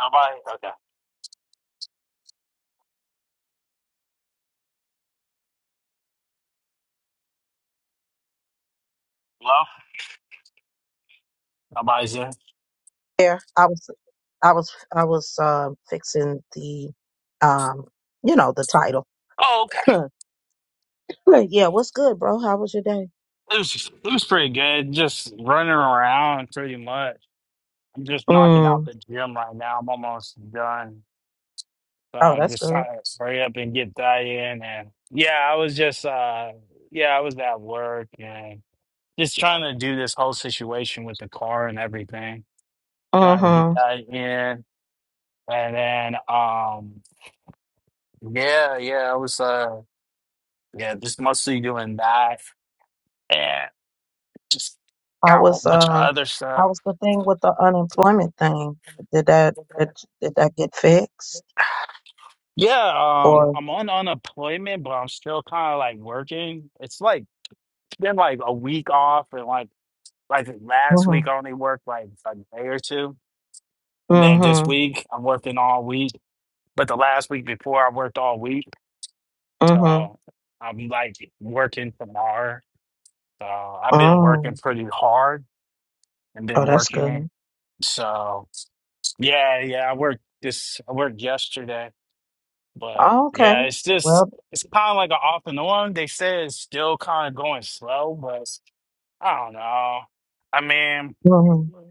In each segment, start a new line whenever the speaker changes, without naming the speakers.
Nobody. Okay. Hello. Nobody's there.
Yeah, I was, I was, I was um, fixing the, um, you know, the title.
Oh, okay.
Huh. Hey, yeah, what's good, bro? How was your day?
It was it was pretty good. Just running around pretty much. I'm just knocking out
Mm.
the gym right now. I'm almost done. So
Oh,
I
that's
just
good.
trying to hurry up and get that in. And yeah, I was just uh yeah, I was at work and just trying to do this whole situation with the car and everything. Trying to get
Mm-hmm.
that in. And then um yeah, yeah, I was uh yeah, just mostly doing that. Just
I
got a whole
was,
bunch of
um,
other
I
stuff.
was the thing with the unemployment thing. Did that, did, did that get fixed?
Yeah, um,
Or
I'm on unemployment, but I'm still kind of like working. It's like been like a week off, and like like last
mm-hmm,
week I only worked like a day or two, and then this
mm-hmm,
week I'm working all week. But the last week before I worked all week,
mm-hmm.
so I'm like working tomorrow. So I've been working
Oh,
pretty hard and been
oh, that's
working.
good.
So. Yeah, yeah. I worked this. I worked yesterday, but
Oh, okay.
yeah, it's just
Well,
it's kind of like an off and on. They say it's still kind of going slow, but I don't know. I mean,
hmm
a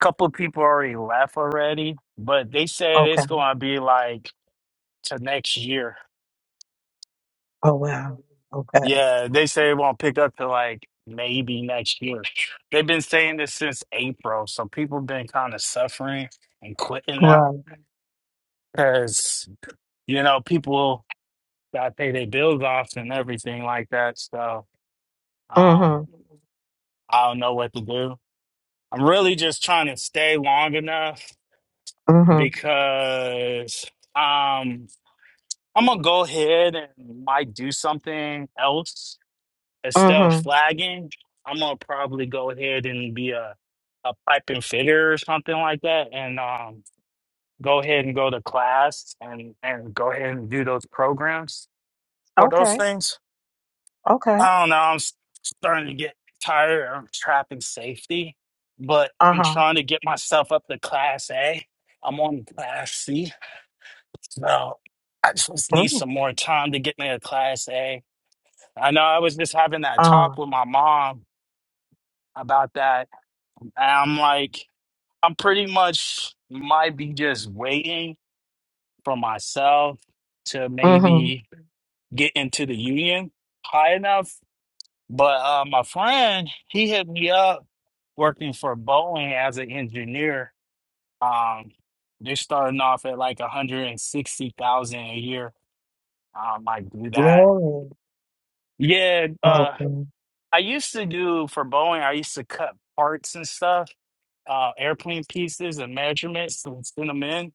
couple of people already left already, but they said
okay.
it's gonna be like to next year.
Oh, wow. Okay.
Yeah, they say it won't pick up to like maybe next year. They've been saying this since April, so people been kind of suffering and quitting now
Right.
because you know people. I pay their bills off and everything like that. So um,
Mm-hmm.
I don't know what to do. I'm really just trying to stay long enough
Mm-hmm.
because um, I'm gonna go ahead and might do something else instead of
Mm-hmm.
flagging. I'm gonna probably go ahead and be a a pipe and fitter or something like that, and um, go ahead and go to class and and go ahead and do those programs for those
Okay.
things.
Okay.
I don't know. I'm s- starting to get tired of trapping safety, but
Uh
I'm
huh.
trying to get myself up to class A. I'm on class C, so I just need
Mm.
some more time to get me to class A. I know I was just having that
Uh.
talk with my mom about that, and I'm like, I'm pretty much might be just waiting for myself to
Mm-hmm.
maybe get into the union high enough. But uh, my friend, he hit me up working for Boeing as an engineer, um, they're starting off at like 160,000 a year. Um, I might do that.
Really.
Yeah, uh,
Okay.
I used to do for Boeing, I used to cut parts and stuff, uh, airplane pieces and measurements and send them in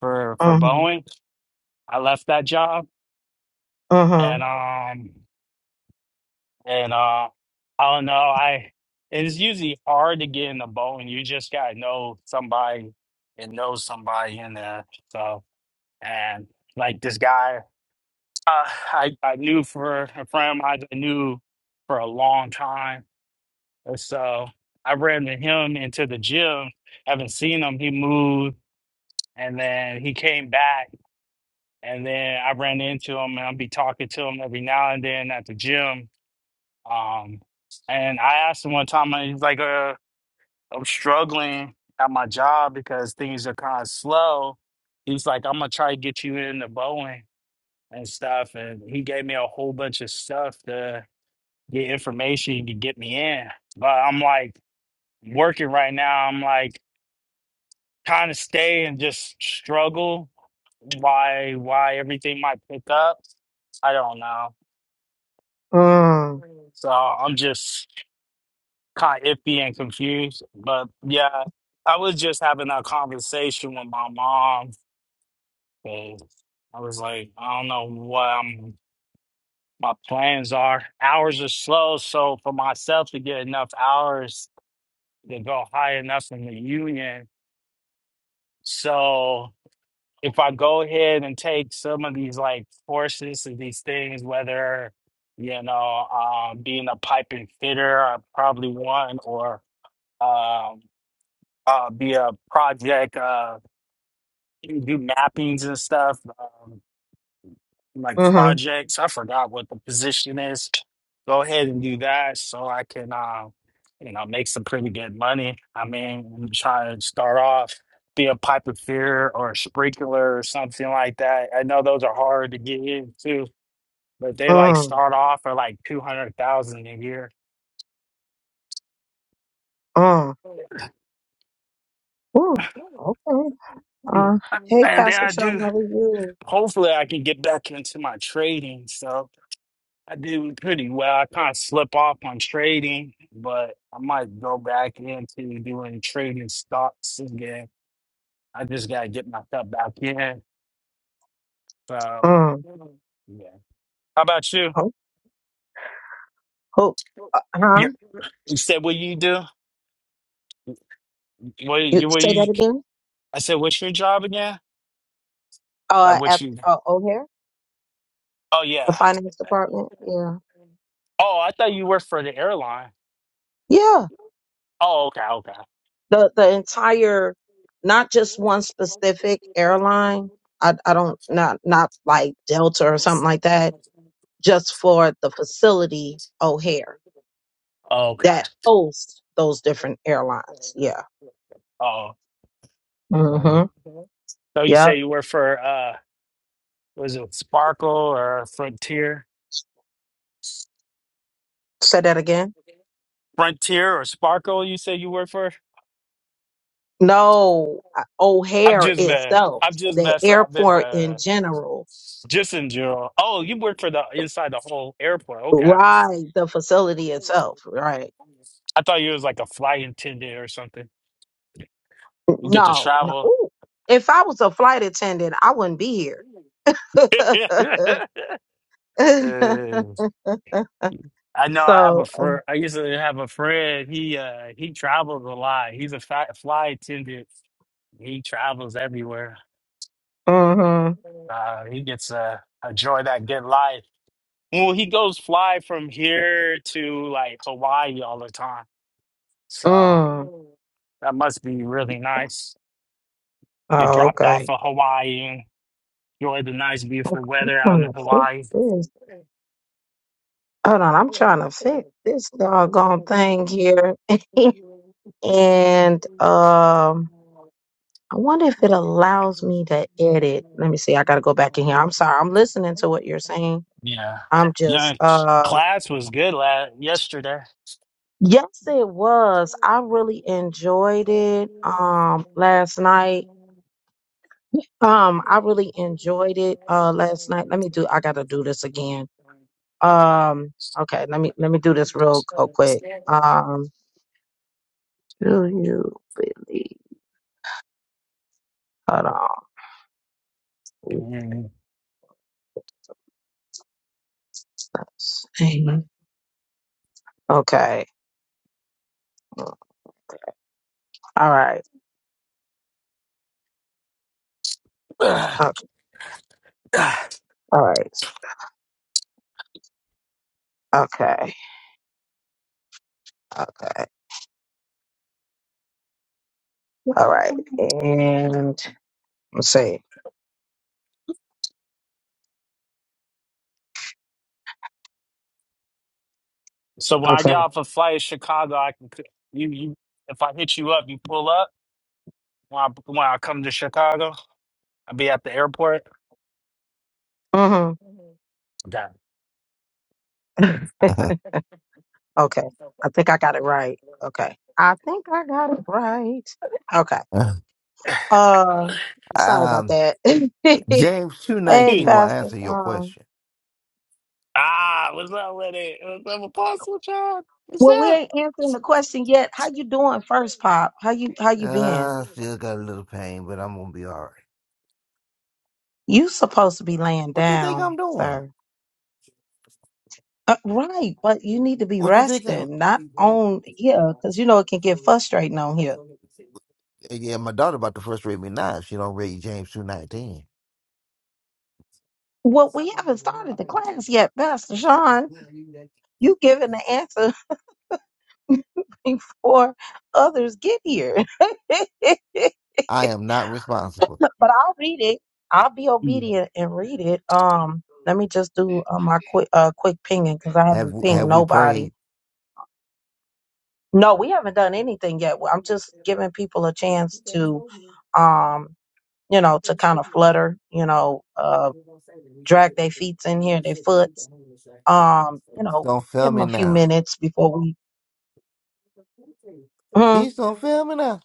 for for
Mm-hmm.
Boeing. I left that job
Mm-hmm.
and um and uh I don't know, I it's usually hard to get into Boeing. You just gotta know somebody and know somebody in there. So and like this guy uh, I, I knew for a friend of mine that I knew for a long time and so I ran to him into the gym haven't seen him he moved and then he came back and then I ran into him and I'll be talking to him every now and then at the gym um and I asked him one time I was like uh, I'm struggling at my job because things are kind of slow he's like I'm gonna try to get you into Boeing and stuff. And he gave me a whole bunch of stuff to get information to get me in. But I'm like working right now. I'm like trying to stay and just struggle. Why why everything might pick up? I don't know.
Mm.
So I'm just kind of iffy and confused. But yeah, I was just having a conversation with my mom. and I was like, I don't know what I'm my plans are. Hours are slow, so for myself to get enough hours to go high enough in the union. So if I go ahead and take some of these like courses and these things, whether you know um, being a pipe and fitter, I probably one or um, uh, be a project, uh, do mappings and stuff. um, like
Mm-hmm.
projects. I forgot what the position is. Go ahead and do that so I can, uh, you know, make some pretty good money. I mean, I'm trying to start off be a pipe fitter or a sprinkler or something like that. I know those are hard to get into, but they like
Mm.
start off at like two hundred thousand a year.
Mm. Ooh. Okay. Uh. Hey,
And then
Pastor
I
Sean,
do.
how are you?
Hopefully, I can get back into my trading. So. I did pretty well. I kind of slip off on trading, but I might go back into doing trading stocks again. I just gotta get myself back in. So,
Mm.
yeah. How about you?
Oh. Who? Uh huh.
Yeah. You said what you do? What
You
you? What
say that
you?
again?
I said, what's your job again? Like
Uh,
what
at
you?
uh, O'Hare,
Oh
the
yeah.
finance department. Yeah.
Oh, I thought you worked for the airline.
Yeah.
Oh, okay, okay,
The the entire, not just one specific airline. I I don't not not like Delta or something like that just for the facility O'Hare
Oh, okay.
that hosts those different airlines. Yeah.
Oh, got
Mm-hmm.
you. so you
Yep.
say you work for? uh. was it Sparkle or Frontier?
Say that again.
Frontier or Sparkle? You say you work for?
No, uh,
I'm
O'Hare
just mad.
itself,
I'm just
the
messing. I'm just,
airport in
uh,
general,
just in general. Oh, you work for the inside the whole airport. Okay.
right? The facility itself, right?
I thought you was like a flight attendant or something. You get to
No, no.
travel.
Ooh. If I was a flight attendant, I wouldn't be here.
Eh, I know. I have
so,
a friend. I used to have a friend. He uh he travels a lot. He's a fi- fly attendant. He travels everywhere.
mm-hmm.
Uh, he gets uh, a joy that good life. Well, he goes fly from here to like Hawaii all the time. So
mm.
that must be really nice. Get
oh,
dropped off
okay.
of Hawaii and enjoy the nice, beautiful
Okay,
weather out in
kind
Hawaii.
of Hold on, I'm trying to fix this doggone thing here. and um I wonder if it allows me to edit. Let me see. I gotta go back in here. I'm sorry. I'm listening to what you're saying.
Yeah.
I'm just
Yeah.
uh
Class was good la- yesterday.
yes it was. I really enjoyed it um last night. Um I really enjoyed it uh last night. Let me do I gotta do this again. Um okay, let me let me do this real, real quick. Um do you believe hold on.
Mm.
Jesus. Amen. Okay. All right. Okay. All right. Okay. Okay. All right. And let's see.
So when I get
Okay.
off a flight in Chicago, I can, c- you, you, if I hit you up, you pull up. When I, when I come to Chicago, I'll be at the airport.
hmm
Okay.
okay. I think I got it right. Okay. I think I got it right. Okay. Uh, sorry about
um,
that.
James two
hey,
Here you
nineteen will
go.
Pastor.
answer your
Um,
question.
Ah, what's up with it? What's up, Apostle John? What's
well, we
up?
ain't answering the question yet. How you doing, first pop? How you How you been?
Uh, still got a little pain, but I'm gonna be all right.
You supposed to be laying
What you think
down,
I'm doing?
sir. Uh, right, but you need to be
What you think? I'm...
resting, not on here, because you know it can get frustrating on here.
Yeah, my daughter about to frustrate me now. If she don't read James two nineteen,
Well, we haven't started the class yet, Pastor Sean. You giving the answer before others get here. but
I am not responsible.
I'll read it. I'll be obedient and read it. Um, let me just do uh, my quick uh quick pinging because I
Have
haven't pinged
have we
nobody.
prayed?
No, we haven't done anything yet. Well, I'm just giving people a chance to, um, you know, to kind of flutter, you know, uh. drag their feet in here, their foots. Um, you know,
Don't fail
give them
me
a few
now.
minutes before we. Mhm.
Please don't fail me now.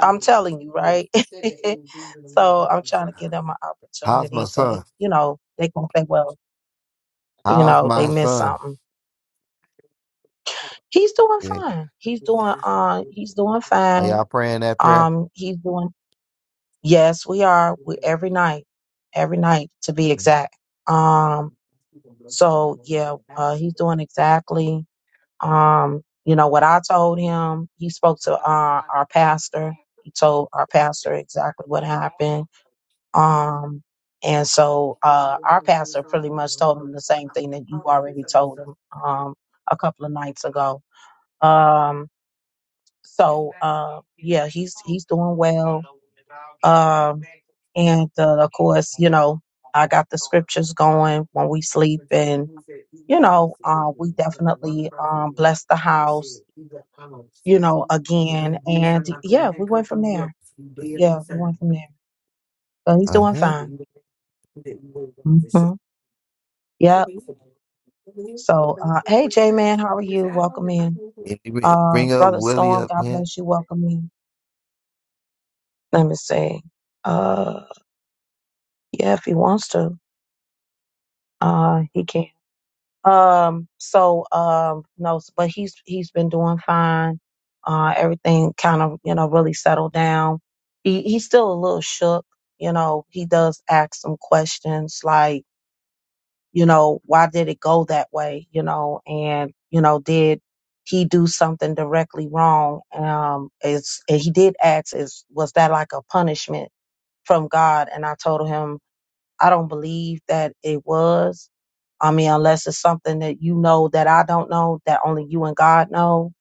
I'm telling you, right? so I'm trying to give them an
How's
opportunity
my
so they,
son?
you know, they can say, well, you
How's
know, they
my
missed
son?
something. He's doing
Okay.
fine. He's doing, uh, he's doing
Are
fine.
y'all praying that prayer?
Um, he's doing. Yes, we are. We every night, every night to be exact. Um, so yeah, uh, he's doing exactly Um, you know what I told him. He spoke to uh, our pastor. He told our pastor exactly what happened. Um, and so uh, our pastor pretty much told him the same thing that you already told him um, a couple of nights ago. Um, so uh, yeah, he's he's doing well. Um, and uh, of course, you know, I got the scriptures going when we sleep, and you know, uh, we definitely um, bless the house you know, again. And yeah, we went from there. Yeah, we went from there. So he's doing
Okay.
fine. hmm Yep. So, uh, hey, J Man, how are you?
Yeah,
Welcome in.
you bring
Uh,
bring up
Brother
Willie
Storm,
up
God
here.
bless you. Welcome in. Let me see. Uh, yeah, if he wants to, uh, he can. Um, so, um, no, s- but he's, he's been doing fine. Uh, everything kind of, you know, really settled down. He, he's still a little shook. You know, he does ask some questions like, you know why did it go that way you know and you know did he do something directly wrong um is and he did ask is was that like a punishment from god and i told him i don't believe that it was i mean unless it's something that you know that i don't know that only you and god know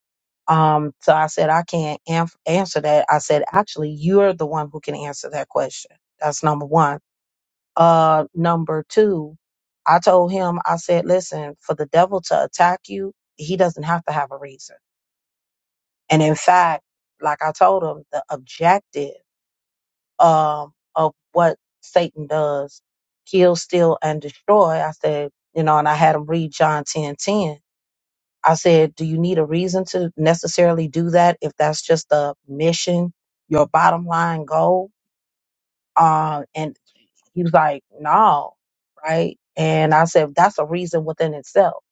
um so i said i can't am- answer that i said actually you're the one who can answer that question that's number one uh, number two, I told him, I said, listen, for the devil to attack you, he doesn't have to have a reason. And in fact, like I told him, the objective um, of what Satan does, kill, steal, and destroy. I said, you know, and I had him read John ten ten. I said, do you need a reason to necessarily do that if that's just the mission, your bottom line goal? Um, He was like, no, right? And I said, that's a reason within itself.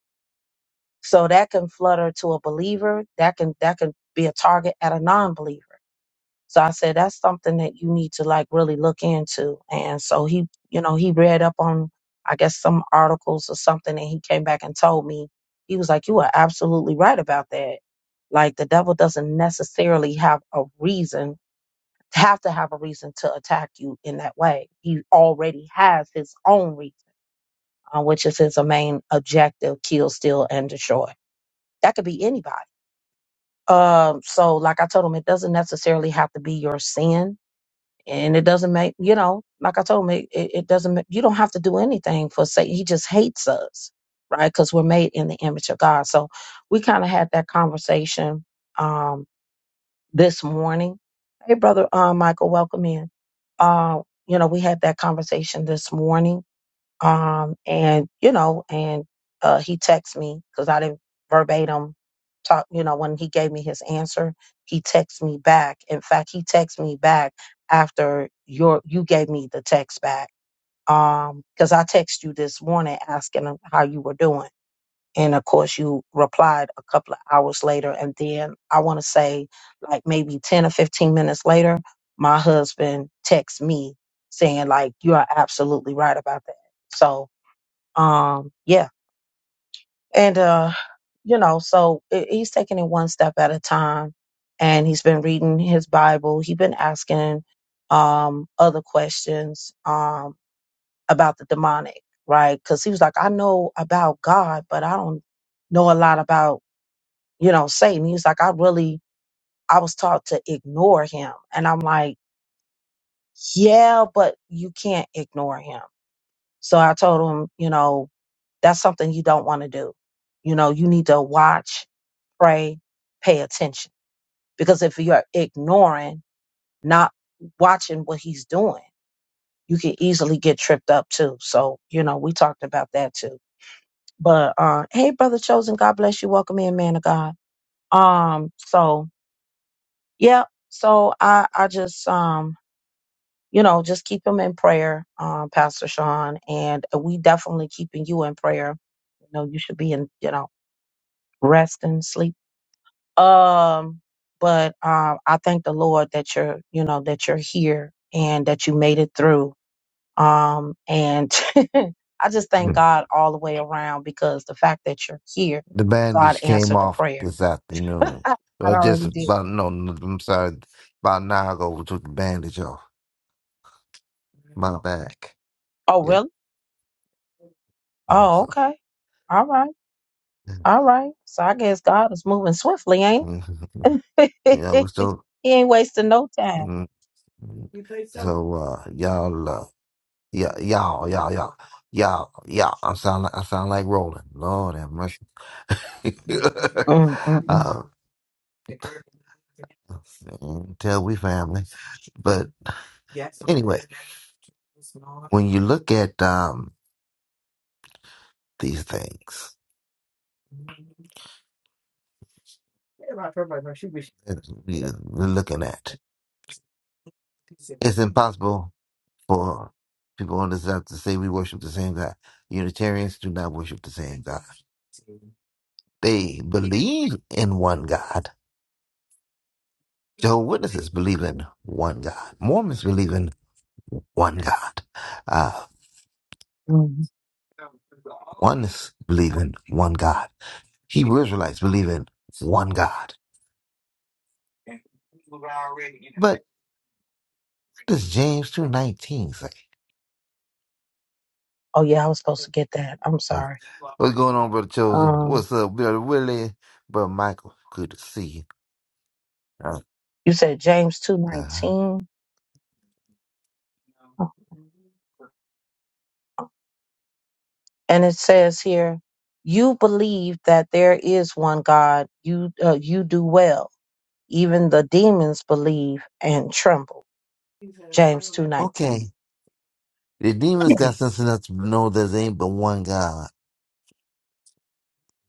So that can flutter to a believer. That can that can be a target at a non-believer. So I said, that's something that you need to like really look into. And so he, you know, he read up on, I guess, some articles or something, and he came back and told me, he was like, you are absolutely right about that. Like the devil doesn't necessarily have a reason have to have a reason to attack you in that way. He already has his own reason uh, which is his main objective kill, steal, and destroy. That could be anybody. Um, so, like I told him, it doesn't necessarily have to be your sin. And it doesn't make, you know, like I told him, it, it it doesn't, make, you don't have to do anything for Satan. He just hates us, right? Because we're made in the image of God. So we kind of had that conversation um, this morning. Hey, brother uh, Michael, welcome in. Uh, you know, we had that conversation this morning um, and you know, and uh, he texted me because I didn't verbatim talk. You know, when he gave me his answer, he texted me back. In fact, he texted me back after your you gave me the text back. Um, because I texted you this morning asking him how you were doing, and of course you replied a couple of hours later. And then I want to say like maybe ten or fifteen minutes later, my husband texts me saying like you are absolutely right about that. So um yeah and uh you know so i- he's taking it one step at a time and he's been reading his bible he's been asking um other questions um about the demonic right because he was like i know about god but i don't know a lot about you know satan he's like i really i was taught to ignore him and i'm like yeah but you can't ignore him so i told him you know that's something you don't want to do you know you need to watch pray, pay attention. Because if you're ignoring, not watching what he's doing, you can easily get tripped up too. So, you know, we talked about that too. But uh hey brother chosen, God bless you. Welcome in, man of God. Um, so yeah, so I I just um you know, just keep him in prayer, um, Pastor Sean, and we definitely keeping you in prayer. You know, you should be in, you know, rest and sleep Um, but um, I thank the Lord that you're, you know, that you're here and that you made it through. Um, and I just thank God all the way around because the fact that you're here,
The
God
bandage came
answered the
off
prayer.
this afternoon.
I
Well, just
already did.
about no, no, I'm sorry. About an hour ago, we took the bandage off my back.
Oh,
Yeah,
really?
uh,
Oh,
so
okay. All right.
yeah,
All right. So I guess God is moving swiftly, ain't he? he
we still.
ain't wasting no time.
mm, mm. So uh, y'all, uh, yeah, y'all, y'all, y'all, y'all, y'all. I sound like I sound like Roland. Lord have mercy. uh,
Mm, mm, mm,
mm, tell we family, but. Anyway, when you look at um, these things that we- we're looking at, it's impossible for people on this earth to say we worship the same God. Unitarians do not worship the same God. They believe in one God. Jehovah's Witnesses believe in one God. Mormons believe in one God. Uh,
mm.
Oneness believe in one God. Hebrew Israelites believe in one God. What does James 2.19 say?
Oh yeah, I was supposed to get that. I'm sorry.
What's going on, Brother Chosen?
Um,
What's up, Brother Willie? Brother Michael, good to see you. Uh,
you said James two
uh,
nineteen. and it says here you believe that there is one god you uh, you do well even the demons believe and tremble james 219
okay. The demons got sense enough to know there's ain't but one God.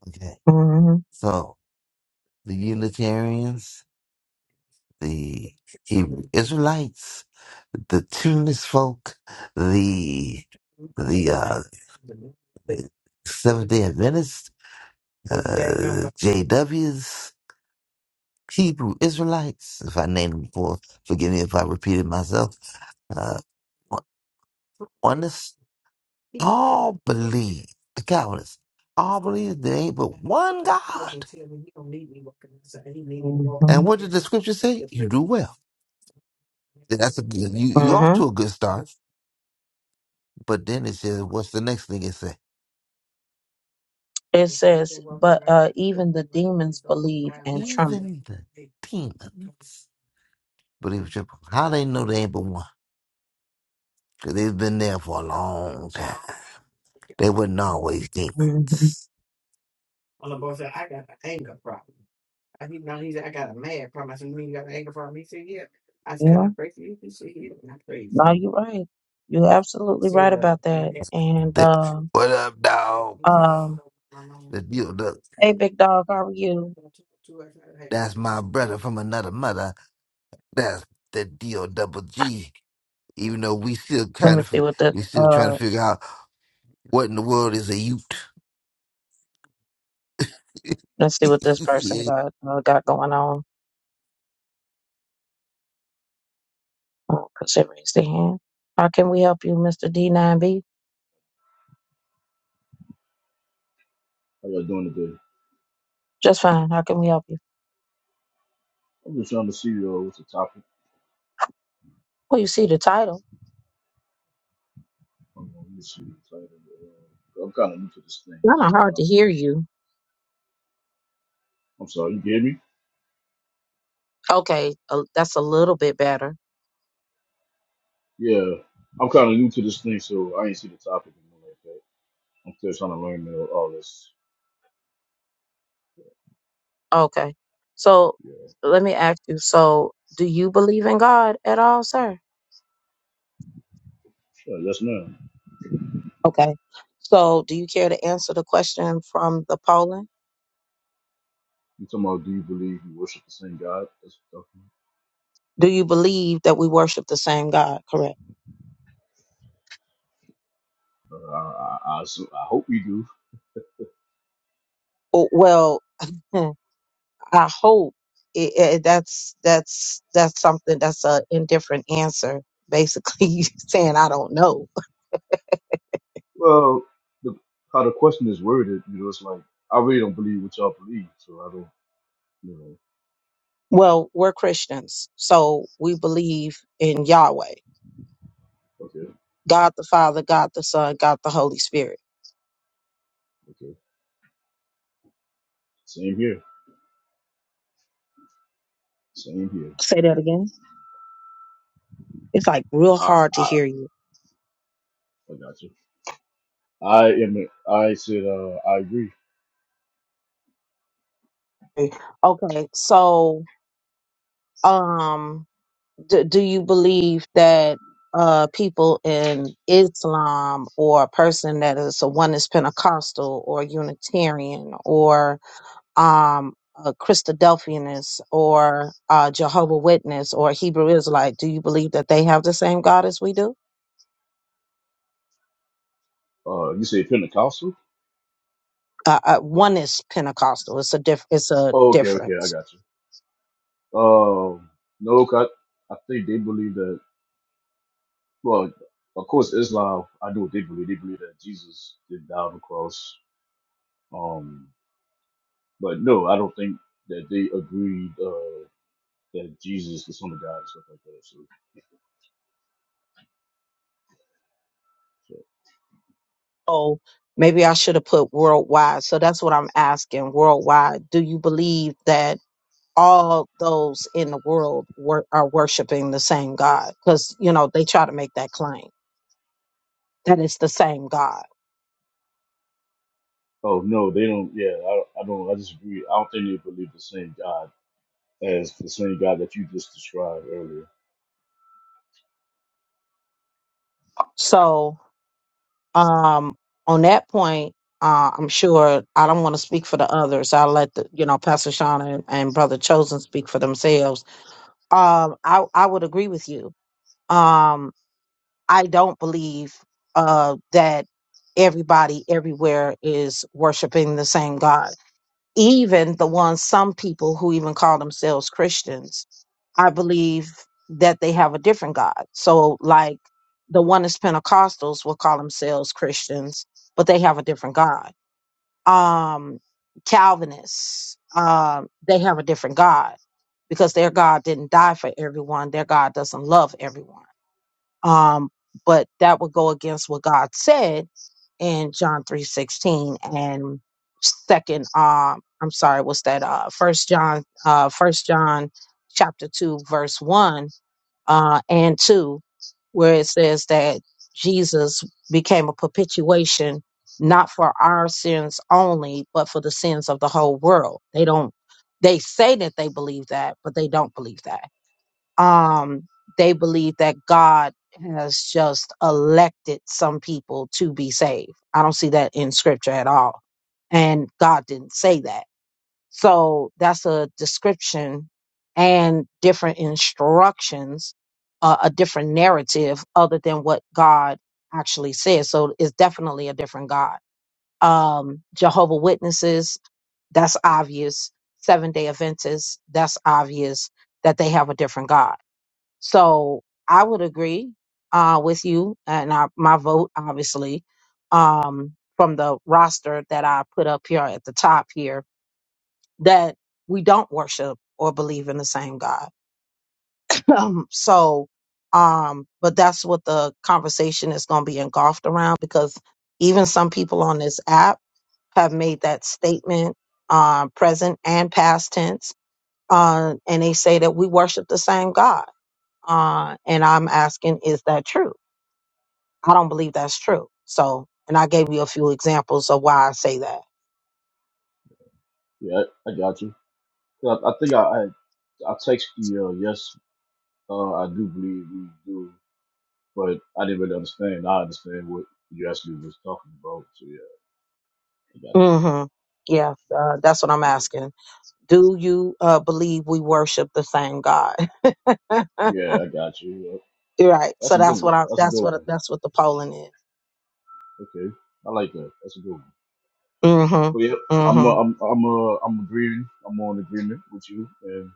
Okay.
hmm
So, the Unitarians, the Hebrew Israelites, the Tunis folk, the, the, uh, Seventh day Adventists, uh, JWs. Hebrew Israelites, if I named them before, forgive me if I repeated myself. Uh, oneness, all believe, the Calvinists, all believe there ain't but one God.
hmm
And what did the scripture say? You do well. That's a good, you, you off
hmm
to a good start, but then it says, what's the next thing it says?
it says but uh, even the demons believe and
Even
tremble
the demons believe what you How they know they ain't but one? Cause they've been there for a long time. They wouldn't always think.
hmm yeah no you're right you're absolutely right about that and
They,
um
what up, dog?
um
The, you, the,
hey big dog how are you
that's my brother from another mother. That's the D-O double G. Even though we still
let
kind
me
of,
see what this
we still trying
uh
to figure out what in the world is a Ute.
let's see what this person
yeah.
got uh, got going on Oh, because they raised their hand. How can we help you, Mr. D9B?
How y'all doing today?
Just fine. How can we help you?
I'm just trying to see uh, what's the topic.
Well, you see the title.
Hold on, let me see the title. Uh, I'm kind of new to this thing,
Kind of
so I'm
hard
trying
to
to.
hear you.
I'm sorry, you hear me?
Okay, uh, that's a little bit better.
Yeah, I'm kind of new to this thing, so I ain't see the topic and all like that. I'm still trying to learn all all this.
Okay. So
Yeah,
let me ask you. So do you believe in God at all, sir?
sure, yes, ma'am.
Okay. So do you care to answer the question from the polling?
You talking about do you believe you worship the same God? That's what I'm
Do you believe that we worship the same God, correct?
talking about. Uh, I, I, I, assume- I hope you do.
Oh, Well, I hope it, it, that's that's that's something that's a indifferent answer. Basically, saying I don't know.
Well, the, how the question is worded, you know, it's like I really don't believe what y'all believe, so I don't, you know.
Well, we're Christians, so we believe in Yahweh,
Okay,
God the Father, God the Son, God the Holy Spirit.
okay. Same here. Same here.
Say that again. It's like real
I,
hard to
I,
hear you.
I got you. I am. I said. Uh, I agree.
Okay, so um, do, do you believe that uh people in Islam or a person that is a one is Pentecostal or Unitarian um, a Christadelphianist or a Jehovah Witness or a Hebrew Israelite, do you believe that they have the same God as we do?
Uh, you said Pentecostal.
Uh, uh, one is Pentecostal. It's a diff- It's a
Oh, okay, okay, I
difference.
got you. Um, no, 'cause I, I think they believe that. Well, of course, Islam. I know what they believe. They believe that Jesus did die on the cross. Um, but no, I don't think that they agreed uh, that Jesus was on the God and stuff like that. So, so,
oh, maybe I should have put worldwide. So that's what I'm asking worldwide. Do you believe that all those in the world wor- are worshiping the same God? Because, you know, they try to make that claim that it's the same God.
oh no, they don't. Yeah, I, I don't. I disagree. I don't think they believe the same God as the same God that you just described earlier.
So um on that point uh i'm sure i don't want to speak for the others i'll let the you know pastor sean and, and brother chosen speak for themselves um i i would agree with you um i don't believe uh that everybody everywhere is worshiping the same god even the ones some people who even call themselves christians I believe that they have a different God. So, like the one is Pentecostals will call themselves Christians, but they have a different God. Um, Calvinists, um, they have a different God because their God didn't die for everyone. Their God doesn't love everyone. Um, but that would go against what God said in John three sixteen and second. Um, I'm sorry, what's that? Uh, First John, uh, First John, chapter two, verse one, uh, and two, where it says that Jesus became a propitiation not for our sins only, but for the sins of the whole world. They don't. They say that they believe that, but they don't believe that um, they believe that God has just elected some people to be saved. I don't see that in scripture at all. And God didn't say that. So that's a description and different instructions, uh, a different narrative other than what God actually says. So it's definitely a different God. Um, Jehovah Witnesses, that's obvious. Seven day Adventists, that's obvious that they have a different God so I would agree uh, with you, and I, my vote, obviously, um, from the roster that I put up here at the top here, that we don't worship or believe in the same God. Um, so, um, but that's what the conversation is going to be engulfed around because even some people on this app have made that statement, uh, present and past tense, uh, and they say that we worship the same God uh, and I'm asking, is that true? I don't believe that's true. So, and I gave you a few examples of why I say that.
Yeah, I, I got you. I, I think I, I I text you. Uh, yes, uh, I do believe we do, but I didn't really understand. Now I understand what you actually was talking about. So yeah, I got
hmm Yeah, uh, that's what I'm
you.
asking. Do you uh, believe we worship the same God?
Yeah, yeah I got you. Yeah.
right.
That's
So
a good
that's what
one.
I.
That's a
That's
good
what.
one.
That's what the polling is.
Okay, I like that. That's a good one. But yeah,
Mm-hmm.
I'm uh,
Mm-hmm.
I'm I'm uh, I'm agreeing. I'm on agreement with you, and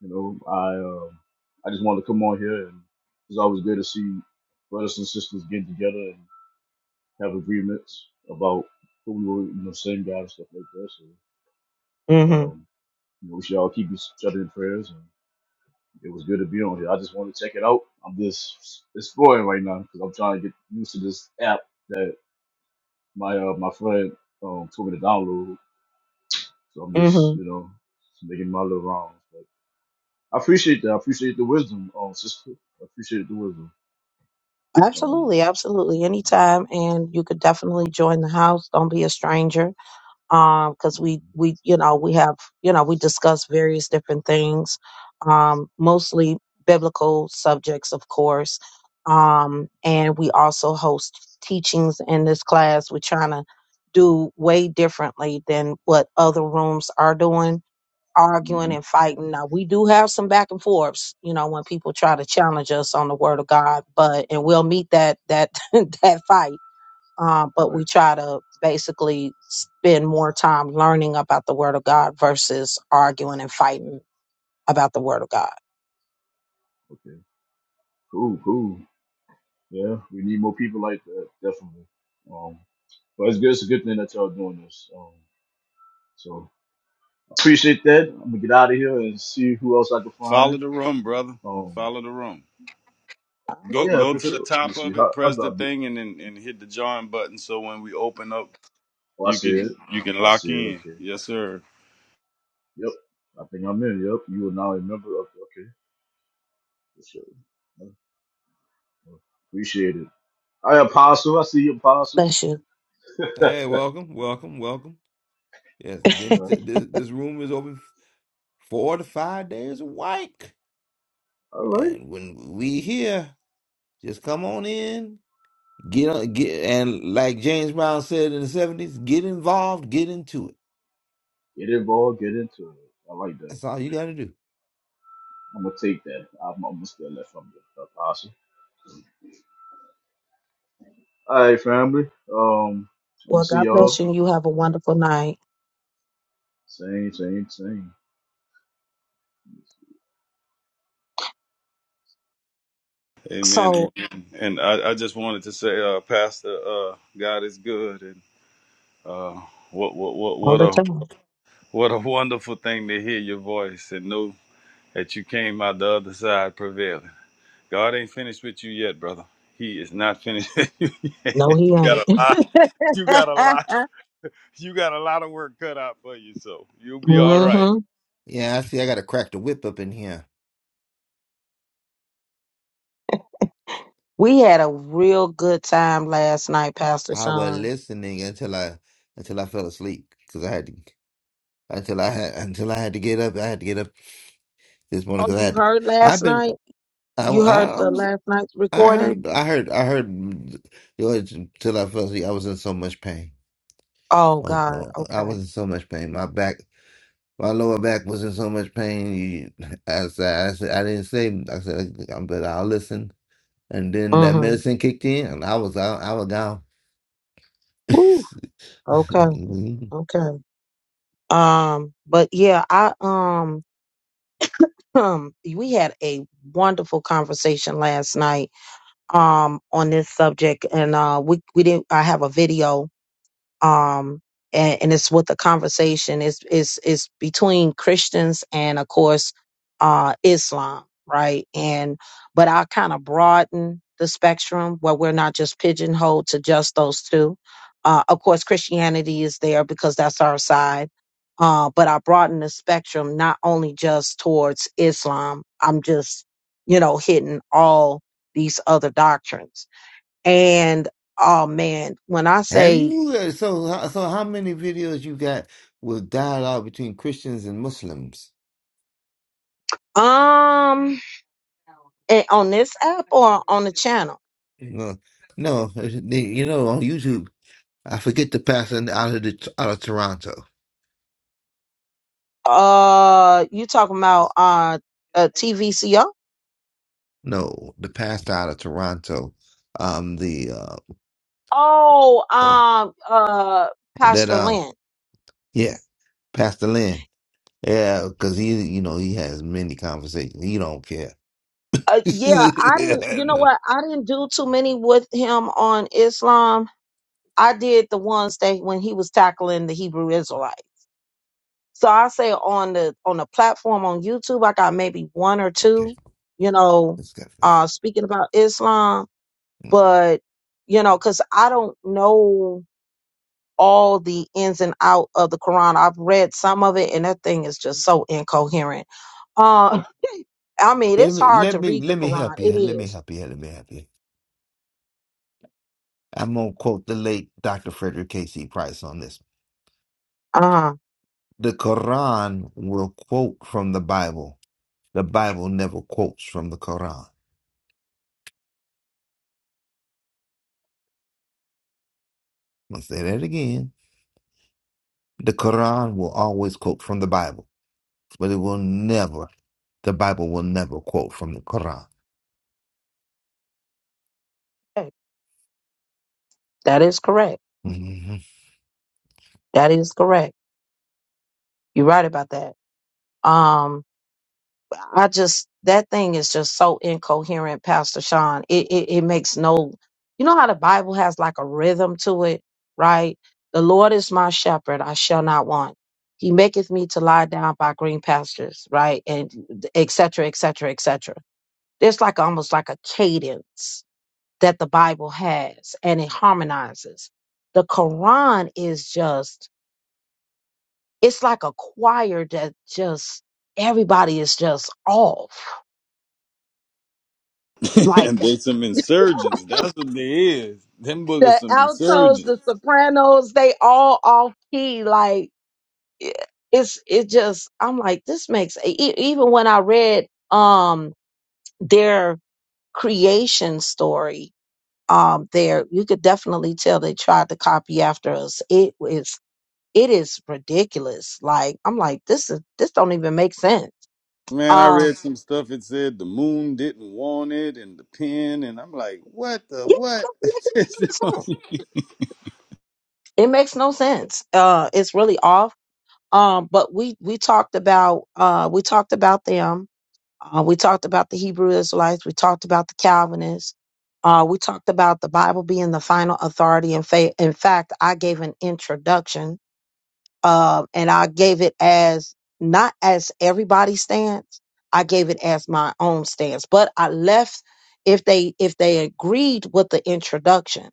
you know I um I just wanted to come on here, and it's always good to see brothers and sisters getting together have agreements about who we were, you know, same God and stuff like that. So,
Mm-hmm.
um, you know, we should all keep each other in prayers. And it was good to be on here. I just want to check it out. I'm just exploring right now because I'm trying to get used to this app that my uh, my friend um, told me to download. So I'm just, you
Mm-hmm.
know, just making my little rounds. But I appreciate that. I appreciate the wisdom, um, sister. I appreciate the wisdom. Um,
Absolutely. Absolutely. Anytime, and you could definitely join the house. Don't be a stranger um because we
mhm,
we you know we have you know we discuss various different things um mostly biblical subjects of course um and we also host teachings in this class we're trying to do way differently than what other rooms are doing arguing
mhm.
and fighting now we do have some back and forths you know when people try to challenge us on the word of god but and we'll meet that that that fight uh, but we
Right.
try to basically spend more time learning about the Word of God versus arguing and fighting about the Word of God.
Okay. Cool. Cool. Yeah, we need more people like that, definitely. Um, but it's good. It's a good thing that y'all doing this. Um, so appreciate that. I'm gonna get out of here and see who else I can
Follow
find.
the room, brother.
Um,
Follow the room.
oh
Go
yeah,
go
for
to the
sure.
top
Let's see.
of
How,
it,
how
press
do I
the
do?
thing, and then and hit the join button. So when we open up,
Oh, I
you
said,
can you can
I
lock
said,
in.
okay.
Yes, sir.
Yep. I think I'm in. Yep. You are now a member of. Okay. For sure. Yeah, yeah. Appreciate it. I apostle. I see you, apostle.
Bless you.
Hey, welcome, welcome, welcome. Yes,
All
then he
right.
said this this room is open f- four to five days a week,
All right.
and when we here. Just come on in, get on, get, and like James Brown said in the seventies, get involved, get into it.
Get involved. Get into it. I like that.
That's all you got to do.
I'm gonna take that. I'm almost there left from the apostle. All right, family. Um, I'm gonna
Well,
see
God bless
y'all.
you. and You have a wonderful night.
Same, same, same.
Amen.
So
Amen. And I, I just wanted to say, uh, Pastor, uh, God is good, and uh, what what what
all
what
the
a
time.
what a wonderful thing to hear your voice and know that you came out the other side prevailing. God ain't finished with you yet, brother. He is not finished. with you yet.
No, he
You got
ain't.
a lot. You got a lot. You got a lot of work cut out for you, so you'll be all right.
hmm
Yeah, I see. I got to crack the whip up in here.
We had a real good time last night, Pastor
I was
Sean.
listening until I until I fell asleep because I had to until I had until I had to get up. I had to get up this morning
Oh,
because I
you
had to.
heard last
I've been
night?
I,
You
I
heard
I
the
was
last night's
I
recording?
heard I heard I heard you know, until I fell asleep. I was in so much pain.
Oh
I
God.
I was
Okay.
in so much pain. My back. My lower back was in so much pain. You, I said, I said, I didn't say. I said, I'm better. I'll listen. And then that
Mm-hmm.
medicine kicked in, and I was out. I was down.
Woo. Okay. Okay. Um, but yeah, I um um we had a wonderful conversation last night um on this subject and uh we we didn't I have a video um and, and it's with a conversation it's it's it's between christians and of course uh islam right and but i kind of broaden the spectrum where we're not just pigeonholed to just those two uh of course christianity is there because that's our side uh but i broaden the spectrum not only just towards islam i'm just you know hitting all these other doctrines and oh man when i
Have
say
you? uh, So, how- so how many videos you got with dialogue between Christians and Muslims?
Um, eh, on this app or on the channel?
No, no. the- You know, on YouTube, I forget the pastor out of the, out of Toronto.
Uh, you talking about uh, uh TVCO?
No, the pastor out of Toronto. Um, the uh,
Oh,
oh,
um, uh,
that
Pastor
uh,
Lynn.
yeah, Pastor Lynn. Yeah, because he, you know, he has many conversations. He don't care.
Uh, yeah, I didn't. You know what? I didn't do too many with him on Islam. I did the ones that when he was tackling the Hebrew Israelite. So I say on the on the platform on YouTube, I got maybe one or
Okay,
two. You know,
let's go.
uh, speaking about Islam. but you know because i don't know all the ins and out of the quran i've read some of it and that thing is just so incoherent uh i mean
Let
it's
me,
hard
let
to
me,
read the
let me
quran
help you.
it
Let me
is
help you. Let me help you. I'm gonna quote the late Dr. Frederick K.C. Price on this.
uh-huh
The Quran will quote from the Bible. The Bible never quotes from the Quran. I'm gonna say that again. The Quran will always quote from the Bible, but it will never. The Bible will never quote from the Quran.
Okay, that is correct
Mhm.
that is correct you're right about that um I just that thing is just so incoherent, Pastor Sean. It, it it makes no you know how the Bible has like a rhythm to it, right? The Lord is my shepherd, I shall not want. He maketh me to lie down by green pastures, right? And et cetera, et cetera, et cetera. There's like almost like a cadence that the Bible has and it harmonizes. The Quran is just it's like a choir that just everybody is just off. Like
and they some insurgents. That's what they is. Them boogers
the
some
altos,
insurgents.
the sopranos, they all off key. Like i- it's it just I'm like this makes e- e- even when I read um their creation story um there you could definitely tell they tried to copy after us. It was—it it is ridiculous. Like I'm like this is this don't even make sense.
Man, I
Um
read some stuff. It said the moon didn't want it, and the pen, and I'm like, what the
yeah, it
what?
makes no sense. It makes no sense. Uh it's really off. Um but we we talked about uh we talked about them Uh, we talked about the Hebrew Israelites. We talked about the Calvinists. Uh, we talked about the Bible being the final authority. In, fa- in fact, I gave an introduction uh, and I gave it as not as everybody's stance. I gave it as my own stance, but I left if they if they agreed with the introduction,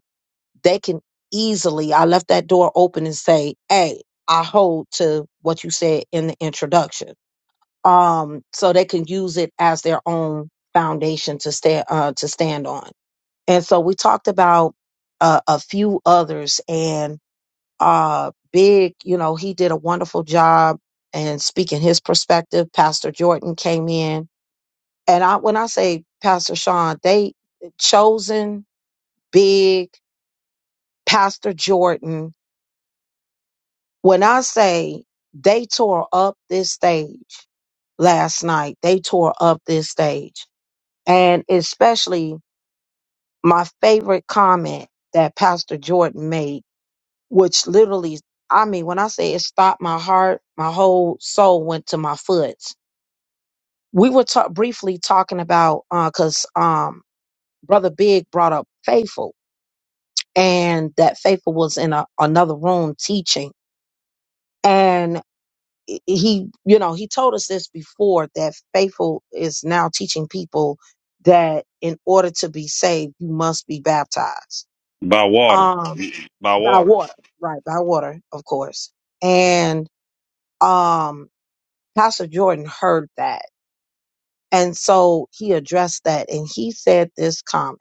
they can easily. I left that door open and say, "Hey, I hold to what you said in the introduction." um, so they can use it as their own foundation to stand uh, to stand on. And so we talked about uh, a few others, and uh, Big, you know, he did a wonderful job and speaking his perspective. Pastor Jordan came in, and I when I say Pastor Sean, they chosen Big, Pastor Jordan. When I say they tore up this stage last night, they tore up this stage and especially my favorite comment that Pastor Jordan made, which literally, I mean, when I say it stopped my heart, my whole soul went to my foot. We were ta- briefly talking about because um, Brother Big brought up Faithful, and that Faithful was in a, another room teaching, and he, he, you know, he told us this before that Faithful is now teaching people that in order to be saved, you must be baptized
By water,
um
by
by
water.
water right by water of course and um pastor jordan heard that and so he addressed that and he said this comment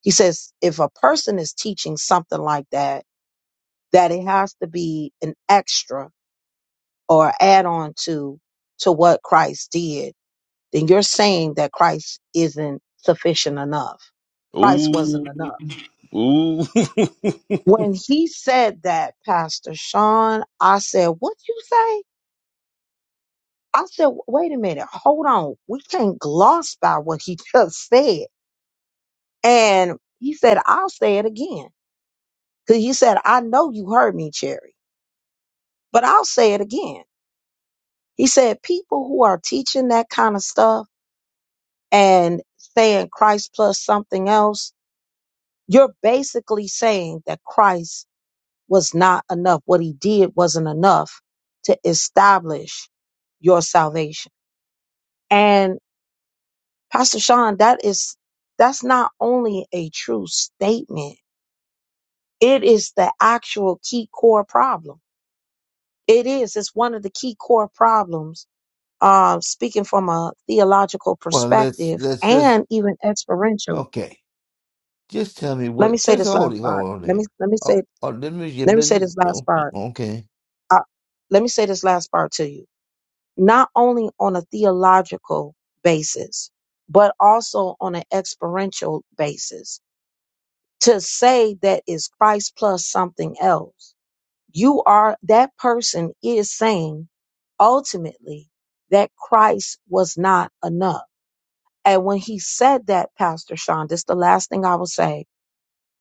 he says if a person is teaching something like that that it has to be an extra or add on to to what christ did then you're saying that christ isn't sufficient enough christ
Ooh,
wasn't enough
ooh.
when he said that pastor sean i said what you say I said, wait a minute, hold on. We can't gloss by what he just said. And he said, I'll say it again. Because he said, I know you heard me, Cherry, but I'll say it again. He said, people who are teaching that kind of stuff and saying Christ plus something else, you're basically saying that Christ was not enough. What he did wasn't enough to establish your salvation. And Pastor Sean, that is that's not only a true statement, it is the actual key core problem. It is. It's one of the key core problems. Uh, speaking from a theological
Well, let's
perspective
let's just
and even experiential.
Okay, just tell me
Let me
what.
say
Just
this
hold
last
it.
part.
Hold on
Let
there.
me let me
Oh,
say
oh let me get
let me say this last
Oh,
part.
Okay,
Uh, let me say this last part to you. Not only on a theological basis, but also on an experiential basis to say that is Christ plus something else, you are, that person is saying ultimately that Christ was not enough. And when he said that, Pastor Sean, this the last thing I will say.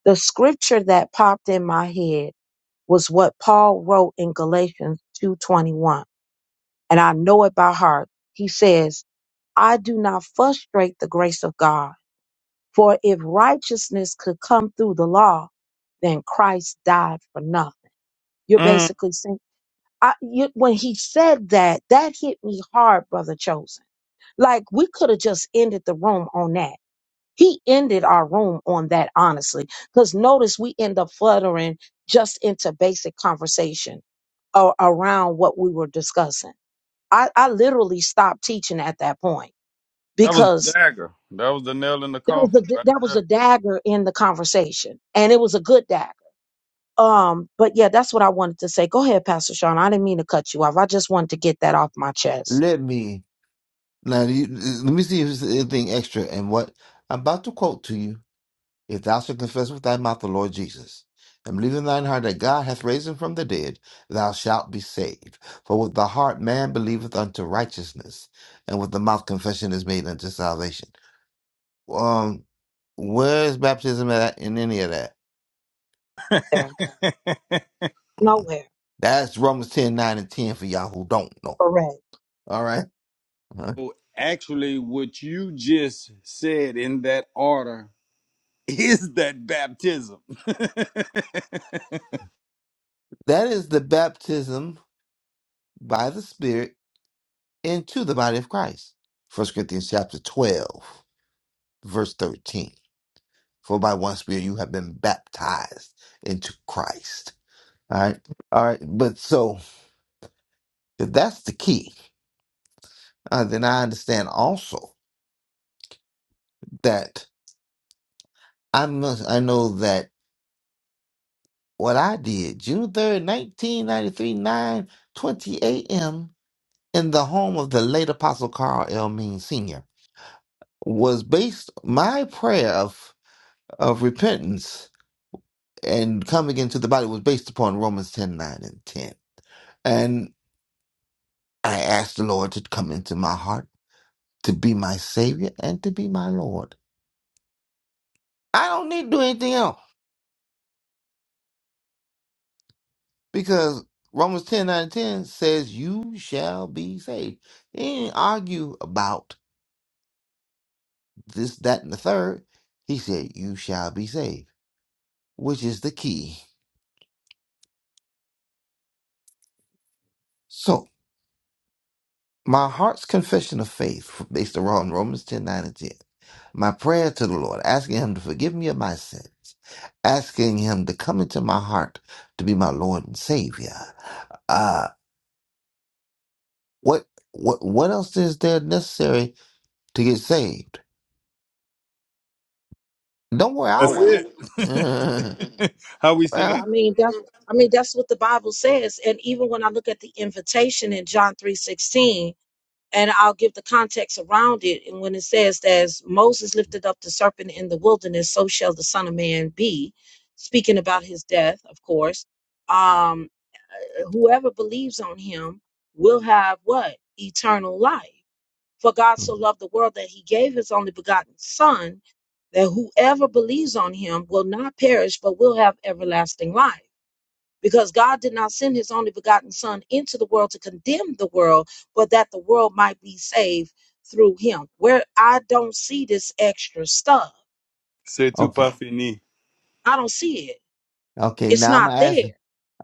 The scripture that popped in my head was what Paul wrote in Galatians 2.21. And I know it by heart. He says, I do not frustrate the grace of God For if righteousness could come through the law, then Christ died for nothing. You're
Mm,
basically saying, I, you, when he said that, that hit me hard, brother chosen. Like we could have just ended the room on that. He ended our room on that, honestly, because notice we end up fluttering just into basic conversation a- around what we were discussing. I, I literally stopped teaching at that point
that was the
because
dagger. That was the nail in the
that was
coffin,
the that was
right
a dagger in the conversation, and it was a good dagger. Um, but yeah, that's what I wanted to say. Go ahead, Pastor Sean. I didn't mean to cut you off. I just wanted to get that off my chest.
let me now. You, let me see if there's anything extra. And what I'm about to quote to you: "If thou shalt confess with thy mouth the Lord Jesus, and believe in thine heart that God hath raised him from the dead, thou shalt be saved. For with the heart man believeth unto righteousness, and with the mouth confession is made unto salvation." Um, where is baptism at in any of that?
There,
there.
nowhere,
That's Romans 10 9 and 10 for y'all who don't know.
correct.
All right? Uh-huh.
Well, Actually, what you just said in that order is that baptism?
That is the baptism by the Spirit into the body of Christ. First Corinthians chapter 12, verse 13. For by one Spirit you have been baptized into Christ. All right? All right. But so, if that's the key, uh, then I understand also that I must, I know that what I did, June 3rd, 1993, nine twenty a.m. in the home of the late Apostle Carl L. Mean Sr. was based my prayer of of repentance and coming into the body was based upon Romans 10 9 and 10. And I asked the Lord to come into my heart, to be my Savior, and to be my Lord. I don't need to do anything else because Romans 10 9 and 10 says, You shall be saved. He didn't argue about this, that, and the third. He said, You shall be saved, which is the key. So My heart's confession of faith, based around Romans 10 9 and 10. My prayer to the Lord, asking Him to forgive me of my sins, asking Him to come into my heart to be my Lord and Savior. Uh, what, what, what else is there necessary to get saved? Don't worry,
That's
I'll wait.
it. How we say
Uh,
that?
I mean that's I mean that's what the Bible says. And even when I look at the invitation in John three sixteen, and I'll give the context around it. And when it says that as Moses lifted up the serpent in the wilderness, so shall the Son of Man be, speaking about his death, of course. Um, whoever believes on him will have what? Eternal life. For God
well,
so loved the world that he gave his only begotten Son, that whoever believes on him will not perish, but will have everlasting life. Because God did not send his only begotten Son into the world to condemn the world, but that the world might be saved through him. Where I don't see this extra stuff,
C'est tout
okay,
pas fini.
I don't see it.
okay.
It's
Now I'm
not there.
asking.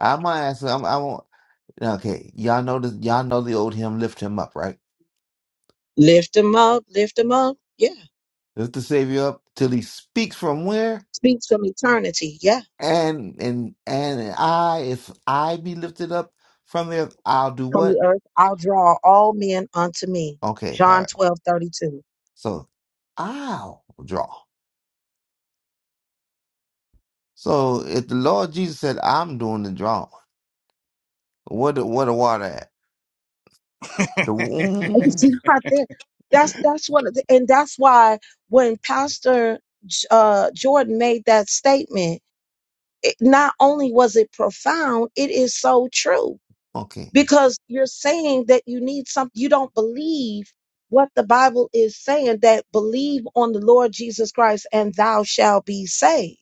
I'm asking. I'm, I won't. Okay, y'all know this. Y'all know the old hymn, "Lift Him Up," right?
Lift him up, lift him up. Yeah.
Lift the Savior up till He speaks from where?
Speaks from eternity. Yeah.
And and and I, if I be lifted up from there, I'll do
from the
what?
earth, I'll draw all men unto me.
Okay, all
John
right.
twelve thirty two.
So I'll draw. So if the Lord Jesus said, "I'm doing the drawing," what the- what the water at? The
And It's
mm,
not there. That's that's one of the and that's why when Pastor J- uh, Jordan made that statement, it, not only was it profound, it is so true.
okay,
because you're saying that you need something you don't believe what the bible is saying that believe on the lord jesus christ and thou shalt be saved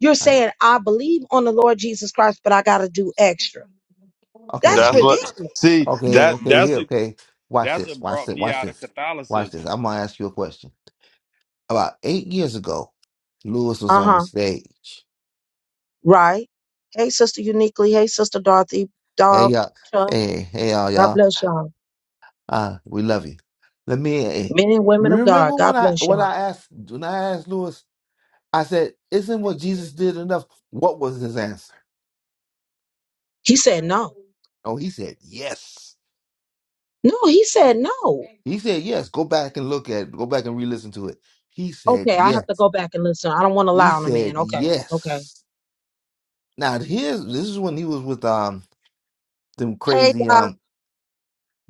you're
all right.
saying i believe on the lord jesus christ but i gotta do extra
okay
that's
That's
here,
what.
ridiculous
See
okay,
that.
okay here,
That's a,
okay. Watch
That's
this,
what
watch
brought
this,
me
watch
out of
this, watch
Catholicism.
this. I'm gonna ask you a question. About eight years ago, Lewis was on the
uh-huh
stage.
right hey sister uniquely hey sister dorothy
Hey
dog
y'all,
chuck
hey hey y'all,
god
y'all.
bless y'all
Ah, we love you. Let me eh,
men and women of god
remember
god
when I
bless
when
y'all
I asked when I asked Lewis, I said, "Isn't what Jesus did enough?" What was his answer?
he said no
Oh, he said yes.
no he said no
He said yes. Go back and look at. Go back and re-listen to it. He said
okay i have to
yes.
go back and listen i don't want to
He
lie on a
said
man okay okay
yes. Now here's this is when he was with um them
Hey,
crazy
Doc.
um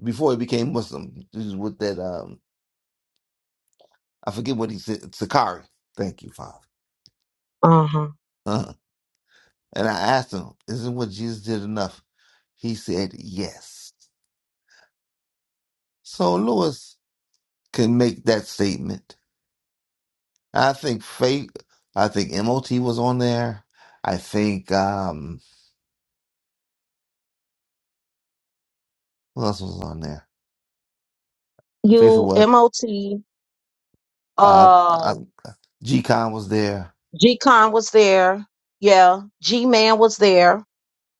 before he became Muslim. This is with that um I forget what he said. Sakari. Thank you, Father.
Uh-huh.
Uh-huh. And I asked him, Isn't what Jesus did enough? He said, Yes. So Lewis can make that statement. I think faith, I think MOT was on there. I think, um, what else was on there?
You
Faithful. what?
MOT,
Uh,
uh
uh, G-Con was there.
G Con was there. Yeah. G Man was there.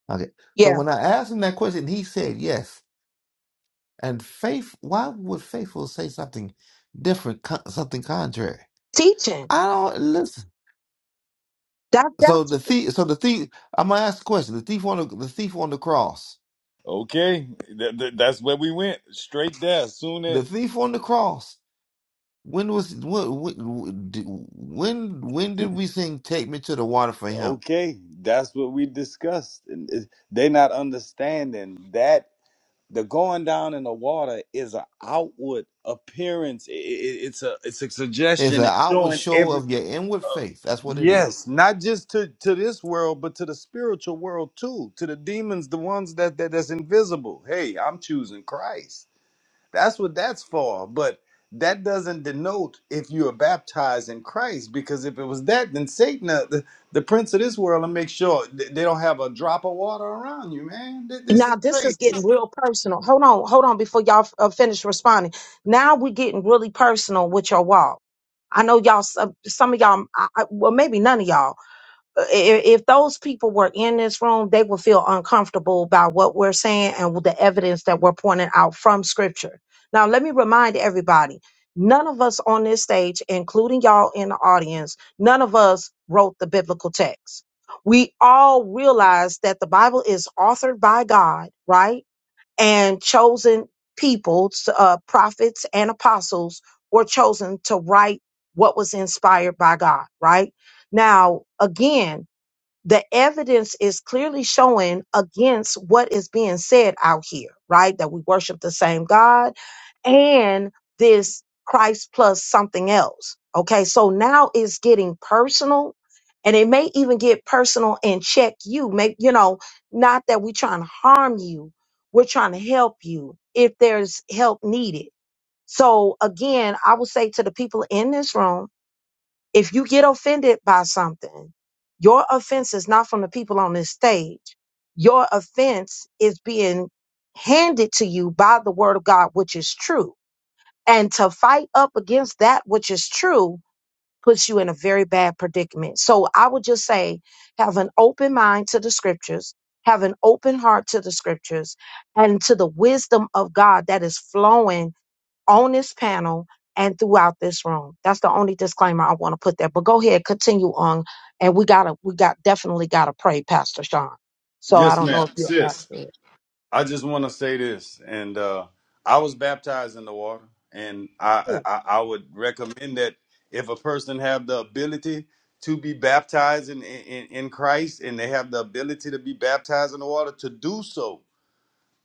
Okay. So
Yeah.
when I asked him that question, he said yes. And faith, why would faithful say something different, co- something contrary?
Teaching.
I don't listen.
That
So
that's
the thief. So the thief. I'm gonna ask a question. The thief on the, the thief on the cross.
Okay, th- th- that's where we went straight there. Soon as
The thief on the cross. When was when when did- when when did we sing "Take Me to the Water" for him?
okay, that's what we discussed. And it- they not understanding that. the going down in the water is an outward appearance. I- I- it's a it's a
It's an
suggestion and
outward
showing
show
every
of your inward faith. That's what it is.
yes, not just to to this world, but to the spiritual world too, to the demons, the ones that, that that's invisible. Hey, I'm choosing Christ. That's what that's for. But that doesn't denote if you are baptized in Christ, because if it was that, then Satan, uh, the, the prince of this world, will make sure th- they don't have a drop of water around you, man. Th- This
now
is
this is
crazy.
getting real personal. Hold on, hold on before y'all uh, finish responding. Now we're getting really personal with your walk. I know y'all some, some of y'all I, I, well maybe none of y'all if, if those people were in this room, they would feel uncomfortable by what we're saying and with the evidence that we're pointing out from scripture. Now, let me remind everybody none of us on this stage, including y'all in the audience, none of us wrote the biblical text. We all realize that the Bible is authored by God, right? And chosen people, uh, prophets and apostles were chosen to write what was inspired by God, right? Now, again, the evidence is clearly showing against what is being said out here, right? That we worship the same God and this Christ plus something else. Okay, so now it's getting personal and it may even get personal and check you. Make you know, not that we're trying to harm you, we're trying to help you if there's help needed. So again, I would say to the people in this room, if you get offended by something, your offense is not from the people on this stage. Your offense is being handed to you by the word of God, which is true. And to fight up against that which is true puts you in a very bad predicament. So I would just say have an open mind to the scriptures, have an open heart to the scriptures, and to the wisdom of God that is flowing on this panel and throughout this room. That's the only disclaimer I want to put there. But go ahead, continue on, and we gotta, we got definitely gotta pray, Pastor Sean. So I
Yes,
don't know
ma'am.
if you'll add
Sis.
to it.
I just want to say this, and uh, I was baptized in the water, and I,
Ooh,
I I would recommend that if a person have the ability to be baptized in, in in Christ, and they have the ability to be baptized in the water, to do so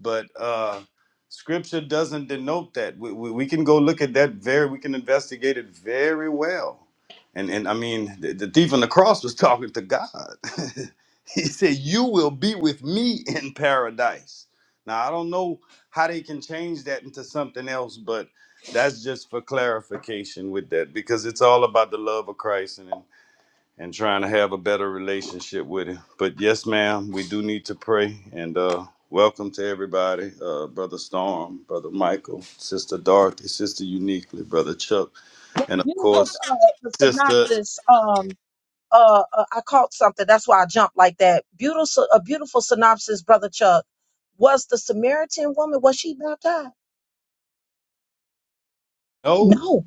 but uh, scripture doesn't denote that. We, we, we can go look at that very, we can investigate it very well. And, and I mean, the, the thief on the cross was talking to God. he said, You will be with me in paradise. Now, I don't know how they can change that into something else, but that's just for clarification with that because it's all about the love of Christ. and and trying to have a better relationship with him. But yes, ma'am, we do need to pray. And uh, welcome to everybody, uh, Brother Storm, Brother Michael, Sister Dorothy, Sister Uniquely, Brother Chuck,
That
and of
beautiful
course,
uh, the
Sister.
synopsis. Um, uh, uh, I caught something. That's why I jumped like that. Beautiful, so, a beautiful synopsis, brother Chuck. Was the Samaritan woman was she baptized?
Oh,
No,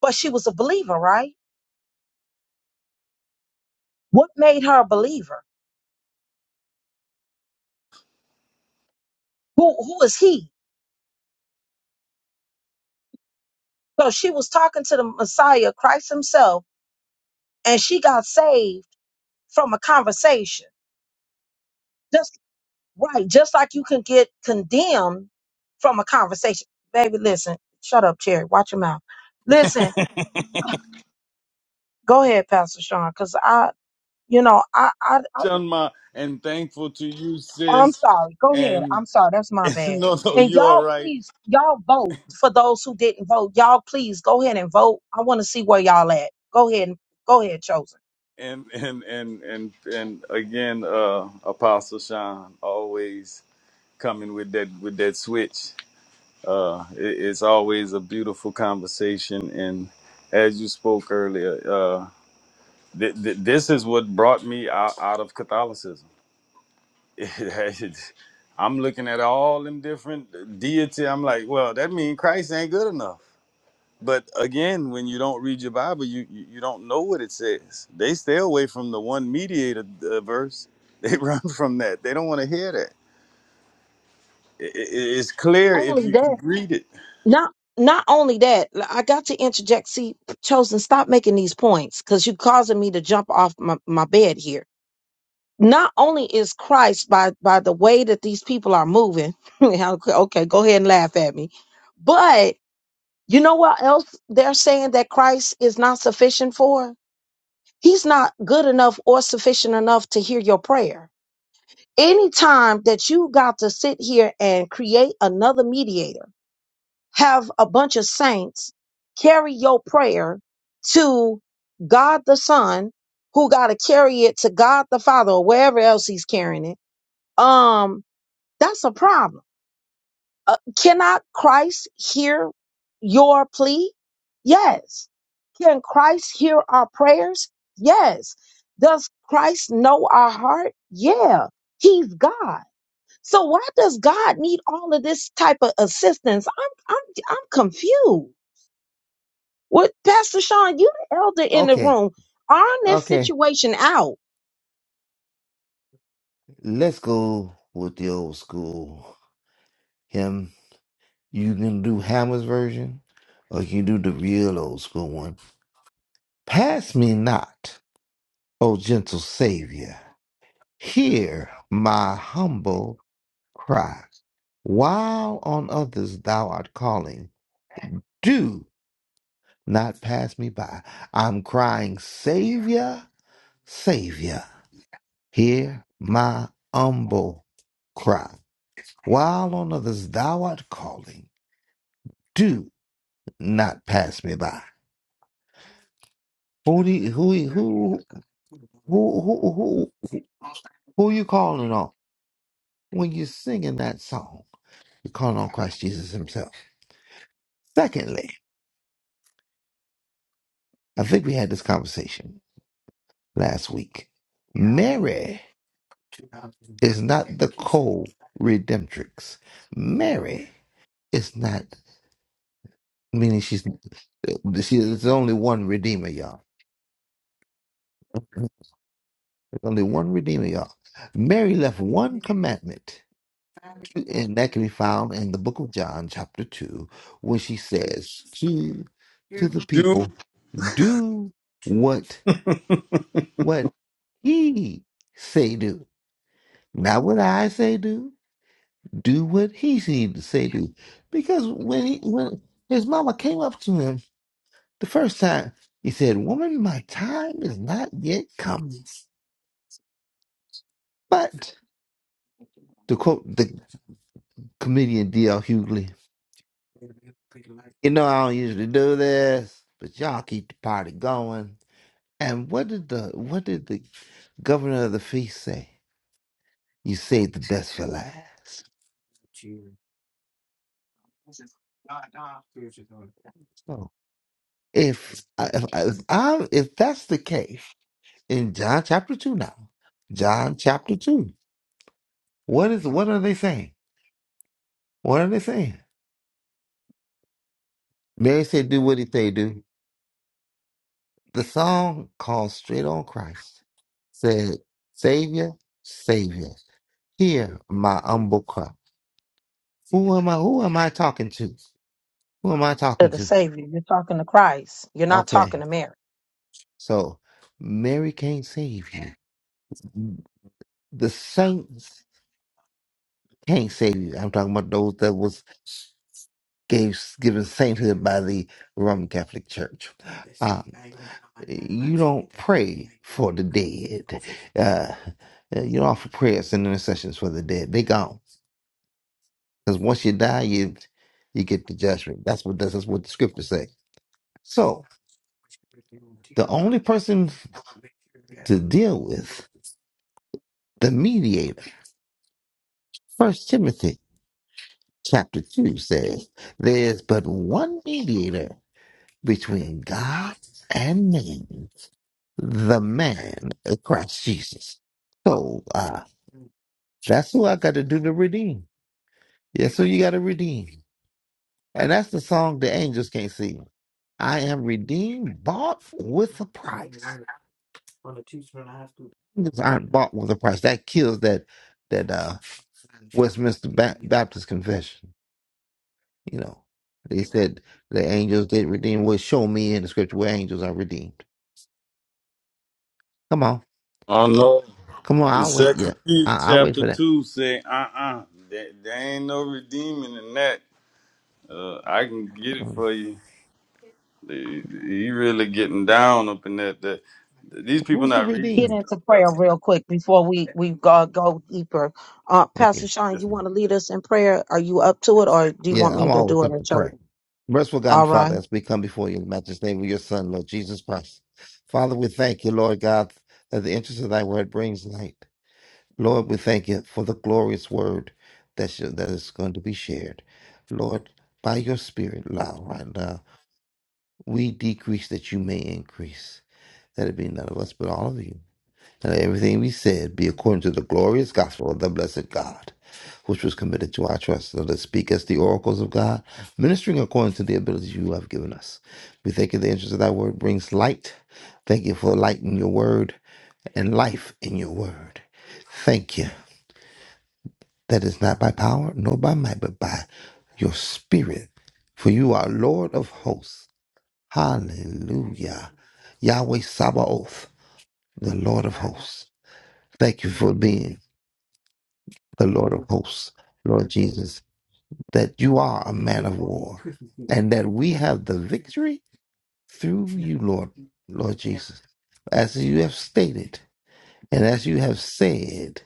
but she was a believer, right? What made her a believer? Who who is he? So she was talking to the Messiah, Christ Himself, and she got saved from a conversation. Just right, just like you can get condemned from a conversation. Baby, listen, shut up, Cherry. Watch your mouth. Listen, go ahead, Pastor Sean, because I, you know, I, I, I,
Chunma, and thankful to you,
I'm
sis.
sorry. Go ahead.
And,
I'm sorry. That's my bad.
no, no,
And
you're all
y'all,
right.
please, y'all vote for those who didn't vote. Y'all, please go ahead and vote. I want to see where y'all at. Go ahead and go ahead, chosen.
And and and and and again, uh, Apostle Sean always coming with that with that switch. Uh, it, it's always a beautiful conversation, and as you spoke earlier, uh, th- th- this is what brought me out, out of Catholicism. I'm looking at all them different deity. I'm like, well, that means Christ ain't good enough. But again, when you don't read your Bible, you you, you don't know what it says. They stay away from the one mediator uh, verse. They run from that. They don't want to hear that. I- I- it's clear if
Only
you
that.
can read it.
not not only that l- i got to interject see chosen stop making these points because you're causing me to jump off my, my bed here not only is christ by by the way that these people are moving okay okay, go ahead and laugh at me but you know what else they're saying that christ is not sufficient for he's not good enough or sufficient enough to hear your prayer anytime that you got to sit here and create another mediator have a bunch of saints carry your prayer to God the Son, who got to carry it to God the Father or wherever else he's carrying it. Um, that's a problem. Uh, cannot Christ hear your plea? Yes. Can Christ hear our prayers? Yes. Does Christ know our heart? Yeah. He's God. So why does God need all of this type of assistance? I'm I'm I'm confused What, Pastor Sean, you the elder in the
Okay,
room. Iron this
okay.
situation out.
Let's go with the old school. Him. You can do Hammer's version, or you can do the real old school one. Pass me not, O gentle Savior. Hear my humble cry, while on others thou art calling, do not pass me by. I'm crying, Savior, Savior, hear my humble cry. While on others thou art calling, do not pass me by. Who do you, who, who, who, who, who, who you calling on when you're singing that song? You're calling on Christ Jesus himself. Secondly, I think we had this conversation last week. Mary is not the co-redemptrix. Mary is not meaning she's she there's only one redeemer, y'all. There's only one redeemer, y'all. Mary left one commandment, and that can be found in the book of John, chapter two, when she says to to the
Do
people, "Do what what he say do, not what I say do." do what he needed to say do. Because when he when his mama came up to him the first time, he said, Woman, my time is not yet come. But to quote the comedian D.L. Hughley, you know I don't usually do this, but y'all keep the party going. And what did the what did the governor of the feast say? You saved the best for last. So if uh, if, uh, if, I, if that's the case in John chapter two now, John chapter 2. What is what are they saying? What are they saying? Mary said, "Do what he say do." The song called "Straight on Christ" said, "Savior, Savior, hear my humble cry." Who am I? Who am I talking to? Who am I
To
talking
the
to?
Savior, you're talking to Christ. You're not talking
Okay,
to Mary.
so Mary can't save you. The saints can't save you. I'm talking about those that was. gave, given sainthood by the Roman Catholic Church. Um, you don't pray for the dead. Uh, eh, you don't offer prayers and intercessions for the dead. They gone. Because once you die, you you get the judgment. That's what that's what the scriptures say. So the only person to deal with the mediator. First Timothy chapter two says, "There's but one mediator between God and man." the man of Christ Jesus. So uh, that's who I got to do to redeem. Yes, who you got to redeem. And that's the song the angels can't sing. I am redeemed, bought with a price. Angels aren't bought with a price. That kills that that uh, Westminster ba- Baptist Confession. You know, they said the angels did redeem. Well, show me in the scripture where angels are redeemed. Come on,
oh no.
come on, I'll wait.
Second
Yeah,
Peter
I- I'll wait
chapter
for that.
two say, uh uh there, there ain't no redeeming in that. Uh, I can get it
Um,
for you. He he really getting down up in that. that these people
Who's the
not reading
Get
this
redeemed?
stuff.
into prayer
Else.
real quick before we we go, go deeper. Uh,
Okay.
Pastor Sean, you want to lead us in prayer? Are you up to it, or do you want
Yeah,
me
I'm
to
always
do it
up to
at your?
pray. Merciful God and
All
Father,
right.
as we come before you in the matchless name of your Son, Lord Jesus Christ. Father, we thank you, Lord God, that the interest of thy word brings light. Lord, we thank you for the glorious word that, sh- that is going to be shared. Lord, by your spirit, now, right now, we decrease that you may increase, that it be none of us but all of you. And let everything we said be according to the glorious gospel of the blessed God, which was committed to our trust. Let us speak as the oracles of God, ministering according to the abilities you have given us. We thank you the entrance of thy word brings light. Thank you for light in your word and life in your word. Thank you. That is not by power, nor by might, but by your spirit. For you are Lord of hosts. Hallelujah. Yahweh Sabaoth, the Lord of hosts. Thank you for being the Lord of hosts, Lord Jesus, that you are a man of war and that we have the victory through you, Lord, Lord Jesus, as you have stated and as you have said,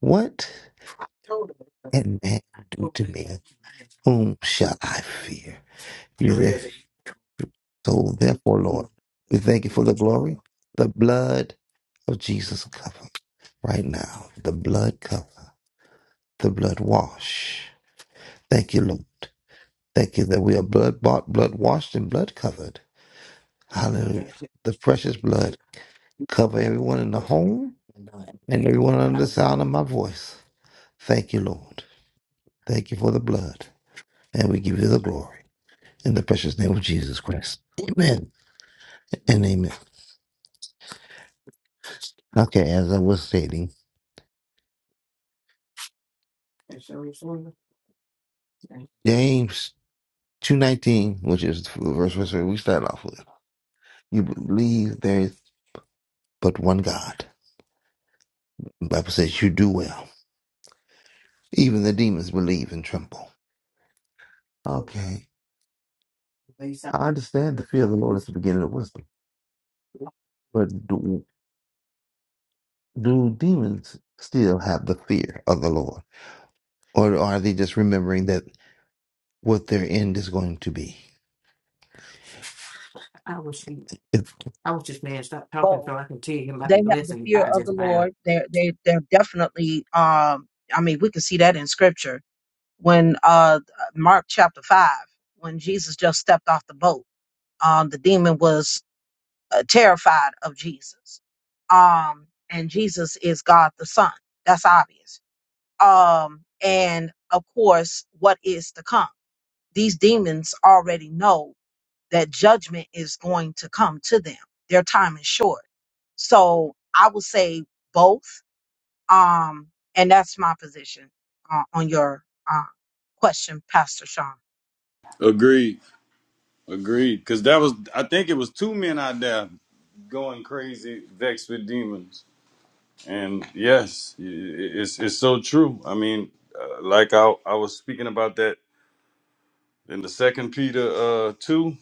what can man do to me? Whom shall I fear? You're there. So therefore, Lord, we thank you for the glory, the blood of Jesus cover right now, the blood cover, the blood wash. Thank you, Lord. Thank you that we are blood bought, blood washed, and blood covered. Hallelujah. The precious blood cover everyone in the home and everyone under the sound of my voice. Thank you, Lord. Thank you for the blood. And we give you the glory in the precious name of Jesus Christ. Amen and amen. Okay, as I was stating, James 2.19, which is the verse where we start off with. You believe there is but one God. The Bible says you do well. Even the demons believe and tremble. Okay. I understand the fear of the Lord is the beginning of wisdom, but do, do demons still have the fear of the Lord, or are they just remembering that what their end is going to be? If
Both. They have the fear of the Lord. They're they they're definitely. Um, I mean, we can see that in Scripture when uh Mark chapter five when Jesus just stepped off the boat. Um, the demon was uh, terrified of Jesus. Um, and Jesus is God the Son. That's obvious. Um, and of course, what is to come? These demons already know that judgment is going to come to them. Their time is short. So I would say both. Um, and that's my position uh, on your uh, question, Pastor Sean.
Agreed, agreed. Cause that was, I think it was two men out there going crazy, vexed with demons. And yes, i- i- it's it's so true. I mean, uh, like I I was speaking about that in the Second Peter uh two.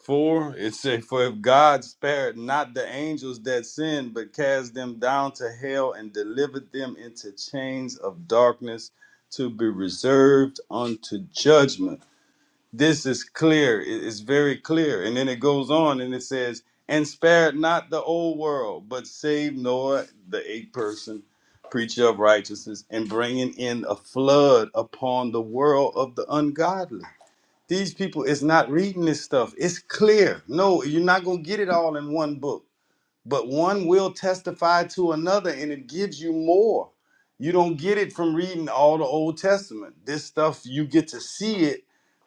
Four, it said, For if God spared not the angels that sinned, but cast them down to hell and delivered them into chains of darkness to be reserved unto judgment. This is clear. It- It's very clear. And then it goes on and it says, And spared not the old world, but saved Noah, the eight person preacher of righteousness, and bringing in a flood upon the world of the ungodly. These people is not reading this stuff. It's clear. No, you're not going to get it all in one book, but one will testify to another and it gives you more. You don't get it from reading all the Old Testament. This stuff you get to see it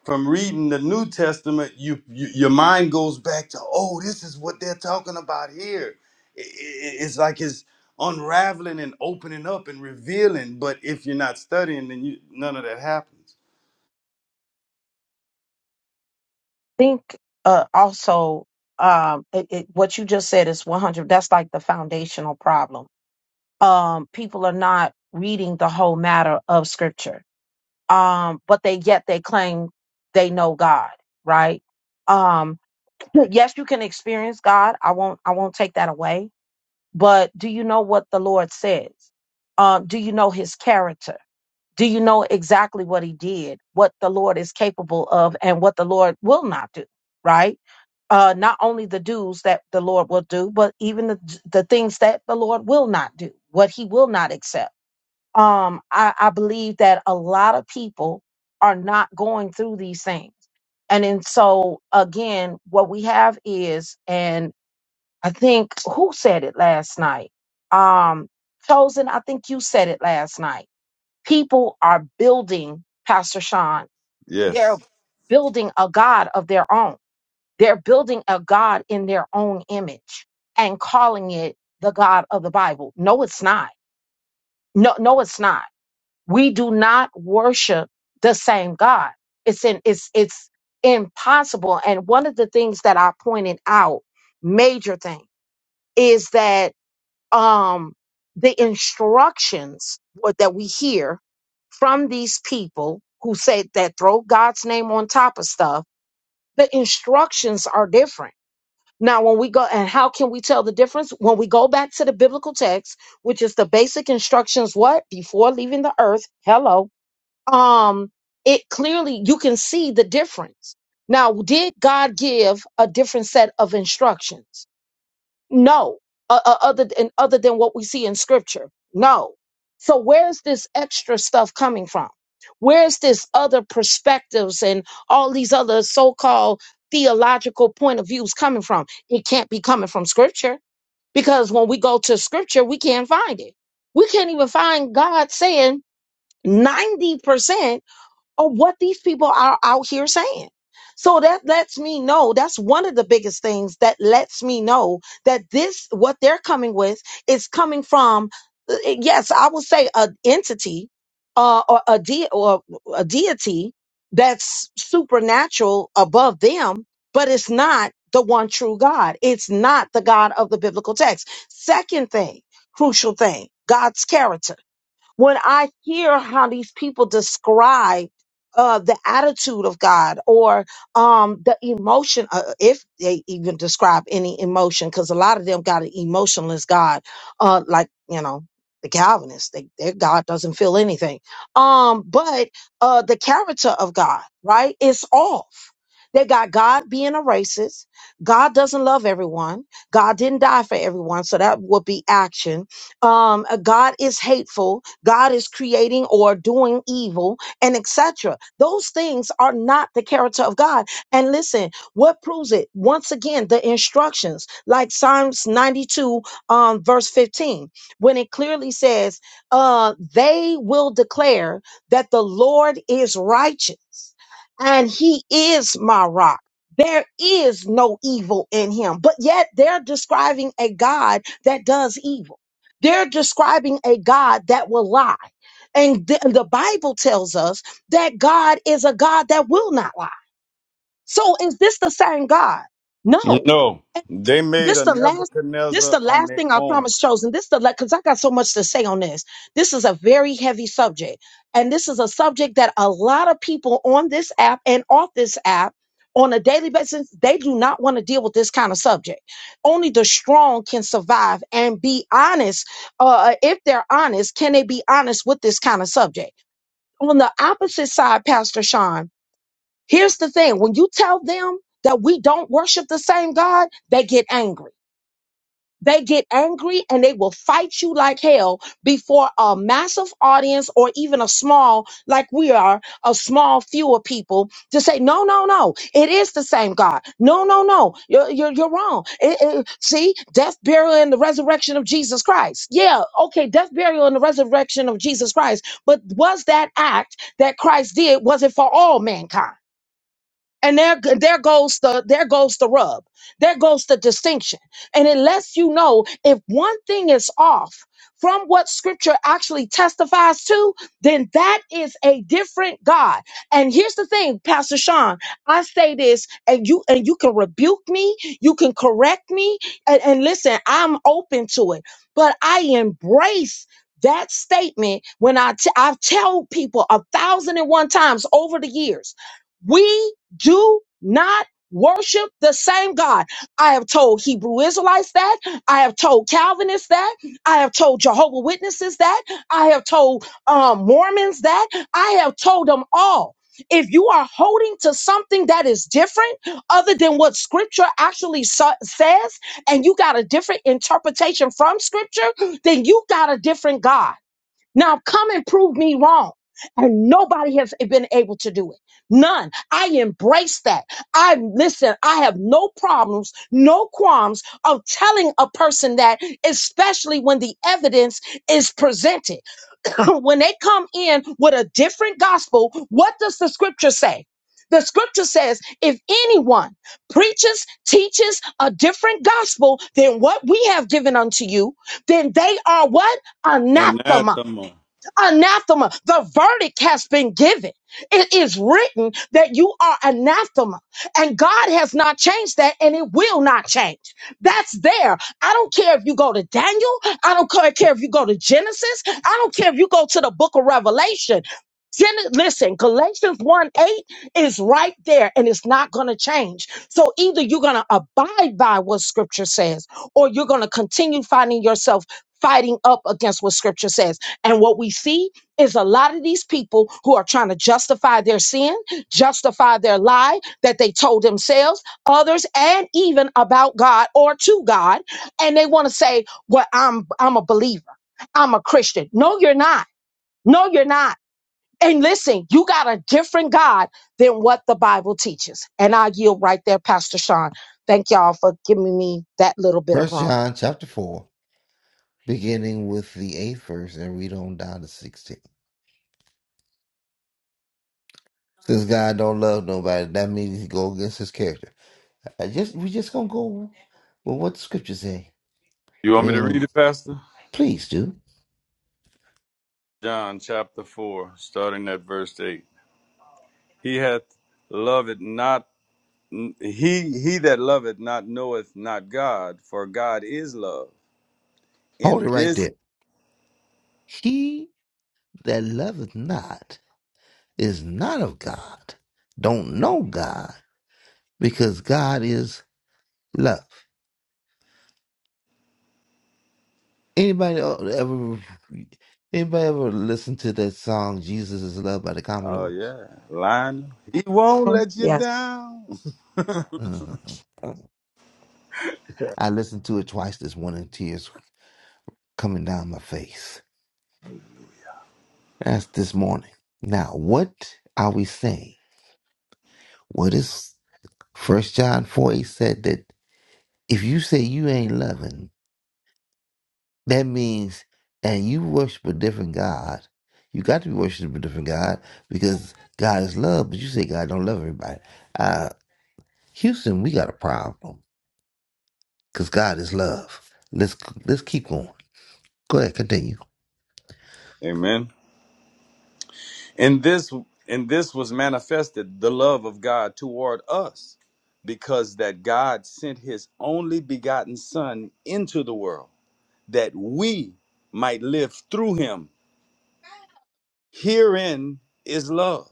from reading the New Testament. You, you your mind goes back to, "Oh, this is what they're talking about here." I- I- it's like it's unraveling and opening up and revealing, but if you're not studying then you none of that happens.
think uh, also um, it, it, what you just said is 100. That's like the foundational problem. Um, people are not reading the whole matter of Scripture, um, but they yet they claim they know God, right? Um, yes, you can experience God. I won't. I won't take that away. But do you know what the Lord says? Um, do you know His character? Do you know exactly what he did, what the Lord is capable of, and what the Lord will not do? Right? Uh, not only the do's that the Lord will do, but even the, the things that the Lord will not do, what he will not accept. Um, I, I believe that a lot of people are not going through these things. And then so again, what we have is, and I think who said it last night? Um, Chosen, I think you said it last night People are building, Pastor Sean,
Yes.
they're building a God of their own. They're building a God in their own image and calling it the God of the Bible. No, it's not. No, no, it's not. We do not worship the same God. It's in, it's, it's impossible. And one of the things that I pointed out, major thing, is that um, the instructions what- that we hear from these people who say that throw God's name on top of stuff, the instructions are different. Now, when we go, and how can we tell the difference? When we go back to the biblical text, which is the basic instructions, what? Before leaving the earth, hello. Um, it clearly, you can see the difference. Now, did God give a different set of instructions? No, uh, uh, other than other than what we see in scripture. No. So where's this extra stuff coming from? Where's this other perspectives and all these other so-called theological point of views coming from? It can't be coming from scripture because when we go to scripture, we can't find it. We can't even find God saying 90% or what these people are out here saying. So that lets me know that's one of the biggest things that lets me know that this what they're coming with is coming from uh, eh, yes, I will say an entity uh, or a de- or a deity that's supernatural above them, but it's not the one true God. It's not the God of the biblical text. Second thing, crucial thing, God's character when I hear how these people describe uh, the attitude of God or um, the emotion, uh, if they even describe any emotion, because a lot of them got an emotionless God, uh, like, you know, the Calvinists, they, their God doesn't feel anything. Um, but uh, the character of God, right, is off. They got God being a racist. God doesn't love everyone. God didn't die for everyone. So that would be action um, uh, God is hateful, God is creating or doing evil, and etc. Those things are not the character of God. And listen, what proves it? Once again, the instructions, like Psalms 92, um, verse 15, when it clearly says, uh, they will declare that the Lord is righteous and he is my rock. There is no evil in him, but yet they're describing a God that does evil they're describing a God that will lie. And th- the Bible tells us that God is a God that will not lie. So is this the same God? No.
No, they made
This
a
the last. This
Nebuchadnezzar
the
on
last
their
thing I
own.
promise, chosen. This the because I got so much to say on this. This is a very heavy subject, and this is a subject that a lot of people on this app and off this app on a daily basis they do not want to deal with this kind of subject. Only the strong can survive and be honest. Uh, if they're honest, can they be honest with this kind of subject? On the opposite side, Pastor Sean, here's the thing: when you tell them that we don't worship the same God, they get angry they get angry and they will fight you like hell before a massive audience or even a small, like we are, a small few of people to say, no, no, no, it is the same God. No, no, no, you're, you're, you're wrong. It- it- see, death, burial, and the resurrection of Jesus Christ. Yeah, okay, death, burial, and the resurrection of Jesus Christ. But was that act that Christ did, was it for all mankind? And there, there goes the there goes the rub. There goes the distinction. And it lets you know if one thing is off from what scripture actually testifies to, then that is a different God. And here's the thing, Pastor Sean, I say this and you and you can rebuke me, you can correct me, and, and listen, I'm open to it. But I embrace that statement when I t- I've tell people a thousand and one times over the years. We do not worship the same God. I have told Hebrew Israelites that. I have told Calvinists that. I have told Jehovah Witnesses that. I have told um, Mormons that. I have told them all. If you are holding to something that is different other than what scripture actually sa- says, and you got a different interpretation from scripture, then you got a different God. Now come and prove me wrong. And nobody has been able to do it. None. I embrace that. I listen, I have no problems, no qualms of telling a person that, especially when the evidence is presented. when they come in with a different gospel, what does the scripture say? The scripture says if anyone preaches, teaches a different gospel than what we have given unto you, then they are what? Anathema.
Anathema.
Anathema. The verdict has been given. It is written that you are anathema and God has not changed that and it will not change. That's there. I don't care if you go to Daniel. I don't ca- care if you go to Genesis. I don't care if you go to the book of Revelation. Gen- Listen, Galatians 1 8 is right there and it's not going to change. So either you're going to abide by what scripture says or you're going to continue finding yourself fighting up against what scripture says. And what we see is a lot of these people who are trying to justify their sin, justify their lie that they told themselves, others, and even about God or to God. And they want to say, Well, I'm I'm a believer. I'm a Christian. No, you're not. No, you're not. And listen, you got a different God than what the Bible teaches. And I yield right there, Pastor Sean. Thank y'all for giving me that little bit of
First
room.
John chapter four, beginning with the eighth verse, and read on down to sixteen. Since God don't love nobody, that means he go against His character. I just we just gonna go with what the Scripture say.
You
We
want me
ain't
to
gonna-
read it, Pastor?
please do
John chapter 4, starting at verse 8. He hath loved not, he, he that loveth not knoweth not God, for God is love.
hold
In
it right
this,
there. He that loveth not is not of God, don't know God, because God is love. Anybody el- ever anybody ever listen to that song Jesus is Love by the
oh
Commodores?
yeah, line. he won't
Mhm.
let you
Yes,
down.
Mhm. I listened to it twice this morning, tears coming down my face. That's this morning. Now, what are we saying? What is First John 4 8 said that if you say you ain't loving, That means, and you worship a different God. You got to be worshiping a different God because God is love, but you say God don't love everybody. Uh, Houston, we got a problem because God is love. Let's let's keep going. Go ahead, continue.
Amen. And this and this was manifested the love of God toward us because that God sent his only begotten son into the world that we might live through him. Herein is love.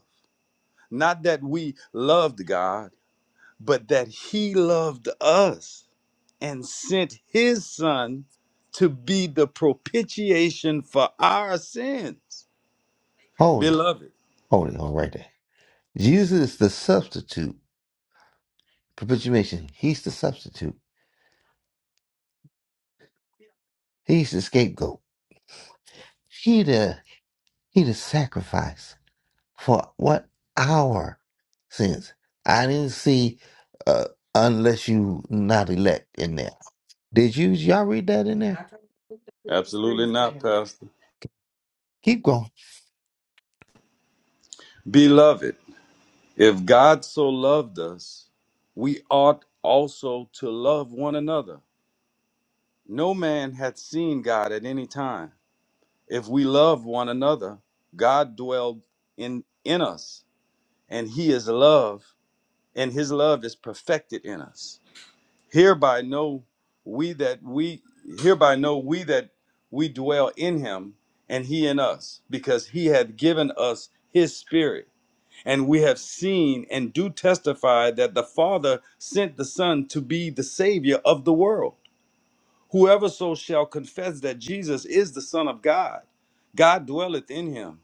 Not that we loved God, but that he loved us and sent his son to be the propitiation for our sins.
Hold it,
Beloved.
hold it, hold it right there. Jesus is the substitute, propitiation. He's the substitute. He's the scapegoat. He the He the sacrifice for what our sins. I didn't see uh, unless you not elect in there. Did you y'all read that in there?
Absolutely not, Pastor.
Keep going.
Beloved. If God so loved us, we ought also to love one another. No man hath seen God at any time. If we love one another, God dwelled in, in us, and he is love, and his love is perfected in us hereby know we that we hereby know we that we dwell in him and he in us because he hath given us his spirit and we have seen and do testify that the father sent the son to be the savior of the world whoever so shall confess that jesus is the son of god god dwelleth in him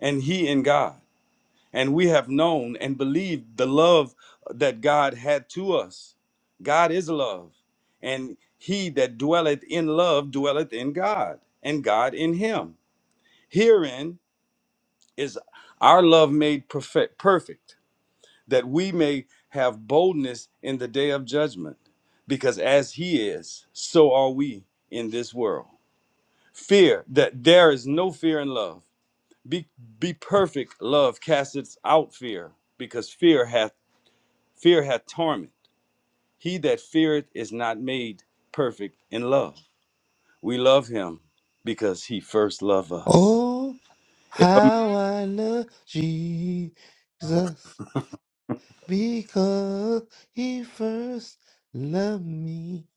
and he in god and we have known and believed the love that God had to us. God is love, and he that dwelleth in love dwelleth in God, and God in him. Herein is our love made perfect, perfect, that we may have boldness in the day of judgment, because as he is, so are we in this world. Fear that there is no fear in love. Be, be perfect, love casteth out fear, because fear hath Fear hath torment. He that feareth is not made perfect in love. We love him because he first loved us.
Oh, how I love Jesus because he first loved me.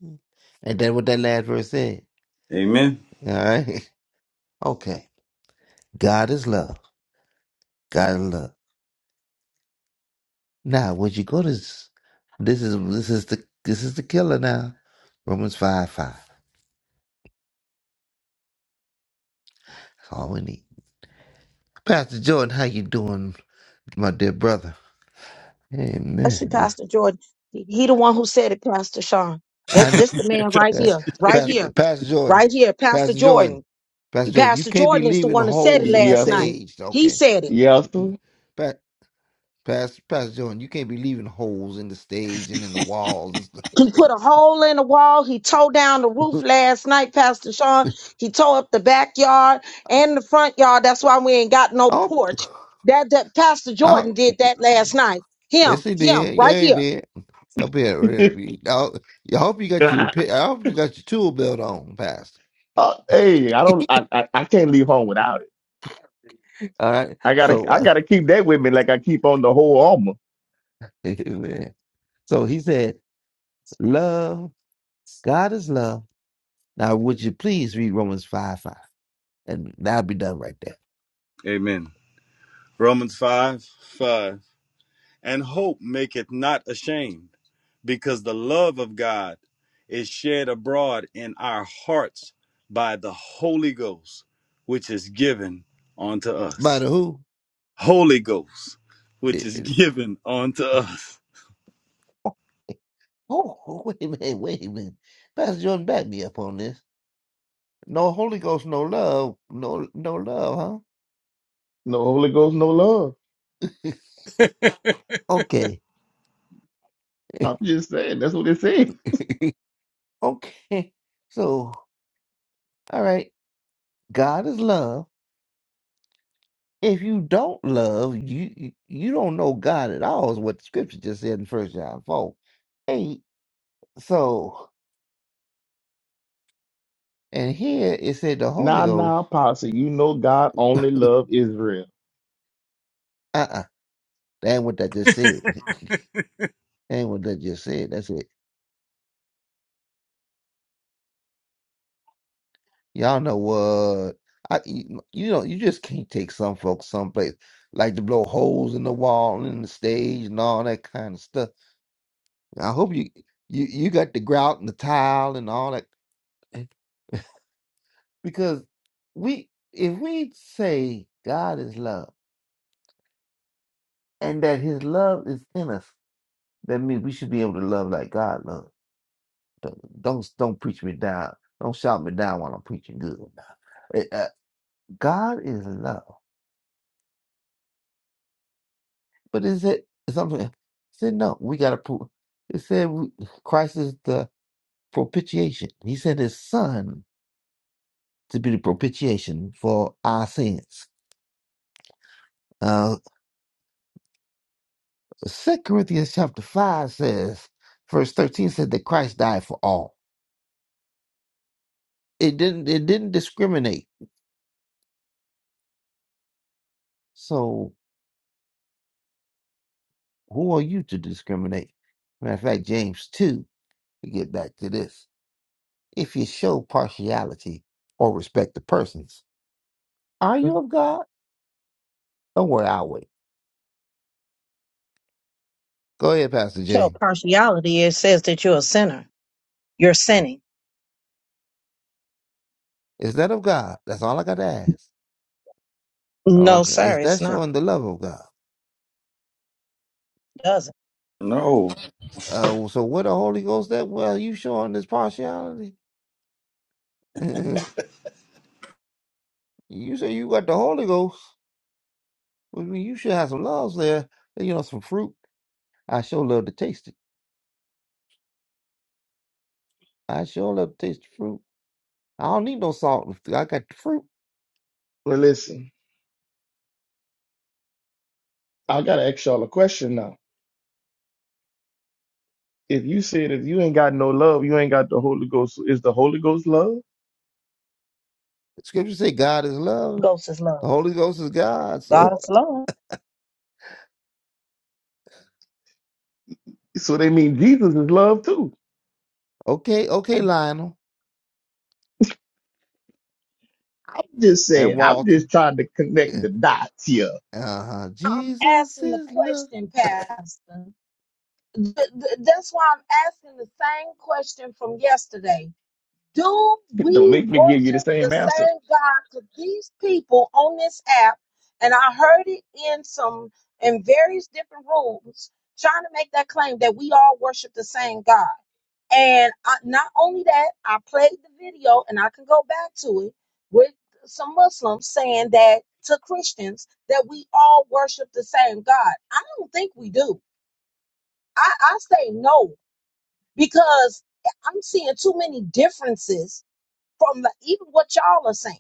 And that what that last verse said.
Amen.
All right. Okay. God is love. God is love. Now, when you go to s- this is this is the this is the killer now. Romans five five. That's all we need. Pastor Jordan, how you doing, my dear brother?
that's you,
Amen.
Pastor Jordan. He, he the one who said it, Pastor Sean.
I
That
know.
this the man right
Eh,
here, right
Pastor,
here.
Pastor Jordan,
right here, Pastor
Pastor Jordan,
Jordan.
Pastor Jordan, you
Pastor
can't be
Jordan is the
leaving
one that said it
holes in the
last
Yes,
night.
sir.
stage,
He
okay?
said it.
Yes,
Mm-mm. Pa- Pastor, Pastor Jordan, you can't be leaving holes in the stage and in the walls and
He put a hole in the wall. He tore down the roof
stuff.
last night, Pastor Sean. He tore up the backyard and the front yard. That's why we ain't got no
oh,
porch. That that Pastor
oh,
Jordan did that last night. Him,
yes, he
him,
did.
right
Yeah, he
here.
did. Up here,
sir.
really. I, I hope you got your repair. I hope you got your tool belt on, Pastor.
Uh, hey, I don't. I, I I can't leave home without it.
All right.
I gotta.
So,
I
uh,
gotta keep that with me, like I keep on the whole armor.
man. so he said, "Love, God is love." Now, would you please read Romans five five, and that'll be done right there.
Amen. Romans 5 5. And hope maketh not ashamed, because the love of God is shed abroad in our hearts by the Holy Ghost, which is given unto
By the
us.
who?
Holy Ghost, which
The-
is given unto us.
Oh, oh, wait a minute, wait a minute. Pastor Jordan, back me up on this. No Holy Ghost, no love, no no love,
No Holy Ghost, no love.
huh? okay,
I'm just saying. That's what it says.
okay. So, all right, God is love. If you don't love, you you you don't know God at all. Is what the Scripture just said in First John four eight. So, and here it said the Holy
Nah,
Ghost.
nah, posse. You know God only love Israel.
Uh uh that ain't what that just said. That ain't what that just said. That's it. Y'all know what? I you, you know you just can't take some folks someplace like to blow holes in the wall and the stage and all that kind of stuff. I hope you you you got the grout and the tile and all that because we if we say God is love and that His love is in us, that means we should be able to love like God loves. Don't don't, don't preach me down. Don't shout me down while I'm preaching good. Eh, uh, God is love. But is it something. It said no. We got to prove. It said we, Christ is the propitiation. He sent His Son to be the propitiation for our sins. Uh, Second Corinthians chapter five says, verse thirteen said that Christ died for all. It didn't. It didn't discriminate. So who are you to discriminate? Matter of fact, James two. We get back to this. If you show partiality or respect the persons, are you of God? Don't worry, I'll wait. Go ahead, Pastor
Show
Jay.
partiality. It says that you're a sinner. You're sinning.
Is that of God? That's all I got to ask.
No,
Okay.
sir,
Is
it's
that
not.
showing the love of God?
It doesn't.
No.
Uh, so what the Holy Ghost that? Well, you showing this partiality. you say you got the Holy Ghost. Well, I mean, you should have some loves there. You know, some fruit. I sure love to taste it. I sure love to taste the fruit. I don't need no salt. I got the fruit.
Well, listen. I gotta ask y'all a question now. If you said if you ain't got no love, you ain't got the Holy Ghost. Is the Holy Ghost love?
Scripture say God is love.
Ghost is love.
The Holy Ghost is God.
God
So
is love.
So they mean Jesus is love too.
okay, okay, Lionel
I'm just
and
saying. I'm just
Walton.
trying to connect the dots here.
Uh-huh.
I'm
Jesus
asking the
is love.
question, Pastor. th- th- that's why I'm asking the same question from yesterday. Do
Don't
we
make me give you the
worship the
same answer.
same God? Because these people on this app, and I heard it in some in various different rooms, trying to make that claim that we all worship the same God. And I, not only that, I played the video, and I can go back to it with some Muslims saying that to Christians that we all worship the same God. I don't think we do. I, I say no because I'm seeing too many differences from the, even what y'all are saying.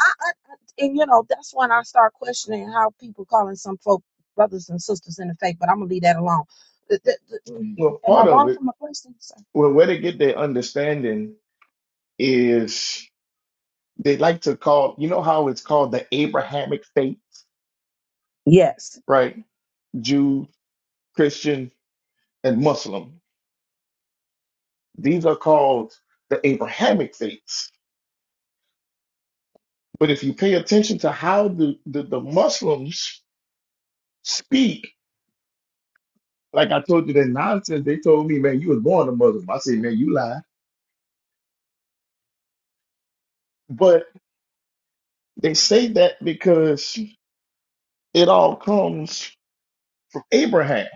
I, I, I- and you know that's when I start questioning how people calling some folk brothers and sisters in the faith. But I'm gonna leave that alone. Th- th- th- mm,
Well,
Am I
part of
wrong for
it,
my question, sir?
well, where they get their understanding is they like to call, you know how it's called the Abrahamic faith,
Yes.
right? Jew, Christian, and Muslim. These are called the Abrahamic faiths. But if you pay attention to how the, the, the Muslims speak, like I told you that nonsense, they told me, man, you was born a Muslim. I said, man, you lie. But they say that because it all comes from Abraham.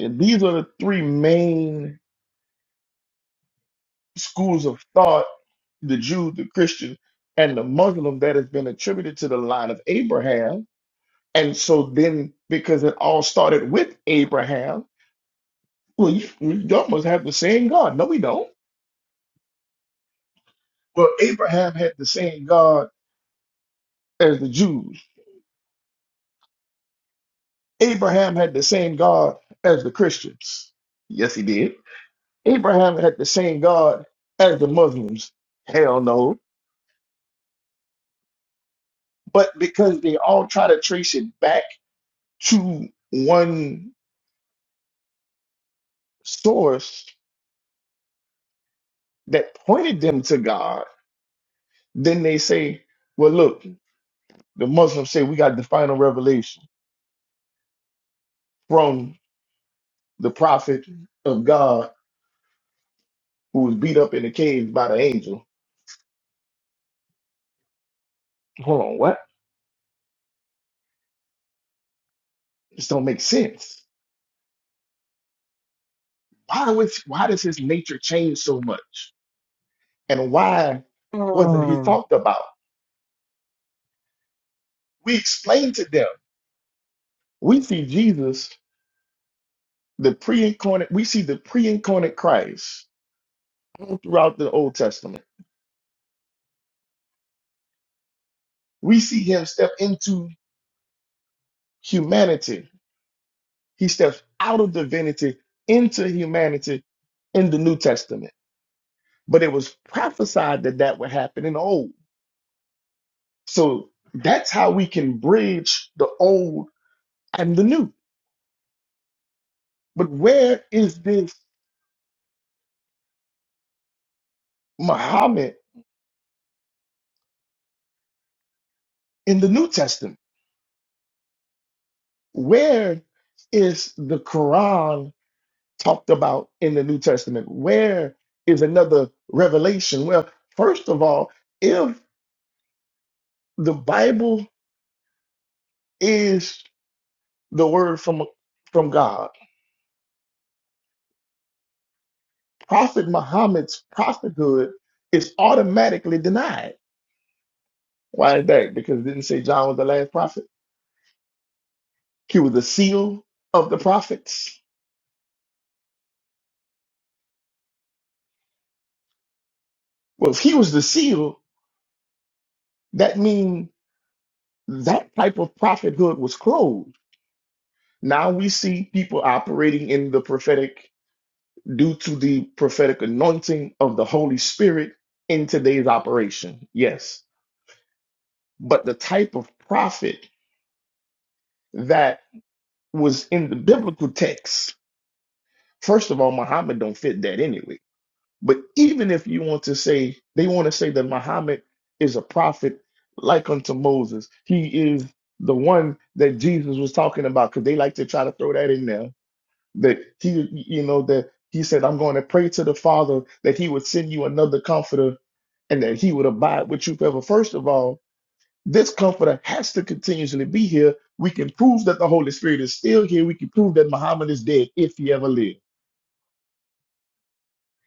And these are the three main schools of thought the Jew, the Christian, and the Muslim that has been attributed to the line of Abraham. And so then, because it all started with Abraham, well, you, you almost have the same God. No, we don't. Well, Abraham had the same God as the Jews, Abraham had the same God as the Christians. Yes, he did. Abraham had the same God as the Muslims. Hell no. But because they all try to trace it back to one source that pointed them to God, then they say, well, look, the Muslims say we got the final revelation from the prophet of God who was beat up in the cave by the angel. Hold on, what? This don't make sense. Why was why does his nature change so much? And why wasn't he
Mm.
talked about? We explain to them. We see Jesus, the pre-incarnate, we see the pre-incarnate Christ all throughout the Old Testament we see him step into humanity. He steps out of divinity into humanity in the New Testament. But it was prophesied that that would happen in the Old. So that's how we can bridge the Old and the New. But where is this Muhammad in the New Testament? Where is the Quran talked about in the New Testament? Where is another revelation? Well, first of all, if the Bible is the word from from God. Prophet Muhammad's prophethood is automatically denied. Why is that? Because it didn't say John was the last prophet. He was the seal of the prophets. Well, if he was the seal, that means that type of prophethood was closed. Now we see people operating in the prophetic due to the prophetic anointing of the Holy Spirit in today's operation. Yes. But the type of prophet that was in the biblical text. First of all, Muhammad don't fit that anyway. But even if you want to say they want to say that Muhammad is a prophet like unto Moses, he is the one that Jesus was talking about because they like to try to throw that in there that he, you know, that he said, "I'm going to pray to the Father that He would send you another Comforter and that He would abide with you forever." First of all, this comforter has to continuously be here. We can prove that the Holy Spirit is still here. We can prove that Muhammad is dead if he ever lived.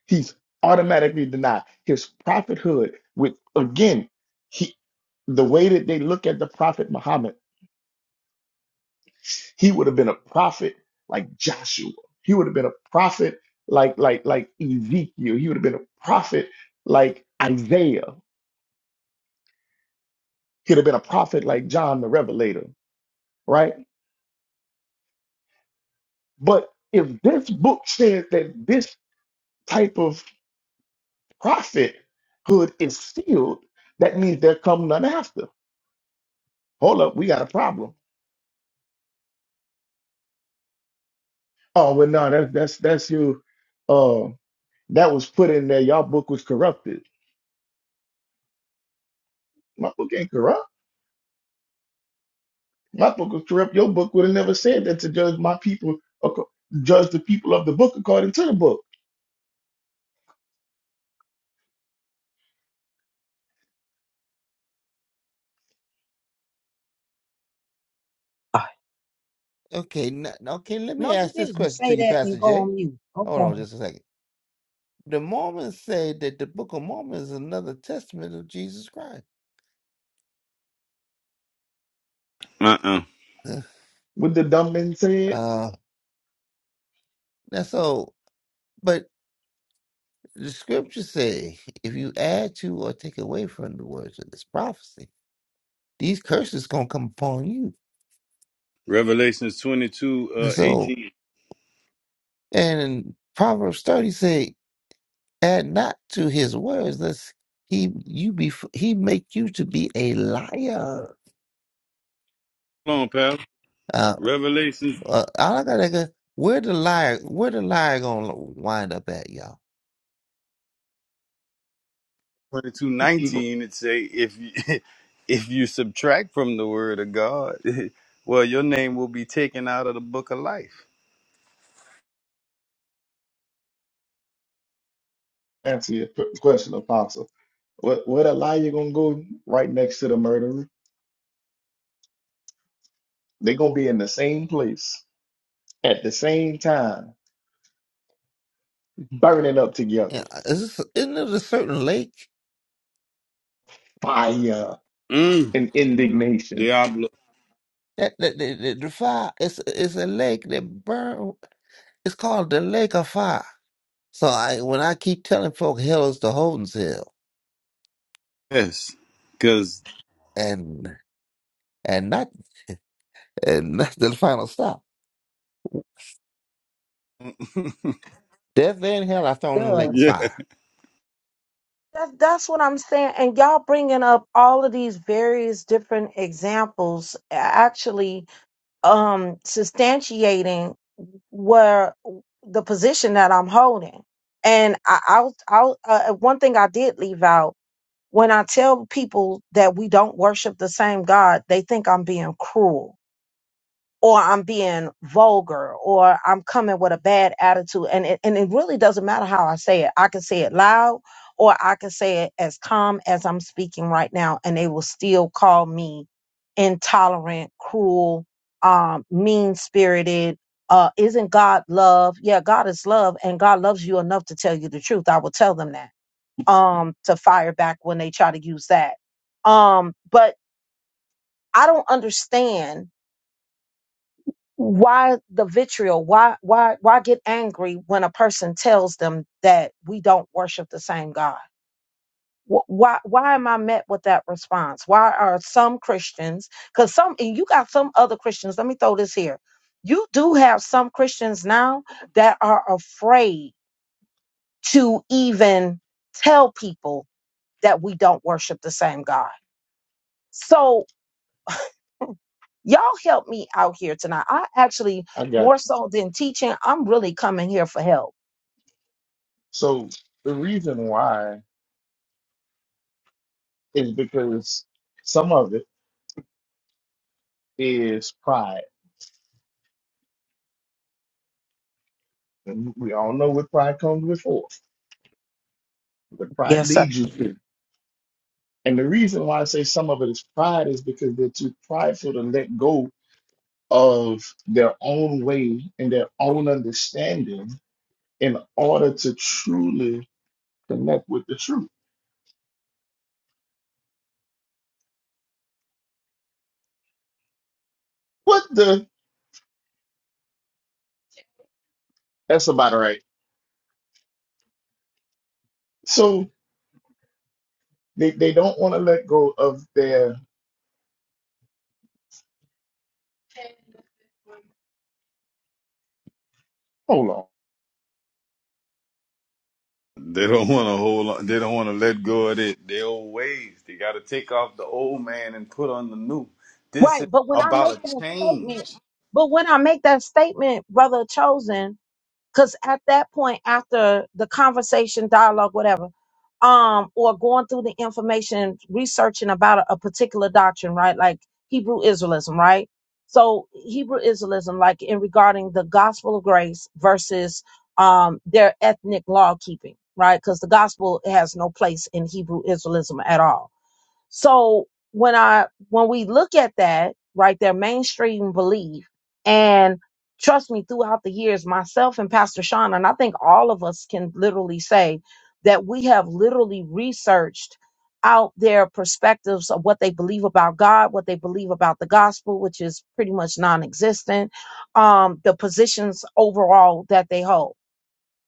He's automatically denied his prophethood. With again, he the way that they look at the prophet Muhammad, he would have been a prophet like Joshua. He would have been a prophet like like like Ezekiel. He would have been a prophet like Isaiah. He'd have been a prophet like John the Revelator, right? But if this book says that this type of prophethood is sealed, that means there come none after. Hold up, we got a problem. Oh well, no, that's that's that's your uh that was put in there. Y'all book was corrupted. My book ain't corrupt. My book was corrupt. Your book would have never said that to judge my people, acco- judge the people of the book according to the book.
ah,
Okay, n- okay. Let me
No, you
ask this
didn't
question to
say
you,
that and
Pastor
go
Jay.
on mute.
Hold on,
Okay,
just a second. The Mormons say that the Book of Mormon is another testament of Jesus Christ.
Uh uh
What the dumb man said,
uh, that's all. But the Scriptures say, if you add to or take away from the words of this prophecy, these curses gonna come upon you.
Revelations 22, uh,
So,
18.
and Proverbs thirty say, add not to his words, lest he you be he make you to be a liar.
Hold on, pal.
Uh,
Revelations
Uh, all I got to go, where the liar, where the liar gonna wind up at, y'all?
twenty two
he he gonna
nineteen. it say, if you, if you subtract from the word of God, well, your name will be taken out of the book of life.
answer your qu- question, Apostle. What what a lie you gonna go right next to the murderer? They gonna be in the same place at the same time burning up together,
Yeah, uh, Is this, isn't it a certain lake
fire
Mm,
and indignation.
Diablo.
that that that, that the fire? It's it's a lake that burn. It's called the Lake of Fire. So I when I keep telling folk hell is the Holden's Hill,
Yes. Because,
and and not and that's the final stop. Death and hell are thrown in the lake of
does
yeah,
fire.
that, that's what I'm saying? And y'all bringing up all of these various different examples, actually um substantiating where the position that I'm holding. And I, I'll, I'll uh, uh, one thing I did leave out when I tell people that we don't worship the same God, they think I'm being cruel or I'm being vulgar or I'm coming with a bad attitude. And it, and it really doesn't matter how I say it. I can say it loud or I can say it as calm as I'm speaking right now, and they will still call me intolerant, cruel, um, mean spirited. Uh, isn't God love? Yeah, God is love, and God loves you enough to tell you the truth. I will tell them that. Um, to fire back when they try to use that. Um, but I don't understand why the vitriol why why why get angry when a person tells them that we don't worship the same god Wh- why why am i met with that response why are some christians because some and you got some other christians let me throw this here you do have some christians now that are afraid to even tell people that we don't worship the same god so y'all help me out here tonight i actually
I got
more
you.
so than teaching i'm really coming here for help
So the reason why is because some of it is pride. And we all know what pride comes before, what pride
Yes, sir.
leads you to. And the reason why I say some of it is pride is because they're too prideful to let go of their own way and their own understanding in order to truly connect with the truth. What the? That's about right. So They they don't want to let go of their. Hold on.
they don't want to hold on. They don't want to let go of their, their old ways. They got to take off the old man and put on the new. This is
Right. But when I
about
make
a
that statement,
change.
but when I make that statement, brother chosen, because at that point, after the conversation, dialogue, whatever, um, or going through the information, researching about a, a particular doctrine, right? Like Hebrew Israelism, right? So Hebrew Israelism, like in regarding the gospel of grace versus um their ethnic law keeping, right? Because the gospel has no place in Hebrew Israelism at all So when I when we look at that, right, their mainstream belief, and trust me, throughout the years, myself and Pastor Sean, and I think all of us can literally say that we have literally researched out their perspectives of what they believe about God, what they believe about the gospel, which is pretty much non-existent, um, the positions overall that they hold.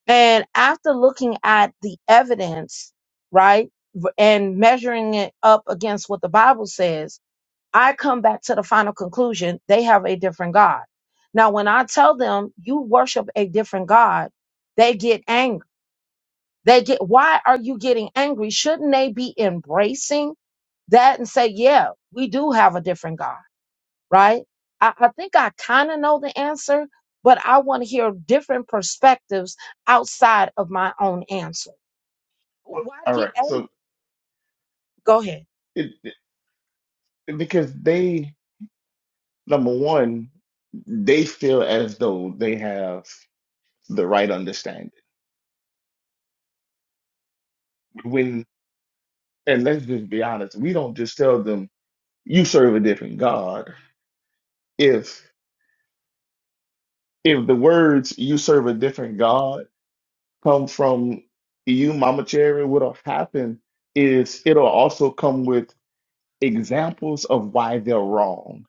And after looking at the evidence, right, v- and measuring it up against what the Bible says, I come back to the final conclusion they have a different God. Now, when I tell them you worship a different God, they get angry. They get, why are you getting angry? Shouldn't they be embracing that and say, yeah, we do have a different God? right? I, I think I kind of know the answer, but I want to hear different perspectives outside of my own answer. Why
All
get
right.
angry?
So
Go ahead.
it, it- because they number one, they feel as though they have the right understanding. When and let's just be honest, we don't just tell them you serve a different God. If if the words you serve a different God come from you, Mama Cherry, what'll happen is it'll also come with examples of why they're wrong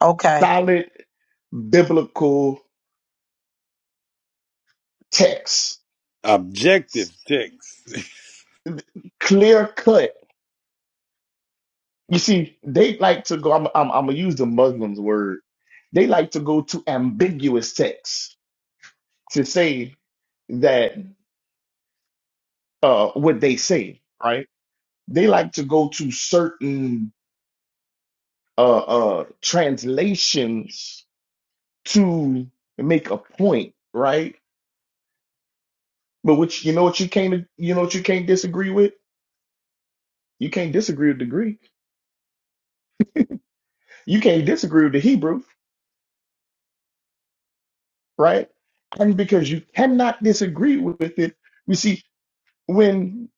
Okay.
solid biblical text,
Objective text.
clear cut. You see, they like to go. I'm, I'm, I'm gonna use the Muslims' word. They like to go to ambiguous texts to say that uh, what they say, right? They like to go to certain uh, uh, translations to make a point, right? But which you know what you can't you know what you can't disagree with. You can't disagree with the Greek. You can't disagree with the Hebrew. right? And because you cannot disagree with it, you see when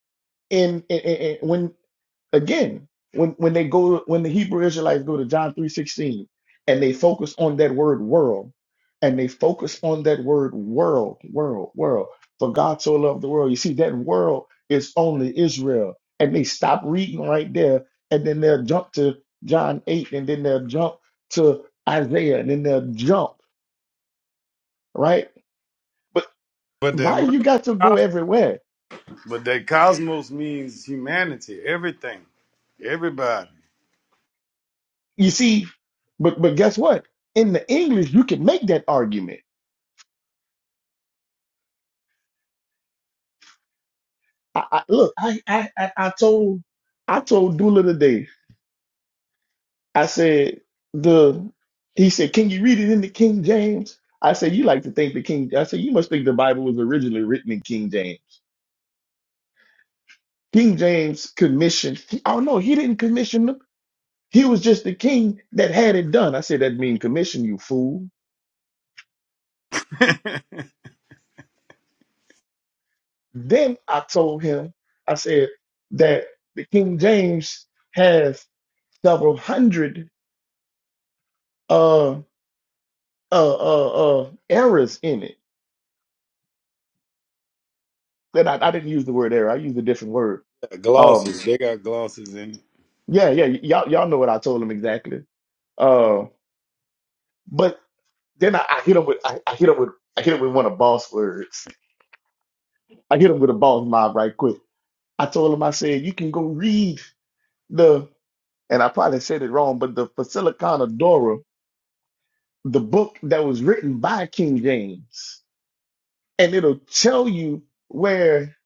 in, in, in- in- when again when when they go when the Hebrew Israelites go to John three sixteen and they focus on that word world and they focus on that word world world world for God so loved the world you see that world is only Israel and they stop reading right there and then they'll jump to John eight and then they'll jump to Isaiah and then they'll jump right
But that
Why
world,
you got to go everywhere?
but that cosmos means humanity, everything, everybody.
You see, but but guess what? In the English, you can make that argument. I, I look, I, I I I told I told Dula today. I said the he said, Can you read it in the King James? I said, You like to think the King I said, you must think the Bible was originally written in King James. King James commissioned oh no, he didn't commission them. He was just the king that had it done. I said that mean commission, you fool. Then I told him, I said that the King James has several hundred uh, uh, uh, uh, errors in it. Then I, I didn't use the word error. I used a different word. Um,
glosses, they got glosses in it.
yeah, yeah, y- y'all, y'all know what I told him exactly. Uh, but then I, I hit him with, I, I hit him with, I hit him with one of boss words. I hit him with a boss mob right quick. I told him, I said, you can go read the, and I probably said it wrong, but the Basilicon of Dora the book that was written by King James, and it'll tell you where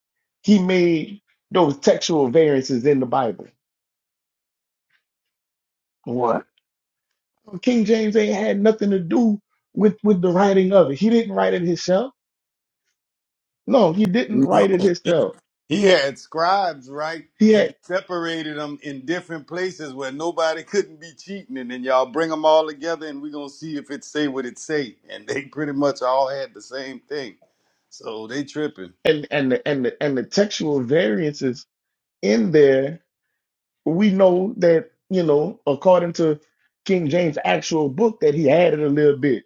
he made those textual variances in the Bible. What? King James ain't had nothing to do with with the writing of it. He didn't write it himself. No, he didn't
No,
write it himself.
he had scribes, right?
He
And he
had
separated them in different places where nobody couldn't be cheating. And then y'all bring them all together, and we are gonna see if it say what it say. And they pretty much all had the same thing. So they tripping.
and and the, and the, and the textual variances in there. We know that you know according to King James' actual book that he added a little bit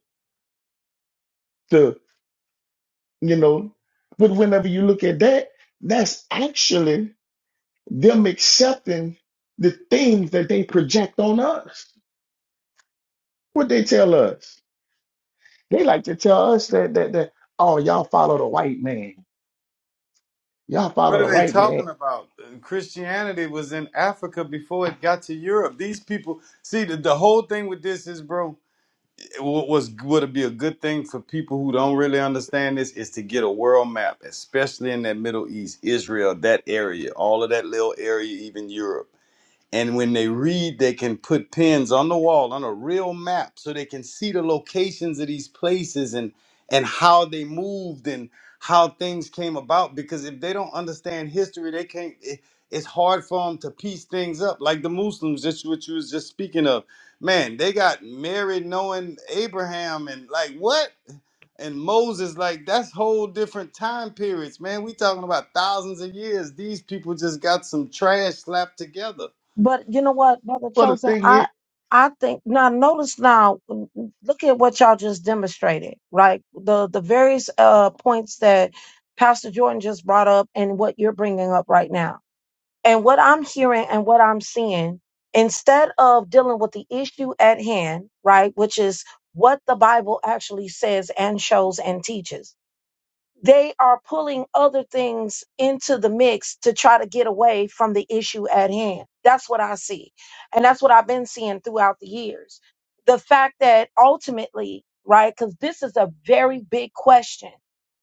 you know. But whenever you look at that, that's actually them accepting the things that they project on us. What they tell us. They like to tell us that that that oh y'all follow the white man. Y'all
What
follow
are
the
they
white man.
talking about? Christianity was in Africa before it got to Europe. These people, see, the, the whole thing with this is, bro, what was would be a good thing for people who don't really understand this is to get a world map, especially in that Middle East, Israel, that area, all of that little area, even Europe. And when they read, they can put pins on the wall on a real map so they can see the locations of these places and and how they moved and how things came about. Because if they don't understand history, they can't. It, it's hard for them to piece things up. Like the Muslims, just what you was just speaking of. Man, they got married knowing Abraham and like what and Moses. Like that's whole different time periods, man. We talking about thousands of years. These people just got some trash slapped together
But you know what, brother
But the
chosen,
thing
I
is
I think now notice now mm, mm, look at what y'all just demonstrated, right? The the various uh points that Pastor Jordan just brought up and what you're bringing up right now And what I'm hearing and what I'm seeing, instead of dealing with the issue at hand, right, which is what the Bible actually says and shows and teaches they are pulling other things into the mix to try to get away from the issue at hand. That's what I see. And that's what I've been seeing throughout the years. The fact that ultimately, right, because this is a very big question.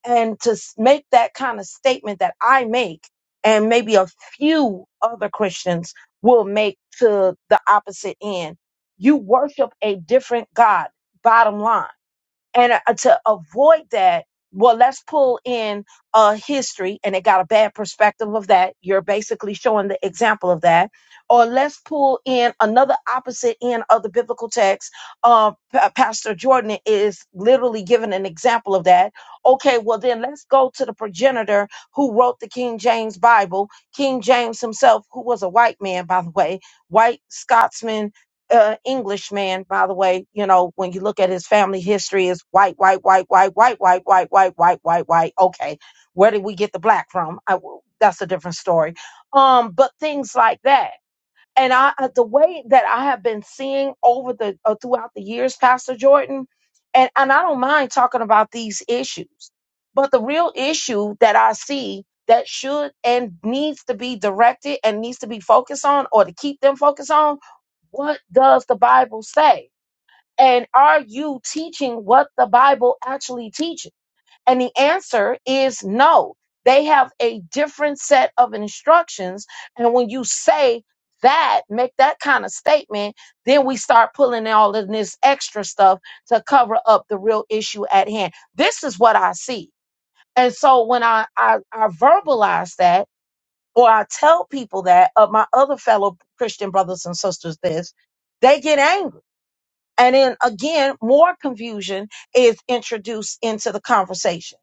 And to s- make that kind of statement that I make, and maybe a few other Christians will make to the opposite end, you worship a different God, bottom line and uh, to avoid that well let's pull in uh history and it got a bad perspective of that you're basically showing the example of that or let's pull in another opposite end of the biblical text uh Pa- pastor jordan is literally giving an example of that okay well then let's go to the progenitor who wrote the king james bible king james himself who was a white man by the way white scotsman uh, English man, by the way. You know, when you look at his family history, is white, white, white, white, white, white, white, white, white, white, white. Okay, where did we get the black from? I, that's a different story. Um, but things like that, and I, uh, the way that I have been seeing over the uh, throughout the years, Pastor Jordan, and and I don't mind talking about these issues, but the real issue that I see. That should and needs to be directed and needs to be focused on, or to keep them focused on, what does the Bible say? And are you teaching what the Bible actually teaches? And the answer is no. They have a different set of instructions. And when you say that, make that kind of statement, then we start pulling all of this extra stuff to cover up the real issue at hand. This is what I see. And so when I, I, I verbalize that, or I tell people that, of my other fellow Christian brothers and sisters, this, they get angry and then again, more confusion is introduced into the conversation.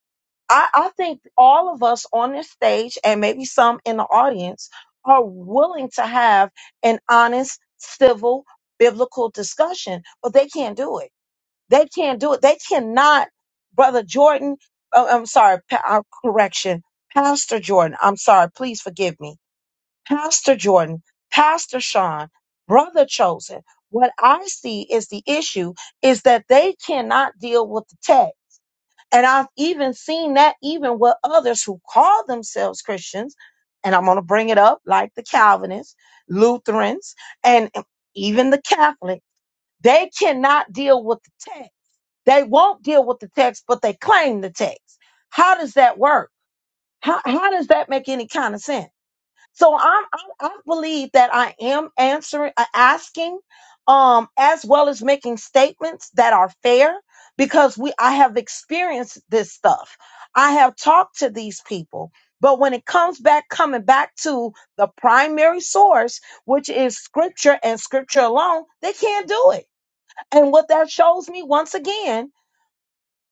I, I think all of us on this stage and maybe some in the audience are willing to have an honest, civil, biblical discussion, but they can't do it. They can't do it. They cannot, Brother Jordan, uh, I'm sorry, pa- uh, correction, Pastor Jordan, I'm sorry, please forgive me Pastor Jordan, Pastor Sean, Brother Chosen, what I see is the issue is that they cannot deal with the text. And I've even seen that even with others who call themselves Christians, and I'm going to bring it up like the Calvinists, Lutherans, and even the Catholic, they cannot deal with the text. They won't deal with the text, but they claim the text. How does that work? How, how does that make any kind of sense? So I, I, I believe that I am answering, uh, asking, um, as well as making statements that are fair because we, I have experienced this stuff. I have talked to these people, but when it comes back, coming back to the primary source, which is scripture and scripture alone, they can't do it. And what that shows me once again,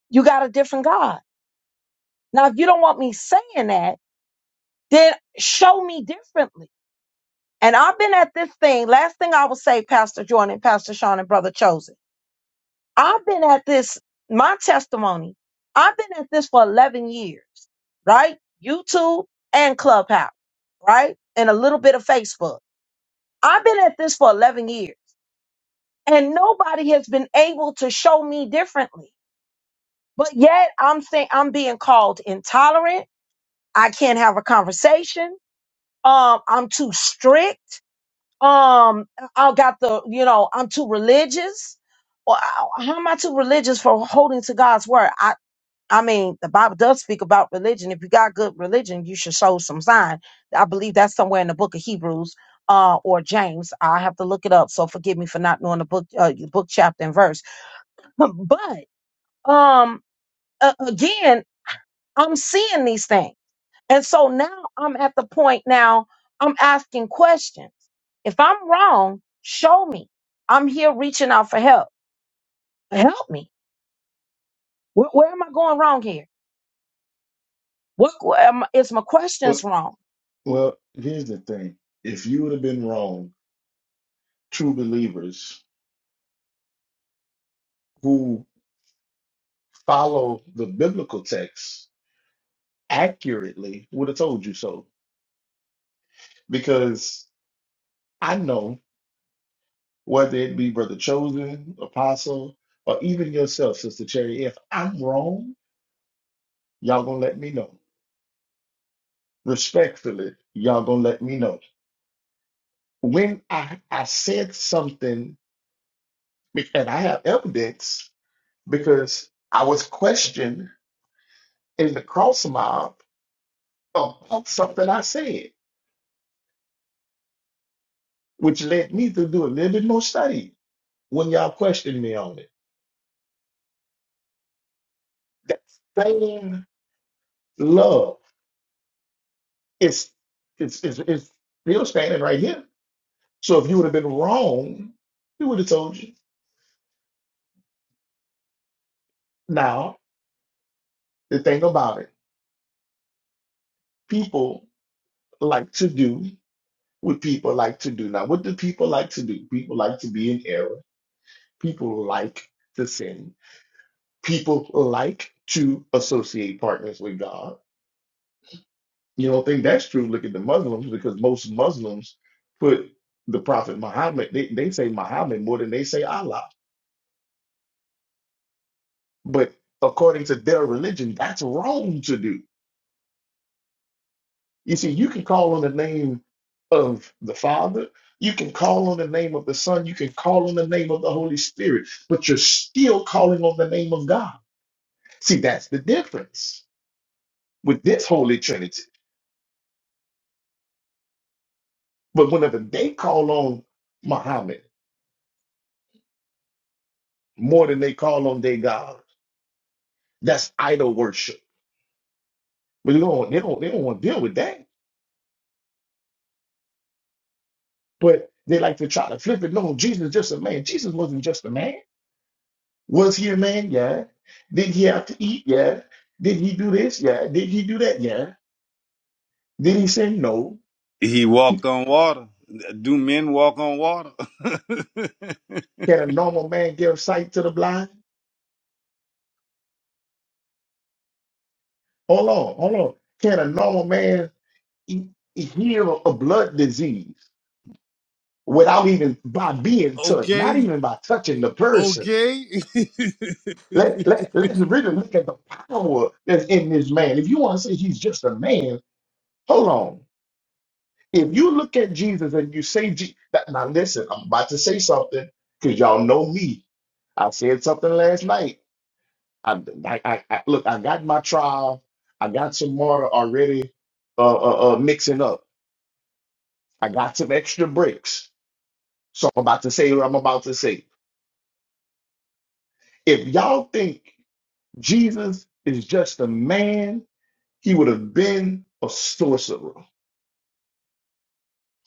you got a different God. Now, if you don't want me saying that, then show me differently And I've been at this thing. Last thing I will say, Pastor Jordan, Pastor Sean, and Brother Chosen. I've been at this, my testimony, I've been at this for 11 years, right? YouTube and Clubhouse, right? And a little bit of Facebook. I've been at this for 11 years and nobody has been able to show me differently. But yet I'm saying I'm being called intolerant. I can't have a conversation. Um, I'm too strict. um I got the you know I'm too religious or I- how am I too religious for holding to God's word? I I mean the Bible does speak about religion. If you got good religion, you should show some sign. I believe that's somewhere in the book of Hebrews uh or James. I have to look it up, so forgive me for not knowing the book uh, book chapter and verse. But um a- again, I'm seeing these things. And so now I'm at the point now I'm asking questions. If I'm wrong, show me. I'm here reaching out for help. Help me. Where, where am I going wrong here? What where am, is my
but,
questions wrong?
well, here's the thing. If you would have been wrong, true believers who follow the biblical text accurately would have told you so. Because I know whether it be Brother Chosen, Apostle, or even yourself, Sister Cherry. If I'm wrong, y'all gonna let me know. Respectfully, y'all gonna let me know. When I, I said something, and I have evidence because I was questioned in the cross mob about something I said, which led me to do a little bit more study when y'all questioned me on it. That same love is it's, it's, it's still standing right here So if you would have been wrong, he would have told you. Now, the thing about it, people like to do what people like to do. Now, what do people like to do? People like to be in error. People like to sin. People like to associate partners with God. You don't think that's true? Look at the Muslims, because most Muslims put the Prophet Muhammad, they, they say Muhammad more than they say Allah. But according to their religion, that's wrong to do You see, you can call on the name of the Father, you can call on the name of the Son, you can call on the name of the Holy Spirit, but you're still calling on the name of God. See, that's the difference with this Holy Trinity. But whenever they call on Muhammad more than they call on their God, that's idol worship. But they don't, they don't, they don't want to deal with that. But they like to try to flip it. No, Jesus is just a man. Jesus wasn't just a man. Was he a man? Yeah. Did he have to eat? Yeah. Did he do this? Yeah. Did he do that? Yeah. Did he sin? No.
He walked
He,
on water. Do men walk on water?
can a normal man give sight to the blind? Hold on, hold on. Can a normal man e- e, heal a blood disease without even by being touched, not
Okay,
even by touching the person?
okay.
Let, let, let's really look at the power that's in this man. If you want to say he's just a man, hold on. If you look at Jesus and you say, Je- that- now listen, I'm about to say something because y'all know me. I said something last night. I, I, I, I- look, I got my trial. I got some water already uh, uh, uh, mixing up. I got some extra bricks. So I'm about to say what I'm about to say. If y'all think Jesus is just a man, he would have been a sorcerer.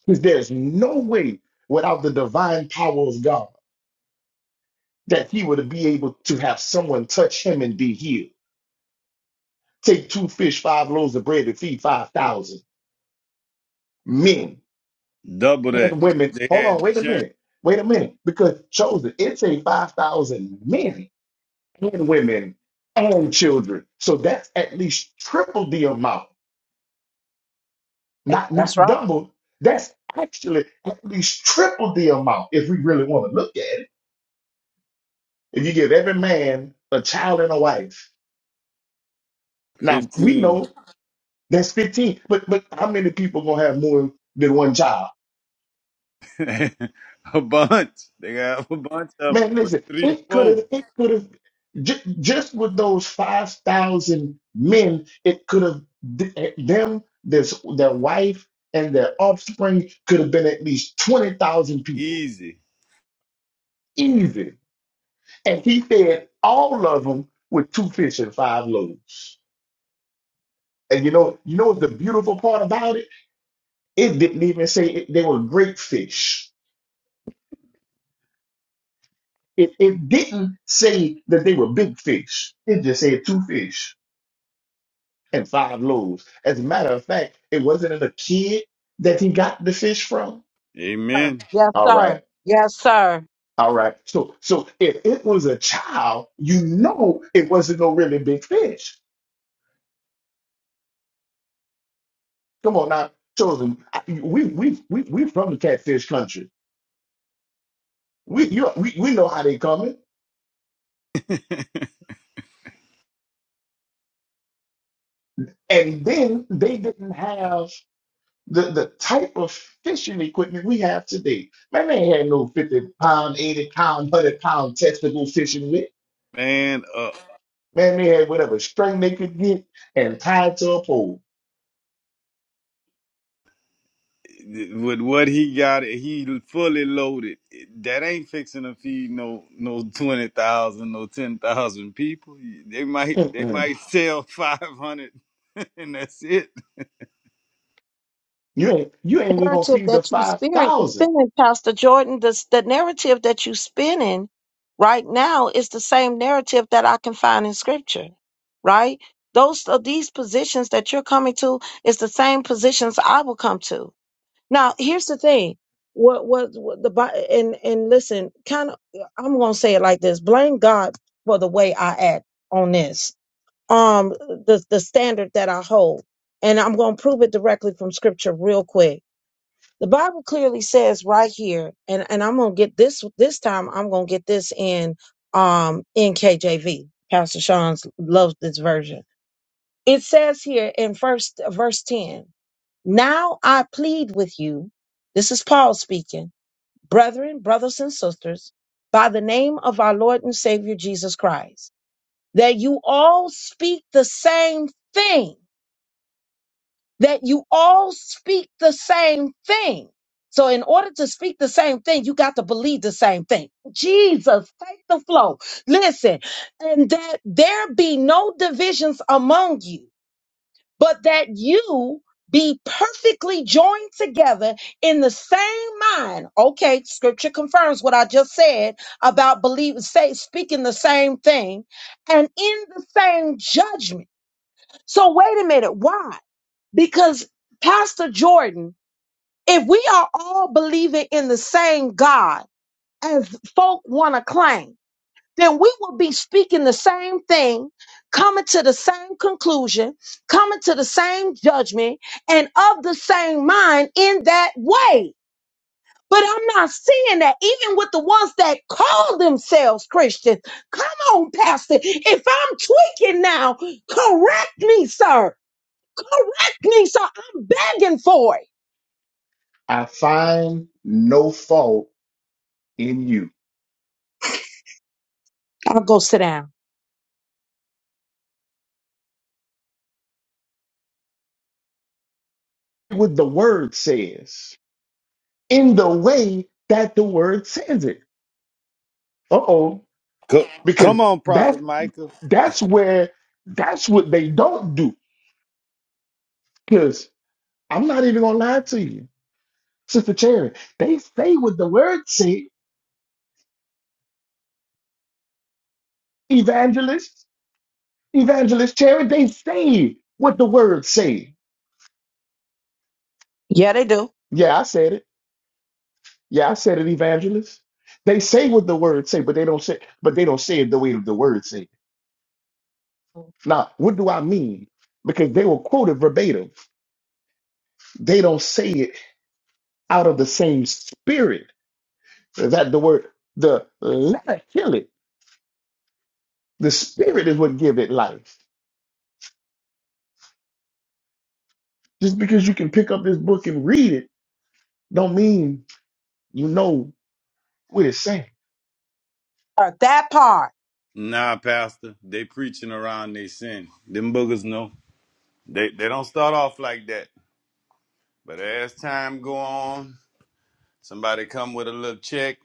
Because there's no way without the divine power of God. that he would be able to have someone touch him and be healed. Take two fish, five loaves of bread, and feed 5,000 men
Double that.
and women.
They
Hold on,
had
wait a
churn
minute. Wait a minute. Because, chosen, it's a 5,000 men and women and children. So that's at least triple the amount,
Hey,
not,
that's
not
right.
double. That's actually at least triple the amount if we really want to look at it. If you give every man a child and a wife. Now, we
15.
know That's 15. But but how many people gonna have more than one child?
a bunch. They got a bunch of them.
Man,
But
listen,
three,
it could
four.
have it could have ju- just with those 5,000 men, it could have them, this their wife and their offspring could have been at least 20,000 people.
Easy.
Easy. And he fed all of them with two fish and five loaves. And you know, you know what's the beautiful part about it? It didn't even say it, they were great fish. It, it didn't say that they were big fish. It just said two fish and five loaves. As a matter of fact, it wasn't a kid that he got the fish from.
Sir.
Amen.
Yes,
All
sir.
right.
Yes, sir.
All right. So so if it was a child, you know it wasn't no really big fish. Come on now, chosen. I- We we we we from the catfish country. We you we, we know how they coming. And then they didn't have the the type of fishing equipment we have today. Man, they ain't had no 50 pound, 80 pound, 100 pound test to go fishing with.
Man up.
Man, they had whatever string they could get and tied to a pole.
with what he got, he fully loaded. That ain't fixing to feed no no twenty thousand, no ten thousand people. They might they
Mm-mm.
might sell five hundred, and that's it.
You ain't you ain't even gonna
narrative
feed the
that you spin,
5,000.
spinning, Pastor Jordan, this, the narrative that you spinning right now is the same narrative that I can find in Scripture, right? Those of these positions that you're coming to is the same positions I will come to. Now, here's the thing: what, what, what the Bi- and and listen, kind of, I'm gonna say it like this: blame God for the way I act on this, um, the the standard that I hold, and I'm gonna prove it directly from Scripture real quick the Bible clearly says right here, and, and I'm gonna get this this time I'm gonna get this in um in KJV. Pastor Sean's loves this version. It says here in first verse 10, now I plead with you, this is Paul speaking, brethren, brothers and sisters, by the name of our Lord and Savior Jesus Christ, that you all speak the same thing that you all speak the same thing. So, in order to speak the same thing, you got to believe the same thing. Jesus, take the flow. Listen, and that there be no divisions among you, but that you be perfectly joined together in the same mind. Okay, scripture confirms what I just said about believing, say, speaking the same thing and in the same judgment. So, wait a minute, why? Because Pastor Jordan, if we are all believing in the same God as folk want to claim, then we will be speaking the same thing, coming to the same conclusion, coming to the same judgment, and of the same mind in that way. But I'm not seeing that even with the ones that call themselves Christians. Come on, Pastor. If I'm tweaking now, correct me, sir. Correct me, sir. I'm begging for it.
I find no fault in you.
I'll go sit down.
What the word says, in the way that the word says it. Uh-oh.
Co- Come
Because
on, Prophet
that
Michael.
that's where that's what they don't do. I'm not even gonna lie to you, Sister Cherry. They say what the words say, evangelist, evangelist Cherry. They say what the words say.
Yeah, they do.
Yeah, I said it. Yeah, I said it, evangelist. They say what the words say, but they don't say, but they don't say it the way the words say. Now, what do I mean? Because they will quote it verbatim. They don't say it out of the same spirit that the word, the letter kill it. The spirit is what give it life. Just because you can pick up this book and read it Don't mean you know what it's saying.
Or that part.
Nah, Pastor, they preaching around they sin. Them boogers know they they don't start off like that. But as time go on, somebody come with a little check,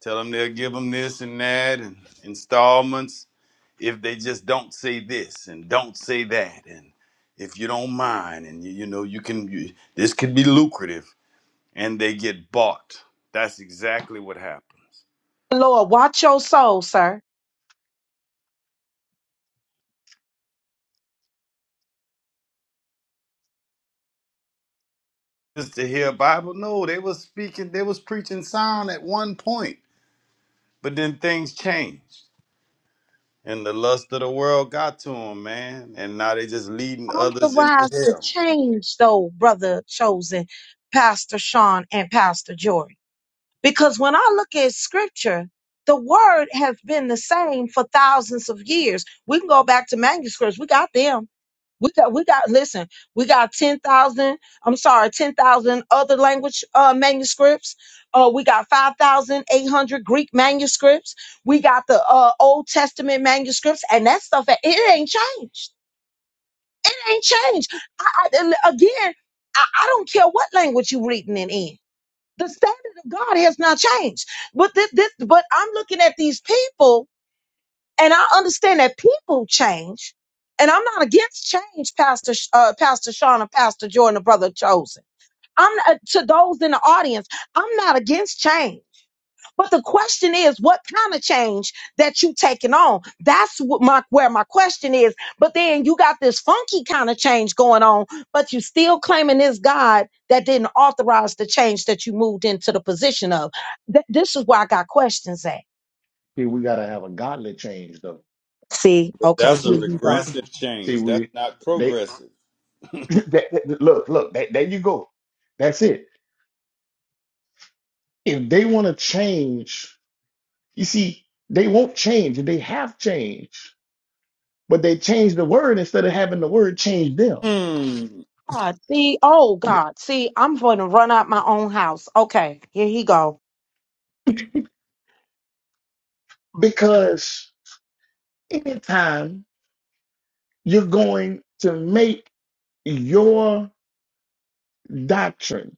tell them they'll give them this and that and installments. if they just don't say this and don't say that and if you don't mind and you, you know you can you, this could be lucrative and they get bought that's exactly what happens
Lord, watch your soul, sir.
just to hear bible no they was speaking they was preaching sound at one point but then things changed and the lust of the world got to them man and now they just leading others into
Authorize the
hell
change, though, brother chosen, Pastor Sean and Pastor Jordan. Because when I look at scripture, the word has been the same for thousands of years. We can go back to manuscripts. We got them We got, we got, listen, we got 10,000, I'm sorry, 10,000 other language uh, manuscripts. Uh, we got 5,800 Greek manuscripts. We got the uh, Old Testament manuscripts, and that stuff, it ain't changed. It ain't changed. I, I, and again, I, I don't care what language you're reading it in. The standard of God has not changed. But this, this, but I'm looking at these people and I understand that people change, and I'm not against change, Pastor Sh- uh, Pastor Sean Pastor Jordan or Brother Chosen. I'm not, to those in the audience. I'm not against change, but the question is, what kind of change that you taking on? That's what my where my question is. But then you got this funky kind of change going on, but you still claiming this God that didn't authorize the change that you moved into the position of. Th- this is where I got questions at.
See, we gotta have a godly change though.
See,
but
okay,
that's a
here
We
you go.
we
regressive
see
change that's
we
not
they
progressive
that, that- look look that, there you go. That's it. If they want to change, you see, they won't change. and They have changed, but they changed the word instead of having the word change them.
mm.
God, see, oh
Th-
God, see, I'm going to run out my own house. Okay, here he go.
Because anytime you're going to make your doctrine,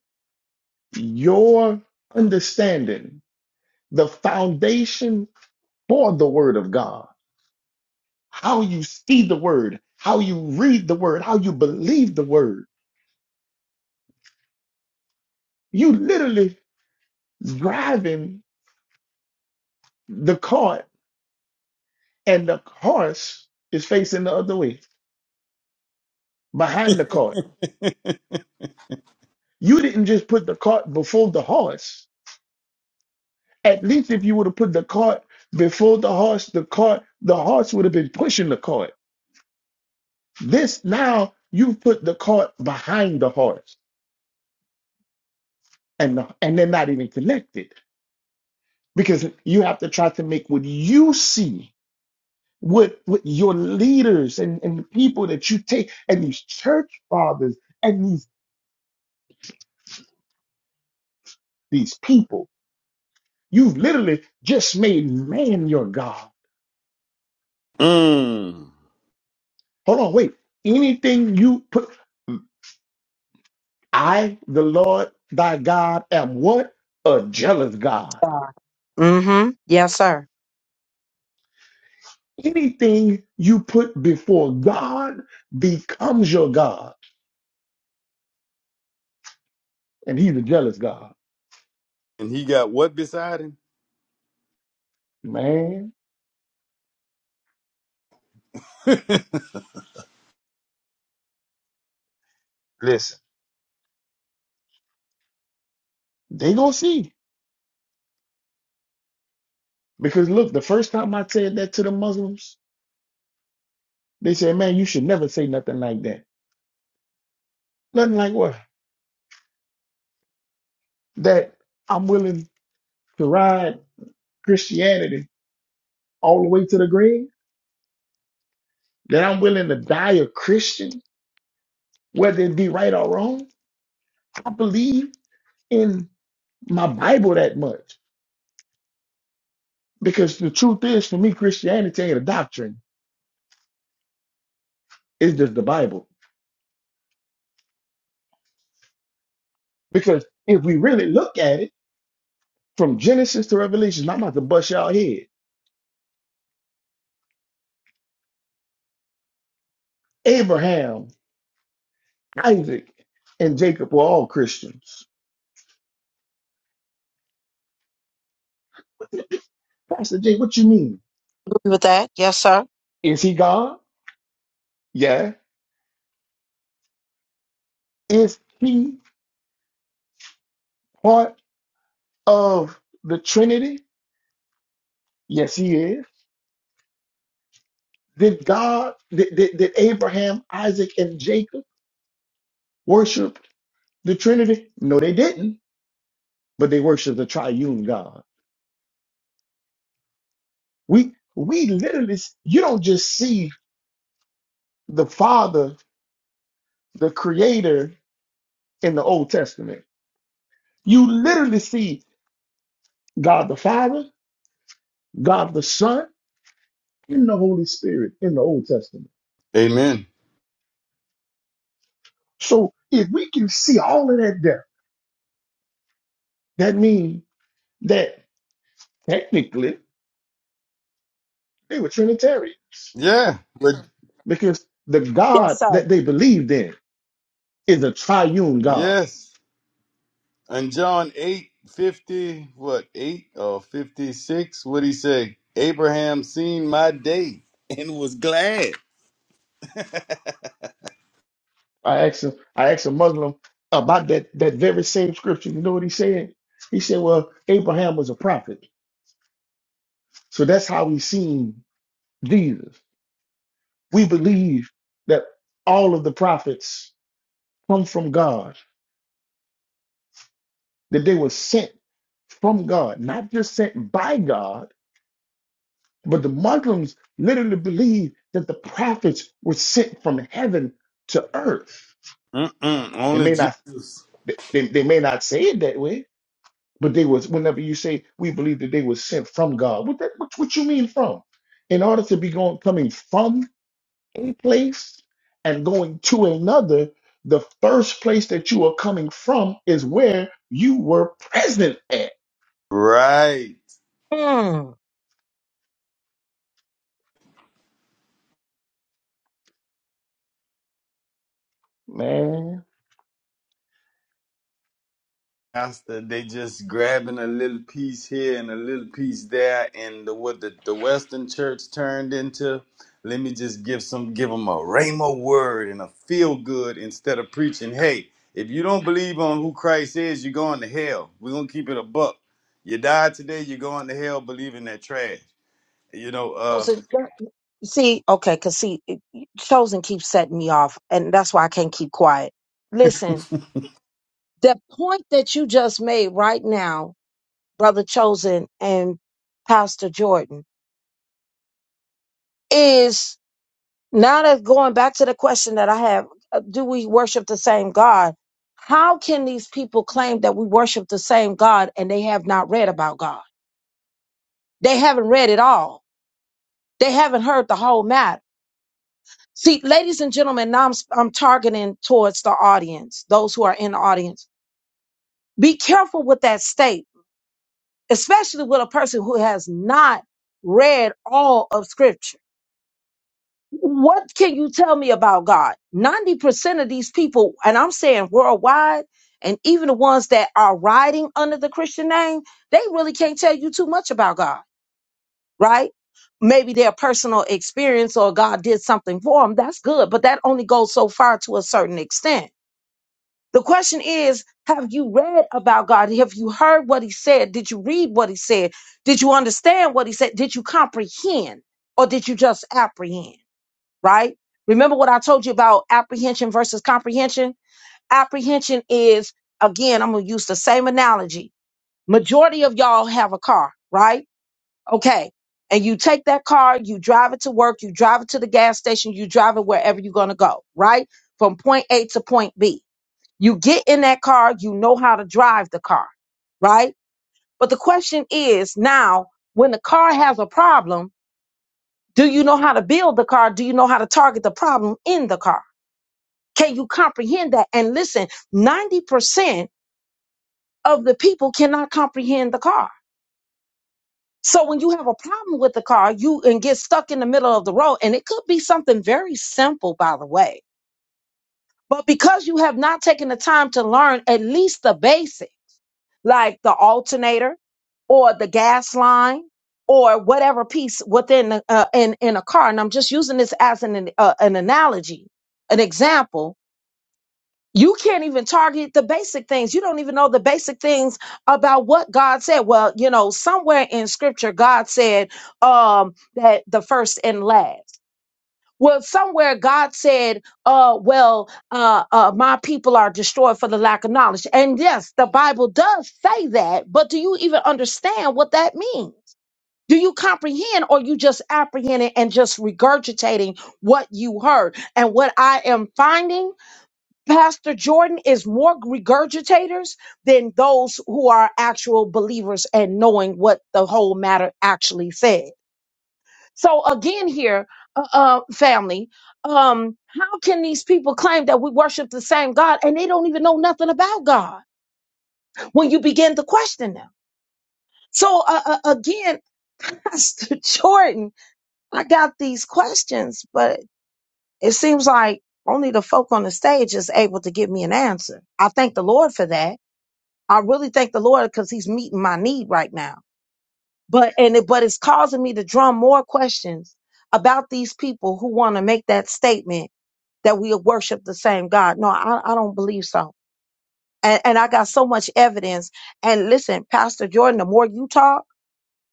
your understanding the foundation for the word of God. How you see the word, how you read the word, how you believe the word. You literally driving the cart and the horse is facing the other way behind the cart. You didn't just put the cart before the horse. At least if you would have put the cart before the horse, the cart, the horse would have been pushing the cart. This now you've put the cart behind the horse and, the, and they're not even connected because you have to try to make what you see what what your leaders and, and the people that you take and these church fathers and these these people you've literally just made man your god
Mm.
hold on wait anything you put i the lord thy god am what a jealous god
God. Mm-hmm. Yes, sir.
anything you put before god becomes your god and he's a jealous god
And he got what beside him?
man listen they gonna see Because look, the first time I said that to the Muslims, they said, man, you should never say nothing like that. Nothing like what? That I'm willing to ride Christianity all the way to the grave? That I'm willing to die a Christian, whether it be right or wrong? I believe in my Bible that much. Because the truth is, for me, Christianity ain't a doctrine. It's just the Bible. Because if we really look at it, from Genesis to Revelation, I'm about to bust y'all head. Abraham Isaac and Jacob were all Christians. Pastor Jay, what you mean?
Agree with that? Yes, sir.
Is he God? Yeah. Is he part of the Trinity? Yes, he is. Did God, did, did, did Abraham, Isaac, and Jacob worship the Trinity? No, they didn't, but they worshiped the triune God. We we literally you don't just see the Father, the Creator in the Old Testament. You literally see God the Father, God the Son, in the Holy Spirit in the Old Testament.
Amen.
So if we can see all of that there, that means that technically they were Trinitarians
Yeah. But
because the
Yes,
God
sir.
that they believed in is a triune God.
yes. And John 8 50 what, 8 or 56? What he say? Abraham seen my day and was glad.
I asked him, I asked a Muslim about that that very same scripture. You know what he said? He said, "Well, Abraham was a prophet, so that's how we seen Jesus. We believe that all of the prophets come from God." that they were sent from God, not just sent by God, but the Muslims literally believe that the prophets were sent from heaven to earth.
Mm-mm,
They
only
may not
Jesus.
they, they may not say it that way, but they was whenever you say we believe that they were sent from God, what that what, what you mean from? In order to be going coming from a place and going to another, the first place that you are coming from is where you were present at.
Right.
Hmm.
Man
Master, they just grabbing a little piece here and a little piece there, and the, what the, the Western Church turned into. Let me just give some, give them a rhema word and a feel good instead of preaching. Hey, if you don't believe on who Christ is, you're going to hell. We're gonna keep it a buck. You die today, you're going to hell believing that trash. You know, uh,
Chosen, that- see, okay, cause see, it- chosen keeps setting me off, and that's why I can't keep quiet. Listen, the point that you just made right now, brother chosen and Pastor Jordan, is Now that's going back to the question that I have, uh, do we worship the same God? How can these people claim that we worship the same God and they have not read about God? They haven't read it all. They haven't heard the whole matter. See, ladies and gentlemen, now I'm, I'm targeting towards the audience, those who are in the audience. Be careful with that state, especially with a person who has not read all of scripture What can you tell me about God? 90% of these people, and I'm saying worldwide, and even the ones that are riding under the Christian name, they really can't tell you too much about God, right? Maybe their personal experience or God did something for them. That's good, but that only goes so far to a certain extent. The question is, have you read about God? Have you heard what he said? Did you read what he said? Did you understand what he said? Did you comprehend or did you just apprehend? right? Remember what I told you about apprehension versus comprehension? Apprehension is, again, I'm going to use the same analogy. Majority of y'all have a car, right? Okay. And you take that car, you drive it to work, you drive it to the gas station, you drive it wherever you're going to go, right? From point A to point B. You get in that car, you know how to drive the car, right? But the question is now, when the car has a problem, do you know how to build the car? Do you know how to target the problem in the car? Can you comprehend that? And listen, 90% of the people cannot comprehend the car. So when you have a problem with the car, you and get stuck in the middle of the road, and it could be something very simple, by the way. But because you have not taken the time to learn at least the basic, like the alternator or the gas line or whatever piece within the, uh, in in a car, and I'm just using this as an uh, an analogy, an example you can't even target the basic things. You don't even know the basic things about what God said. Well, you know, somewhere in scripture, God said um, that the first and last. Well, somewhere God said, uh, well, uh, uh, my people are destroyed for the lack of knowledge. And yes, the Bible does say that, but do you even understand what that means? Do you comprehend or you just apprehend it and just regurgitating what you heard? And what I am finding Pastor Jordan is more regurgitators than those who are actual believers and knowing what the whole matter actually said. So again, here, uh, uh, family, um, how can these people claim that we worship the same God and they don't even know nothing about God when you begin to question them? So uh, uh, again, Pastor Jordan, I got these questions, but it seems like only the folk on the stage is able to give me an answer. I thank the Lord for that I really thank the Lord because He's meeting my need right now. But and it, but it's causing me to drum more questions about these people who want to make that statement that we worship the same God. No, I, I don't believe so. And, and I got so much evidence. And listen, Pastor Jordan, the more you talk,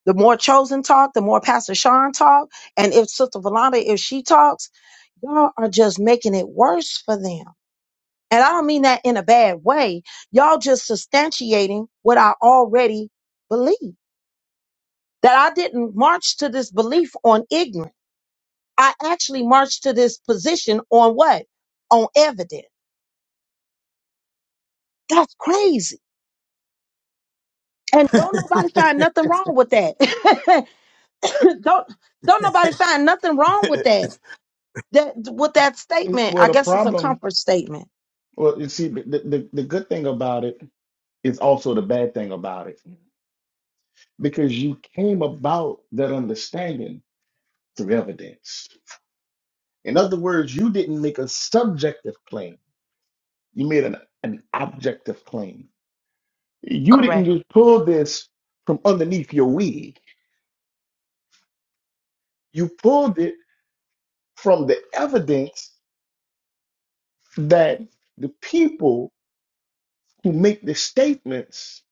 the more chosen talk, the more Pastor Sean talk, and if Sister Valanda, if she talks, y'all are just making it worse for them. And I don't mean that in a bad way. Y'all just substantiating what I already believe. that I didn't march to this belief on ignorance. I actually marched to this position on what? On evidence. That's crazy. And don't nobody find nothing wrong with that. don't don't nobody find nothing wrong with that. That with that statement,
Well,
I
the
guess it's a
problem,
comfort statement.
well, you see, the, the, the good thing about it is also the bad thing about it because you came about that understanding through evidence. In other words, you didn't make a subjective claim, you made an, an objective claim. You didn't
Correct.
just pull this from underneath your wig, you pulled it from the evidence that the people who make the statements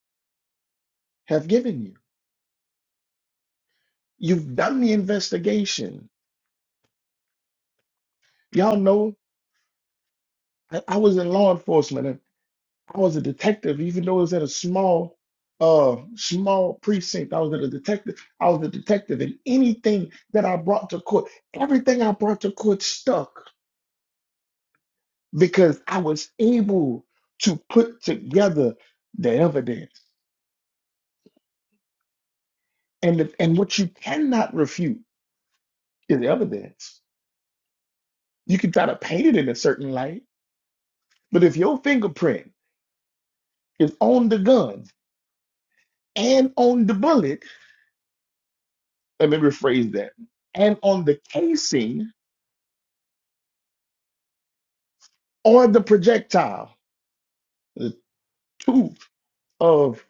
have given you. You've done the investigation Y'all know I, I was in law enforcement and I was a detective, even though it was at a small, uh, small precinct. I was at a detective. I was a detective, and anything that I brought to court, everything I brought to court stuck because I was able to put together the evidence. And if, and what you cannot refute is evidence. You can try to paint it in a certain light, but if your fingerprint is on the gun and on the bullet Let me rephrase that. And on the casing or the projectile, the tooth of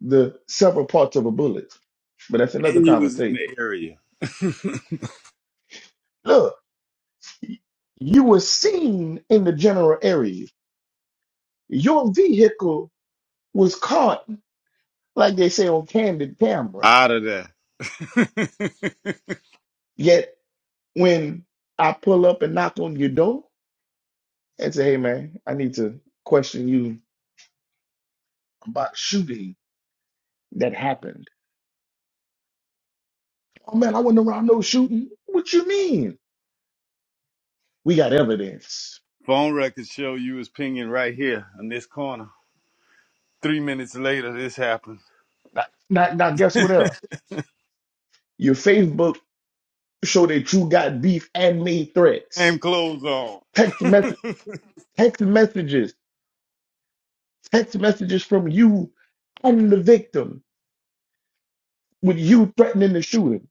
the several parts of a bullet. But that's another
and you was in
conversation.
the area
Look, you were seen in the general area. Your vehicle was caught, like they say on candid camera.
out of there.
Yet when I pull up and knock on your door and say, hey man, I need to question you about shooting that happened. Oh man, I wasn't around no shooting. What you mean? We got evidence.
Phone records show you was pinging right here in this corner. Three minutes later, this happened.
Now, now, now guess what else? Your Facebook showed that you got beef and made threats.
Same clothes on.
Text message, text messages, text messages from you and the victim with you threatening to shoot him.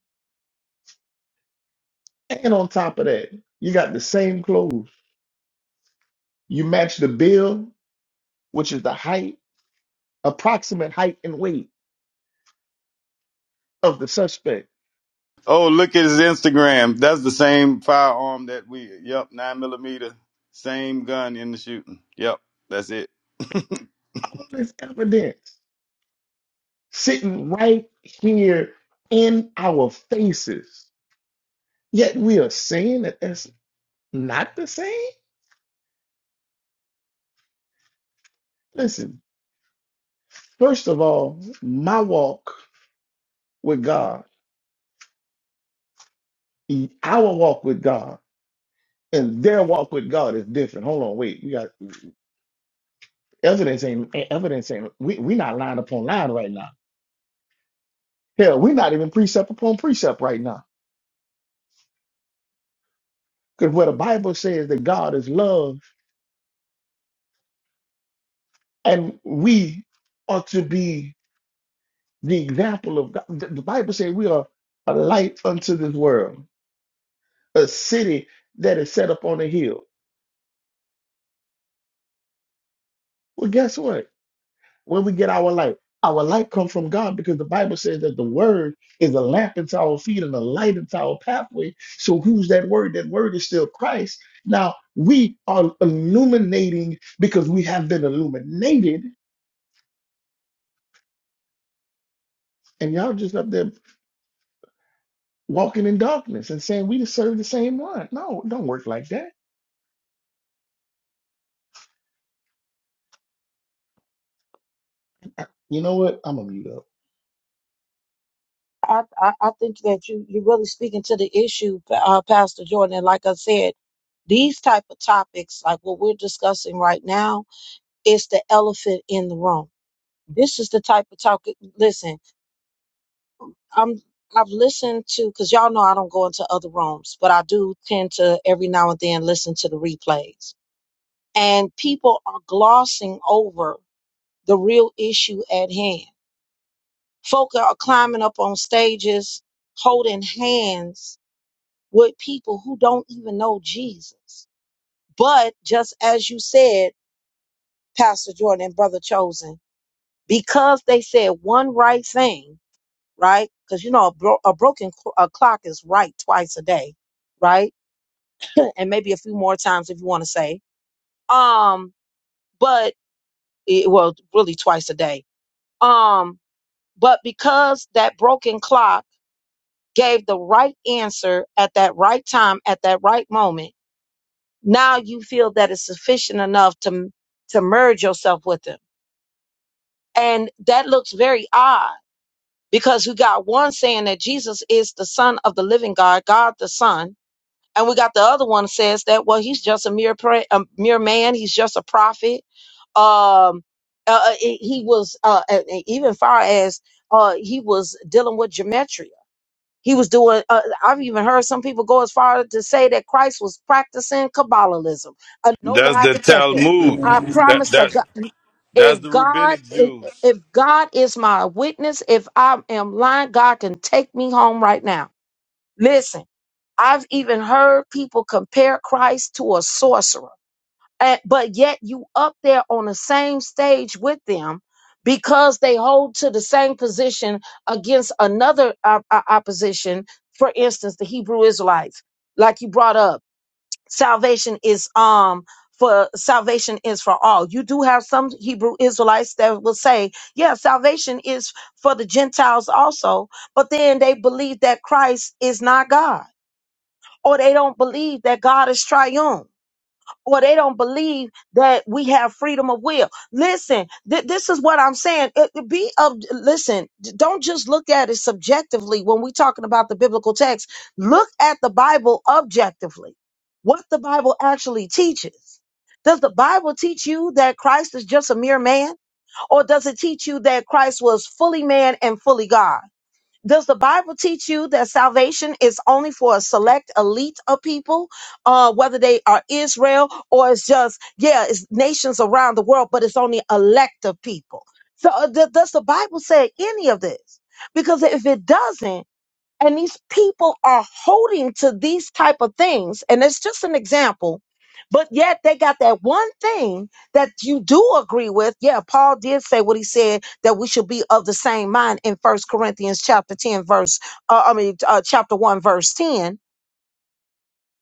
And on top of that, you got the same clothes. You match the bill, which is the height, approximate height and weight of the suspect.
oh, look at his Instagram. That's the same firearm that we. Yep, nine millimeter. Same gun in the shooting. Yep, that's it.
All this evidence sitting right here in our faces. Yet we are saying that that's not the same. Listen, first of all, my walk with God, our walk with God, and their walk with God is different. Hold on, wait, we got evidence ain't ain't- evidence ain't we we not line upon line right now. Hell, we're not even precept upon precept right now. Because where the Bible says that God is love and we ought to be the example of God. The the Bible says we are a light unto this world. a city that is set up on a hill. Well, guess what? When we get our light, our light comes from God because the Bible says that the word is a lamp into our feet and a light into our pathway. So who's that word? That word is still Christ. Now we are illuminating because we have been illuminated, and y'all just up there walking in darkness and saying we just serve the same one. No, it don't work like that. You know what? I'm gonna mute up.
I, I, I think that you you're really speaking to the issue, uh, Pastor Jordan. And like I said, these type of topics, like what we're discussing right now, is the elephant in the room. This is the type of talk. Listen, I'm I've listened to because y'all know I don't go into other rooms, but I do tend to every now and then listen to the replays. And people are glossing over the real issue at hand. Folk are climbing up on stages, holding hands with people who don't even know Jesus. But just as you said, Pastor Jordan and Brother Chosen, because they said one right thing, right? Because you know a, bro- a broken cl- a clock is right twice a day, right? And maybe a few more times if you want to say. Um, but it, well, really twice a day. Um, but because that broken clock gave the right answer at that right time at that right moment now you feel that it's sufficient enough to to merge yourself with him and that looks very odd because we got one saying that jesus is the son of the living god god the son and we got the other one says that well he's just a mere pra- a mere man he's just a prophet um uh, uh, he he was uh, uh, even far as uh, he was dealing with geometry he was doing, uh, I've even heard some people go as far to say that Christ was practicing Kabbalism, a no
That's
lie
the
detector.
Talmud.
Yeah,
I
That
promise to
that
God,
that's
if
the
God,
Rubenic
if
Jews.
if God is my witness, if I am lying, God can take me home right now. Listen, I've even heard people compare Christ to a sorcerer. Uh, but yet you up there on the same stage with them because they hold to the same position against another op- op- opposition for instance the hebrew israelites like you brought up salvation is um for salvation is for all you do have some hebrew israelites that will say yeah salvation is for the gentiles also but then they believe that christ is not god or they don't believe that god is triune or they don't believe that we have freedom of will. Listen, th- this is what I'm saying. It- it be of listen. d- Don't just look at it subjectively when we're talking about the biblical text. Look at the Bible objectively. What the Bible actually teaches. Does the Bible teach you that Christ is just a mere man, or does it teach you that Christ was fully man and fully God? Does the Bible teach you that salvation is only for a select elite of people, uh, whether they are Israel or it's just, yeah, it's nations around the world, but it's only elect of people? So uh, th- does the Bible say any of this? Because if it doesn't, and these people are holding to these type of things and it's just an example but yet they got that one thing that you do agree with yeah paul did say what he said that we should be of the same mind in first corinthians chapter 10 verse uh, i mean uh, chapter 1 verse 10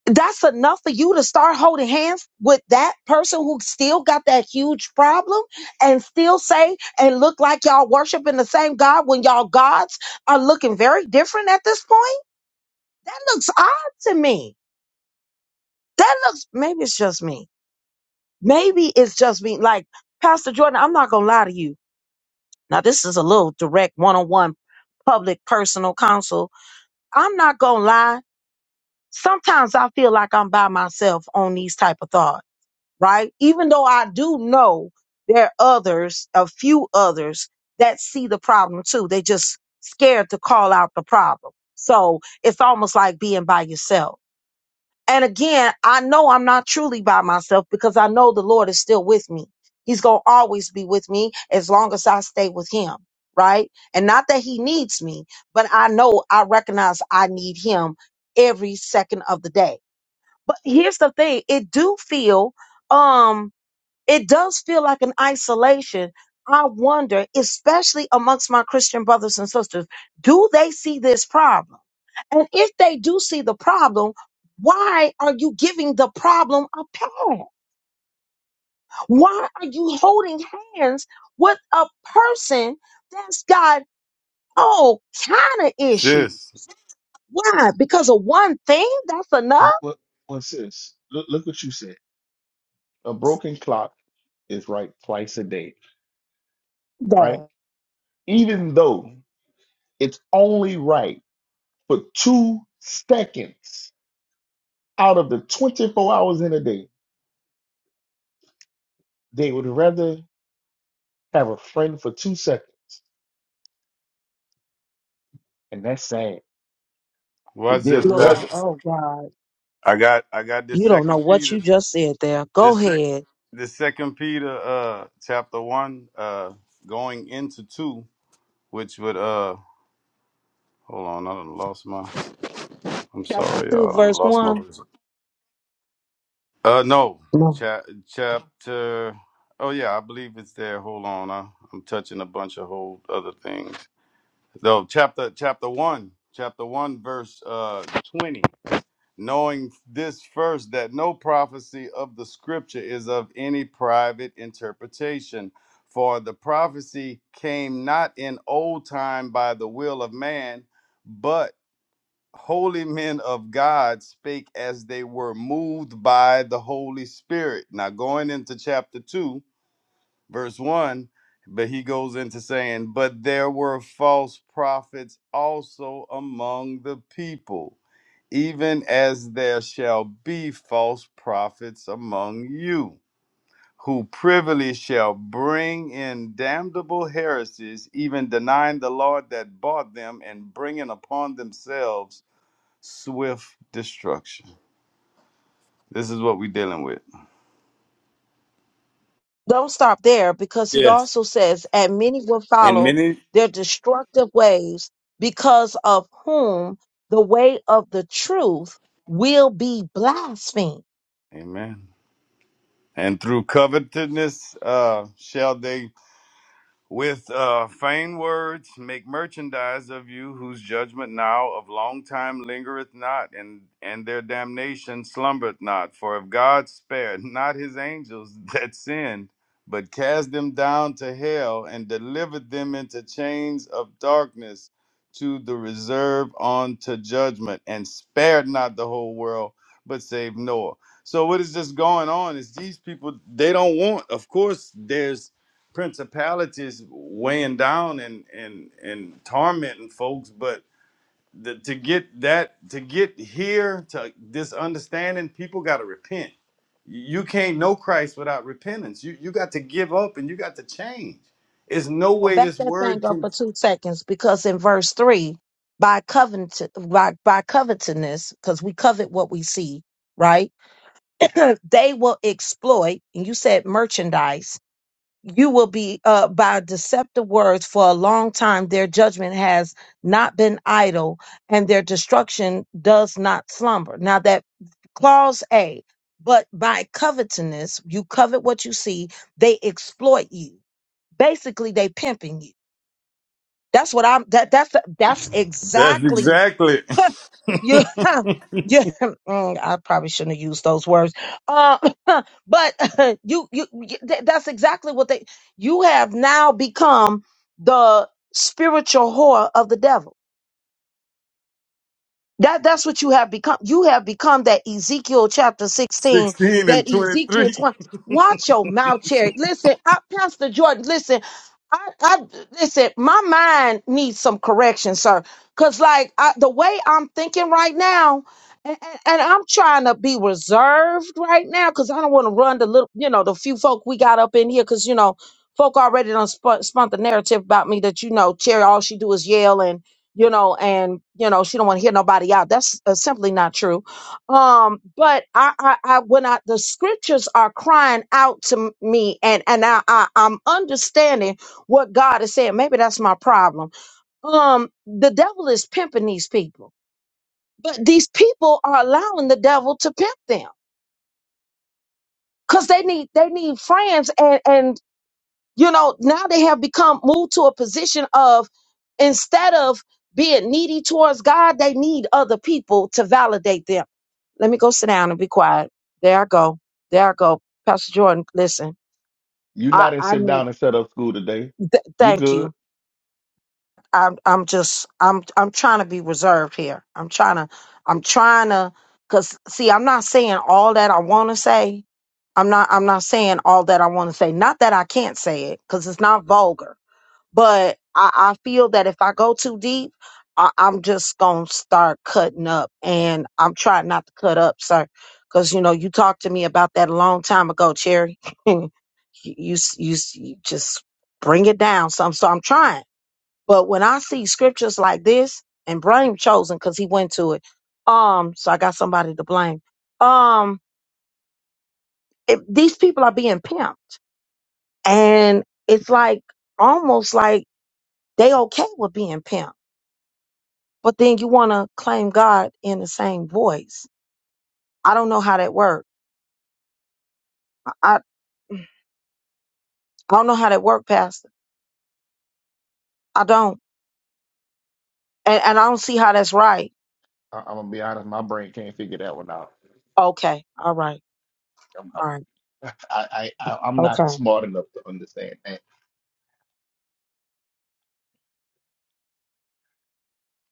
that's enough for you to start holding hands with that person who still got that huge problem and still say and look like y'all worshiping the same god when y'all gods are looking very different at this point that looks odd to me. That looks, maybe it's just me. Maybe it's just me. Like, Pastor Jordan, I'm not going to lie to you. Now, this is a little direct one on one public personal counsel. I'm not going to lie. Sometimes I feel like I'm by myself on these type of thought, right? Even though I do know there are others, a few others that see the problem too. They just scared to call out the problem. So it's almost like being by yourself. And again, I know I'm not truly by myself because I know the Lord is still with me. He's going to always be with me as long as I stay with Him, right? And not that He needs me, but I know I recognize I need Him every second of the day. But here's the thing it do feel. Um, it does feel like an isolation. I wonder, especially amongst my Christian brothers and sisters, do they see this problem? And if they do see the problem, why are you giving the problem a pass? Why are you holding hands with a person that's got all kind of issues?
Sis,
Why? Because of one thing? That's enough?
What what what's this? Look look what you said. A broken clock is right twice a day, right?
That,
Even though it's only right for two seconds out of the 24 hours in a day, they would rather have a friend for two seconds. And that's sad. If
what's
They'd
this,
Lord,
rather
Beth.
oh God,
I got I got this
you don't know
Second
what
Peter.
you just said there.
The
Go
sec-
ahead.
the second Peter uh chapter one uh going into two, which would uh hold on, I done lost my I'm
Chapter
sorry
2,
y'all, I done
verse
lost my
1.
Uh no.
No.
Cha- chapter oh yeah, I believe it's there. Hold on, I, I'm touching a bunch of whole other things. No, chapter chapter one. Chapter one verse uh twenty. knowing this first that no prophecy of the scripture is of any private interpretation. For the prophecy came not in old time by the will of man, but holy men of God spake as they were moved by the Holy Spirit. Now, going into chapter 2, verse 1 but he goes into saying but there were false prophets also among the people even as there shall be false prophets among you who privily shall bring in damnable heresies even denying the lord that bought them and bringing upon themselves swift destruction this is what we're dealing with
Don't stop there because he
Yes.
also says, and many will
and
follow
many
their destructive ways, because of whom the way of the truth will be blasphemed.
amen And through covetousness uh, shall they with uh, vain words make merchandise of you whose judgment now of long time lingereth not and and their damnation slumbereth not for if god spared not his angels that sinned but cast them down to hell and delivered them into chains of darkness to the reserve unto judgment and spared not the whole world but saved noah so what is just going on is these people they don't want of course there's principalities weighing down and and and tormenting folks but the, to get that to get here to this understanding people got to repent you can't know christ without repentance you you got to give up and you got to change there's no
Well,
way
Back
this
that thing
word
up for
can
two seconds because in verse three, by covet, by, by covetousness, because we covet what we see, right? they will exploit, and you said merchandise you will be uh, by deceptive words for a long time. Their judgment has not been idle, and their destruction does not slumber. Now that clause A, but by covetousness, you covet what you see. They exploit you. Basically, they pimping you. That's what I'm. That that's that's
that's
exactly.
exactly
you yeah mm, i probably shouldn't have used those words uh but you you you- th- that's exactly what they you have now become the spiritual whore of the devil that that's what you have become. You have become that Ezekiel chapter 16,
16 and
that Ezekiel
23
20. Watch your mouth, Cherry. Listen, I, Pastor Jordan, listen, I, I listen, my mind needs some correction, sir. Cause like I, the way I'm thinking right now, and, and, and I'm trying to be reserved right now, because I don't want to run the little, you know, the few folk we got up in here, because you know, folk already done spun, spun the narrative about me that you know, Cherry, all she do is yell and you know, and you know, she don't want to hear nobody out. That's uh, simply not true. Um, but I, I, I, when I, the scriptures are crying out to m- me, and and I, I, I'm understanding what God is saying. Maybe that's my problem. Um, the devil is pimping these people, but these people are allowing the devil to pimp them because they need, they need friends, and and You know, now they have become moved to a position of instead of being needy towards God, they need other people to validate them. Let me go sit down and be quiet. There I go. There I go. Pastor Jordan, listen,
you
I,
not in
I
sit
need,
down and set up school today.
th-
You
thank
good.
you. I'm, I'm just, I'm, I'm trying to be reserved here. I'm trying to, I'm trying to, cause see, I'm not saying all that I want to say. I'm not, I'm not saying all that I want to say. Not that I can't say it, cause it's not vulgar But I, I feel that if I go too deep, I, I'm just gonna start cutting up, and I'm trying not to cut up, sir, because you know you talked to me about that a long time ago, Cherry. you, you s- you s- you just bring it down some, so I'm trying. But when I see scriptures like this, and blame chosen because he went to it, um, so I got somebody to blame. Um, if these people are being pimped, and it's like almost like they okay with being pimped but then you want to claim God in the same voice. I don't know how that works. I, I I don't know how that works, Pastor. I don't, and, and I don't see how that's right.
I- I'm gonna be honest, my brain can't figure that one out.
Okay, all right,
I'm,
all right,
I'm- I, I, I- I'm not
okay,
smart enough to understand that.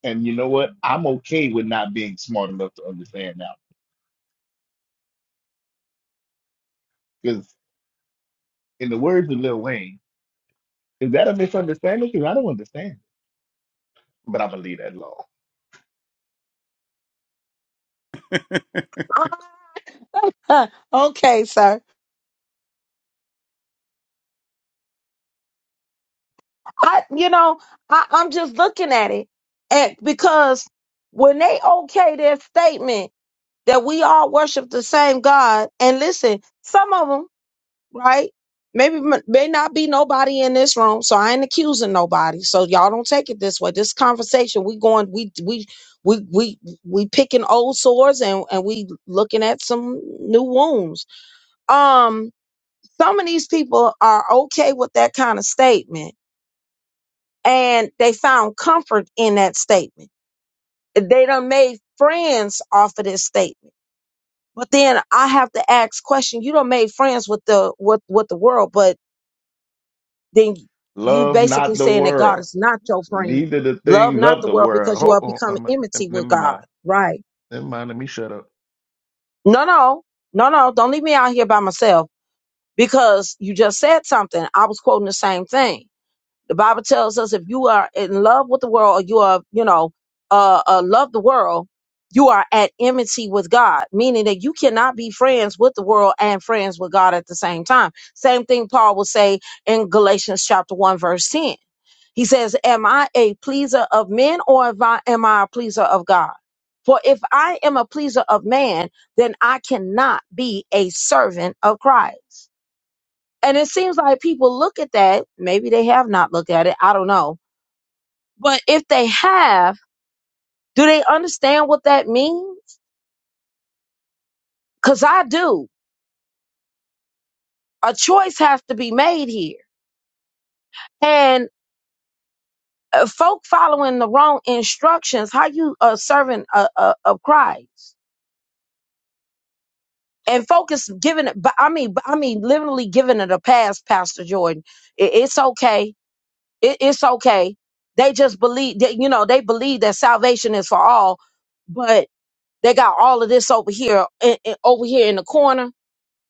And you know what? I'm okay with not being smart enough to understand now in the words of Lil Wayne, is that a misunderstanding? Because I don't understand. But I believe that law.
okay, sir. I, you know, I, I'm just looking at it, and because when they okay their statement that we all worship the same God, and listen, some of 'em right? Maybe may not be nobody in this room, so I ain't accusing nobody. So y'all don't take it this way. This conversation, we going, we we we we we picking old sores and and we looking at some new wounds. Um, some of these people are okay with that kind of statement, and they found comfort in that statement. They done made friends off of this statement. But then I have to ask question. You don't made friends with the with with the world, but then you
Love
basically
not the
saying that God
world,
is not your friend.
neither the
Love
things
not
of
the
the
world
world.
because you
Hold
are
on, let
becoming
me, let
enmity
me,
with
let me
God,
mind.
right?
Never mind, let me shut up.
No, no, no, no. Don't leave me out here by myself because you just said something. I was quoting the same thing. The Bible tells us if you are in love with the world or you are, you know, uh, uh love the world, you are at enmity with God, meaning that you cannot be friends with the world and friends with God at the same time. Same thing Paul will say in Galatians chapter 1 verse 10 He says, Am I a pleaser of men or am I, am I a pleaser of God? For if I am a pleaser of man, then I cannot be a servant of Christ. And it seems like people look at that. Maybe they have not looked at it. I don't know. But if they have, do they understand what that means? Because I do. A choice has to be made here. And uh, folk following the wrong instructions, how you a servant uh, uh, of Christ? and focus giving it but i mean but i mean literally giving it a pass pastor jordan it, it's okay it, it's okay they just believe that you know they believe that salvation is for all but they got all of this over here in, in- over here in the corner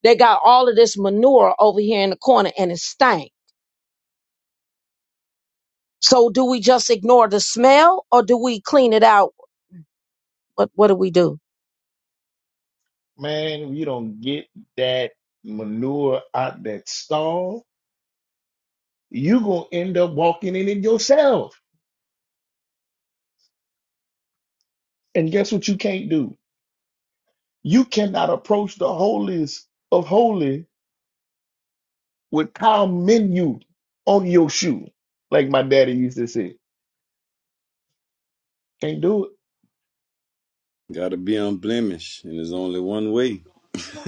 they got all of this manure over here in the corner and it stank so do we just ignore the smell or do we clean it out what what do we do
Man, you don't get that manure out that stall, you going to end up walking in it yourself. And guess what you can't do? You cannot approach the holiest of holy with cow menu on your shoe, like my daddy used to say. Can't do
got to be unblemished and there's only one way
it.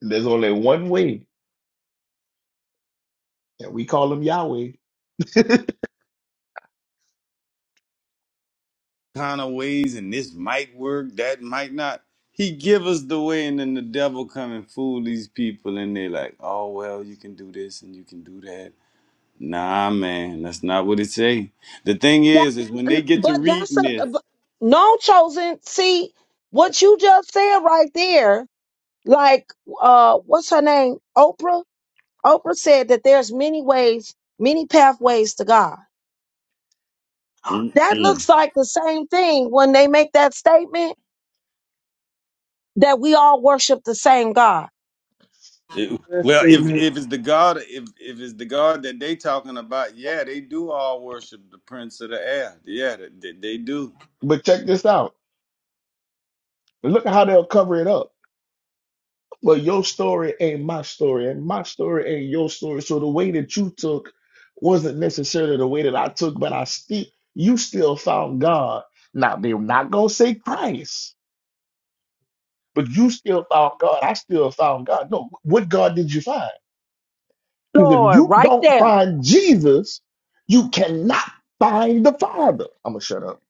There's only one way, and we call him Yahweh.
kind of ways and this might work, that might not. He give us the way and then the devil come and fool these people and they like, oh well, you can do this and you can do that. Nah, man, that's not what it say. The thing
that,
is, is when they get to
but that's
reading
a
this,
but, no chosen see what you just said right there like uh what's her name oprah oprah said that there's many ways many pathways to god that
mm-mm.
looks like the same thing when they make that statement that we all worship the same god
It-
that
well, if
statement.
if it's the God, if if it's the God that they talking about, yeah, they do all worship the Prince of the Air. Yeah, they, they do.
But check this out. Look at how they'll cover it up. Well, your story ain't my story, and my story ain't your story. So the way that you took wasn't necessarily the way that I took, but I still you still found God. Now they're not gonna say Christ, but you still found God. I still found God. No, what God did you find? Because if
lord
you
right
don't
there
find Jesus, you cannot find the Father. I'm gonna shut up.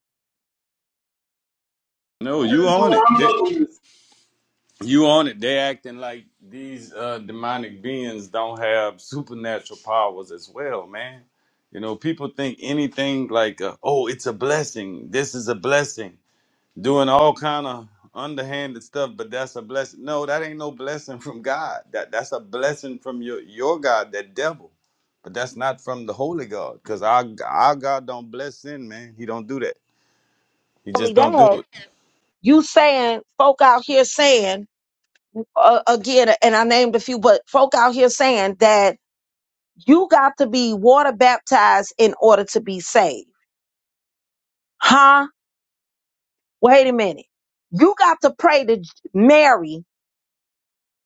No,
What
you
person do
own
I'm
it.
loving this?
You on it. They acting like these uh, demonic beings don't have supernatural powers as well, man. You know, people think anything like, uh, oh, it's a blessing. This is a blessing. Doing all kind of underhanded stuff, but that's a blessing. No, that ain't no blessing from God. That that's a blessing from your your God, that devil. But that's not from the holy God, because our our God don't bless sin, man. He don't do that. He
only
just don't do
that
it.
you saying folk out here saying uh, again and i named a few but folk out here saying that you got to be water baptized in order to be saved huh wait a minute you got to pray to J- mary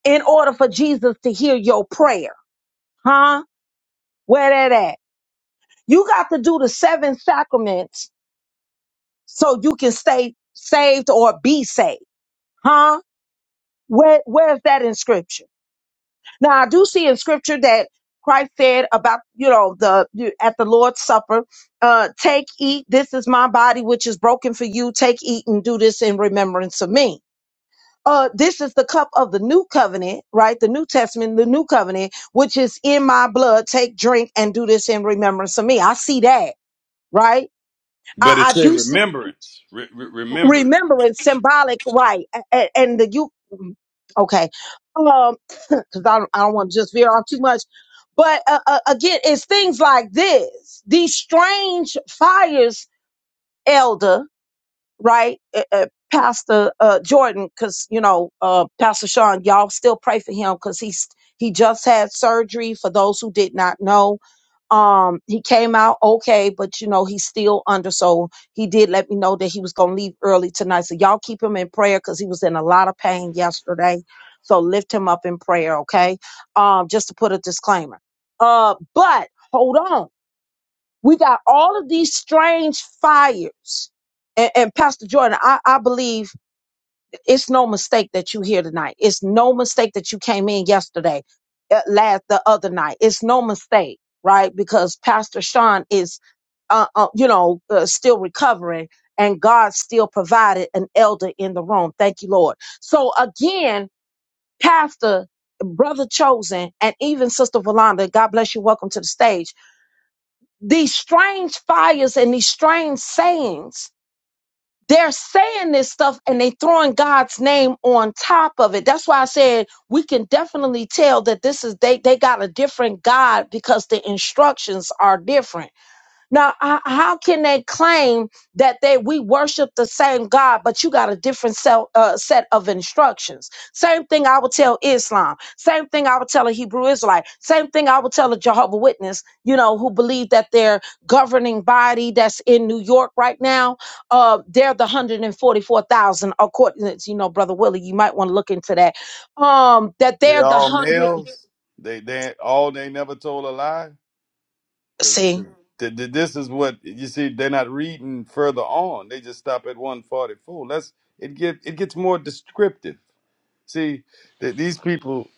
in order for Jesus to hear your prayer. Huh? Where that at? You got to do the seven sacraments so you can stay saved or be saved. Huh? Where where's that in scripture? Now I do see in scripture that Christ said about, you know, the you- at the Lord's Supper, uh, take, eat, this is my body which is broken for you. Take, eat, and do this in remembrance of me. uh, this is the cup of the new covenant, right? The new testament, the new covenant, which is in my blood. Take, drink, and do this in remembrance of me. I see that, right? I,
But it's
I
a
do see
remembrance. Re- re- remembrance.
remembrance, symbolic, right? And, and the you, okay, um, because I don't, I don't want to just veer off too much. But uh, uh, again, it's things like this, these strange fires, elder. right? Uh, uh, Pastor uh, Jordan, because you know, uh, Pastor Sean, y'all still pray for him because he's he just had surgery. For those who did not know, um, he came out okay, but you know he's still under. So he did let me know that he was gonna leave early tonight. So y'all keep him in prayer because he was in a lot of pain yesterday. So lift him up in prayer, okay? Um, just to put a disclaimer. Uh, but hold on we got all of these strange fires. And, and Pastor Jordan, I, I believe it's no mistake that you're here tonight. It's no mistake that you came in yesterday, uh, last the other night. It's no mistake, right? Because Pastor Sean is, uh, uh, you know, uh, still recovering, and God still provided an elder in the room. Thank you, Lord. So again, Pastor, Brother Chosen, and even Sister Valanda, God bless you. Welcome to the stage these strange fires and these strange sayings. They're saying this stuff and they throwing God's name on top of it. That's why I said we can definitely tell that this is they they got a different God because the instructions are different. Now, h- how can they claim that they we worship the same God, but you got a different sel- uh, set of instructions? Same thing I would tell Islam. Same thing I would tell a Hebrew Israelite. Same thing I would tell a Jehovah Witness. You know, who believe that their governing body that's in New York right now, uh, they're the hundred and forty-four thousand. According, to, you know, brother Willie, you might want to look into that. Um, that
They
they're the
all
hundred.
males. They they all they never told a lie because
See.
th- th- this is what you see. They're not reading further on. They just stop at one forty four. Let's it get it gets more descriptive. See that these people.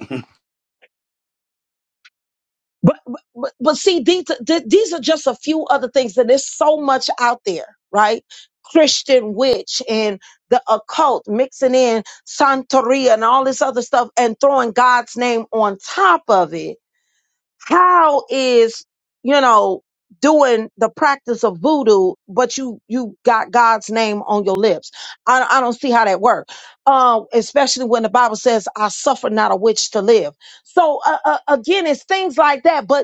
But but but see, these th- these are just a few other things, and there's so much out there, right? Christian witch and the occult, mixing in Santeria and all this other stuff, and throwing God's name on top of it. How is you know doing the practice of voodoo, but you you got God's name on your lips? I I don't see how that works. Um, especially when the Bible says, "I suffer not a witch to live." So uh, uh, again, it's things like that, but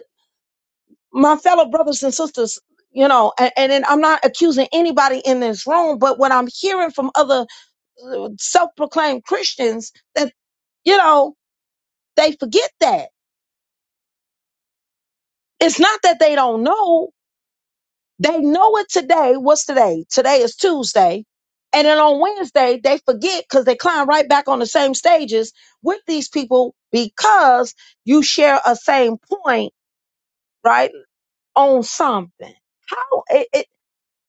my fellow brothers and sisters, you know, and, and, then I'm not accusing anybody in this room, but what I'm hearing from other uh, self-proclaimed Christians that, you know, they forget that. It's not that they don't know. They know it today. What's today? Today is Tuesday. And then on Wednesday, they forget because they climb right back on the same stages with these people because you share a same point, right? On something. How?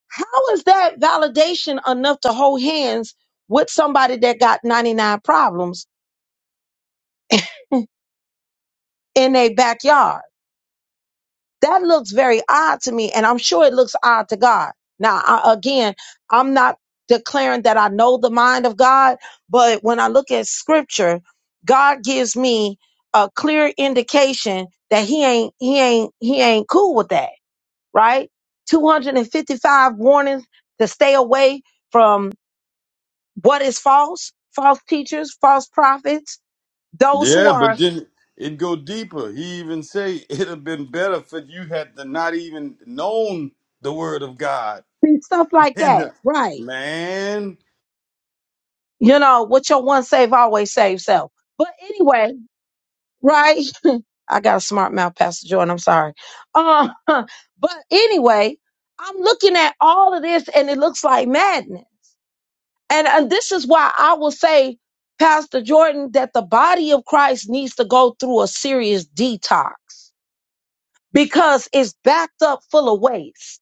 How is that validation enough to hold hands with somebody that got 99 problems in their backyard? That looks very odd to me, and I'm sure it looks odd to God. Now, I, again, I'm not declaring that I know the mind of God, but when I look at scripture, God gives me a clear indication that he ain't he ain't he ain't cool with that, right? 255 warnings to stay away from. What is false? False teachers, false prophets, those who
Yeah,
are
but then it go deeper. He even say it'd have been better for you had to not even known the word of God.
see, stuff like
And
that,
the
right?
man.
You know what your one save always save self. But anyway, right? I got a smart mouth, Pastor Jordan. I'm sorry. Uh, but anyway, I'm looking at all of this and it looks like madness. And, and this is why I will say, Pastor Jordan, that the body of Christ needs to go through a serious detox because it's backed up full of waste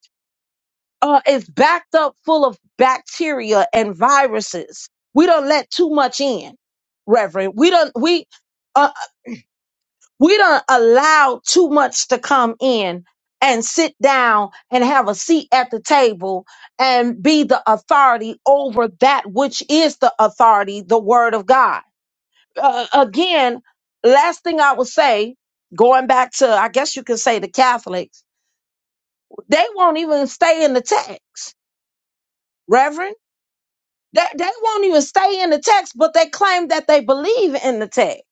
uh, is backed up full of bacteria and viruses. We don't let too much in, Reverend. We don't we uh, we don't allow too much to come in and sit down and have a seat at the table and be the authority over that which is the authority, the Word of God. Uh, again, last thing I would say, going back to I guess you could say the Catholics, they won't even stay in the text, Reverend They, they won't even stay in the text, but they claim that they believe in the text.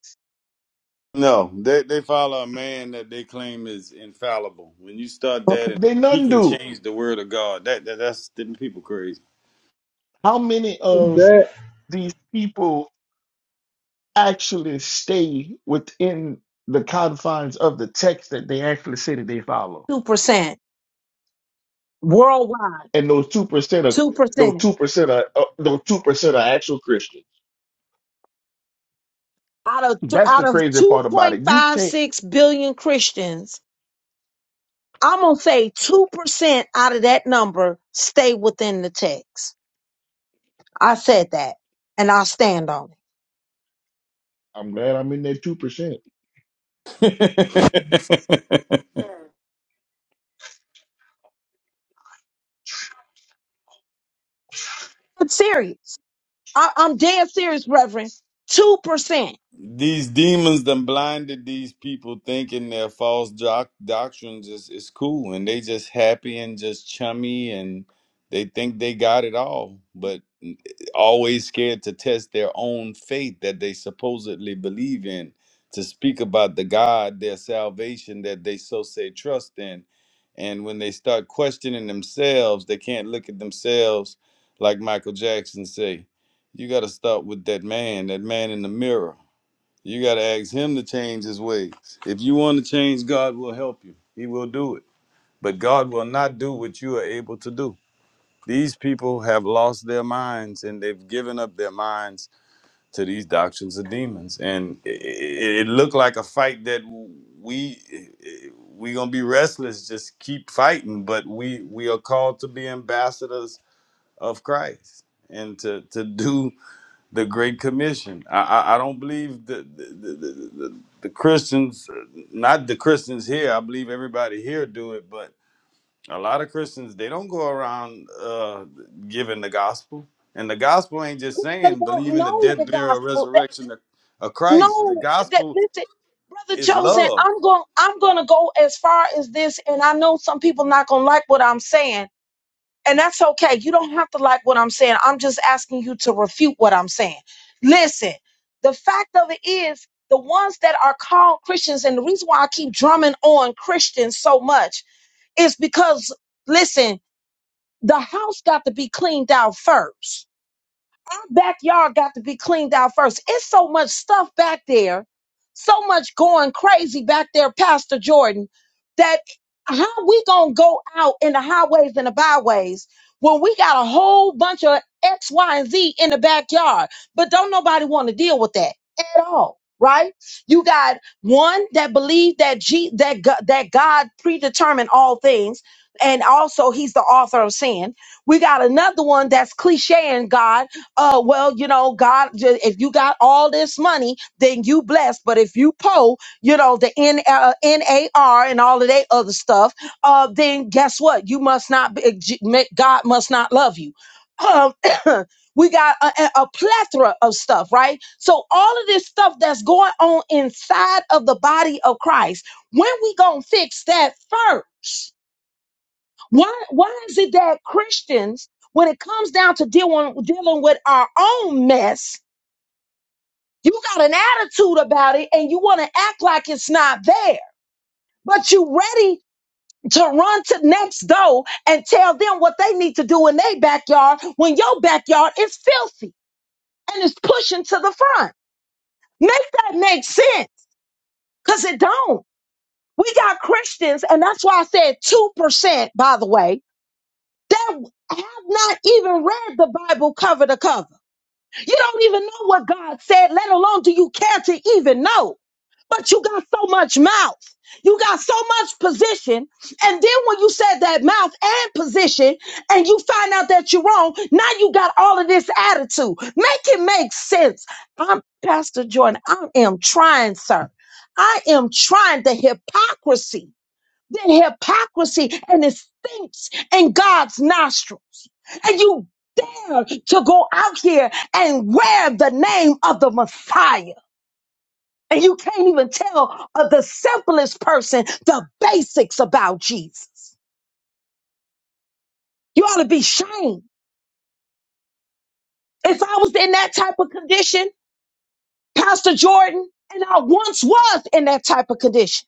No, they they follow a man that they claim is infallible. When you start
Okay.
that, and
They
he
none
can
do.
change the word of God, that, that that's them people crazy.
How many
Is
of
that
these people actually stay within the confines of the text that they actually say that they follow?
two percent worldwide.
And those two percent of
Two
those
percent
two percent are uh, those two percent are actual Christians.
out of th-
That's the
out of
crazy
two
part about
point
it. You
five
can't.
six billion Christians, I'm gonna say two percent out of that number stay within the text. I said that, and I stand on it.
I'm glad I'm in that two percent.
I'm serious. I, I'm dead serious, Reverend. Two percent.
These demons done blinded these people thinking their false doc- doctrines is, is cool and they just happy and just chummy and they think they got it all, but always scared to test their own faith that they supposedly believe in, to speak about the God, their salvation that they so say trust in. And when they start questioning themselves, they can't look at themselves like Michael Jackson say, you got to start with that man, that man in the mirror you got to ask him to change his ways. If you want to change, God will help you. He will do it. But God will not do what you are able to do. These people have lost their minds and they've given up their minds to these doctrines of demons. And it, it, looked like a fight that we we going to be restless just keep fighting, but we we are called to be ambassadors of Christ and to to do the Great Commission. I, I, I don't believe the the, the, the, the the Christians, not the Christians here. I believe everybody here do it, but a lot of Christians they don't go around uh, giving the gospel. And the gospel ain't just
They
saying
don't
believe in the
know
death,
the
burial,
gospel. That,
resurrection of, of Christ. The
no, that
gospel
listen, brother
is
Joseph.
love.
I'm going. I'm going to go as far as this, and I know some people not going to like what I'm saying, and that's okay. You don't have to like what I'm saying. I'm just asking you to refute what I'm saying. Listen, the fact of it is. The ones that are called Christians, and the reason why I keep drumming on Christians so much is because, listen, the house got to be cleaned out first our backyard got to be cleaned out first. It's so much stuff back there, so much going crazy back there, Pastor Jordan, that how we gonna go out in the highways and the byways when we got a whole bunch of X, Y, and Z in the backyard, but don't nobody want to deal with that at all. Right? You got one that believed that G, that Go- that God predetermined all things, and also He's the author of sin. We got another one that's clichéing God oh well you know god ju- if you got all this money then you blessed but if you po you know the N, uh, nar and all of that other stuff uh then guess what you must not be, J- ma- god must not love you um we got a, a a plethora of stuff right so all of this stuff that's going on inside of the body of christ when we gonna fix that first why why is it that Christians, when it comes down to dealing dealing with our own mess, you got an attitude about it and you want to act like it's not there, but you ready to run to next door and tell them what they need to do in their backyard when your backyard is filthy and is pushing to the front. Make that make sense. Cause it don't. We got Christians, and that's why I said 2%, by the way, that have not even read the Bible cover to cover You don't even know what God said, let alone do you care to even know. But you got so much mouth. You got so much position. And then when you said that mouth and position, and you find out that you're wrong, now you got all of this attitude. Make it make sense. I'm Pastor Jordan. I am trying, sir. I am trying the hypocrisy than hypocrisy and it stinks in God's nostrils. And you dare to go out here and wear the name of the Messiah. And you can't even tell of the simplest person the basics about Jesus. You ought to be shamed. If I was in that type of condition, Pastor Jordan, and I once was in that type of condition.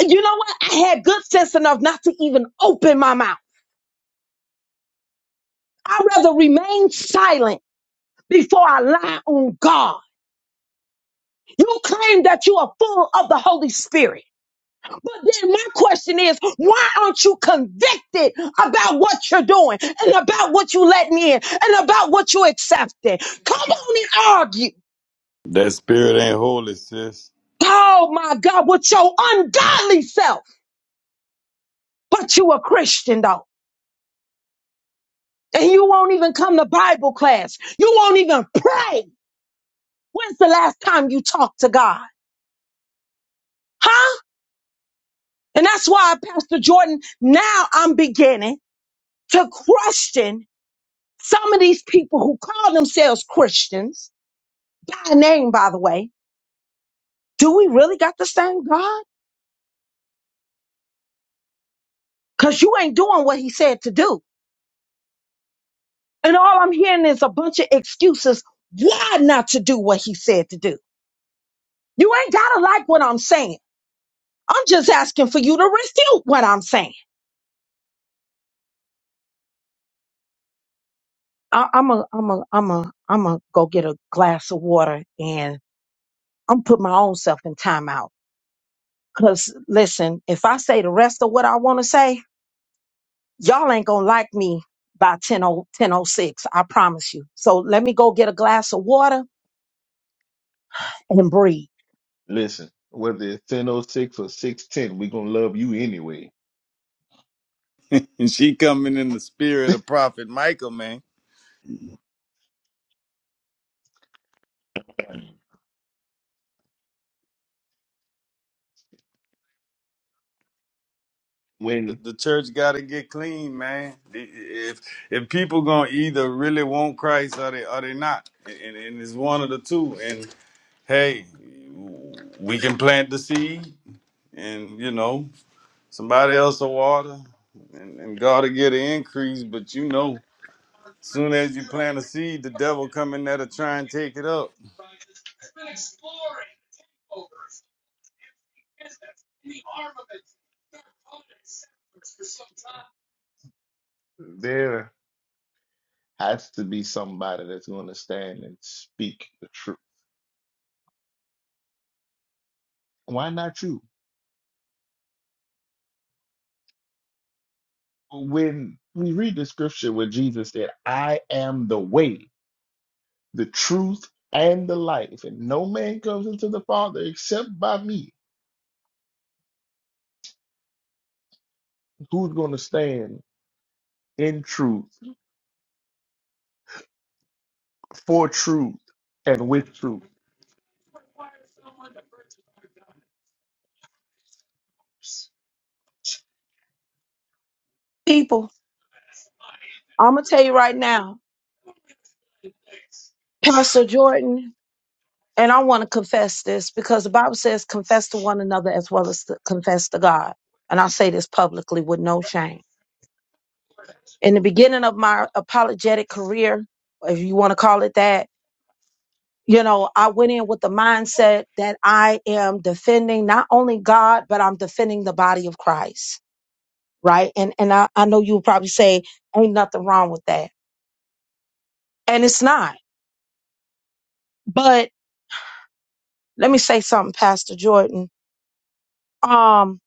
And you know what? I had good sense enough not to even open my mouth. I'd rather remain silent before I lie on God. You claim that you are full of the Holy Spirit. But then my question is, why aren't you convicted about what you're doing and about what you letting in and about what you accepting? Come on and argue.
That spirit ain't holy, sis.
Oh my God, with your ungodly self. But you a Christian though. And you won't even come to Bible class. You won't even pray. When's the last time you talked to God? Huh? And that's why Pastor Jordan, now I'm beginning. to question some of these people who call themselves Christians by name, by the way. Do we really got the same God? Cause you ain't doing what he said to do. And all I'm hearing is a bunch of excuses why not to do what he said to do. You ain't gotta like what I'm saying. I'm just asking for you to refute what I'm saying. I, I'm a, I'm a, I'm a, I'm a go get a glass of water and I'm put my own self in timeout. Cause listen, if I say the rest of what I want to say, y'all ain't gonna like me by 10 1006 i promise you so let me go get a glass of water and breathe
Listen, whether it's ten oh six or six ten, we're gonna love you anyway.
And she coming in the spirit of Prophet Michael, man.
When
the church got to get clean, man. If if people gonna either really want Christ or they or they not, and, and it's one of the two. And hey, we can plant the seed, and you know somebody else will water, and, and God will get an increase. But you know, soon as you plant a seed, the devil come in there to try and take it up.
there has to be somebody that's gonna stand and speak the truth. Why not you? when we read the scripture where Jesus said, I am the way, the truth, and the life, and no man comes into the Father except by me, who's going to stand in truth, for truth, and with
people i'm gonna tell you right now pastor jordan and i want to confess this because the bible says confess to one another as well as to confess to god and i say this publicly with no shame in the beginning of my apologetic career if you want to call it that you know i went in with the mindset that i am defending not only god but i'm defending the body of christ right? And and I, I know you'll probably say, ain't nothing wrong with that. And it's not. But let me say something, Pastor Jordan. Um,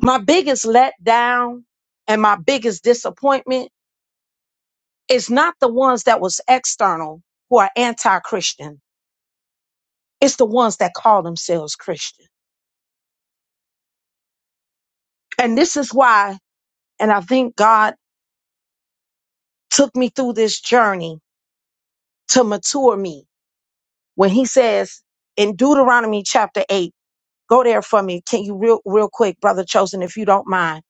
my biggest letdown and my biggest disappointment is not the ones that was external who are anti-Christian. It's the ones that call themselves Christian. And this is why, and I think God took me through this journey to mature me when he says in Deuteronomy chapter 8, Go there for me. Can you real real quick, brother chosen, if you don't mind?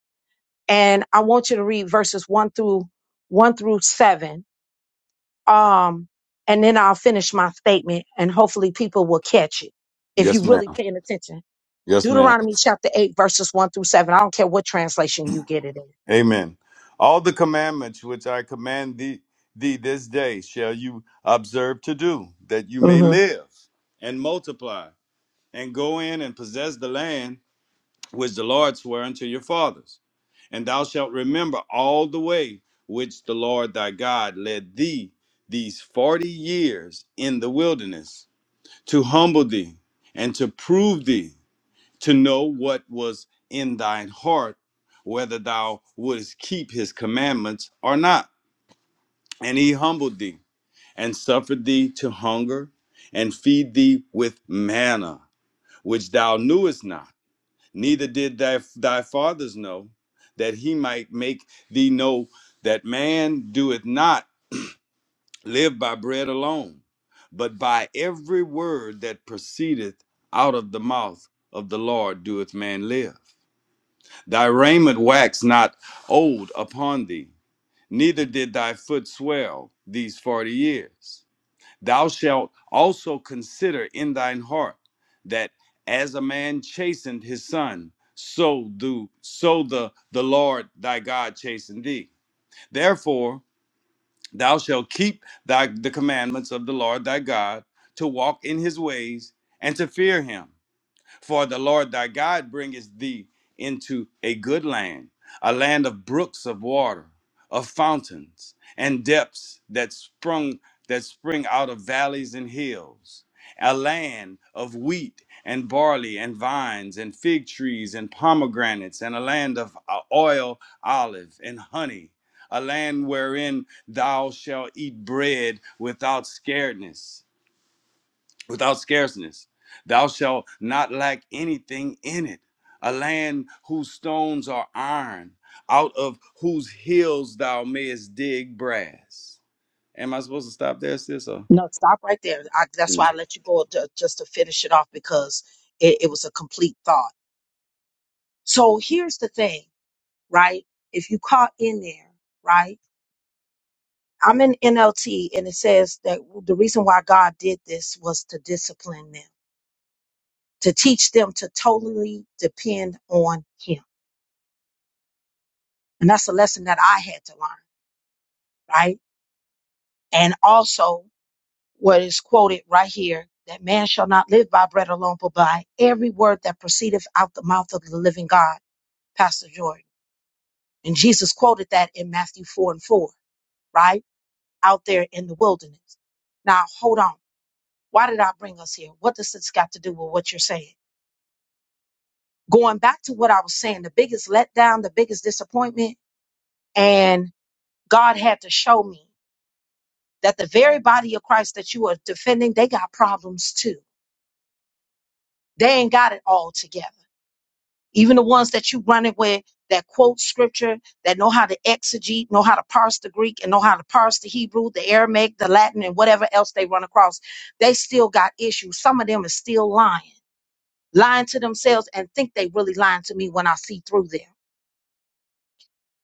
And I want you to read verses one through one through seven. Um, and then I'll finish my statement and hopefully people will catch it if
Yes,
you're
ma'am.
really paying attention.
Yes, ma'am.
Deuteronomy chapter eight, verses one through seven. I don't care what translation you get it
Amen. All the commandments which I command thee, thee this day shall you observe to do, that you
in.
may
hmm
live and multiply, and go in and possess the land which the Lord sware unto your fathers. And thou shalt remember all the way which the Lord thy God led thee these forty years in the wilderness, to humble thee and to prove thee to know what was in thine heart, whether thou wouldst keep his commandments or not. And he humbled thee and suffered thee to hunger and feed thee with manna, which thou knewest not, neither did thy, thy fathers know, that he might make thee know that man doeth not live by bread alone, but by every word that proceedeth out of the mouth of the Lord doeth man live. Thy raiment waxed not old upon thee, neither did thy foot swell these forty years. Thou shalt also consider in thine heart that as a man chastened his son, so do so the, the Lord thy God chasten thee. Therefore thou shalt keep thy the commandments of the Lord thy God to walk in his ways and to fear him for the Lord thy God bringeth thee into a good land, a land of brooks of water, of fountains and depths that sprung that spring out of valleys and hills, a land of wheat and barley and vines and fig trees and pomegranates, and a land of uh, oil, olive and honey, a land wherein thou shalt eat bread without scaredness without scarceness. Thou shalt not lack anything in it. A land whose stones are iron, out of whose hills thou mayest dig brass. Am I supposed to stop there, sis? Or?
No, stop right there. I, that's
Mm.
why I let you go to, just to finish it off because it, it was a complete thought. So here's the thing, right? If you caught in there, right? I'm in NLT and it says that the reason why God did this was to discipline them, to teach them to totally depend on Him. And that's a lesson that I had to learn, right? And also what is quoted right here that man shall not live by bread alone, but by every word that proceedeth out the mouth of the living God, Pastor Jordan. And Jesus quoted that in Matthew 4 and 4, right? Out there in the wilderness. Now, hold on. Why did I bring us here? What does this got to do with what you're saying? going back to what I was saying, the biggest letdown, the biggest disappointment, and God had to show me that the very body of Christ that you are defending, they got problems too. They ain't got it all together. Even the ones that you running with that quote scripture, that know how to exegete, know how to parse the Greek, and know how to parse the Hebrew, the Aramaic, the Latin, and whatever else they run across, they still got issues. Some of them are still lying, lying to themselves, and think they really lying to me when I see through them.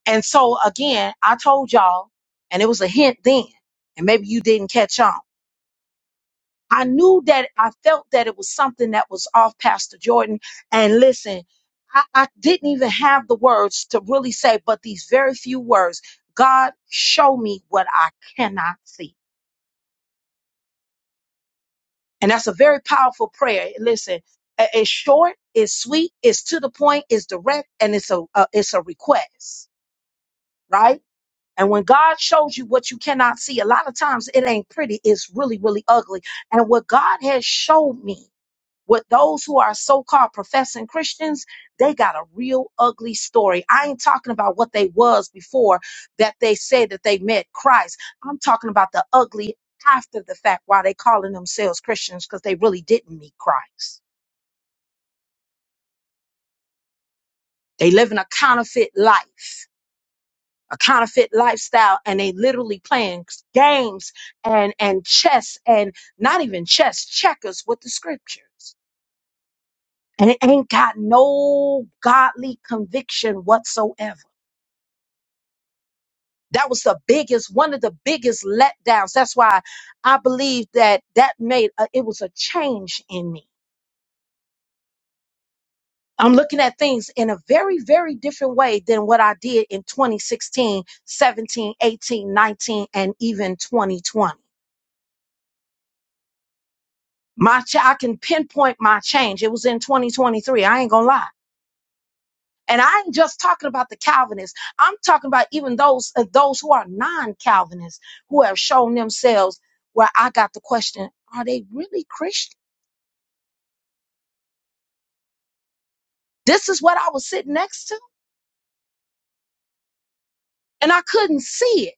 And so again, I told y'all, and it was a hint then, and maybe you didn't catch on. I knew that I felt that it was something that was off Pastor Jordan. And listen, I, I didn't even have the words to really say, but these very few words God, show me what I cannot see. And that's a very powerful prayer. Listen, i- it's short, it's sweet, it's to the point, it's direct, and it's a, uh, it's a request, right? And when God shows you what you cannot see, a lot of times it ain't pretty. It's really, really ugly. And what God has showed me, what those who are so-called professing Christians, they got a real ugly story. I ain't talking about what they was before that they said that they met Christ. I'm talking about the ugly after the fact why they calling themselves Christians because they really didn't meet Christ. They living a counterfeit life. a counterfeit lifestyle and they literally playing games and and chess and not even chess checkers with the scriptures and it ain't got no godly conviction whatsoever that was the biggest one of the biggest letdowns that's why i believe that that made a, it was a change in me i'm looking at things in a very very different way than what i did in 2016 17 18 19 and even 2020 My ch- I can pinpoint my change. It was in 2023. I ain't gonna lie. And I ain't just talking about the Calvinists. I'm talking about even those uh, those who are non-Calvinists who have shown themselves where I got the question, are they really Christian? This is what I was sitting next to, and I couldn't see it.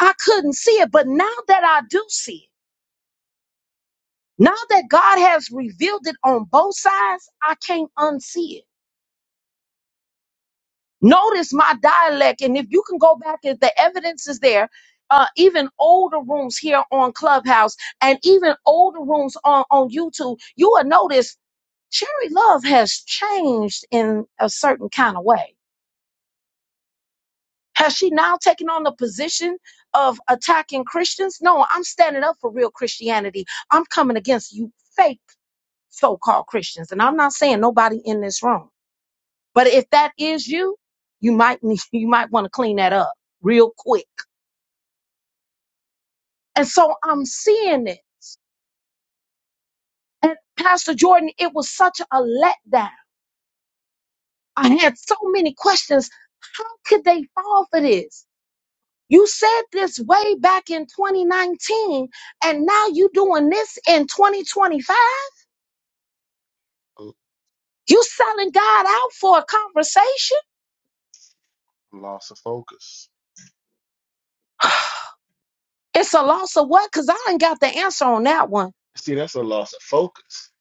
I couldn't see it, but now that I do see it, now that God has revealed it on both sides, I can't unsee it. Notice my dialect, and if you can go back, if the evidence is there, uh, even older rooms here on Clubhouse and even older rooms on, on YouTube, you will notice Cherry Love has changed in a certain kind of way. Has she now taken on the position of attacking Christians? No, I'm standing up for real Christianity. I'm coming against you fake so-called Christians. And I'm not saying nobody in this room. But if that is you, you might need, you might want to clean that up real quick. And so I'm seeing it. And Pastor Jordan, it was such a letdown. I had so many questions. How could they fall for this? You said this way back in 2019, and now you doing this in 2025? You selling God out for a conversation?
loss of focus?
It's a loss of what? Because I ain't got the answer on that one.
See, that's a loss of focus.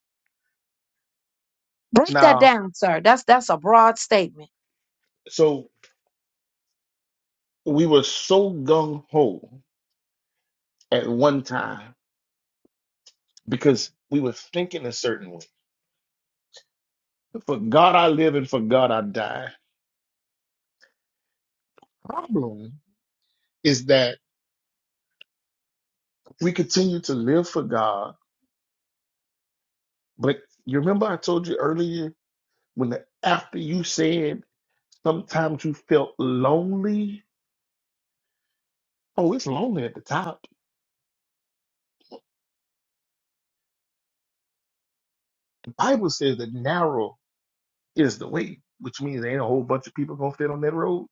Break that
Now,
down, sir. That's that's a broad statement.
so we were so gung ho at one time because we were thinking a certain way. For God I live and for God I die. Problem is that. we continue to live for God. But you remember I told you earlier when the, after you said sometimes you felt lonely. Oh, it's lonely at the top. The Bible says that narrow is the way, which means there ain't a whole bunch of people gonna fit on that road.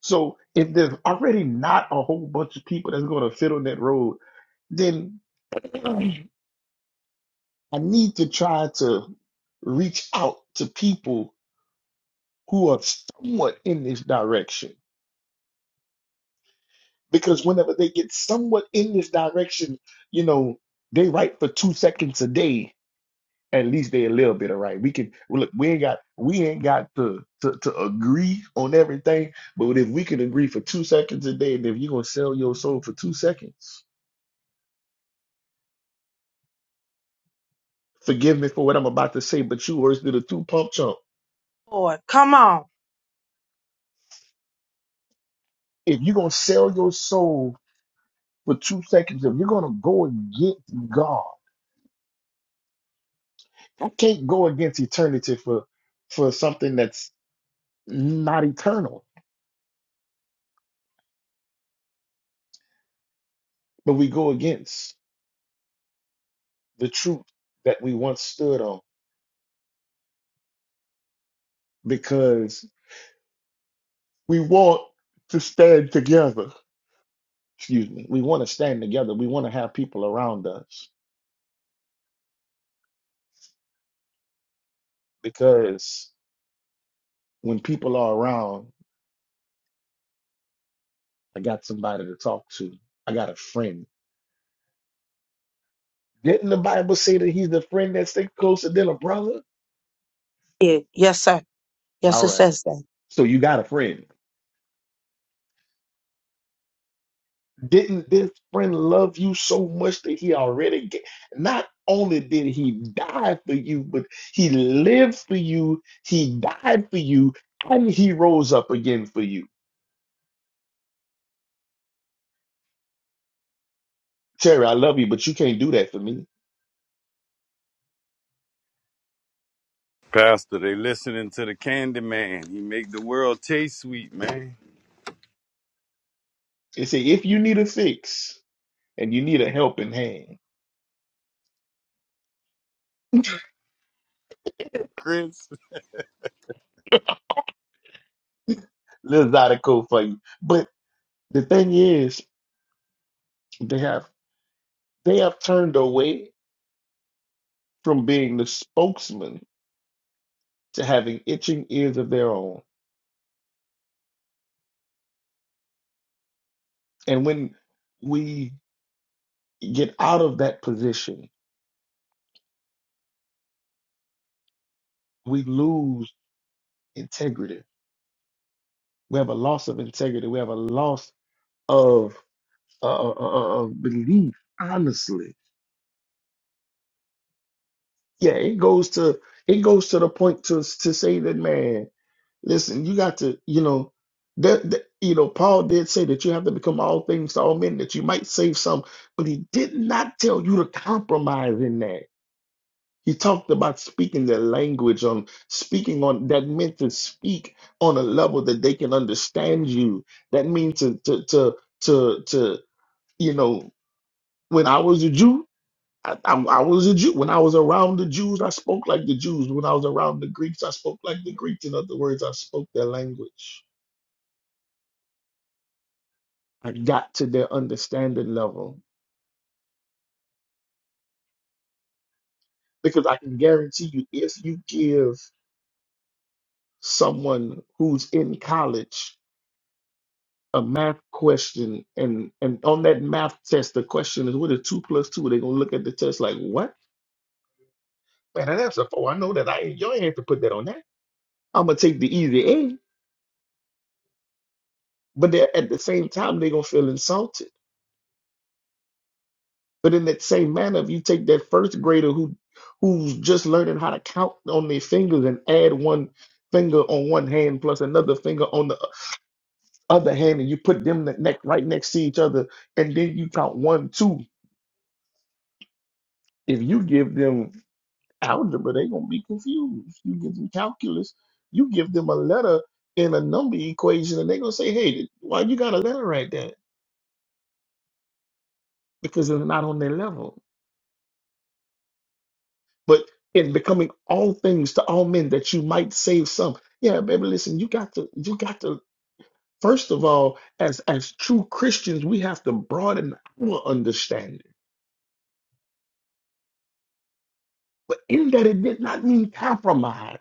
So if there's already not a whole bunch of people that's gonna fit on that road, then I need to try to reach out to people who are somewhat in this direction because whenever they get somewhat in this direction, you know, they write for two seconds a day. At least they a little bit of right. We can well, look. We ain't got we ain't got to, to to agree on everything, but if we can agree for two seconds a day, and if you're gonna sell your soul for two seconds, forgive me for what I'm about to say, but you worse than a two pump chump.
Lord, come on.
If you're gonna sell your soul for two seconds, if you're gonna go against God, I can't go against eternity for for something that's not eternal but we go against the truth that we once stood on because we want to stand together. Excuse me. We want to stand together. We want to have people around us because when people are around, I got somebody to talk to. I got a friend. Didn't the Bible say that he's the friend that sticks closer than a brother?
Yeah, yes, sir. Yes,
All
it
right.
says that.
So you got a friend. Didn't this friend love you so much that he already gave? Not only did he die for you, but he lived for you, he died for you, and he rose up again for you. Terry, I love you, but you can't do that for me.
Pastor, they listening to the candy man. He make the world taste sweet, man.
It say if you need a fix and you need a helping hand,
Chris.
little Zydeco for you. But the thing is, they have they have turned away from being the spokesman to having itching ears of their own. And when we get out of that position, we lose integrity. We have a loss of integrity. We have a loss of uh, uh, uh, uh, of belief. Honestly, yeah, it goes to it goes to the point to to say that man, listen, you got to you know that, that you know Paul did say that you have to become all things to all men that you might save some, but he did not tell you to compromise in that. He talked about speaking their language on speaking on that meant to speak on a level that they can understand you. That means to to to to, to you know, when I was a Jew, I, I, I was a Jew. When I was around the Jews, I spoke like the Jews. When I was around the Greeks, I spoke like the Greeks. In other words, I spoke their language. I got to their understanding level because I can guarantee you, if you give someone who's in college a math question and and on that math test the question is what is two plus two they're gonna look at the test like what man that answer four i know that i ain't y'all ain't have to put that on that i'm gonna take the easy a but they're at the same time they're gonna feel insulted but in that same manner if you take that first grader who who's just learning how to count on their fingers and add one finger on one hand plus another finger on the other hand and you put them ne- neck right next to each other and then you count one two if you give them algebra, they're gonna be confused. You give them calculus, you give them a letter in a number equation, and they're gonna say, "Hey, why you got a letter right there?" Because it's not on their level. But in becoming all things to all men, that you might save some. Yeah, baby, listen, you got to, you got to. First of all, as as true Christians, we have to broaden our understanding. But in that, it did not mean compromise.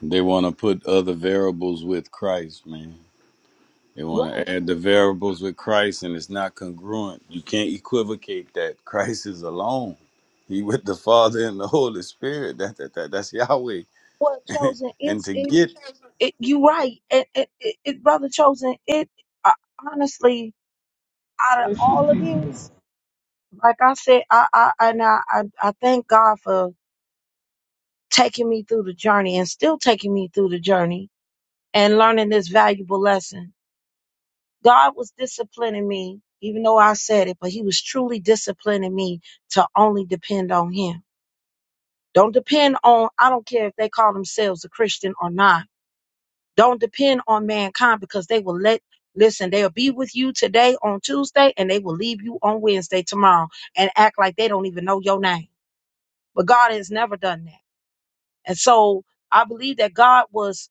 They want to put other variables with Christ, man. They want
Right.
to add the variables with Christ, and it's not congruent. You can't equivocate that Christ is alone. He with the Father and the Holy Spirit. That, that, that that's Yahweh.
Well, chosen,
And
it's
to
it.
get
it you right, it, it, it, it- brother chosen. It uh, honestly, out of
precious
all of
people?
this, like I said, I I and I, I I thank God for taking me through the journey and still taking me through the journey and learning this valuable lesson. God was disciplining me, even though I said it, but He was truly disciplining me to only depend on Him. Don't depend on. I don't care if they call themselves a Christian or not Don't depend on mankind because they will let listen, they'll be with you today on Tuesday and they will leave you on Wednesday tomorrow and act like they don't even know your name. But God has never done that. And so I believe that God was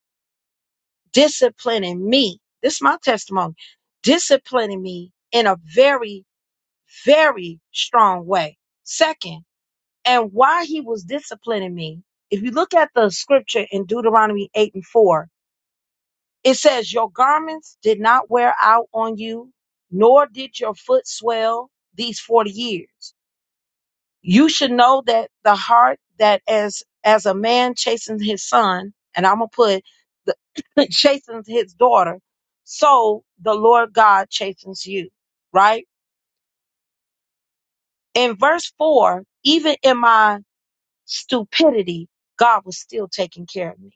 disciplining me. This is my testimony. Disciplining me in a very, very strong way. Second, and why he was disciplining me, if you look at the scripture in Deuteronomy 8 and 4, It says, Your garments did not wear out on you, nor did your foot swell these 40 years. You should know that the heart that as, as a man chastens his son, and I'm going to put the, chastens his daughter, so the Lord God chastens you, right? In verse four, even in my stupidity, God was still taking care of me.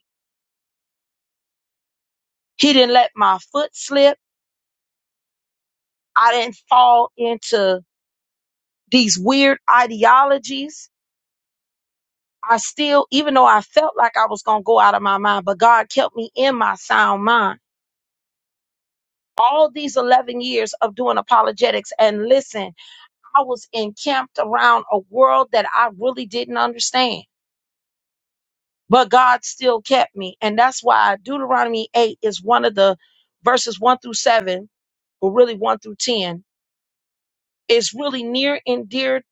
He didn't let my foot slip. I didn't fall into These weird ideologies are still, even though I felt like I was going to go out of my mind, but God kept me in my sound mind. All these 11 years of doing apologetics, and listen, I was encamped around a world that I really didn't understand, but God still kept me. And that's why Deuteronomy 8 is one of the verses 1 through 7, or really 1 through 10, is really near and dear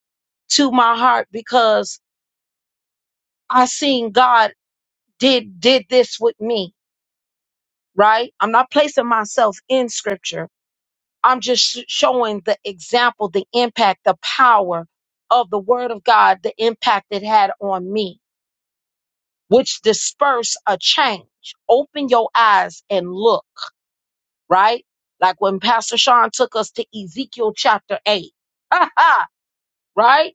to my heart because I seen God did did this with me. right? I'm not placing myself in scripture. I'm just sh- showing the example, the impact, the power of the word of God, the impact it had on me, which disperse a change. Open your eyes and look, right? Like when Pastor Sean took us to Ezekiel chapter 8. Ha ha, right?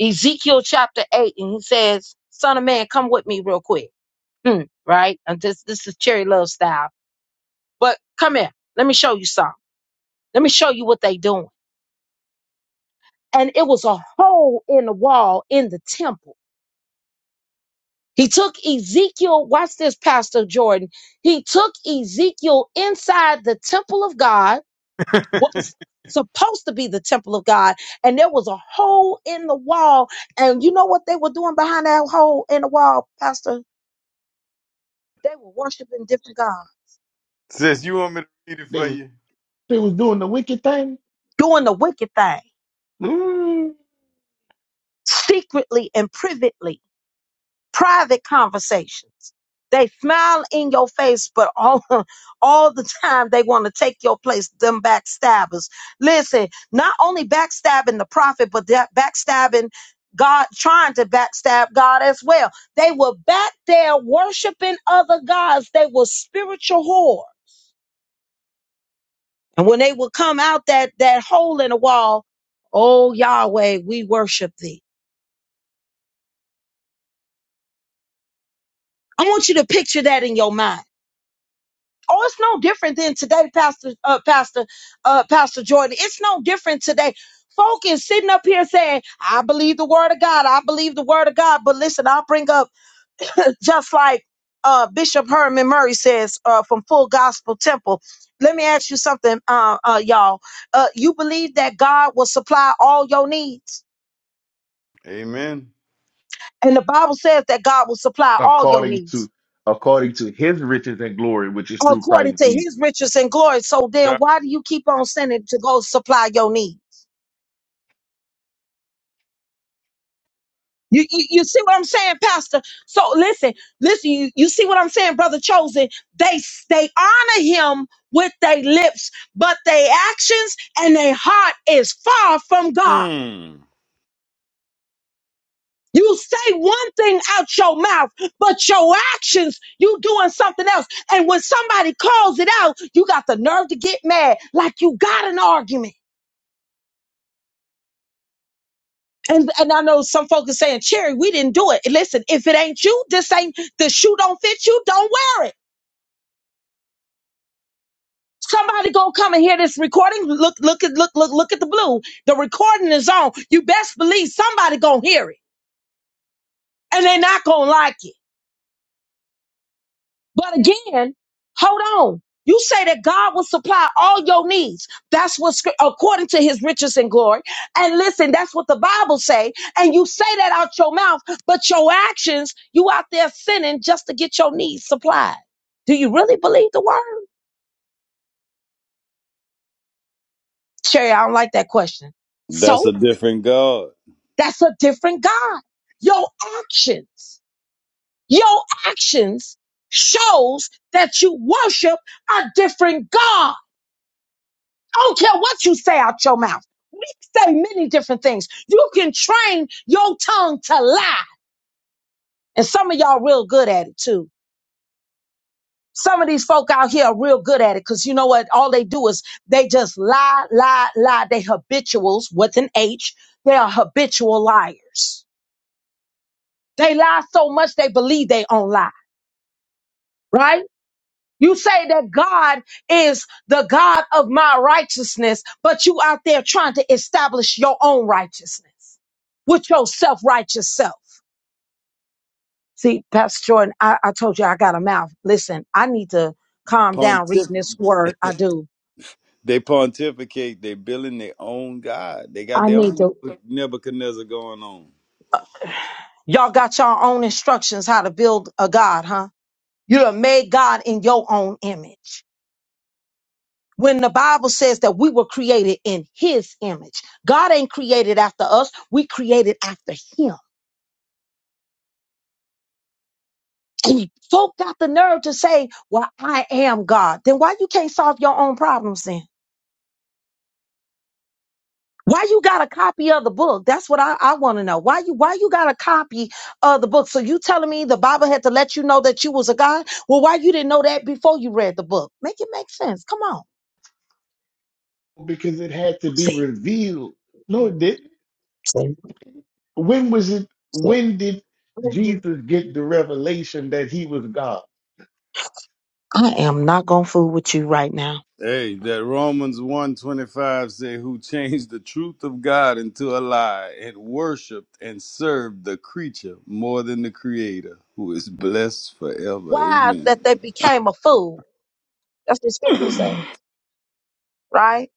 Ezekiel chapter 8, and he says, Son of man, come with me real quick. Hmm, right? And this, this is Cherry Love style. But come here, let me show you something Let me show you what they doing. And it was a hole in the wall in the temple. He took Ezekiel, watch this, Pastor Jordan. He took Ezekiel inside the temple of God, what was supposed to be the temple of God, and there was a hole in the wall. And you know what they were doing behind that hole in the wall, Pastor? They were worshiping different gods,
says, you want me to read it
They
for
was
you?
they was doing the wicked thing.
doing the wicked thing,
Mm.
secretly and privately. private conversations. They smile in your face, but all, all the time they want to take your place, them backstabbers. Listen, not only backstabbing the prophet, but that backstabbing God, trying to backstab God as well. They were back there worshiping other gods. They were spiritual whore. And when they would come out that, that hole in the wall, oh Yahweh, we worship thee. I want you to picture that in your mind. Oh, it's no different than today, Pastor, uh, Pastor, uh, Pastor Jordan. It's no different today. Folk is sitting up here saying, I believe the word of God. I believe the word of God. But listen, I'll bring up just like uh, Bishop Herman Murray says uh, from Full Gospel Temple. Let me ask you something, uh, uh, y'all. Uh, you believe that God will supply all your needs?
Amen.
And the Bible says that God will supply all your
according
needs
to according to his riches and glory, which is through
according
Christ
to
Jesus.
his riches and glory. So then why do you keep on sending to go supply your needs? You, you, you see what I'm saying, Pastor? So listen, listen, you, you see what I'm saying, brother chosen. They they honor him with their lips, but their actions and their heart is far from God.
Hmm.
You say one thing out your mouth, but your actions, you doing something else. And when somebody calls it out, you got the nerve to get mad, like you got an argument. And and I know some folks are saying, Cherry, we didn't do it. Listen, if it ain't you, this ain't the shoe don't fit you, don't wear it. Somebody gonna come and hear this recording. Look, look at look, look, look at the blue. The recording is on. You best believe somebody gonna hear it. And they're not gonna like it. But again, hold on. You say that God will supply all your needs. That's what scrip- according to his riches and glory. And listen, that's what the Bible say. And you say that out your mouth, but your actions, you out there sinning just to get your needs supplied. Do you really believe the word? Sherry, I don't like that question.
That's
So?
a different God.
That's a different God. Your actions, your actions shows that you worship a different God. I don't care what you say out your mouth. We say many different things. You can train your tongue to lie. And some of y'all real good at it too. Some of these folk out here are real good at it because you know what? All they do is they just lie, lie, lie. They habituals with an H. They are habitual liars. They lie so much they believe they own lie right? You say that God is the God of my righteousness, but you out there trying to establish your own righteousness with your self righteous self. See, Pastor Jordan, I, I told you I got a mouth. Listen, I need to calm down
Pontif-
reading this word. I do.
they pontificate. They building their own God. They got
I,
their own Nebuchadnezzar going on.
y'all got your own instructions how to build a God, huh? You done made God in your own image. When the Bible says that we were created in his image, God ain't created after us. We created after him. folk got the nerve to say, "Well, I am God." Then why you can't solve your own problems then? Why you got a copy of the book? That's what I, I want to know. Why you why you got a copy of the book? So you telling me the Bible had to let you know that you was a God? Well, why you didn't know that before you read the book? Make it make sense. Come on.
Because it had to be
See.
revealed. No, it didn't.
See.
When was it
See.
when did Jesus get the revelation that he was God?
I am not gonna fool with you right now.
Hey, that Romans 125 say who changed the truth of God into a lie and worshiped and served the creature more than the creator who is blessed forever.
Wise that
Amen.
they became a fool. That's what scripture says, right?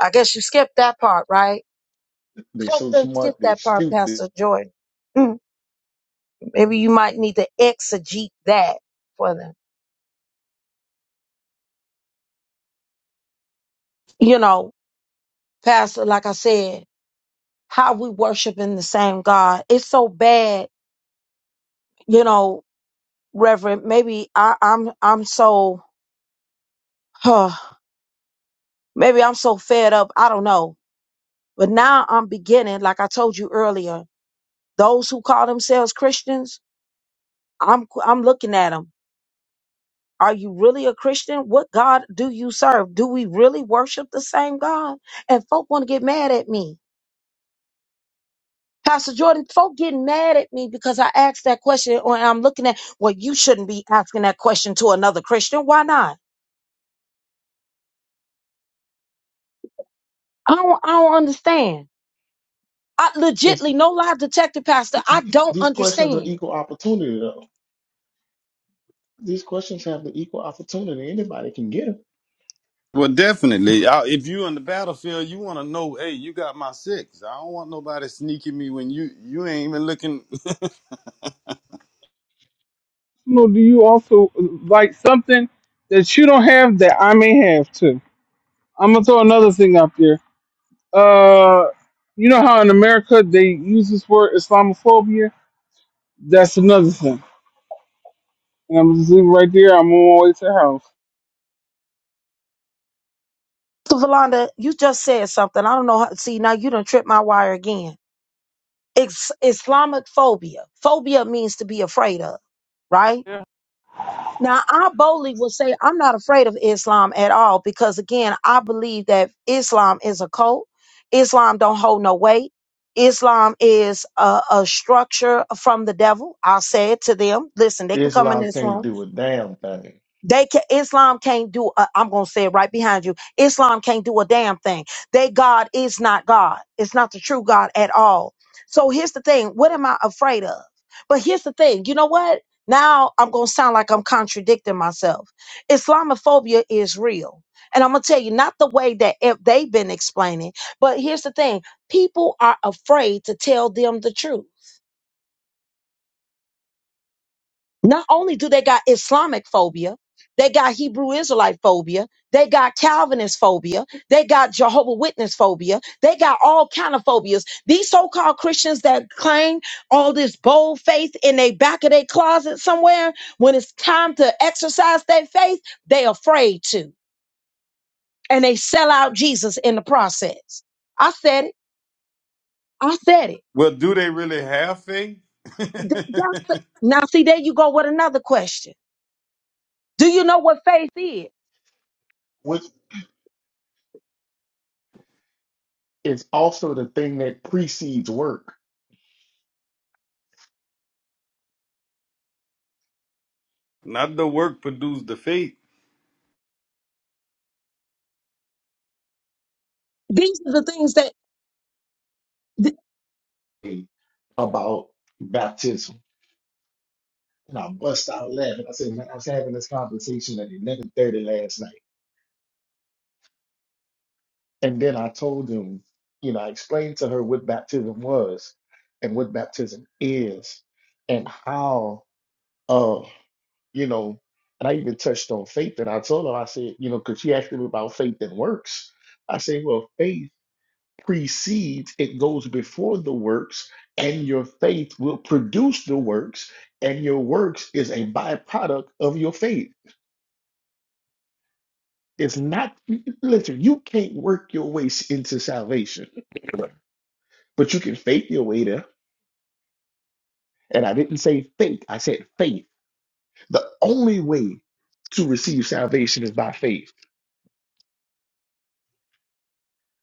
I guess you skipped that part, right?
They're
Folk
so
don't get
smart, they
that part,
stupid.
Pastor Jordan. Mm, Maybe you might need to exegete that for them. You know, Pastor, like I said, how we worship in the same God. It's so bad, you know, Reverend. Maybe I, I'm I'm so huh, maybe I'm so fed up. I don't know. But now I'm beginning, like I told you earlier, those who call themselves Christians, I'm I'm looking at them. Are you really a Christian? What God do you serve? Do we really worship the same God? And folk want to get mad at me. Pastor Jordan, folk getting mad at me because I asked that question or I'm looking at, well, you shouldn't be asking that question to another Christian. Why not? I don't, I don't understand. I
It's,
legitly, no lie detector, Pastor, I don't
these questions are
understand.
equal opportunity though. These questions have the equal opportunity. Anybody can get them.
Well, definitely. I, if you in the battlefield, you want to know, hey, you got my six. I don't want nobody sneaking me when you you ain't even looking.
You know, do you also like something that you don't have that I may have too? I'm gonna throw another thing up here. Uh, you know how in America they use this word Islamophobia? That's another thing. And I'm just leaving right there. I'm on my way to the house.
So, Valanda, you just said something. I don't know. How, see, now you done tripped my wire again. It's Islamic phobia. Phobia means to be afraid of, right?
Yeah.
Now, I boldly will say I'm not afraid of Islam at all because, again, I believe that Islam is a cult. Islam don't hold no weight. Islam is a, a structure from the devil. I say it to them. Listen, they can come in
Islam
this room
can't do a damn thing.
they can, Islam can't do. i am gonna say it right behind you. Islam can't do a damn thing. They God is not God. It's not the true God at all. So here's the thing. What am I afraid of? But here's the thing. You know what? Now I'm gonna sound like I'm contradicting myself. Islamophobia is real, and I'm gonna tell you not the way that it- they've been explaining. But here's the thing. People are afraid to tell them the truth. Not only do they got Islamic phobia, they got Hebrew Israelite phobia, they got Calvinist phobia, they got Jehovah Witness phobia, they got all kind of phobias. These so-called Christians that claim all this bold faith in they back of their closet somewhere, when it's time to exercise their faith, they afraid to, and they sell out Jesus in the process. I said it. I said it.
well, do they really have faith?
Th- that's the- now, see, there you go with another question. Do you know what faith is?
Which is also the thing that precedes work
Not the work produce the faith.
These are the things that Th-
about baptism. And I bust out laughing. I said, man, I was having this conversation at 11:30 last night. And then I told him, you know, I explained to her what baptism was and what baptism is and how, uh, you know, and I even touched on faith. And I told her, I said, you know, because she asked me about faith and works. I said, well, faith precedes, it goes before the works, and your faith will produce the works, and your works is a byproduct of your faith. It's not, listen, you can't work your way into salvation, but you can faith your way there. And I didn't say faith, I said faith. The only way to receive salvation is by faith.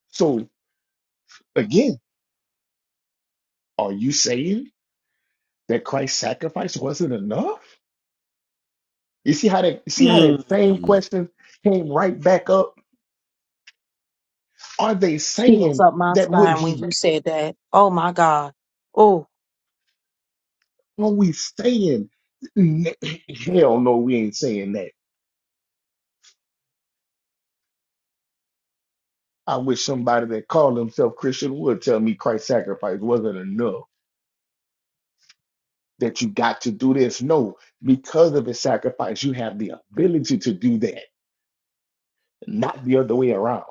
So again, are you saying that Christ's sacrifice wasn't enough? You see how that see how that same
Mm.
question came right back up? Are they
chills
saying
up my
that what
spine when
he
you said that. Oh my God. Oh,
are we saying? N- Hell no, we ain't saying that. I wish somebody that called themselves Christian would tell me Christ's sacrifice wasn't enough, that you got to do this. No, because of his sacrifice, you have the ability to do that, not the other way around.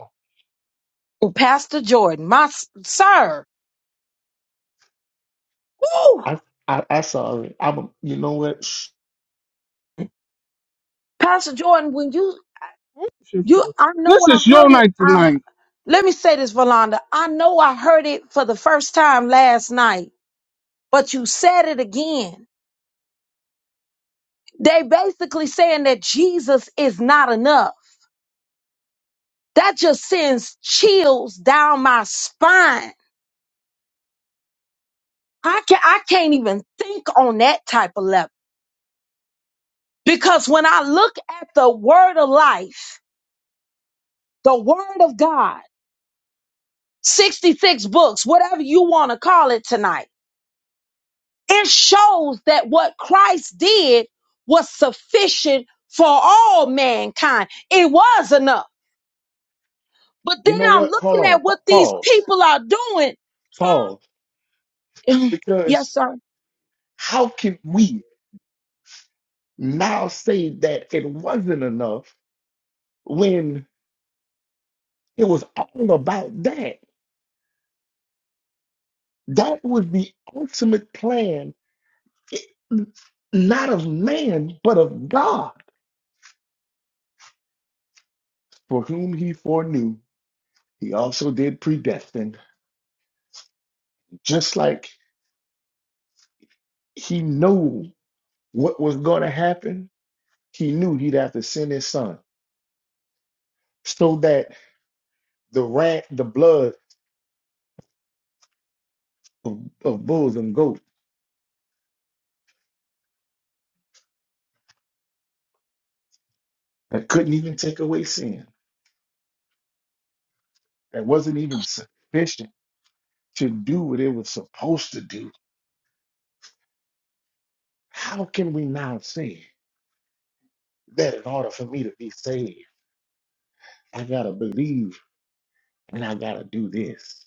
oh, Pastor Jordan, my s- sir. Oh,
I I, I saw it. I'm a, you know what? Shh.
Pastor Jordan, when you
shit
you,
for it.
I know
This
I
is your
heard it.
night
I
tonight.
let me say this, Valanda. I know I heard it for the first time last night, but you said it again. They basically saying that Jesus is not enough. That just sends chills down my spine. I can not I can't even think on that type of level. Because when I look at the word of life, the word of God, 66 books, whatever you want to call it tonight, it shows that what Christ did was sufficient for all mankind. It was enough. But
You
then
know
I'm
what? Hold
looking
on.
at what
Pa-
these
Pause.
people are doing.
Pause.
Huh? yes,
Because
sir.
how can we now say that it wasn't enough when it was all about that? That was the ultimate plan it- not of man, but of God, for whom he foreknew, he also did predestine. Just like he knew what was going to happen, he knew he'd have to send his son so that the rat, the blood of, of bulls and goats that couldn't even take away sin, that wasn't even sufficient to do what it was supposed to do. How can we now say that in order for me to be saved, I got to believe and I got to do this?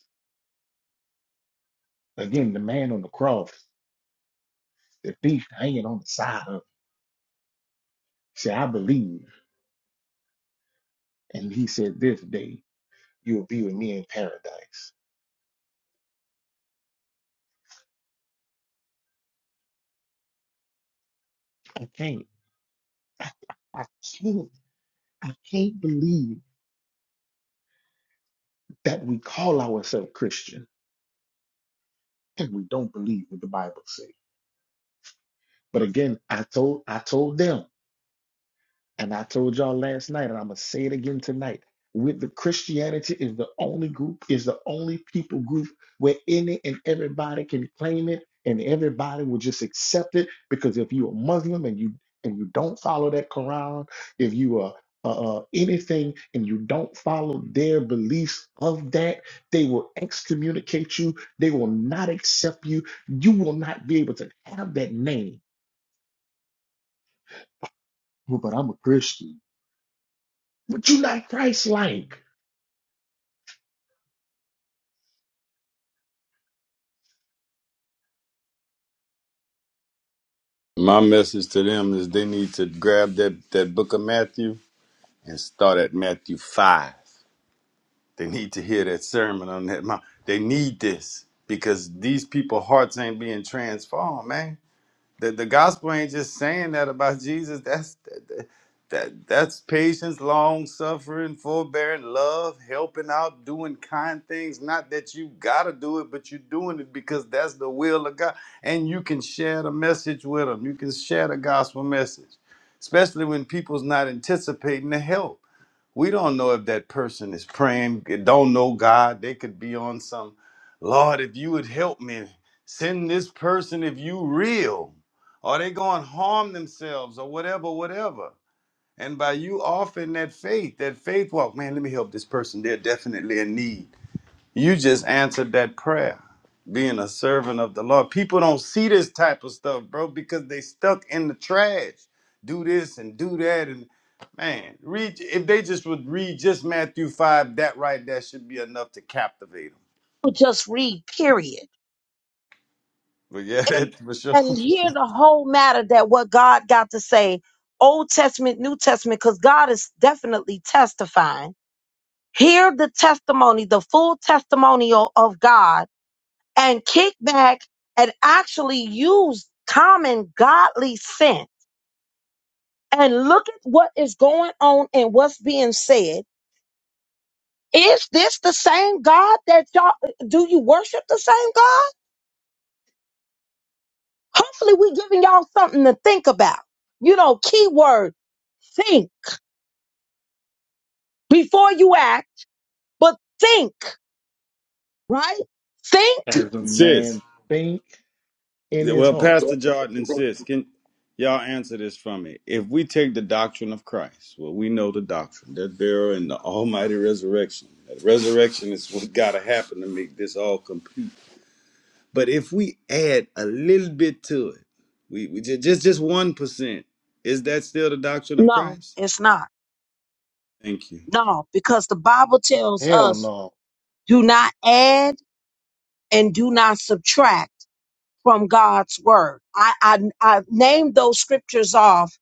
Again, the man on the cross, the thief hanging on the side of him, said, I believe. And he said, This day you'll be with me in paradise. I can't. I, I can't. I can't believe that we call ourselves Christian and we don't believe what the Bible says. But again, I told I told them And I told y'all last night, and I'm gonna say it again tonight. With the Christianity is the only group, is the only people group where any and everybody can claim it, and everybody will just accept it. Because if you're a Muslim and you and you don't follow that Quran, if you are uh, uh, anything and you don't follow their beliefs of that, they will excommunicate you. They will not accept you. You will not be able to have that name. Well, But I'm a Christian. But you're not Christ-like.
My message to them is they need to grab that, that book of Matthew and start at Matthew 5. They need to hear that sermon on that mount. They need this because these people hearts ain't being transformed, man the, the gospel ain't just saying that about Jesus. That's that, that that's patience, long suffering, forbearing, love, helping out, doing kind things. Not that you gotta do it, but you're doing it because that's the will of God. And you can share the message with them. You can share the gospel message, especially when people's not anticipating the help we don't know if that person is praying, don't know God. They could be on some, Lord, if you would help me, send this person if you real. Or they going to harm themselves or whatever, whatever. And by you offering that faith, that faith walk, man, let me help this person. They're definitely in need. You just answered that prayer, being a servant of the Lord. People don't see this type of stuff, bro, because they stuck in the trash. Do this and do that, and man, read. If they just would read just Matthew five, that right, that should be enough to captivate them.
Just read, period.
But yeah,
and
that's for sure.
and hear the whole matter that what God got to say, Old Testament, New Testament, because God is definitely testifying. Hear the testimony, the full testimonial of God, and kick back and actually use common godly sense and look at what is going on and what's being said. Is this the same God that y'all do you worship the same God? Hopefully we giving y'all something to think about. You know, keyword think before you act, but think, right? Think?
as a
Sis,
man think in
Yeah,
his
Well,
heart.
Pastor Jordan insists. Can y'all answer this for me? If we take the doctrine of Christ, well, we know the doctrine, that burial and the almighty resurrection. That resurrection is what gotta happen to make this all complete. But if we add a little bit to it, we, we just just just one percent, is that still the doctrine of
No,
Christ?
it's not.
Thank you.
No, because the Bible tells
Hell
us
no,
do not add and do not subtract from God's word. I, I, I named those scriptures off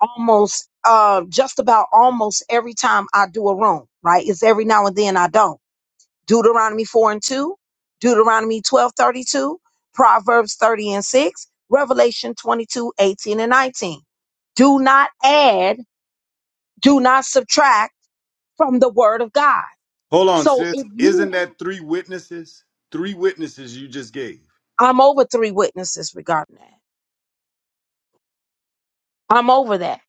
almost, uh, just about almost every time I do a room, right? It's every now and then I don't. Deuteronomy 4 and 2, Deuteronomy 12 32, Proverbs 30 and 6, Revelation 22 18 and 19. Do not add, do not subtract from the word of God.
Hold on,
So
sis.
if
Isn't
you,
that three witnesses? Three witnesses you just gave.
I'm over three witnesses regarding that. I'm over that,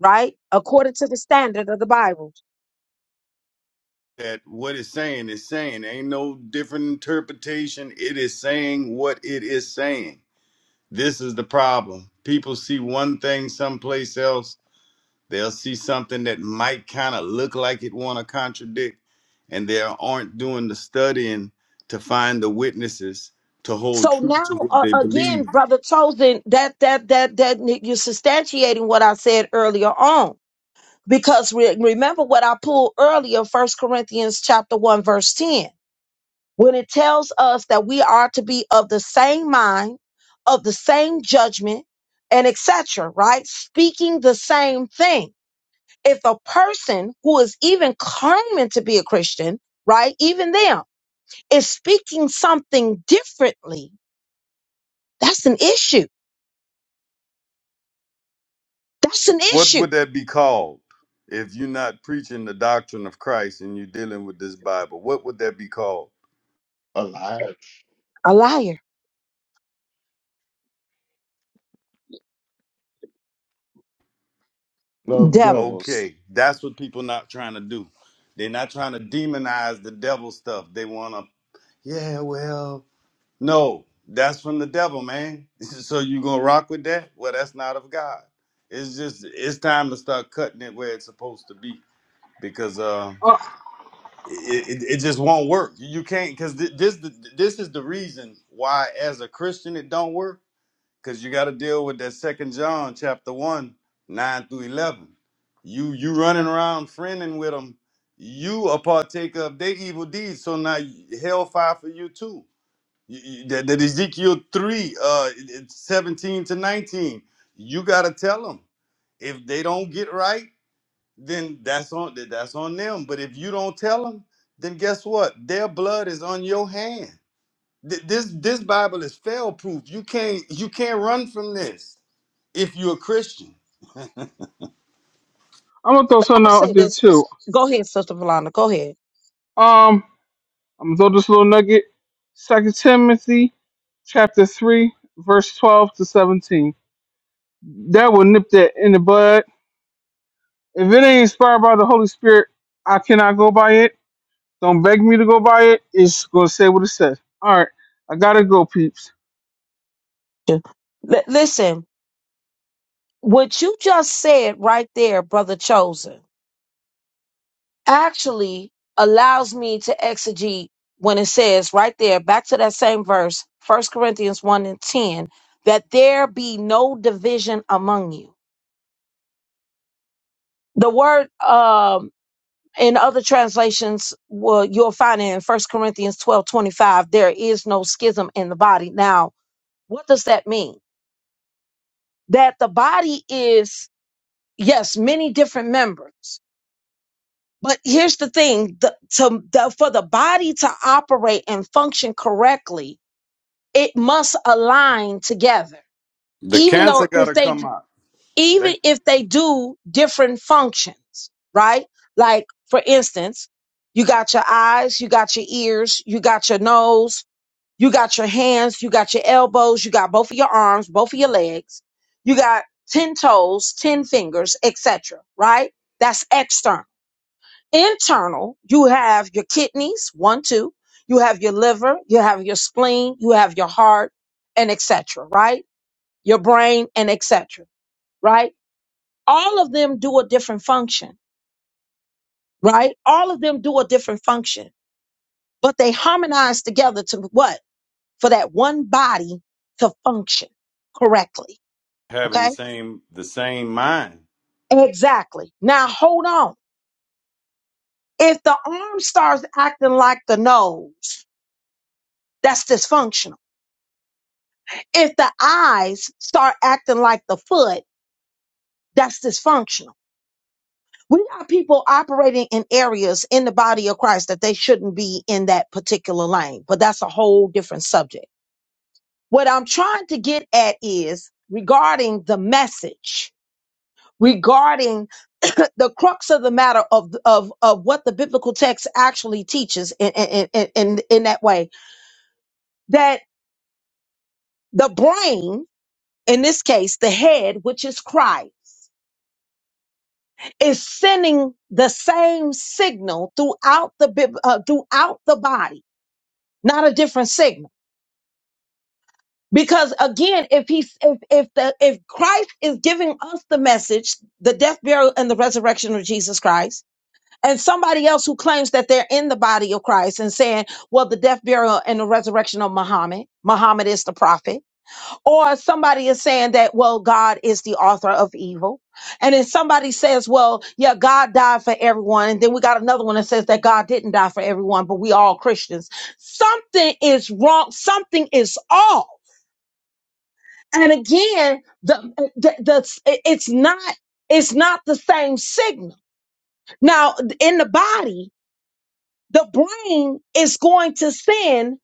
right? According to the standard of the Bible.
that what it's saying is saying ain't no different interpretation it is saying what it is saying this is the problem people see one thing someplace else they'll see something that might kind of look like it want to contradict and they aren't doing the studying to find the witnesses to hold
So
true
now,
to what
uh,
they
again,
believe
brother Chosen, that, that, that, that you're substantiating what I said earlier on Because re- remember what I pulled earlier, First Corinthians chapter 1, verse 10, when it tells us that we are to be of the same mind, of the same judgment, and etc., right? Speaking the same thing. If a person who is even claiming to be a Christian, right, even them, is speaking something differently, that's an issue. That's an
what
issue.
would that be called if you're not preaching the doctrine of christ and you're dealing with this bible what would that be called
a lie.
A liar.
Love
Devils.
devils.
Okay, that's what people not trying to do. They're not trying to demonize the devil stuff. They want to, yeah, well, no, that's from the devil, man. so you gonna rock with that? Well, that's not of God. It's just it's time to start cutting it where it's supposed to be because uh,
Uh,
it, it it just won't work. You can't because this this is the reason why as a Christian it don't work because you got to deal with that second john chapter 1 9 through 11 you you running around friending with them you are partaker of their evil deeds so now hellfire for you too You- you- that, that ezekiel 3 uh it's 17 to 19 you got to tell them if they don't get right then that's on that- that's on them but if you don't tell them then guess what their blood is on your hand Th- this this bible is fail proof you can't you can't run from this if you're a Christian.
I'm gonna throw something
I'll
out
say
there
this.
too.
Go ahead, Sister Valana. Go ahead.
Um. I'm gonna throw this little nugget. Second Timothy chapter three, verse twelve to seventeen. That will nip that in the bud. If it ain't inspired by the Holy Spirit, I cannot go by it. Don't beg me to go by it. It's gonna say what it says. All right, I gotta go, peeps.
you. Li- listen, what you just said right there, brother chosen, actually allows me to exegete when it says right there, back to that same verse, First Corinthians 1 and 10, that there be no division among you. The word um in other translations, well, you'll find it in First Corinthians 12 25. there is no schism in the body. Now, what does that mean? That the body is, yes, many different members, But here's the thing: the, to the, for the body to operate and function correctly, it must align together.
The
Even though
cancer
if
gotta
they
come out.
even
They
if they do different functions, right? Like for instance, you got your eyes, you got your ears, you got your nose, you got your hands, you got your elbows, you got both of your arms, both of your legs, you got ten toes, ten fingers, etc. Right? That's external internal, you have your kidneys, one, two, you have your liver, you have your spleen, you have your heart, and etc. Right? Your brain and etc. Right? All of them do a different function. Right? All of them do a different function, but they harmonize together to what? For that one body to function correctly.
having the
Okay?
same the same mind.
Exactly. Now hold on. If the arm starts acting like the nose, that's dysfunctional if the eyes start acting like the foot, that's dysfunctional. We got people operating in areas in the body of Christ that they shouldn't be in that particular lane, but that's a whole different subject. What I'm trying to get at is regarding the message, regarding the crux of the matter of, of, of what the biblical text actually teaches in, in, in, in, in that way, that the brain, in this case, the head, which is Christ is sending the same signal throughout the bib- uh, throughout the body, not a different signal. Because again, if he's if if the if Christ is giving us the message, the death, burial, and the resurrection of Jesus Christ, and somebody else who claims that they're in the body of Christ and saying, "Well, the death, burial, and the resurrection of Muhammad, Muhammad is the prophet," or somebody is saying that well god is the author of evil and then somebody says well yeah god died for everyone and then we got another one that says that god didn't die for everyone but we all christians something is wrong something is off and again the, the, the it's not it's not the same signal now in the body the brain is going to send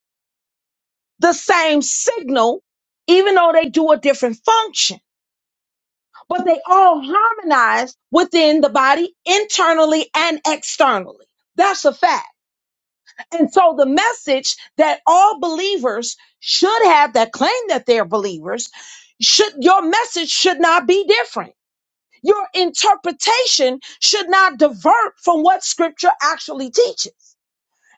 the same signal even though they do a different function but they all harmonize within the body internally and externally. That's a fact. And so the message that all believers should have that claim that they're believers should your message should not be different. Your interpretation should not divert from what scripture actually teaches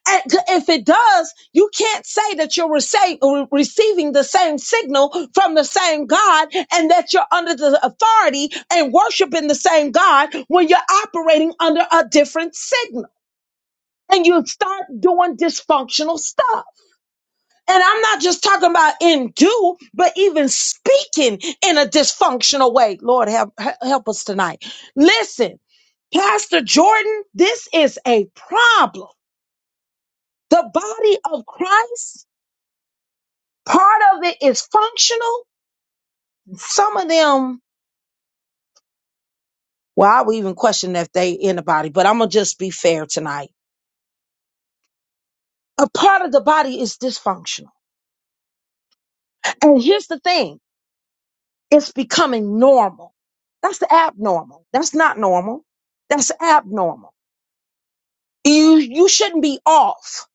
and If it does, you can't say that you're rece- re- receiving the same signal from the same God and that you're under the authority and worshiping the same God when you're operating under a different signal and you start doing dysfunctional stuff. And I'm not just talking about in do, but even speaking in a dysfunctional way. Lord, help, help us tonight. Listen, Pastor Jordan, this is a problem. The body of Christ Part of it is functional. Some of them, well, I would even question if they in the body, but I'm gonna just be fair tonight. A part of the body is dysfunctional. And here's the thing: it's becoming normal. That's the abnormal. That's not normal. That's abnormal. You you shouldn't be off.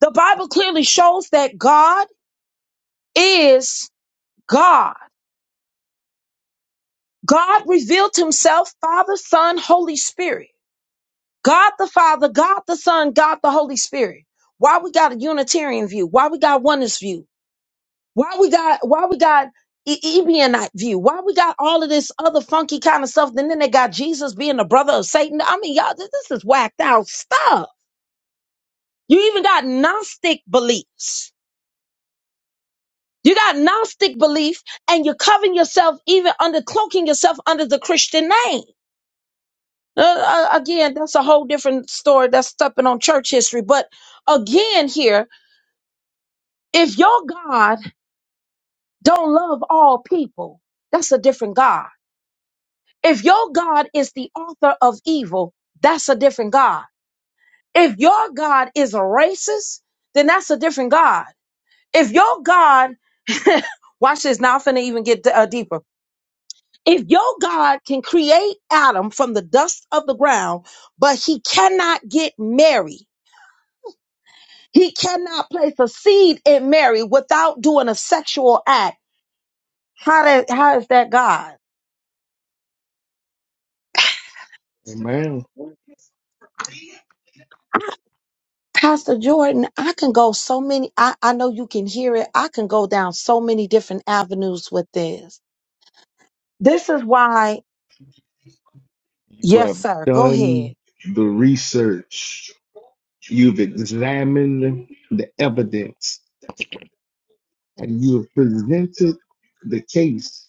The Bible clearly shows that God is God. God revealed himself, Father, Son, Holy Spirit. God the Father, God the Son, God the Holy Spirit. Why we got a Unitarian view? Why we got oneness view? Why we got why we got E- Ebionite view? Why we got all of this other funky kind of stuff? And then they got Jesus being the brother of Satan. I mean, y'all, this, this is whacked out stuff. You even got Gnostic beliefs. You got Gnostic belief, and you're covering yourself, even under cloaking yourself under the Christian name. Uh, uh, again, that's a whole different story. That's stepping on church history, but again here If your God don't love all people, that's a different God. If your God is the author of evil, that's a different God. If your God is a racist, then that's a different God. If your God, watch this, now I'm finna even get uh, deeper. If your God can create Adam from the dust of the ground, but he cannot get Mary, he cannot place a seed in Mary without doing a sexual act, how, that, how is that God?
Man,
Pastor Jordan, I can go so many, I, I know you can hear it. I can go down so many different avenues with this. This is why,
you
yes,
have
sir, go ahead.
done the research, examined the evidence, and you have presented the case.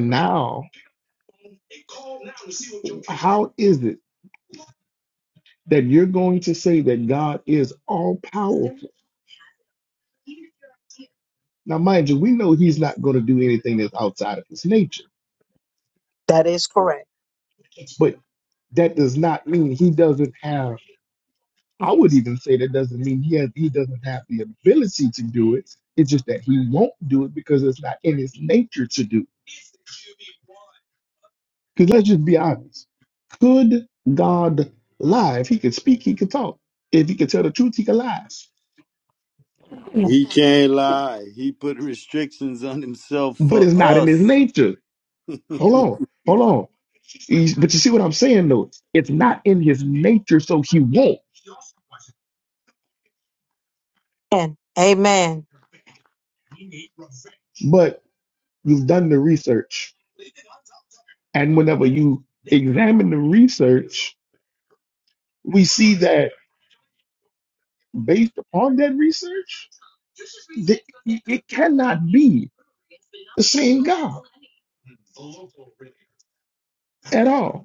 Now, how is it that you're going to say that God is all powerful? Now, mind you, we know he's not going to do anything that's outside of his nature,
That is correct.
but that does not mean he doesn't have I would even say that doesn't mean he has, he doesn't have the ability to do it. It's just that he won't do it because it's not in his nature to do. Because let's just be honest. Could God lie? If he could speak, he could talk. If he could tell the truth, he could lie.
He can't lie. He put restrictions on himself
But
for
it's not in his
us.
nature. Hold
Mm-mm.
on, hold on. But you see what I'm saying though? It's not in his nature, so he won't.
And amen.
But you've done the research. And whenever you the research, we s- based upon that research at all.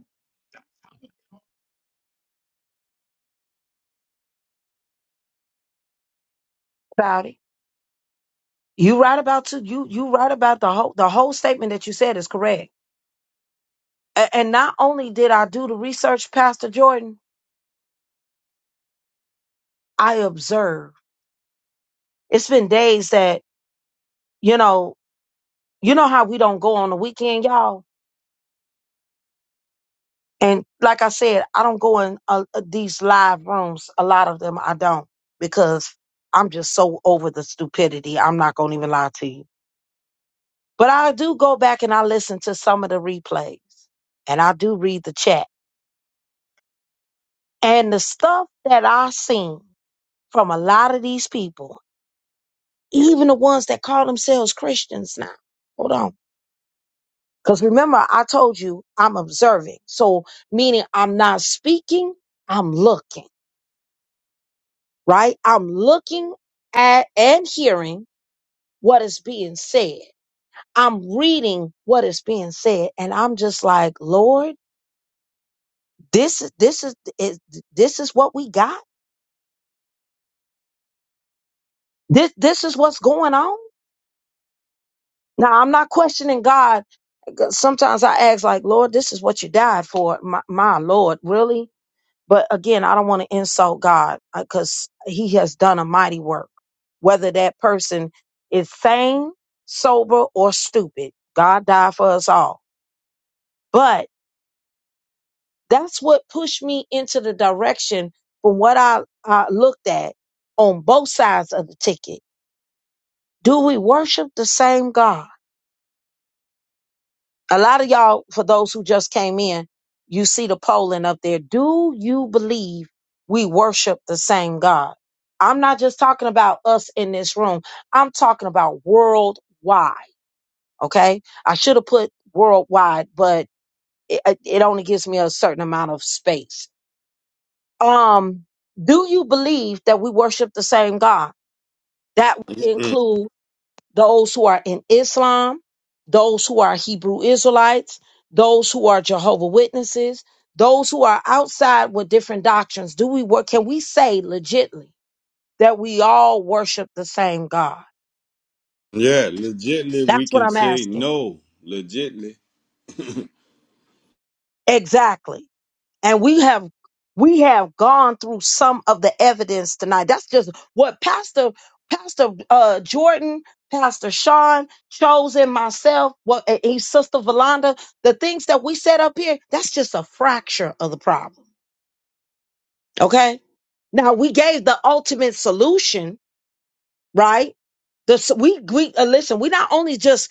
About it. You right about to you you right about the whole the whole statement that you said is correct. A- and not only did I do the research, Pastor Jordan, I observed. It's been days that, you know, you know how we don't go on the weekend, y'all And like I said, I don't go in uh, uh, these live rooms. A lot of them I don't because I'm just so over the stupidity. I'm not going to even lie to you. But I do go back and I listen to some of the replays and I do read the chat. And the stuff that I seen from a lot of these people, even the ones that call themselves Christians now. Hold on. Because remember, I told you I'm observing. So, meaning I'm not speaking, I'm looking. right? I'm looking at and hearing what is being said. I'm reading what is being said and I'm just like, "Lord, this is this is is- this is what we got? This this is what's going on?" Now, I'm not questioning God. Sometimes I ask like, "Lord, this is what you died for." My, my Lord, really? But again, I don't want to insult God because He has done a mighty work. Whether that person is sane, sober, or stupid, God died for us all. But that's what pushed me into the direction from what I, I looked at on both sides of the ticket. Do we worship the same God? a lot of y'all, for those who just came in, you see the polling up there. Do you believe we worship the same God? I'm not just talking about us in this room. I'm talking about worldwide. Okay. I should have put worldwide, but it, it only gives me a certain amount of space. Um, do you believe that we worship the same God? That would include those who are in Islam, those who are Hebrew Israelites, those who are Jehovah Witnesses, those who are outside with different doctrines. Do we work? Can we say legitly that we all worship the same God?
Yeah, legitly we
That's what
can
I'm
say
asking.
no. Legitly.
Exactly. and we have we have gone through some of the evidence tonight that's just what pastor pastor uh jordan pastor sean chosen myself what and his sister valanda the things that we set up here that's just a fracture of the problem okay now we gave the ultimate solution right the, s- we we uh, listen. We not only just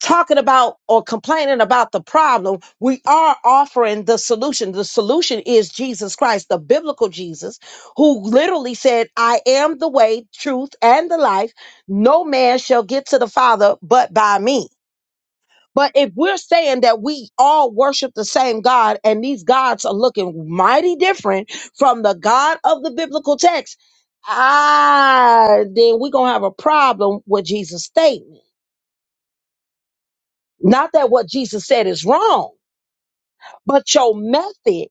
talking about or complaining about the problem, we are offering the solution. The solution is Jesus Christ, the biblical Jesus, who literally said, I am the way, truth, and the life. No man shall get to the Father but by me. But if we're saying that we all worship the same God and these gods are looking mighty different from the God of the biblical text, ah, then we're going to have a problem with Jesus' statement. Not that what Jesus said is wrong But your method,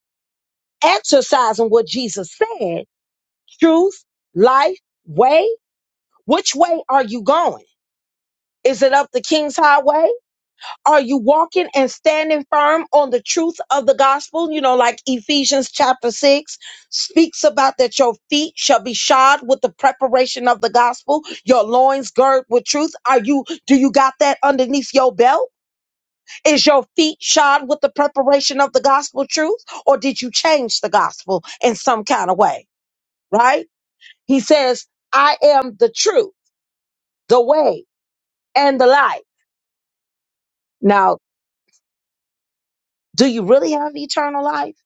exercising what Jesus said, truth, life, way, which way are you going? Is it up the King's Highway? Are you walking and standing firm on the truth of the gospel? You know, like Ephesians chapter 6 speaks about that your feet shall be shod with the preparation of the gospel, your loins girded with truth. Are you, do you got that underneath your belt? Is your feet shod with the preparation of the gospel truth, or did you change the gospel in some kind of way? Right? He says, I am the truth, the way, and the life. Now, do you really have eternal life?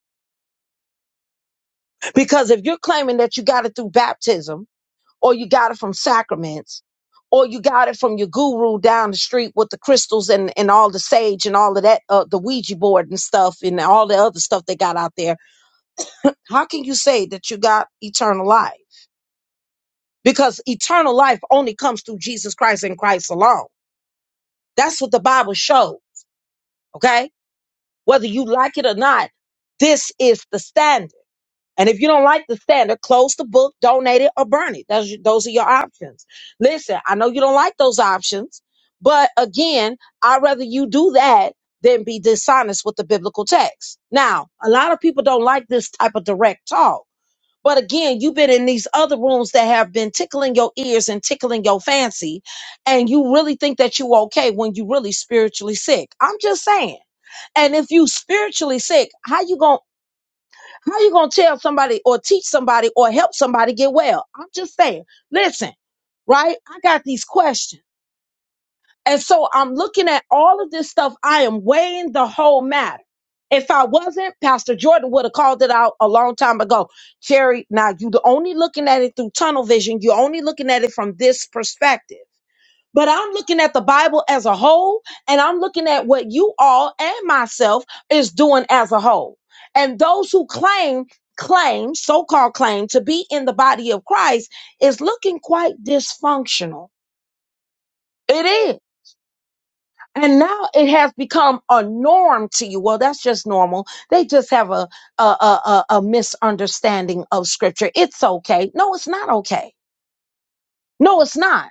Because if you're claiming that you got it through baptism, or you got it from sacraments, or you got it from your guru down the street with the crystals and, and all the sage and all of that, uh, the Ouija board and stuff, and all the other stuff they got out there, how can you say that you got eternal life? because eternal life only comes through Jesus Christ and Christ alone. That's what the Bible showed. Okay. Whether you like it or not, this is the standard. And if you don't like the standard, close the book, donate it, or burn it. Those, those are your options. Listen, I know you don't like those options, but again, I'd rather you do that than be dishonest with the biblical text. Now, a lot of people don't like this type of direct talk but again, you've been in these other rooms that have been tickling your ears and tickling your fancy, and you really think that you okay when you really spiritually sick. I'm just saying. And if you spiritually sick, how you going to how you gonna tell somebody or teach somebody or help somebody get well? I'm just saying. Listen, right? I got these questions. And so I'm looking at all of this stuff. I am weighing the whole matter. If I wasn't, Pastor Jordan would have called it out a long time ago. Cherry, now you're only looking at it through tunnel vision. You're only looking at it from this perspective. But I'm looking at the Bible as a whole, and I'm looking at what you all and myself is doing as a whole. And those who claim, claim, so called claim, to be in the body of Christ is looking quite dysfunctional. It is. And now it has become a norm to you. Well, that's just normal. They just have a a, a, a a misunderstanding of scripture. It's okay. No, it's not okay. No, it's not.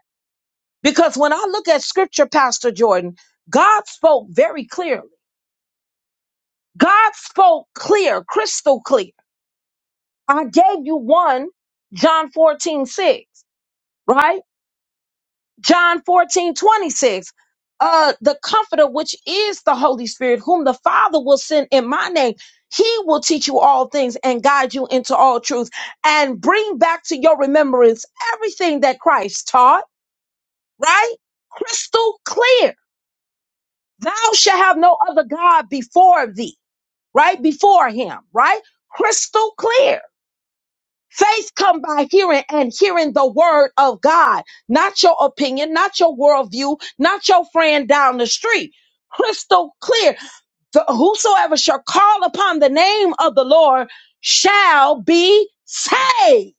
Because when I look at scripture, Pastor Jordan, God spoke very clearly. God spoke clear, crystal clear. I gave you one, John 14 6, right? John 14 26. Uh, the comforter, which is the Holy Spirit, whom the Father will send in my name, he will teach you all things and guide you into all truth and bring back to your remembrance everything that Christ taught, right? Crystal clear. Thou shalt have no other God before thee, right? Before him, right? Crystal clear Faith come by hearing and hearing the word of God, not your opinion, not your worldview, not your friend down the street. Crystal clear. The- whosoever shall call upon the name of the Lord shall be saved.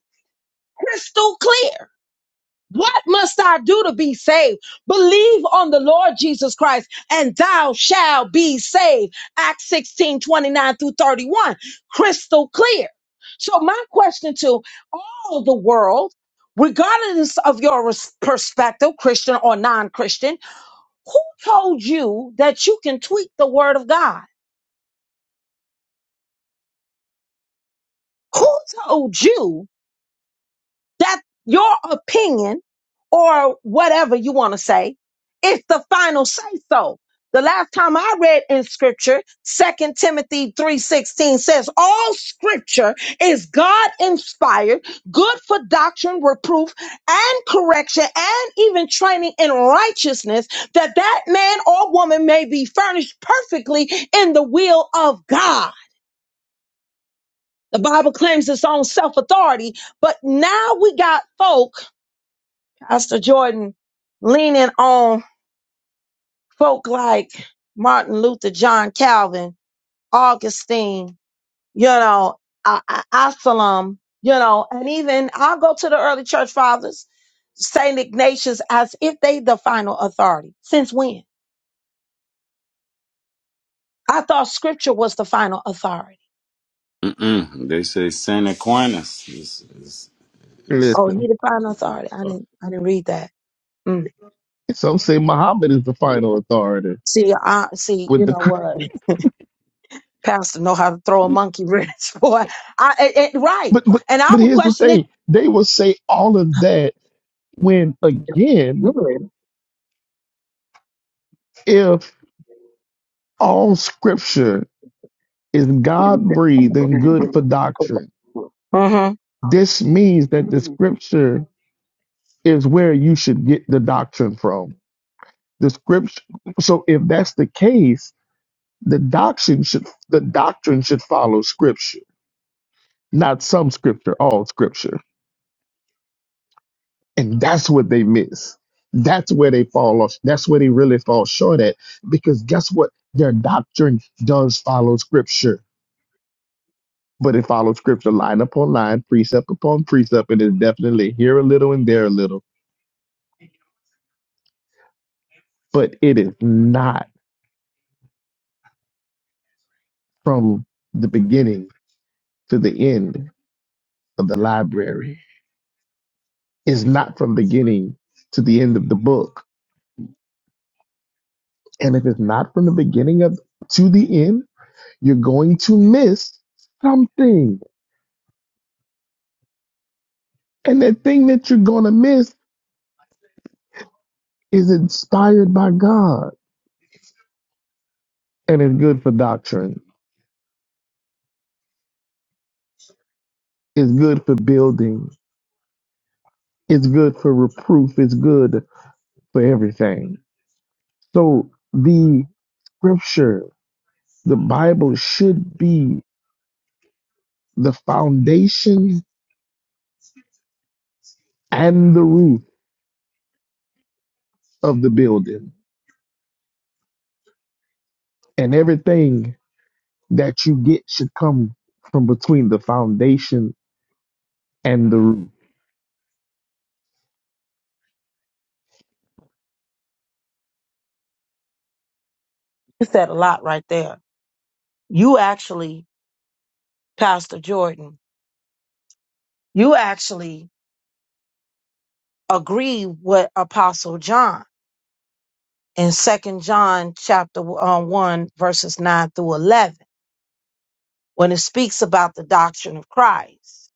Crystal clear. What must I do to be saved? Believe on the Lord Jesus Christ and thou shalt be saved. Acts 16 29 through 31. Crystal clear. So my question to all the world, regardless of your res- perspective, Christian or non-Christian, who told you that you can tweak the word of God? Who told you That your opinion or whatever you want to say is the final say so. The last time I read in scripture, Second Timothy 3:16 says, "All scripture is God inspired, good for doctrine, reproof, and correction, and even training in righteousness, that that man or woman may be furnished perfectly in the will of God." The Bible claims its own self-authority, but now we got folk Pastor Jordan leaning on folk like Martin Luther, John Calvin, Augustine, you know, uh, Absalom, you know, and even I'll go to the early church fathers, St. Ignatius, as if they the final authority. Since when? I thought scripture was the final authority.
Mm-mm. They say Saint Aquinas is is is.
Oh, he
Listen,
the final authority. I didn't, I didn't read that. Mm.
some say Muhammad is the final authority,
See, I see,
but
you
the
know what? Pastor know how to throw a monkey wrench, boy. I, it, it- right.
but but
And I
but
would
here's the
question it.
thing: they will say all of that when,
Good.
again, if all Scripture is God breathed and good for doctrine,
Mm-hmm.
this means that the Scripture is where you should get the doctrine from. The Scripture. So if that's the case, the doctrine should the doctrine should follow Scripture, not some Scripture, all Scripture. And that's what they miss. That's where they fall off. That's where they really fall short at. Because guess what? Their doctrine does follow scripture, but it follows scripture line upon line, precept upon precept, and it's definitely here a little and there a little. But it is not from the beginning to the end of the library. It's not from beginning to the end of the book. And if it's not from the beginning of to the end, you're going to miss something And that thing that you're going to miss is inspired by God. And it's good for doctrine, it's good for building, it's good for reproof, it's good for everything. So the scripture, the Bible should be the foundation and the roof of the building. And everything that you get should come from between the foundation and the roof.
You said a lot right there. You actually, Pastor Jordan, you actually agree with Apostle John in Second John chapter uh, one verses nine through eleven when it speaks about the doctrine of Christ.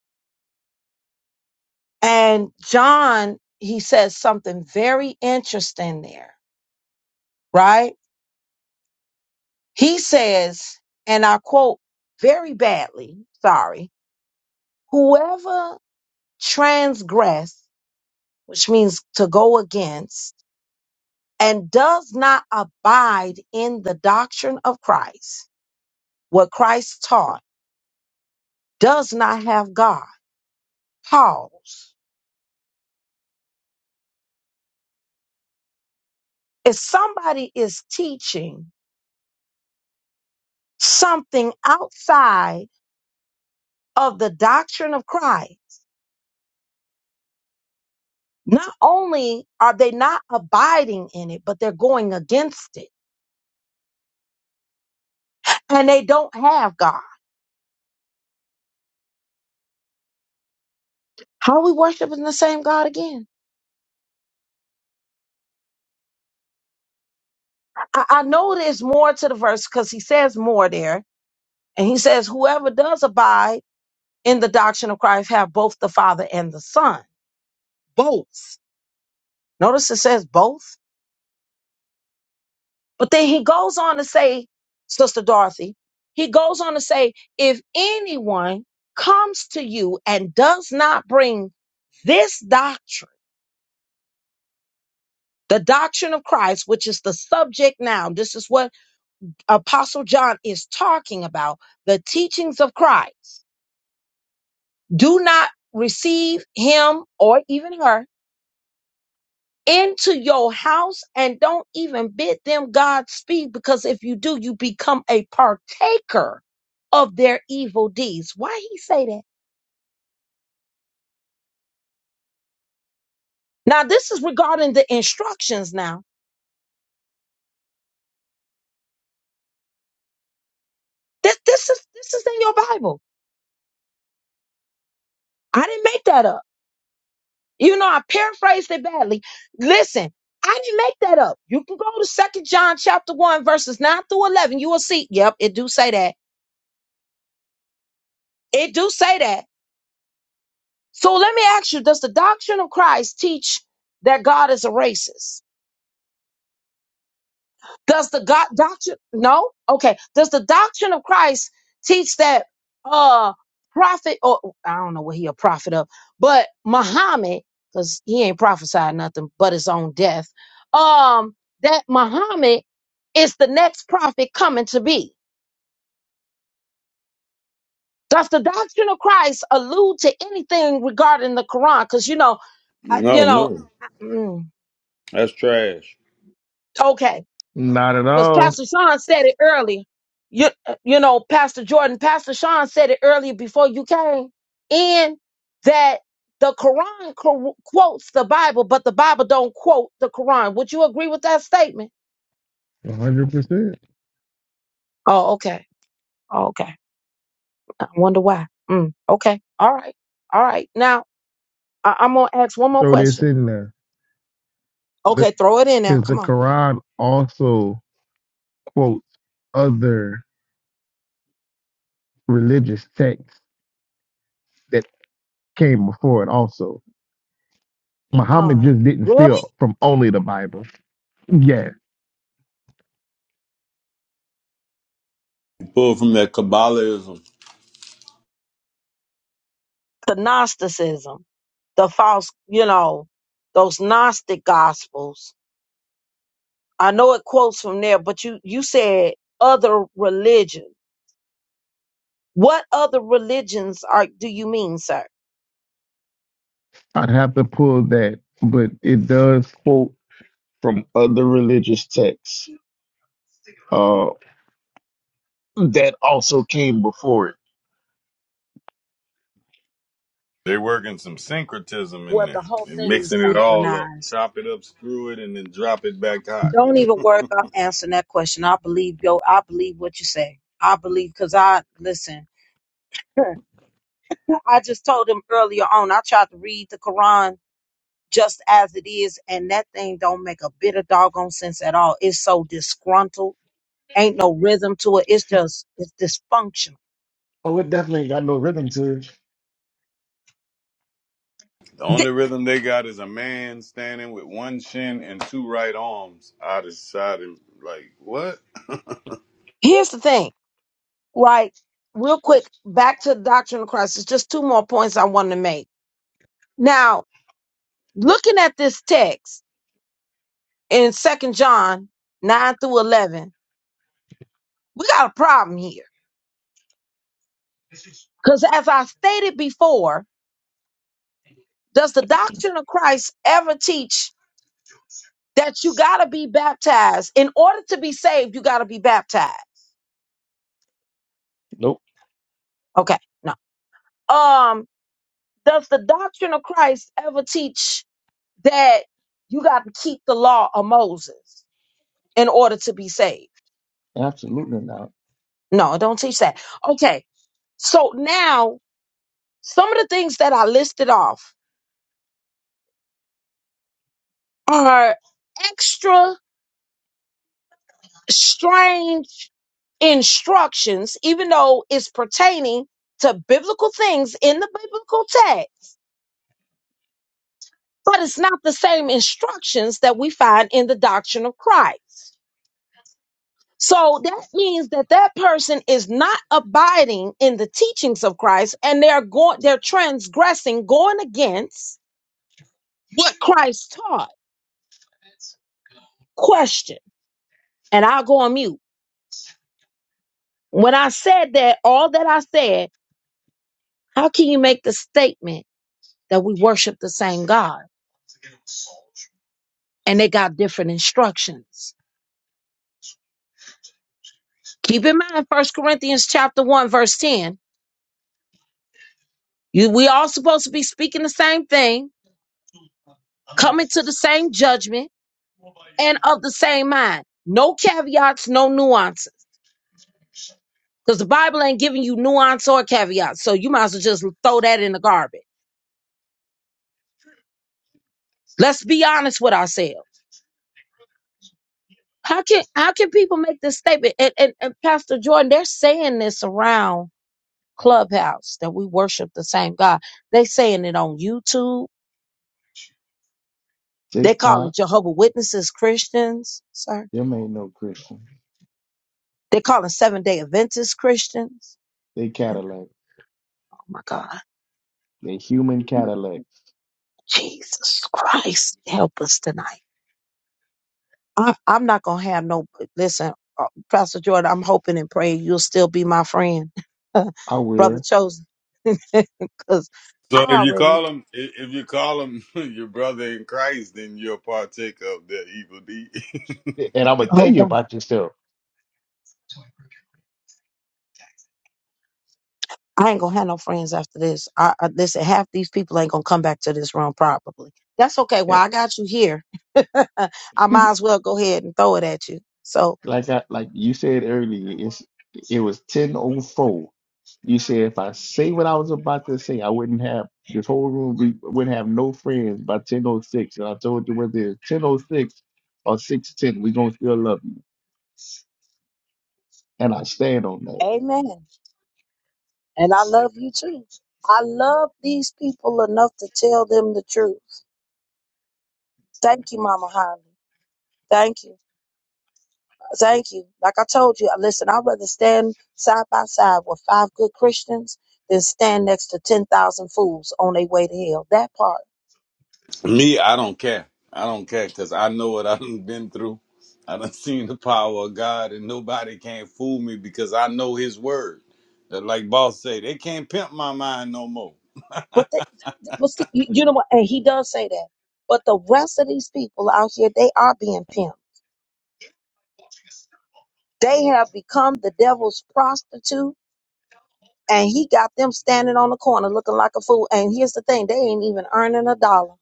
And John, he says something very interesting there, right? He says, and I quote very badly, sorry, whoever transgress, which means to go against, and does not abide in the doctrine of Christ, what Christ taught, does not have God. Pause. If somebody is teaching something outside of the doctrine of Christ, not only are they not abiding in it, but they're going against it and they don't have God. How are we worshiping the same God again? I, I know there's more to the verse because he says more there. And he says, whoever does abide in the doctrine of Christ have both the Father and the Son. Both. Notice it says both. But then he goes on to say, Sister Dorothy, he goes on to say, if anyone comes to you and does not bring this doctrine, the doctrine of Christ, which is the subject now, this is what Apostle John is talking about, the teachings of Christ do not receive him or even her into your house and don't even bid them Godspeed because if you do, you become a partaker of their evil deeds. Why he say that? Now this is regarding the instructions now. This this is this is in your Bible. I didn't make that up. You know, I paraphrased it badly. Listen, I didn't make that up. You can go to Second John chapter 1, verses 9 through 11. You will see. Yep, it do say that. It do say that. So let me ask you, does the doctrine of Christ teach that God is a racist? Does the God doctrine no? Okay. Does the doctrine of Christ teach that uh prophet or I don't know what he a prophet of, but Muhammad, because he ain't prophesied nothing but his own death, um, that Muhammad is the next prophet coming to be. Does the doctrine of Christ allude to anything regarding the Quran? Because you know, I, you
No,
know,
no,
I- mm,
that's trash.
okay. because Pastor Sean said it earlier. You uh, you know, Pastor Jordan, Pastor Sean said it earlier before you came in that the Quran co- quotes the Bible, but the Bible don't quote the Quran. Would you agree with that statement?
100%.
Oh, okay. Oh, okay. I wonder why. Mm, okay. All right. All right. Now I- I'm gonna ask one more
Throw this
question.
in there. Because the
Okay, throw it in there.
'cause the
Come on.
Quran also quotes other religious texts that came before it also. Muhammad
Uh,
just didn't
really?
steal from only the Bible. Yeah,
Pulled from that Kabbalism.
The Gnosticism, the false, you know, those Gnostic gospels I know it quotes from there, but you you said other religion. What other religions are do you mean, sir?
I'd have to pull that, but it does quote from other religious texts uh, that also came before it.
They working some syncretism in
Well, the
there
whole
and
thing is
mixing it all up.
synchronized.
Chop it up, screw it, and then drop it back hot.
Don't even worry about answering that question. I believe yo. I believe what you say. I believe because I listen. I just told him earlier on. I tried to read the Quran just as it is, and that thing don't make a bit of doggone sense at all. It's so disgruntled. Ain't no rhythm to it. It's just it's dysfunctional.
Oh, it definitely ain't got no rhythm to it.
The
Th-
only rhythm they got is a man standing with one shin and two right arms out his side and like what?
here's the thing. right? Real quick, back to the doctrine of Christ. It's just two more points I want to make. Now, looking at this text in Second John 9 through 11, we got a problem here. Because as I stated before, does the doctrine of Christ ever teach that you got to be baptized? In order to be saved, you got to be baptized.
Nope,
Okay, no. Um, does the doctrine of Christ ever teach that you got to keep the law of Moses in order to be saved?
absolutely not.
No, don't teach that. Okay. So now some of the things that I listed off are extra strange instructions, even though it's pertaining to biblical things in the biblical text, but it's not the same instructions that we find in the doctrine of Christ. So that means that that person is not abiding in the teachings of Christ and they're going, they're transgressing, going against what Christ taught. Question, and I'll go on mute. When I said that, all that I said, how can you make the statement that we worship the same God and they got different instructions? Keep in mind, First Corinthians chapter 1, verse 10, you, we all supposed to be speaking the same thing, coming to the same judgment, and of the same mind. No caveats, no nuances. Because the Bible ain't giving you nuance or caveats. So you might as well just throw that in the garbage. Let's be honest with ourselves. How can how can people make this statement? And, and, and Pastor Jordan, they're saying this around Clubhouse that we worship the same God. They saying it on YouTube. They calling
TikTok,
Jehovah Witnesses Christians, sir.
them ain't no Christian.
They calling Seven Day Adventists Christians.
They
And,
Cadillac.
oh my God,
They human Cadillac.
Jesus Christ, help us tonight. I, I'm not gonna have no. Listen, uh, Pastor Jordan, I'm hoping and praying you'll still be my friend,
I
brother
will.
chosen, because I
So if you
already.
call him if if you call him your brother in Christ, then you're a partaker of their evil deed.
And I'm gonna tell
Oh
you
God.
about yourself.
I ain't gonna have no friends after this. I, I listen, half these people ain't gonna come back to this room probably. That's okay. Well, I got you here. I might as well go ahead and throw it at you. So,
Like I like you said earlier, it's it was ten oh four. And I was about say I wouldn't have this whole room we wouldn't have no friends by ten oh six. And I told you whether it's ten oh six or six ten, we gonna still love you. And I stand on
amen. And I love you too. I love these people enough to tell them the truth. Thank you, Mama Holly. Thank you. Thank you. Like I told you, listen, I'd rather stand side by side with five good Christians than stand next to 10,000 fools on their way to hell. That part.
Me, I don't care. I don't care because I know what I've been through. I done seen the power of God, and nobody can't fool me because I know His word. That, like boss say, they can't pimp my mind no more.
But the, but see, you you know what? And he does say that. But the rest of these people out here, they are being pimped. They have become the devil's prostitute, and he got them standing on the corner looking like a fool. And here's the thing: they ain't even earning a dollar.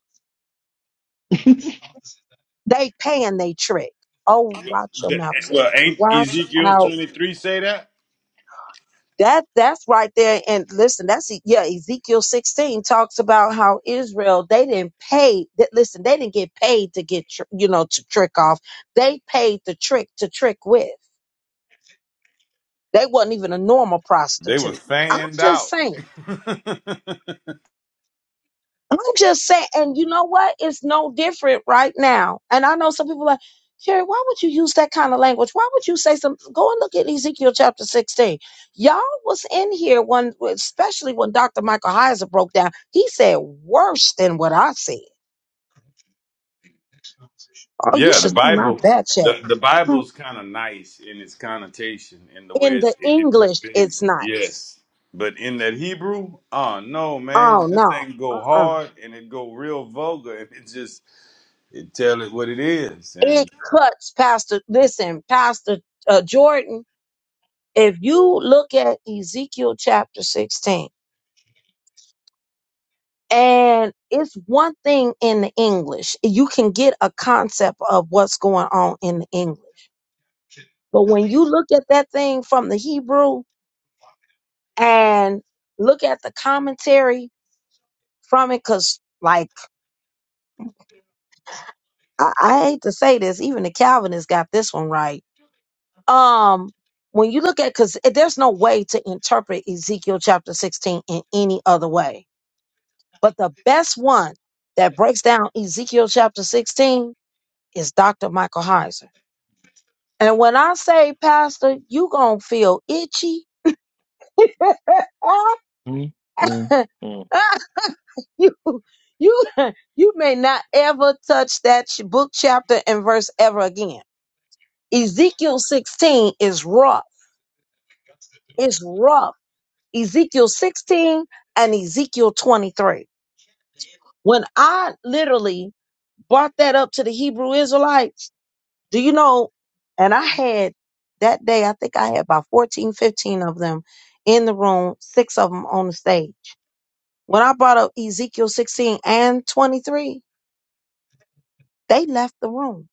that.
They paying they trick. Oh, watch your
The-
mouth, Terry.
well, ain't
Watch
Ezekiel
out
twenty three say that?
that that's right there and listen that's E, yeah ezekiel 16 talks about how israel they didn't pay that listen they didn't get paid to get tr- you know to trick off they paid the trick to trick with they wasn't even a normal
They was
prostitute i'm
fanned
just
out.
saying I'm just saying, and you know what? It's no different right now. And I know some people are like, Carrie, why would you use that kind of language? Why would you say something? Go and look at Ezekiel chapter 16. Y'all was in here when, especially when Dr. Michael Heiser broke down. He said worse than what I said. Oh, you
Yeah, the
should see my
Bible,
back
the,
chat.
the Bible is kind of nice in its connotation in the way
In
it,
the
it, it
English,
conveys
it's
it.
nice.
Yes, but in that Hebrew, oh no, man,
Oh,
that
no.
thing go
Uh-uh.
hard and it go real vulgar and it just it tell it what it is.
It
And
cuts, Pastor. Listen, Pastor uh, Jordan, if you look at Ezekiel chapter 16, And it's one thing in the English. You can get a concept of what's going on in the English. But when you look at that thing from the Hebrew and look at the commentary from it, because like I, I hate to say this, even the Calvinists got this one right. Um, when you look at because there's no way to interpret Ezekiel chapter 16 in any other way. But the best one that breaks down Ezekiel chapter 16 is Dr. Michael Heiser And when I say, Pastor, you gonna feel itchy. you, you, you may not ever touch that sh- book chapter and verse ever again. Ezekiel 16 is rough. It's rough. Ezekiel 16 and Ezekiel 23. When I literally brought that up to the Hebrew Israelites, Do you know? And I had that day, I think I had about 14, 15 of them in the room, six of them on the stage. When I brought up Ezekiel 16 and 23, they left the room.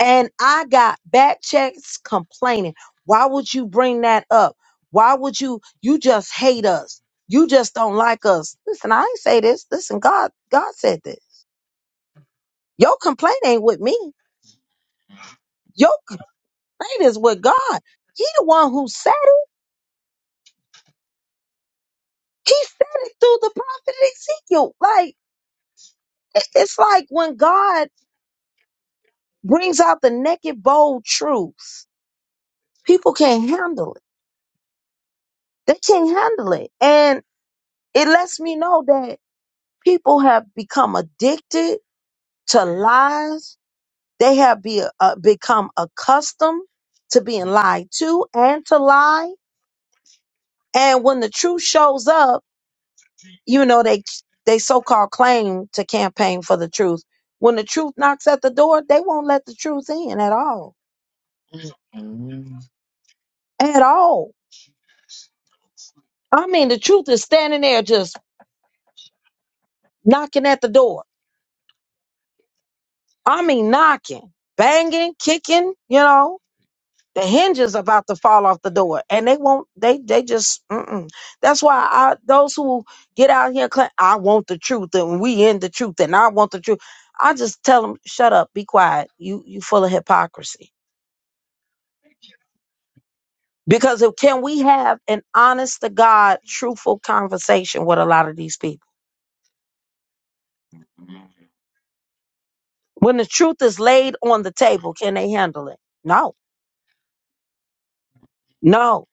And I got back checks complaining. Why would you bring that up? Why would you? You just hate us. You just don't like us. Listen, I ain't say this. Listen, God, God said this. Your complaint ain't with me. Your complaint is with God. He the one who said. He said it through the prophet Ezekiel. Like, it- it's like when God brings out the naked, bold truths, people can't handle it. They can't handle it. And it lets me know that people have become addicted to lies. They have be, uh, become accustomed to being lied to and to lie. And when the truth shows up, you know they they so-called claim to campaign for the truth when the truth knocks at the door they won't let the truth in at all
Mhm.
at all i mean the truth is standing there just knocking at the door i mean knocking banging kicking you know the hinges about to fall off the door and they won't they they just mm-mm. that's why i those who get out here claim i want the truth and we in the truth and i want the truth i just tell them shut up be quiet you you full of hypocrisy Because if, can we have an honest to God, truthful conversation with a lot of these people? When the truth is laid on the table, can they handle it? No, no.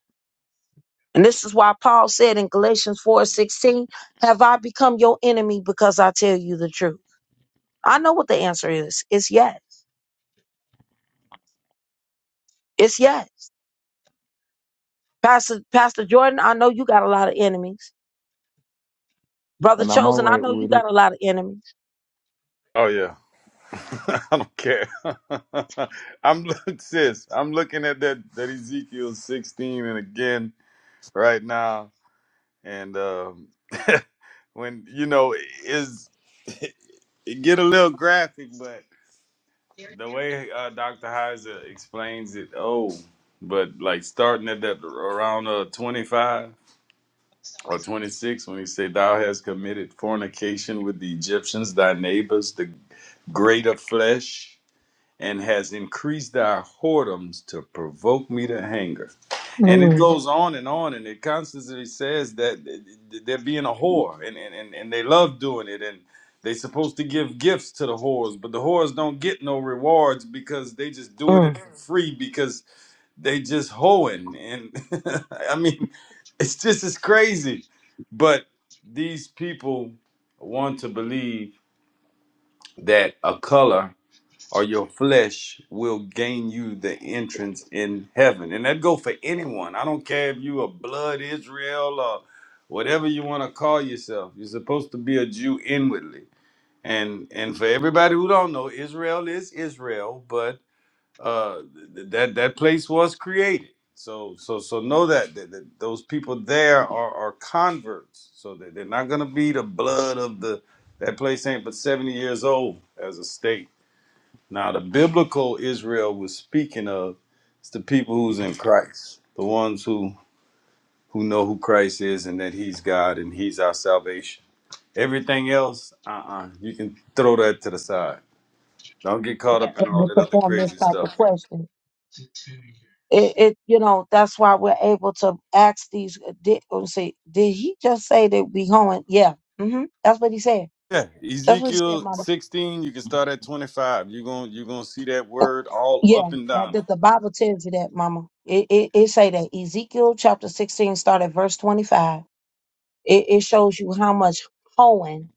And this is why Paul said in Galatians four sixteen, Have I become your enemy because I tell you the truth? I know what the answer is. It's yes. It's yes. Pastor, Pastor Jordan, I know you got a lot of enemies. Brother
And I'm all
Chosen, I
right
know
with
you
it.
got a lot of enemies.
oh yeah, I don't care. I'm look sis, I'm looking at that that Ezekiel 16 and again right now, and um, when you know is it get a little graphic, but. the way uh, Dr. Heiser explains it, oh, but like starting at that around uh, 25 or 26 when he said, Thou hast committed fornication with the Egyptians, thy neighbors, the greater flesh and has increased our whoredoms to provoke me to anger. And it
Mhm.
goes on and on, and it constantly says that they're being a whore, and, and, and and they love doing it, and they're supposed to give gifts to the whores, but the whores don't get no rewards because they just doing it for free because they just hoeing. And I mean, it's just as crazy. But these people want to believe that a color or your flesh will gain you the entrance in heaven. And that go for anyone. I don't care if you a blood Israel or whatever you want to call yourself. You're supposed to be a Jew inwardly. And and for everybody who don't know, Israel is Israel, but uh th- that that place was created. So so so know that, that, that those people there are are converts. So that they're not going to be the blood of the that place ain't but 70 years old as a state. Now, the biblical Israel was speaking of is the people who's in Christ, the ones who who know who Christ is and that He's God and He's our salvation. Everything else, uh-uh, you can throw that to the side. Don't get caught
we're
up in all
able
that
to
other
form this
crazy
type of
stuff.
question. It, it you know, that's why we're able to ask these. uh, Did, oh, see, did he just say that we going? Yeah, hmm that's what he said.
Yeah,
That's what you said,
Ezekiel
Mama.
16, you can start at 25. You're going you're going to see that word all
Yeah,
up and
that,
down it.
that the Bible tells you that, Mama. It, it it say that Ezekiel chapter sixteen, start at verse twenty five. It it shows you how much hoeing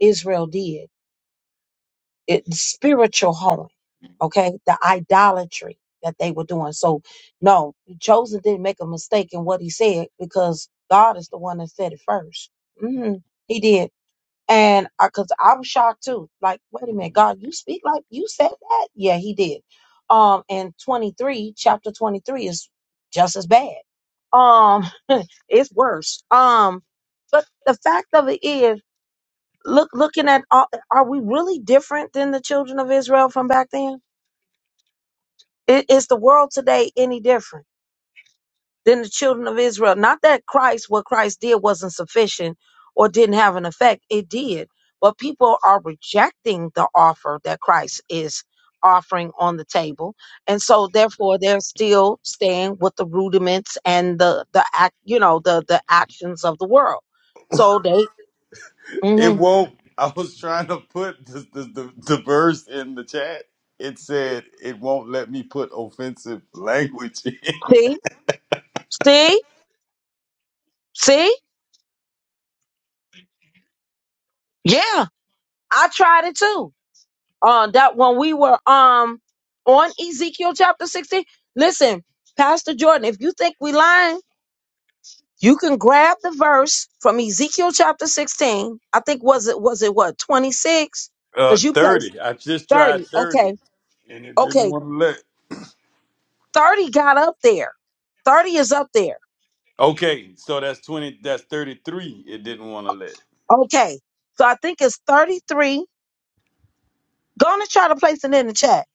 Israel did. It spiritual hoeing, okay? The idolatry that they were doing. So no, Joseph didn't make a mistake in what he said because God is the one that said it 1st Mm-hmm. He did. And I, cause I was shocked too. Like, wait a minute, God, you speak like you said that? Yeah, he did. Um, and 23, chapter 23 is just as bad. Um, it's worse. Um, but the fact of it is, look, looking at, all, are we really different than the children of Israel from back then? I- Is the world today any different? than the children of Israel. Not that Christ, what Christ did wasn't sufficient or didn't have an effect. It did. But people are rejecting the offer that Christ is offering on the table. And so therefore they're still staying with the rudiments and the the act, you know, the the actions of the world. So they
It
mhm.
won't. I was trying to put the, the, the, the verse in the chat. It said it won't let me put offensive language in.
see, see, see, yeah. I tried it too. uh, that when we were um on Ezekiel chapter 16. Listen, Pastor Jordan, if you think we lying, you can grab the verse from Ezekiel chapter 16. I think was it was it what 26?
Uh,
Because you placed
30. I just tried
30.
30
Okay,
and it didn't
okay,
want to let.
30 got up there. 30 is up there.
Okay, so that's 20. That's 33. It didn't want to let.
Okay. So I think it's 33. Gonna try to place it in the chat,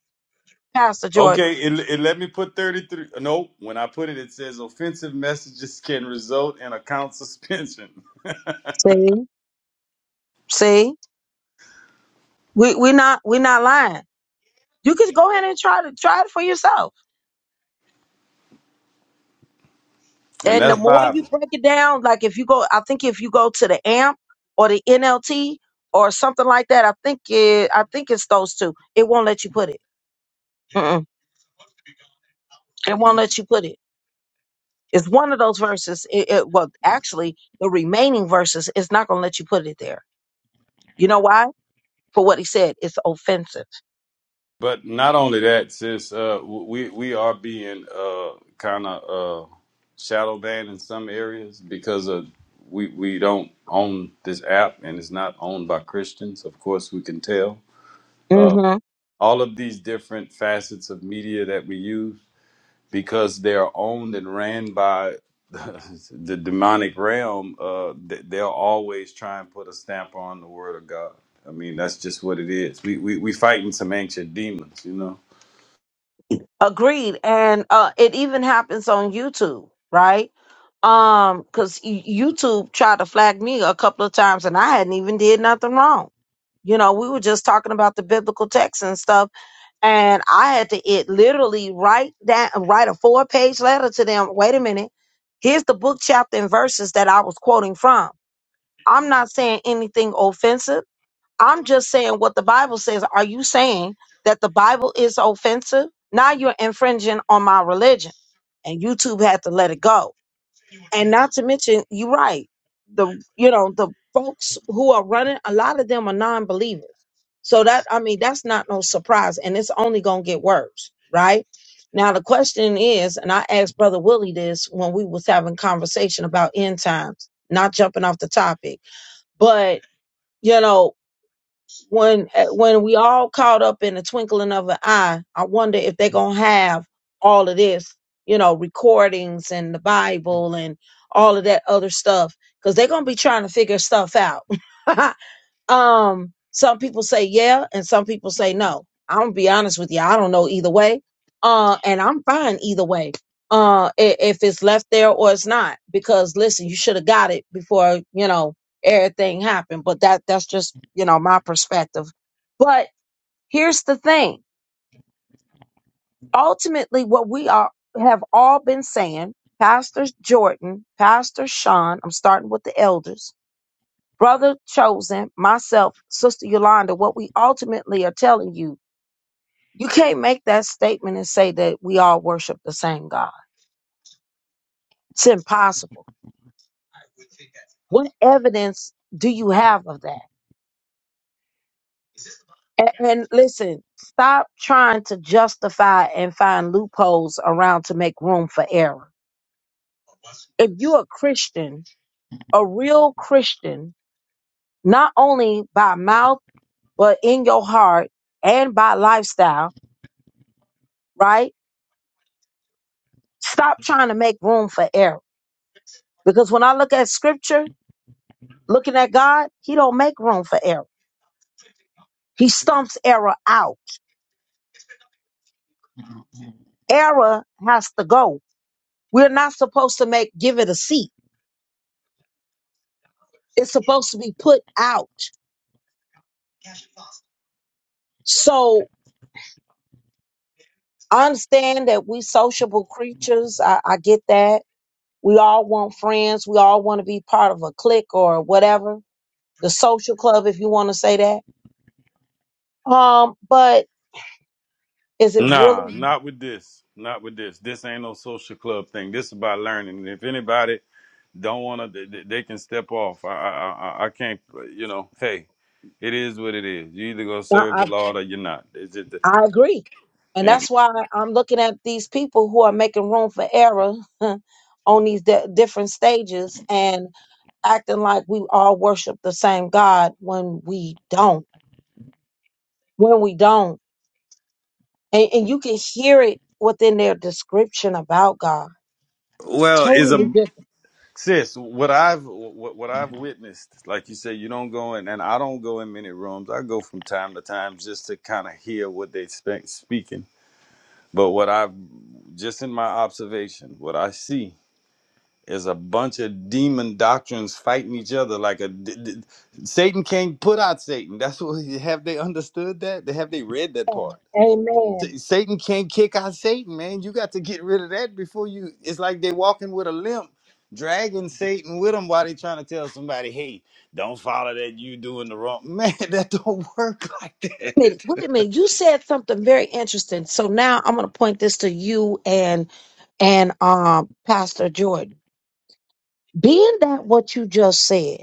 Pastor Jordan.
Okay, it, it let me put 33. No, when I put it, it says offensive messages can result in account suspension.
See? See? We we not we not lying. You could go ahead and try to try it for yourself
And
And the
that's
more
Bible.
you break it down, like if you go, I think if you go to the AMP or the NLT or something like that, I think it, I think it's those two. It won't let you put it. Mm-mm. It won't let you put it. It's one of those verses. It, it, well, actually, the remaining verses is not going to let you put it there. You know why? For what he said, it's offensive.
But not only that, sis, uh, we we are being uh, kind of uh, shadow banned in some areas because of we we don't own this app and it's not owned by Christians. Of course, we can tell uh,
hmm
all of these different facets of media that we use because they are owned and ran by the demonic realm. Uh, th- they'll always try and put a stamp on the Word of God. I mean, that's just what it is. We we we fighting some ancient demons, you know.
Agreed. And uh, it even happens on YouTube, right? um because youtube tried to flag me a couple of times and i hadn't even did nothing wrong you know we were just talking about the biblical text and stuff and i had to it literally write that write a four page letter to them wait a minute here's the book chapter and verses that i was quoting from i'm not saying anything offensive i'm just saying what the bible says are you saying that the bible is offensive now you're infringing on my religion and youtube had to let it go and not to mention you're right the you know the folks who are running a lot of them are non-believers so that i mean that's not no surprise and it's only gonna get worse right now the question is and i asked brother willie this when we was having conversation about end times not jumping off the topic but you know when eh, when we all caught up in the twinkling of an eye i wonder if they're gonna have all of this you know recordings and the bible and all of that other stuff because they're gonna be trying to figure stuff out Um, some people say yeah, and some people say no. I'm gonna be honest with you, I don't know either way. Uh, and I'm fine either way. Uh, i- if it's left there or it's not, because listen, you should have got it before you know everything happened. But that that's just you know my perspective. But here's the thing: ultimately, what we are have all been saying, Pastor Jordan, Pastor Sean. I'm starting with the elders Brother Chosen, myself, Sister Yolanda, what we ultimately are telling you, you can't make that statement and say that we all worship the same God. It's impossible. What evidence do you have of that? And, and listen, stop trying to justify and find loopholes around to make room for error. If you're a Christian, a real Christian, not only by mouth, but in your heart and by lifestyle, right? Stop trying to make room for error Because when I look at scripture, looking at God, he don't make room for error. He stumps error out. Error has to go. We're not supposed to make give it a seat. It's supposed to be put out. So I understand that we sociable creatures. I, I get that. We all want friends. We all want to be part of a clique or whatever. The social club, if you want to say that. Um, but is it
Nah,
really?
not with this. Not with this. This ain't no social club thing. This is about learning. And If anybody don't want to, they, they can step off. I, I, I, I can't. You know, hey, it is what it is. You either gonna serve
I,
the Lord or you're not. It's just,
I agree. And
and
that's why I'm looking at these people who are making room for error on these di- different stages and acting like we all worship the same God when we don't. When we don't. And, and you can hear it within their description about God. It's
well, is
totally
a
different.
sis. What I've what, what I've witnessed, like you say, you don't go in, and I don't go in many rooms. I go from time to time just to kind of hear what they spe- speaking. But what I've just in my observation, what I see is a bunch of demon doctrines fighting each other like a d- d- Satan can't put out Satan. That's what have they understood that? They have they read that
Amen.
part?
Wait a
Sa- Satan can't kick out Satan, man. You got to get rid of that before you. It's like they walking with a limp, dragging Satan with them while they trying to tell somebody, "Hey, don't follow that. You doing the wrong, man. That don't work like
minute.
that."
Wait a minute. You said something very interesting. So now I'm going to point this to you and and um, Pastor Jordan. Being that what you just said,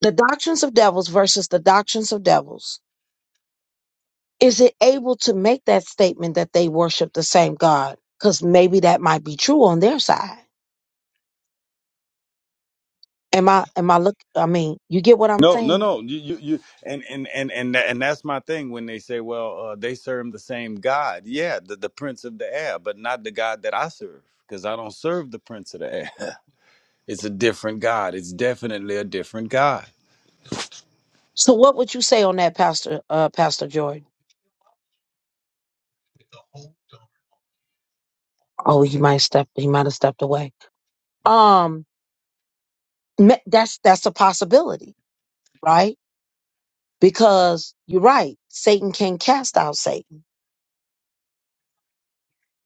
the doctrines of devils versus the doctrines of devils is it able to make that statement that they worship the same god because maybe that might be true on their side am i am i look i mean you get what i'm
No, no,
saying
no. You, you, you and, and, and, and, tha- and that's my thing when they say, well, uh, they serve the same God. Yeah, the, the prince of the air, but not the God that I serve because I don't serve the prince of the air. it's a different God. It's definitely a different God.
so what would you say on that pastor uh pastor jordan oh he might step he might have stepped away Um. Me- That's that's a possibility, right? Because you're right, Satan can cast out Satan.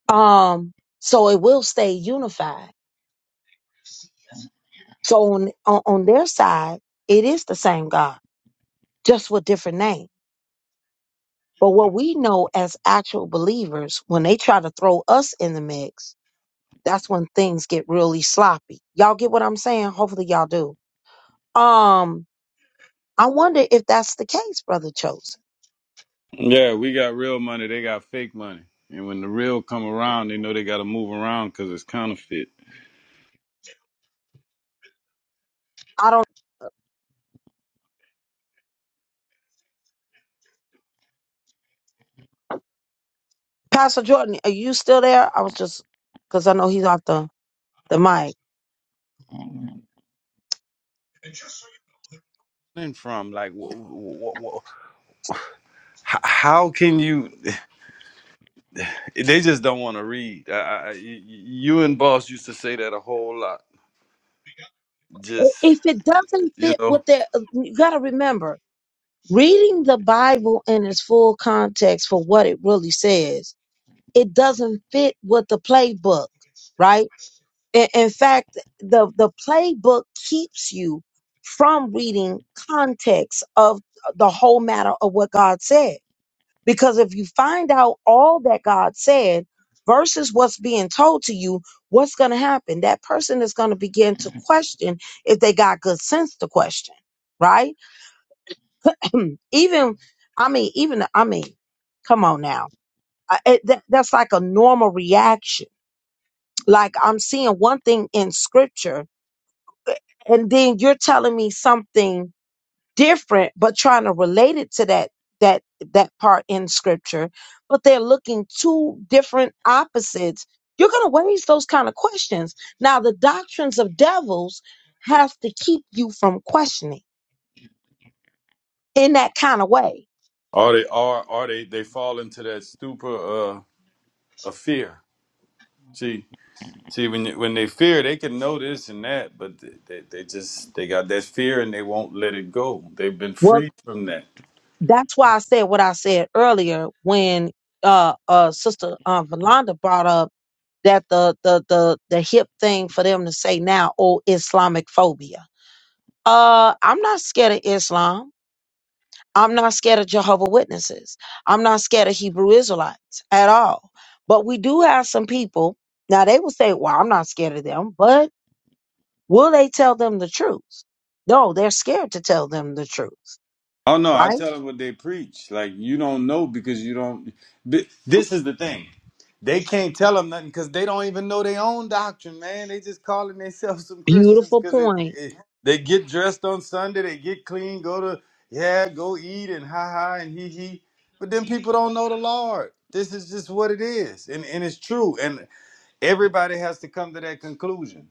Um, so it will stay unified. So on on, on their side, it is the same God, just with different name. But what we know as actual believers, when they try to throw us in the mix, that's when things get really sloppy. Y'all get what I'm saying? Hopefully y'all do. Um, I wonder if that's the case, brother Chosen
Yeah, we got real money. They got fake money. And when the real come around, they know they got to move around because it's counterfeit.
I don't. Pastor Jordan, are you still there? I was just because I know he's off the the mic.
And From like, wh- wh- wh- wh- h- how can you? They just don't want to read. I, I, I- y- y- you and Boss used to say that a whole lot just
If it doesn't
You
fit with
know,
that, you got to remember reading the Bible in its full context for what it really says. it doesn't fit with the playbook, right? In, in fact, the the playbook keeps you from reading context of the whole matter of what God said. Because if you find out all that God said versus what's being told to you, what's going to happen? That person is going to begin to question if they got good sense to question, right? even, I mean, even, I mean, come on now. I, it, that, that's like a normal reaction Like I'm seeing one thing in scripture, and then you're telling me something different, but trying to relate it to that that that part in scripture. But they're looking two different opposites. You're gonna raise those kind of questions. Now, the doctrines of devils has to keep you from questioning in that kind of way
or they are, or they they fall into that stupor uh, of fear. See, see, when when they fear, they can know this and that, but they, they they just they got that fear and they won't let it go. They've been
Well,
freed from that.
that's why I said what I said earlier when uh uh sister um Valanda brought up that the the the the hip thing for them to say now, oh Islamic phobia. Uh I'm not scared of Islam. I'm not scared of Jehovah Witnesses. I'm not scared of Hebrew Israelites at all. But we do have some people now. They will say, "Well, I'm not scared of them," but will they tell them the truth? No, they're scared to tell them the truth.
Oh no, I
Right?
tell them what they preach. Like you don't know because you don't. Th- This is the thing. They can't tell them nothing because they don't even know their own doctrine, man. They just calling themselves some Christians
Beautiful
because it,
point.
it. They get dressed on Sunday, they get clean, go to yeah, go eat and ha ha and he he. But then people don't know the Lord. This is just what it is, and and it's true. And everybody has to come to that conclusion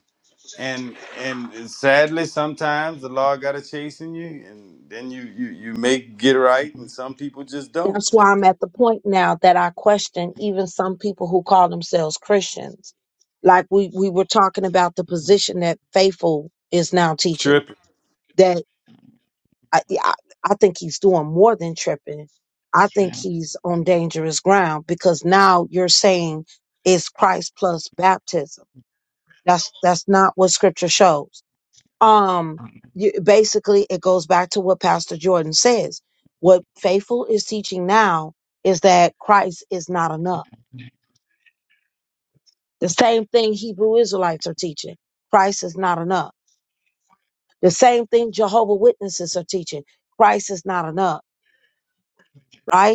and and sadly sometimes the law gotta chasing you and then you you you make get right and some people just don't
That's why
the
I'm at the point now that I question even some people who call themselves Christians. Like we we were talking about the position that faithful is now teaching.
tripping
I, yeah, I I think he's doing more than tripping. I think he's on dangerous ground because now you're saying it's Christ plus baptism. That's that's not what Scripture shows. Um, you, basically, it goes back to what Pastor Jordan says. What faithful is teaching now is that Christ is not enough. The same thing Hebrew Israelites are teaching. Christ is not enough. The same thing Jehovah Witnesses are teaching. Christ is not enough right?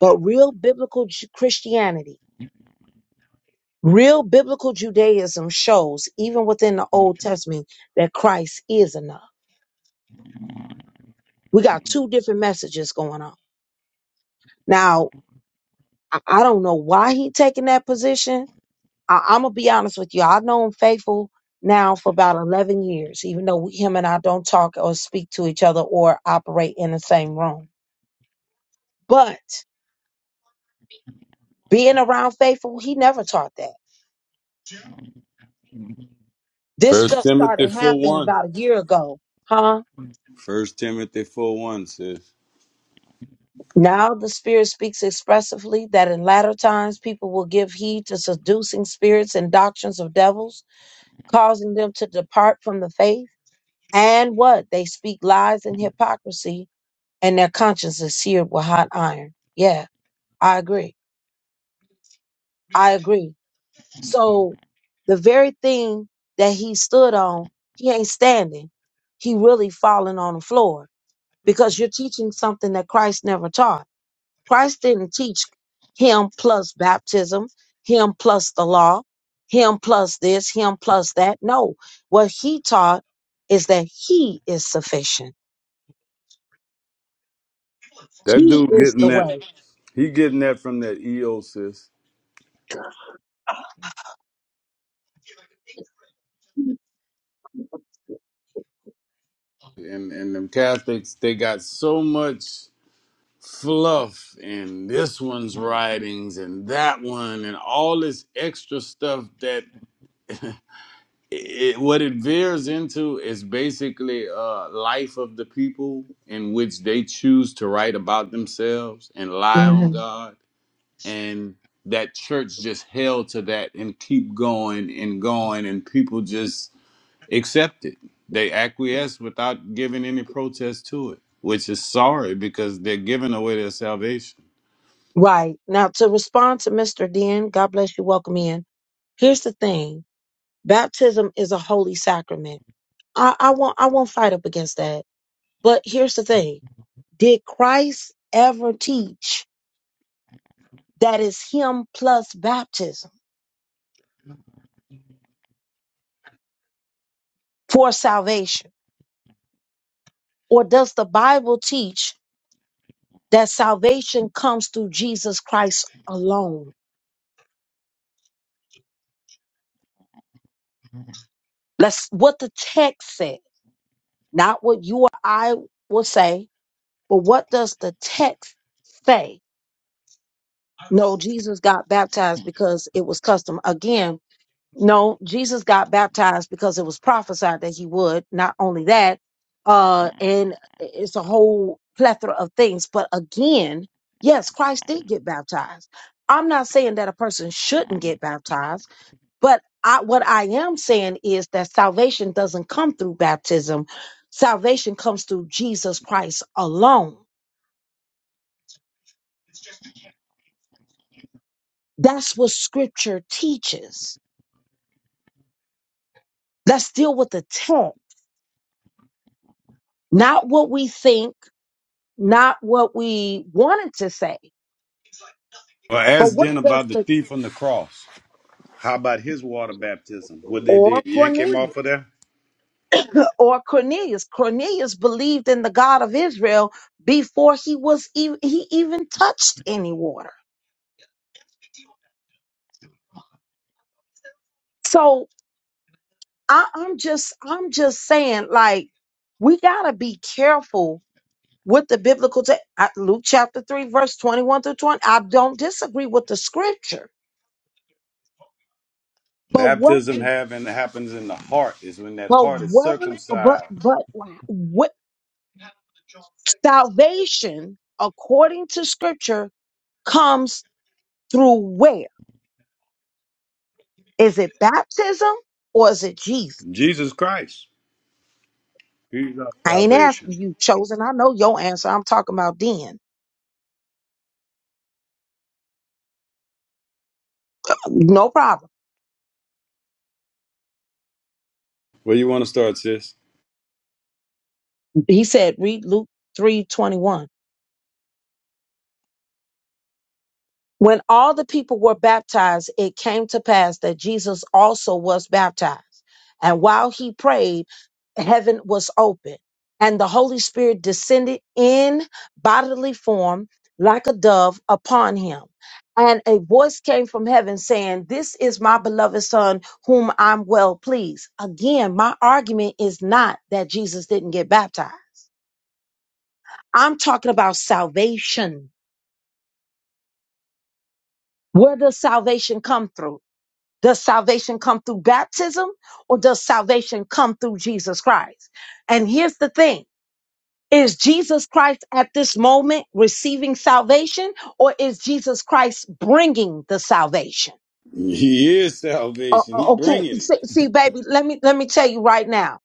But real biblical Ju- Christianity, real biblical Judaism shows, even within the Old Testament, that Christ is enough. We got two different messages going on. Now, I I don't know why he taking that position. I, I'm gonna be honest with you. I've known Faithful now for about 11 years, even though him and I don't talk or speak to each other or operate in the same room. But being around Faithful, he never taught that. This
first
stuff
timothy
started
4
happening
1
about a year ago, huh?
first timothy 4 1 sis
Now the Spirit speaks expressively that in latter times people will give heed to seducing spirits and doctrines of devils, causing them to depart from the faith. And what? They speak lies and hypocrisy, and their conscience is seared with hot iron. Yeah, I agree. I agree. So the very thing that he stood on, he ain't standing. He really falling on the floor because you're teaching something that Christ never taught. Christ didn't teach him plus baptism, him plus the law, him plus this, him plus that. No, what he taught is that he is sufficient.
that
He
dude
is
getting
the
that
way.
he getting that from that eo sis and and them catholics they got so much fluff and this one's writings and that one and all this extra stuff that. it, what it veers into is basically uh life of the people in which they choose to write about themselves and lie on
Mhm.
God and that church just held to that and keep going and going and people just accept it they acquiesce without giving any protest to it which is sorry because they're giving away their salvation
Right. Now, to respond to Mr. Den, God bless you, welcome in. Here's the thing baptism is a holy sacrament. I, I won't I won't fight up against that. But here's the thing. Did Christ ever teach that it's him plus baptism for salvation? Or does the Bible teach that salvation comes through Jesus Christ alone? That's what the text said, not what you or I will say, but what does the text say? No, Jesus got baptized because it was custom. Again, No, Jesus got baptized because it was prophesied that he would. Not only that, uh, and it's a whole plethora of things. But again, yes, Christ did get baptized. I'm not saying that a person shouldn't get baptized, but I, what I am saying is that salvation doesn't come through baptism. Salvation comes through Jesus Christ alone. That's what scripture teaches. Let's deal with the text, not what we think not what we wanted to say,
well
but
ask
what
then
does
about the
the
thief on the cross how about his water baptism what they
or
did yank him
Cornelius
off of there
or Cornelius Cornelius believed in the God of Israel before he was even he even touched any water. So I, I'm just I'm just saying like we gotta be careful with the biblical text. Luke chapter three verse twenty one through twenty. I don't disagree with the scripture, but what
Baptism having happens in the heart is when that
but
heart is
what but
circumcised.
but Salvation, according to scripture, comes through where? Is it baptism or is it Jesus?
Jesus Christ, He's our
I ain't
salvation.
asking you, chosen. I know your answer. I'm talking about then. No problem.
Where you want to start, sis?
He said, read Luke three twenty one. When all the people were baptized, it came to pass that Jesus also was baptized. And while he prayed, heaven was open, and the Holy Spirit descended in bodily form like a dove upon him. And a voice came from heaven saying, This is my beloved Son, whom I'm well pleased. Again, my argument is not that Jesus didn't get baptized. I'm talking about salvation. Where does salvation come through? Does salvation come through baptism or does salvation come through Jesus Christ? And here's the thing. Is Jesus Christ at this moment receiving salvation or is Jesus Christ bringing the salvation?
He is
O-
salvation. He
o- okay.
bringing it.
See, see, baby, let me, let me tell you right now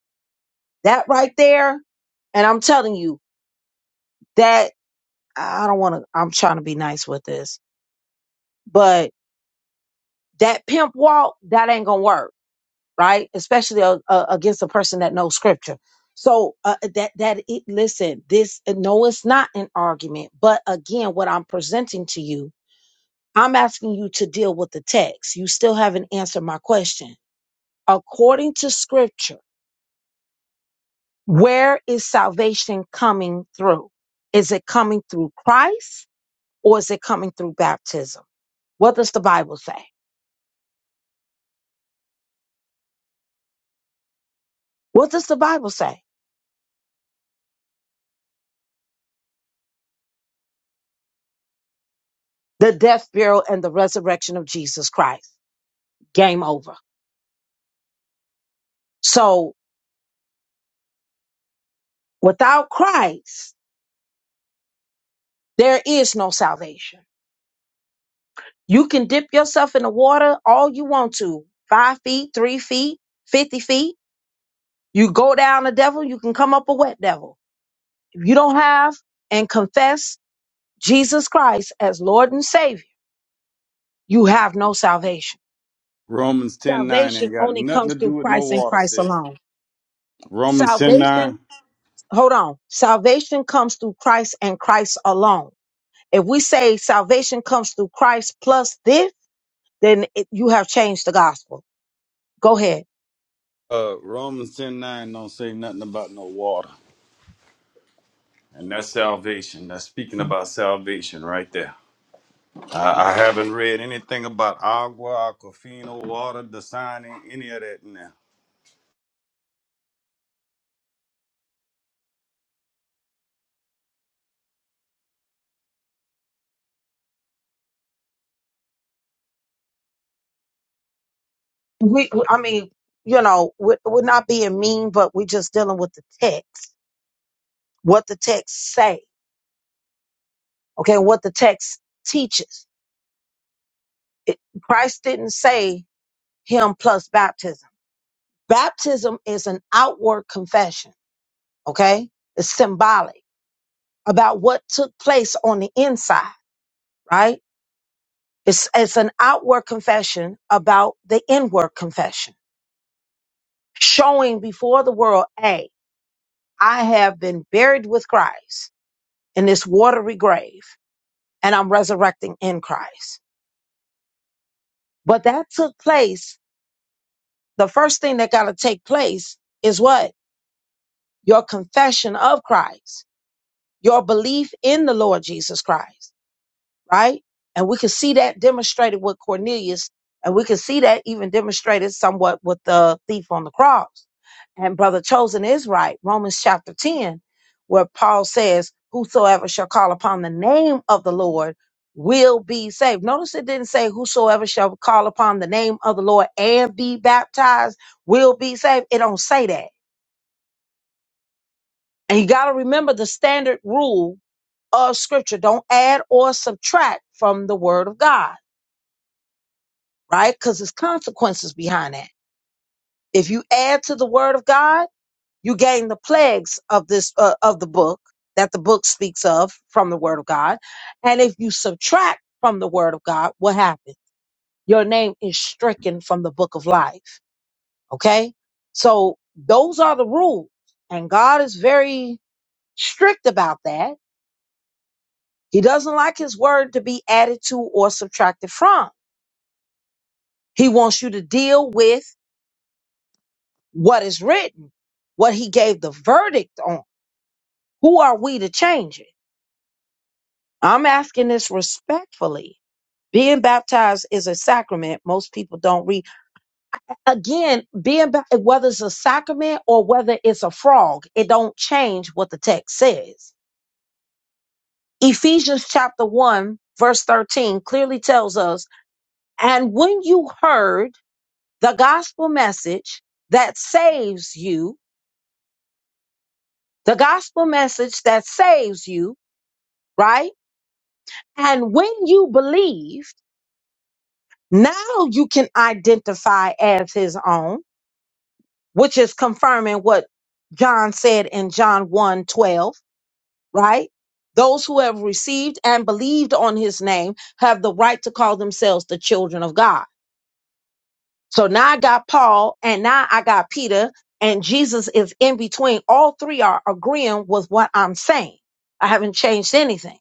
that right there. And I'm telling you that I don't want to, I'm trying to be nice with this, but that pimp walk, that ain't going to work right? Especially uh, uh, against a person that knows scripture. So uh, that that it listen, this no, it's not an argument. But again, what I'm presenting to you, I'm asking you to deal with the text. You still haven't answered my question. According to scripture, where is salvation coming through? Is it coming through Christ or is it coming through baptism? What does the Bible say? What does the Bible say? The death, burial, and the resurrection of Jesus Christ. Game over. So Without Christ, there is no salvation. You can dip yourself in the water all you want to five feet, three feet, 50 feet. You go down a devil, you can come up a wet devil. If you don't have and confess Jesus Christ as Lord and Savior, you have no salvation.
Romans ten nine
Salvation
ain't got
only
nothing to
comes
do
through
with no
Christ and
water,
Christ
sis.
alone.
Romans ten
Salvation,
nine.
hold on. Salvation comes through Christ and Christ alone. If we say salvation comes through Christ plus this, then it, you have changed the gospel. Go ahead.
Uh, Romans ten nine don't say nothing about no water. And that's salvation. That's speaking about salvation right there. I, I haven't read anything about agua, aquafina, water, the any of that now.
We, we- I mean, you know, we're, we're not being mean, but we're just dealing with the text, what the text say, okay, what the text teaches. It, Christ didn't say him plus baptism. Baptism is an outward confession, okay? It's symbolic about what took place on the inside, right? It's, it's an outward confession about the inward confession, showing before the world, A. I have been buried with Christ in this watery grave and I'm resurrecting in Christ. But that took place. The first thing that got to take place is what? Your confession of Christ, your belief in the Lord Jesus Christ. right? And we can see that demonstrated with Cornelius, and we can see that even demonstrated somewhat with the thief on the cross. And Brother Chosen is right, Romans chapter 10, where Paul says, Whosoever shall call upon the name of the Lord will be saved. Notice it didn't say, Whosoever shall call upon the name of the Lord and be baptized will be saved. It don't say that. And you got to remember the standard rule of Scripture don't add or subtract from the Word of God right? Because there's consequences behind that. If you add to the word of God, you gain the plagues of this uh, of the book that the book speaks of from the word of God, and if you subtract from the word of God, what happens? Your name is stricken from the book of life. Okay, so those are the rules, and God is very strict about that. He doesn't like His word to be added to or subtracted from. He wants you to deal with what is written, what he gave the verdict on. Who are we to change it? I'm asking this respectfully. Being baptized is a sacrament. Most people don't read. Again, being ba- whether it's a sacrament or whether it's a frog, it don't change what the text says. Ephesians chapter 1 verse 13 clearly tells us, "And when you heard the gospel message that saves you, the gospel message that saves you, right? And when you believed, now you can identify as his own, which is confirming what John said in John 1 twelve, right? Those who have received and believed on his name have the right to call themselves the children of God. So now I got Paul and now I got Peter and Jesus is in between. All three are agreeing with what I'm saying. I haven't changed anything.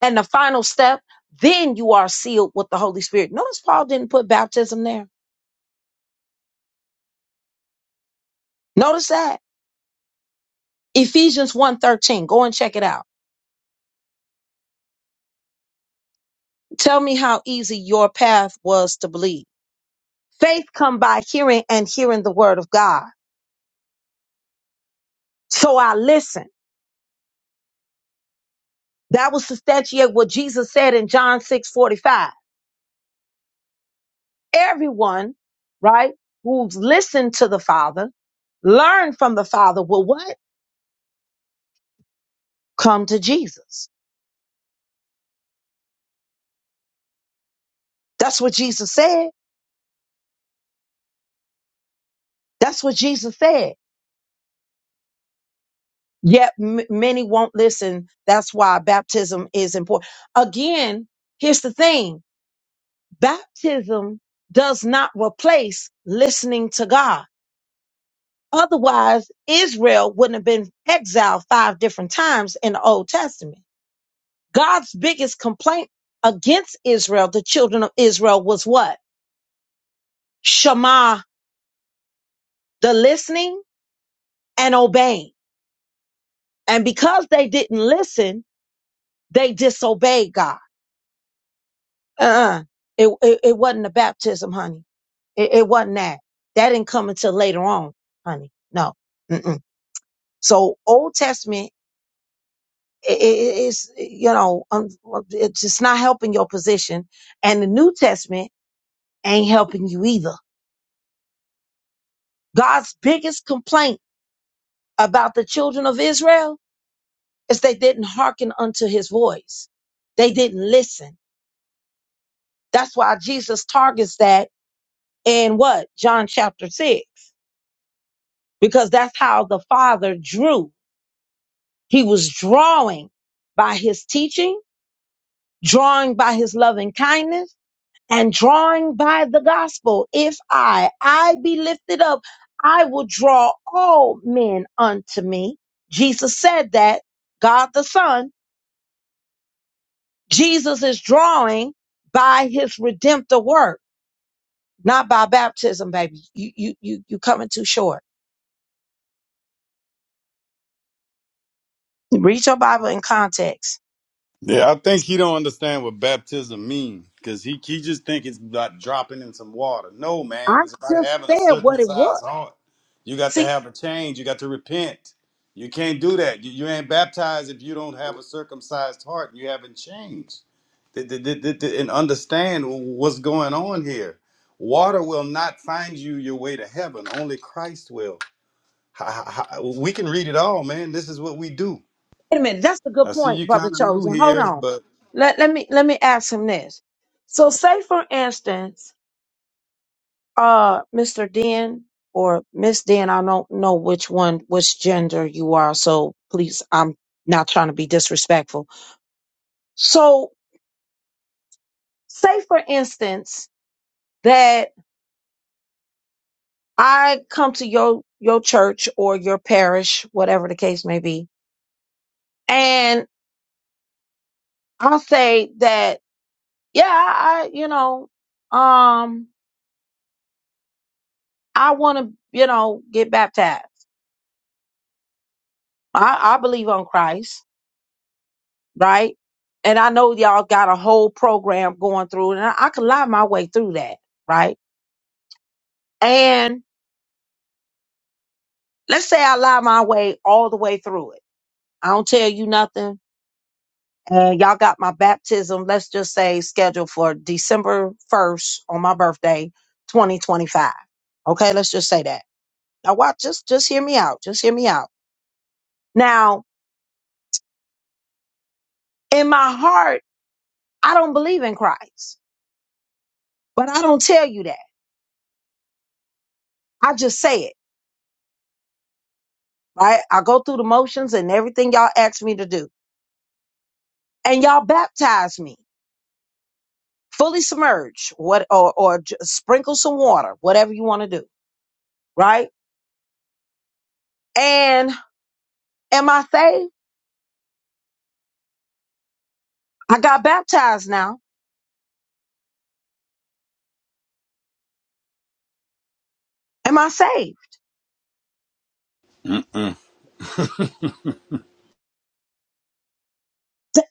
And the final step, then you are sealed with the Holy Spirit. Notice Paul didn't put baptism there. Notice that. Ephesians one thirteen. Go and check it out. Tell me how easy your path was to believe. Faith come by hearing and hearing the word of God. So I listen. That was to substantiate what Jesus said in John 6:45. Everyone, right, who's listened to the Father, learned from the Father will what? Come to Jesus. That's what Jesus said. That's what Jesus said. Yet m- many won't listen. That's why baptism is important. Again, here's the thing. Baptism does not replace listening to God. Otherwise, Israel wouldn't have been exiled five different times in the Old Testament. God's biggest complaint against Israel, the children of Israel, was what? Shema, the listening and obeying. And because they didn't listen, they disobeyed God. Uh-uh. It, it, it wasn't a baptism, honey. It, it wasn't that. That didn't come until later on, honey. No. Mm-mm. So Old Testament i- i- i- is, you know, um, well, it's just not helping your position. And the New Testament ain't helping you either. God's biggest complaint about the children of Israel is they didn't hearken unto his voice. They didn't listen. That's why Jesus targets that in what? John chapter 6 because that's how the Father drew. He was drawing by his teaching, drawing by his loving kindness, and drawing by the gospel. If I, I be lifted up, I will draw all men unto me. Jesus said that. God the Son, Jesus is drawing by his redemptive work, not by baptism, baby. You, you, you, you coming too short. Read your Bible in context.
Yeah, I think he don't understand what baptism means, because he he just think it's about dropping in some water. No,
I
man, it's about
just
having a
said what it was.
circumcised heart. You got to
See.
have a change. You got to repent. You can't do that. You, you ain't baptized if you don't have a circumcised heart. You haven't changed. Th- th- th- th- th- And understand what's going on here. Water will not find you your way to heaven. Only Christ will. Ha- ha- ha- We can read it all, man. This is what we do.
Wait a minute. That's a good
I see
point,
you
Brother
kind of new
Chosen. Hold
here,
on.
but.
Let let me let me ask him this. So say for instance, uh Mr. Den or Miss Den, I don't know which one, which gender you are, so please I'm not trying to be disrespectful. So say for instance that I come to your your church or your parish, whatever the case may be, and I'll say that, yeah, I you know, um I want to, you know, get baptized. I, I believe on Christ, right? And I know y'all got a whole program going through, and I, I could lie my way through that, right? And let's say I lie my way all the way through it. I don't tell you nothing. And y'all got my baptism, let's just say, scheduled for December 1st on my birthday, 2025. Okay, let's just say that. Now, watch, just, just hear me out. Just hear me out. Now, in my heart, I don't believe in Christ But I don't tell you that. I just say it, right? I go through the motions and everything y'all ask me to do. And y'all baptize me, fully submerge, what or or j- sprinkle some water, whatever you want to do, right? And am I saved? I got baptized now. Am I saved?
Mm-mm.
D-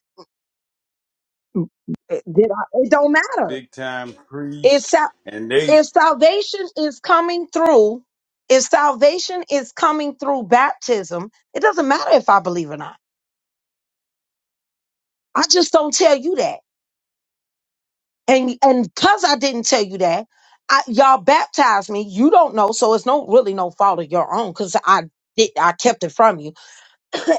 eh, Did I, it don't matter.
big time
It's
priest,
sal-
and they
if salvation is coming through, if salvation is coming through baptism, it doesn't matter if I believe or not. I just don't tell you that. and and because I didn't tell you that, I, y'all baptized me. You don't know, so it's no really no fault of your own because I did I kept it from you,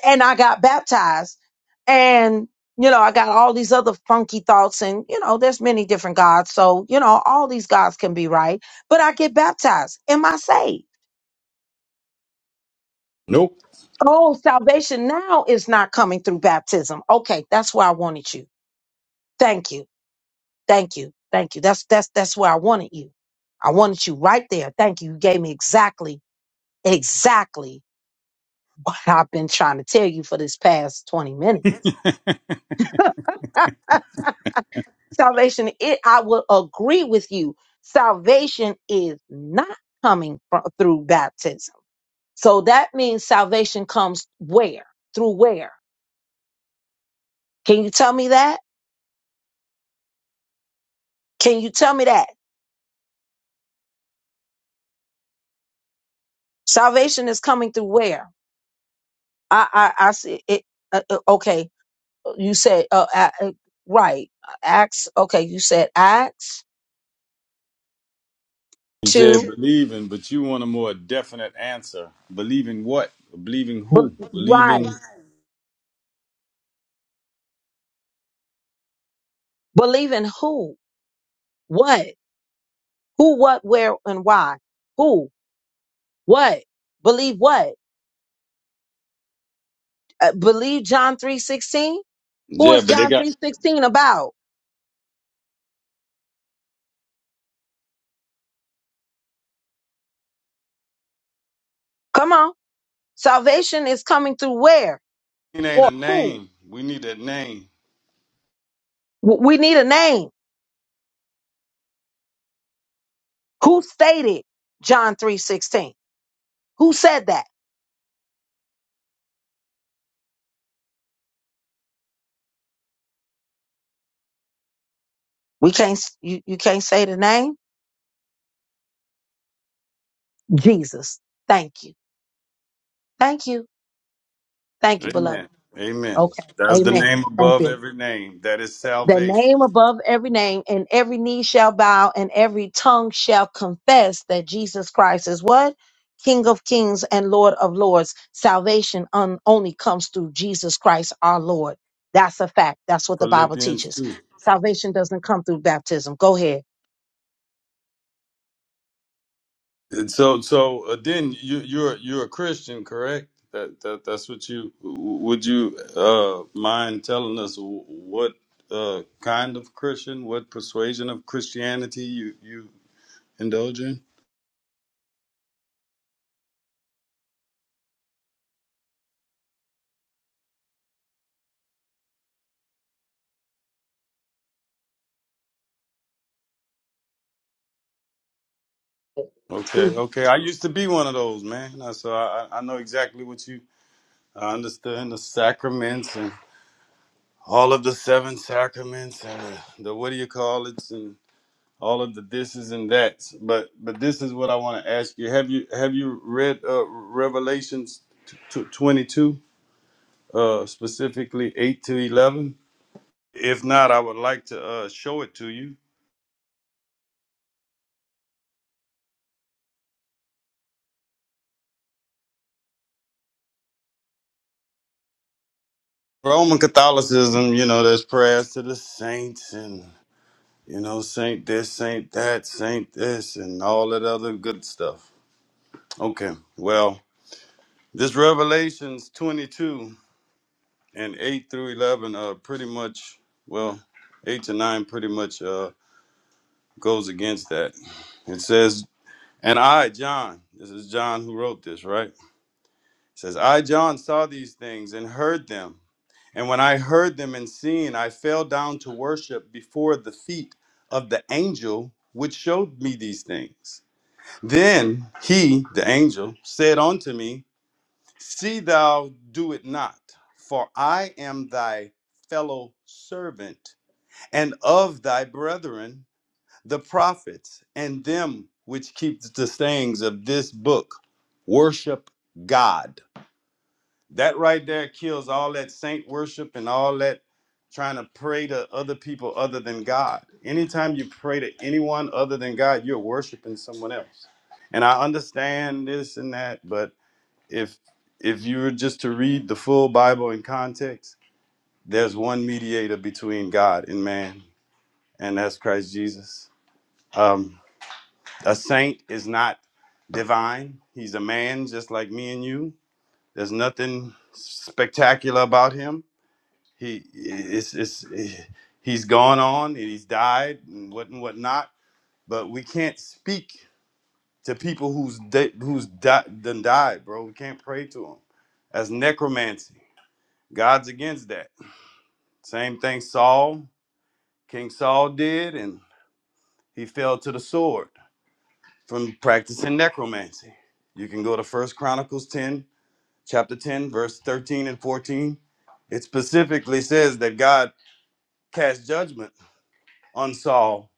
and I got baptized, and you know I got all these other funky thoughts, and you know there's many different gods, so you know all these gods can be right, but I get baptized. Am I saved?
Nope.
Oh, salvation now is not coming through baptism. Okay, that's where I wanted you. Thank you. Thank you. Thank you. That's that's that's where I wanted you. I wanted you right there. Thank you. You gave me exactly, exactly what I've been trying to tell you for this past 20 minutes.
he
Salvation, it I will agree with you. Salvation is not coming from, through baptism. So that means salvation comes where? Through where? Can you tell me that? Can you tell me that? Salvation is coming through where? I I, I see it. Uh, uh, okay, You said, uh, a- uh, right. Acts. Okay. You said Acts
said
two.
believing, but you want a more definite answer. Believing what? Believing
But
who?
right.
Believing
Believe in who? What? Who? What? Where? And why? Who? What? Believe what? Uh, believe John three sixteen. Who
Yeah,
is
but they
John three
got
sixteen about? Come on. Salvation is coming through where
it ain't
or
a
who?
name. We need a name.
W- We need a name. Who stated John three sixteen? Who said that? We can't. s- You, you can't say the name. Jesus. Thank you. Thank you. Thank you, beloved.
Amen. Amen.
Okay.
That's the
Amen.
name
Thank
above
you.
every name. That is
The
salvation.
name above every name, and every knee shall bow, and every tongue shall confess that Jesus Christ is what? King of kings and Lord of lords. Salvation un- only comes through Jesus Christ our Lord. That's a fact. That's what the Bible
Philippians
teaches.
2.
Salvation doesn't come through baptism. Go ahead.
And so, so uh, then you, you're you're a Christian, correct? That, that that's what you would you uh, mind telling us what uh, kind of Christian, what persuasion of Christianity you you indulge in? Okay, okay. I used to be one of those man, I- so I I I know exactly what you. I understand the sacraments and all of the seven sacraments and the, the what do you call it? all of the thises and that's. But but this is what I want to ask you. Have you have you read uh, Revelations t- twenty two uh, specifically eight to eleven? If not, I would like to uh, show it to you. Roman Catholicism, you know, there's prayers to the saints and you know saint this, saint that, saint this, and all that other good stuff. Okay, well, this Revelations twenty two. and eight through eleven uh pretty much well eight to nine pretty much uh goes against that it says and i john this is john who wrote this right it says i john saw these things and heard them and when i heard them and seen i fell down to worship before the feet of the angel which showed me these things then he the angel said unto me see thou do it not for i am thy fellow servant and of thy brethren the prophets and them which keep the sayings of this book worship god that right there kills all that saint worship and all that trying to pray to other people other than god anytime you pray to anyone other than god you're worshiping someone else and i understand this and that but if if you were just to read the full bible in context there's one mediator between god and man and that's Christ Jesus. Um, a saint is not divine, he's a man just like me and you. There's nothing spectacular about him. He it's, it's, He's gone on and he's died and what and whatnot, but we can't speak to people who's de- who's di- done died, bro. We can't pray to them. That's necromancy. God's against that. Same thing Saul, King Saul did, and he fell to the sword from practicing necromancy. You can go to First Chronicles 10, chapter 10, verse 13 and 14. It specifically says that God cast judgment on Saul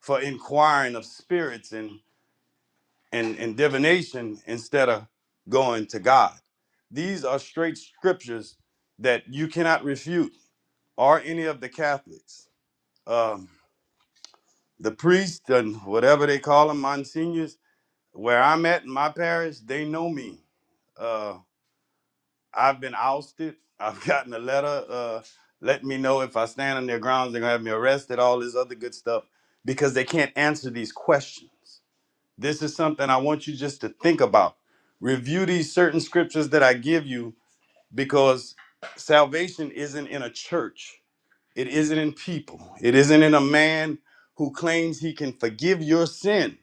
for inquiring of spirits and, and, and divination instead of going to God. These are straight scriptures that you cannot refute, or any of the Catholics. Um, the priests and whatever they call them, monsignors, where I'm at in my parish, they know me. Uh, I've been ousted. I've gotten a letter uh, letting me know if I stand on their grounds, they're going to have me arrested, all this other good stuff, because they can't answer these questions. This is something I want you just to think about. Review these certain scriptures that I give you because salvation isn't in a church, it isn't in people, it isn't in a man who claims he can forgive your sin.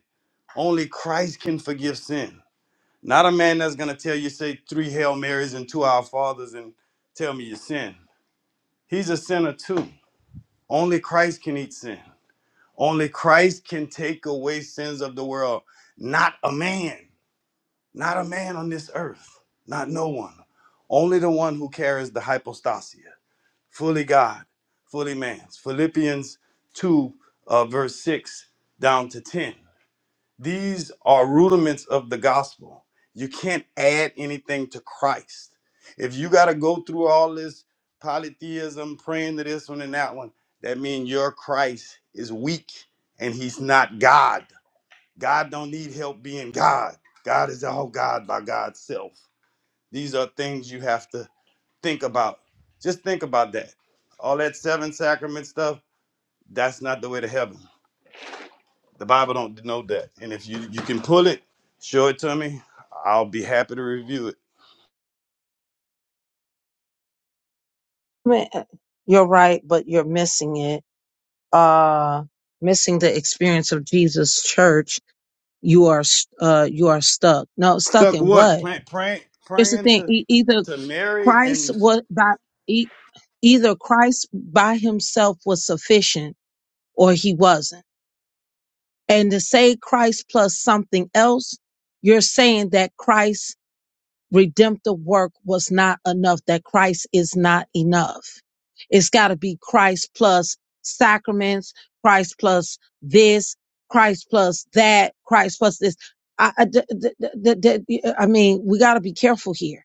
Only Christ can forgive sin. Not a man that's going to tell you, say, three Hail Marys and two Our Fathers and tell me you sin. He's a sinner too. Only Christ can eat sin. Only Christ can take away sins of the world. Not a man. Not a man on this earth. Not no one. Only the one who carries the hypostasia. Fully God, fully man. Philippians 2, uh, verse 6 down to 10. These are rudiments of the gospel. You can't add anything to Christ. If you got to go through all this polytheism, praying to this one and that one, that means your Christ is weak and he's not God. God don't need help being God. God is all God by God's self. These are things you have to think about. Just think about that. All that seven sacrament stuff, that's not the way to heaven. The Bible don't denote that. And if you you can pull it, show it to me. I'll be happy to review it.
Man, You're right, but you're missing it. Uh, missing the experience of Jesus' church you are uh you are stuck no stuck
Stuck
in
what?
what
Plant praying
here's the
praying
thing
to
e- either
to Mary
christ
and
was by e- either christ by himself was sufficient or he wasn't and to say christ plus something else you're saying that christ redemptive work was not enough, that Christ is not enough. It's got to be Christ plus sacraments, Christ plus this, Christ plus that, Christ plus this. I, I, d- d- d- d- d- I mean, we got to be careful here,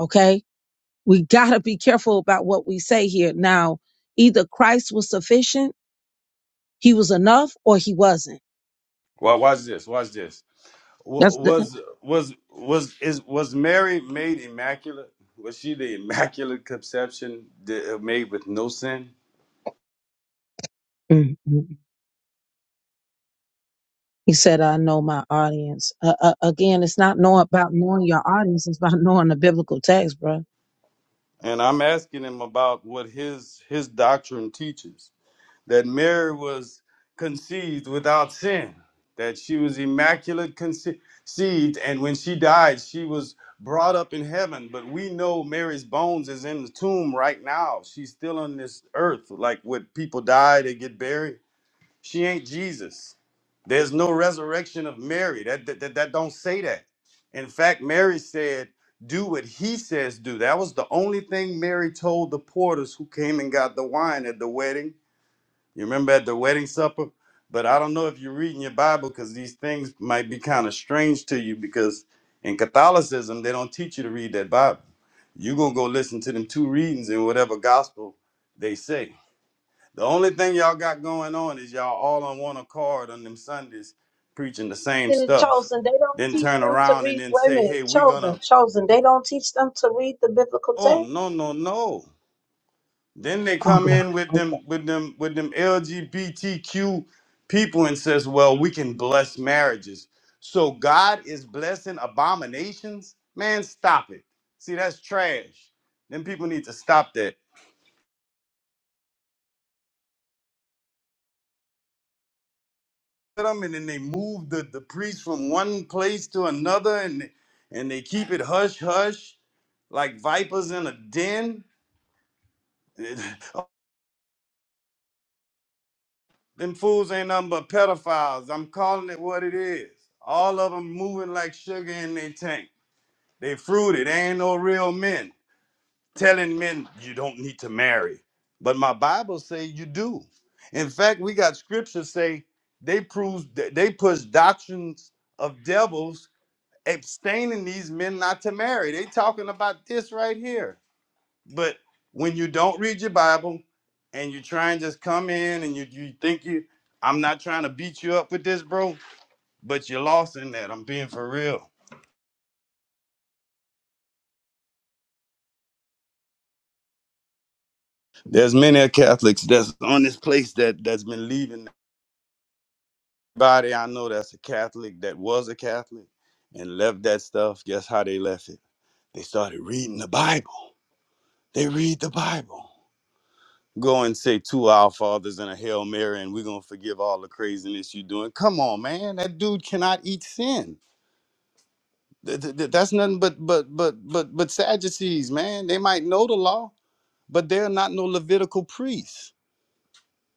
okay? We got to be careful about what we say here. Now, either Christ was sufficient, he was enough, or he wasn't.
well, watch this. Watch this. Wa-
That's
was was was is was Mary made immaculate? Was she the immaculate conception that, uh, made with no sin?
the. He said, I know my audience. Uh, uh, again, it's not know about knowing your audience. It's about knowing the biblical text, bro.
And I'm asking him about what his his doctrine teaches. that Mary was conceived without sin, that she was immaculate conceived, and when she died, she was brought up in heaven. But we know Mary's bones is in the tomb right now. She's still on this earth. Like when people die, they get buried. She ain't Jesus. There's no resurrection of Mary. That that, that, that don't say that. In fact, Mary said, do what he says do. That was the only thing Mary told the porters who came and got the wine at the wedding you remember at the wedding supper? But I don't know if you're reading your Bible because these things might be kind of strange to you because in Catholicism, they don't teach you to read that Bible. You're going to go listen to them two readings in whatever gospel they say. The only thing y'all got going on is y'all all on one accord on them Sundays preaching the same
In the
stuff.
chosen, they don't
Then
teach
turn
them to
around and
read.
then
Wait a
say, hey,
minute,
we're going
chosen,
to,
chosen. They don't teach them to read the biblical
oh,
text.
no, no, no. Then they
Oh,
come
God.
in with
Okay.
them with them with them LGBTQ people and says, "Well, we can bless marriages." So God is blessing abominations? Man, stop it. See, that's trash. Then people need to stop that. Them and then they move the, the priest from one place to another and and they keep it hush hush like vipers in a den. them fools ain't nothing but pedophiles. I'm calling it what it is. All of them moving like sugar in their tank. They fruited. it. Ain't no real men telling men you don't need to marry. But my Bible say you do. In fact, we got scripture say they prove that they push doctrines of devils abstaining these men not to marry. They talking about this right here. But when you don't read your Bible and you try and just come in and you, you think you I'm not trying to beat you up with this, bro, but you're lost in that. I'm being for real. There's many a Catholics that's on this place that that's been leaving. Everybody I know that's a Catholic that was a Catholic and left that stuff. Guess how they left it? They started reading the Bible. They read the Bible. Go and say two Our Fathers and a Hail Mary, and we're gonna forgive all the craziness you're doing. Come on, man, that dude cannot eat sin. Th- th- th- That's nothing but but but but but Sadducees, man. They might know the law, but they're not no Levitical priests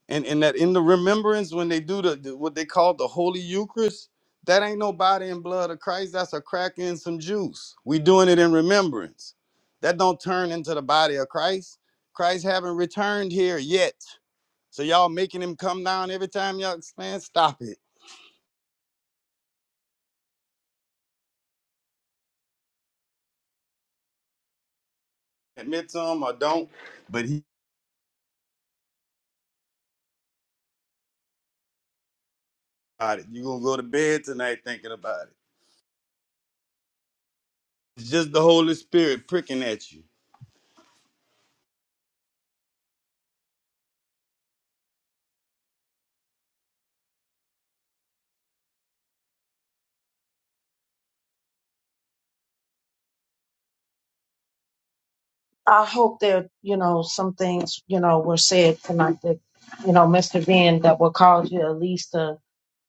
and and that in the remembrance when they do the, the- what they call the holy eucharist that ain't no body and blood of christ that's a cracker and some juice we doing it in remembrance that don't turn into the body of christ christ haven't returned here yet so y'all making him come down every time y'all man stop it admit to him or don't but he got it you gonna go to bed tonight thinking about it it's just the holy spirit pricking at you
I hope there, you know some things you know were said tonight that you know Mr. Ben that will cause you at least to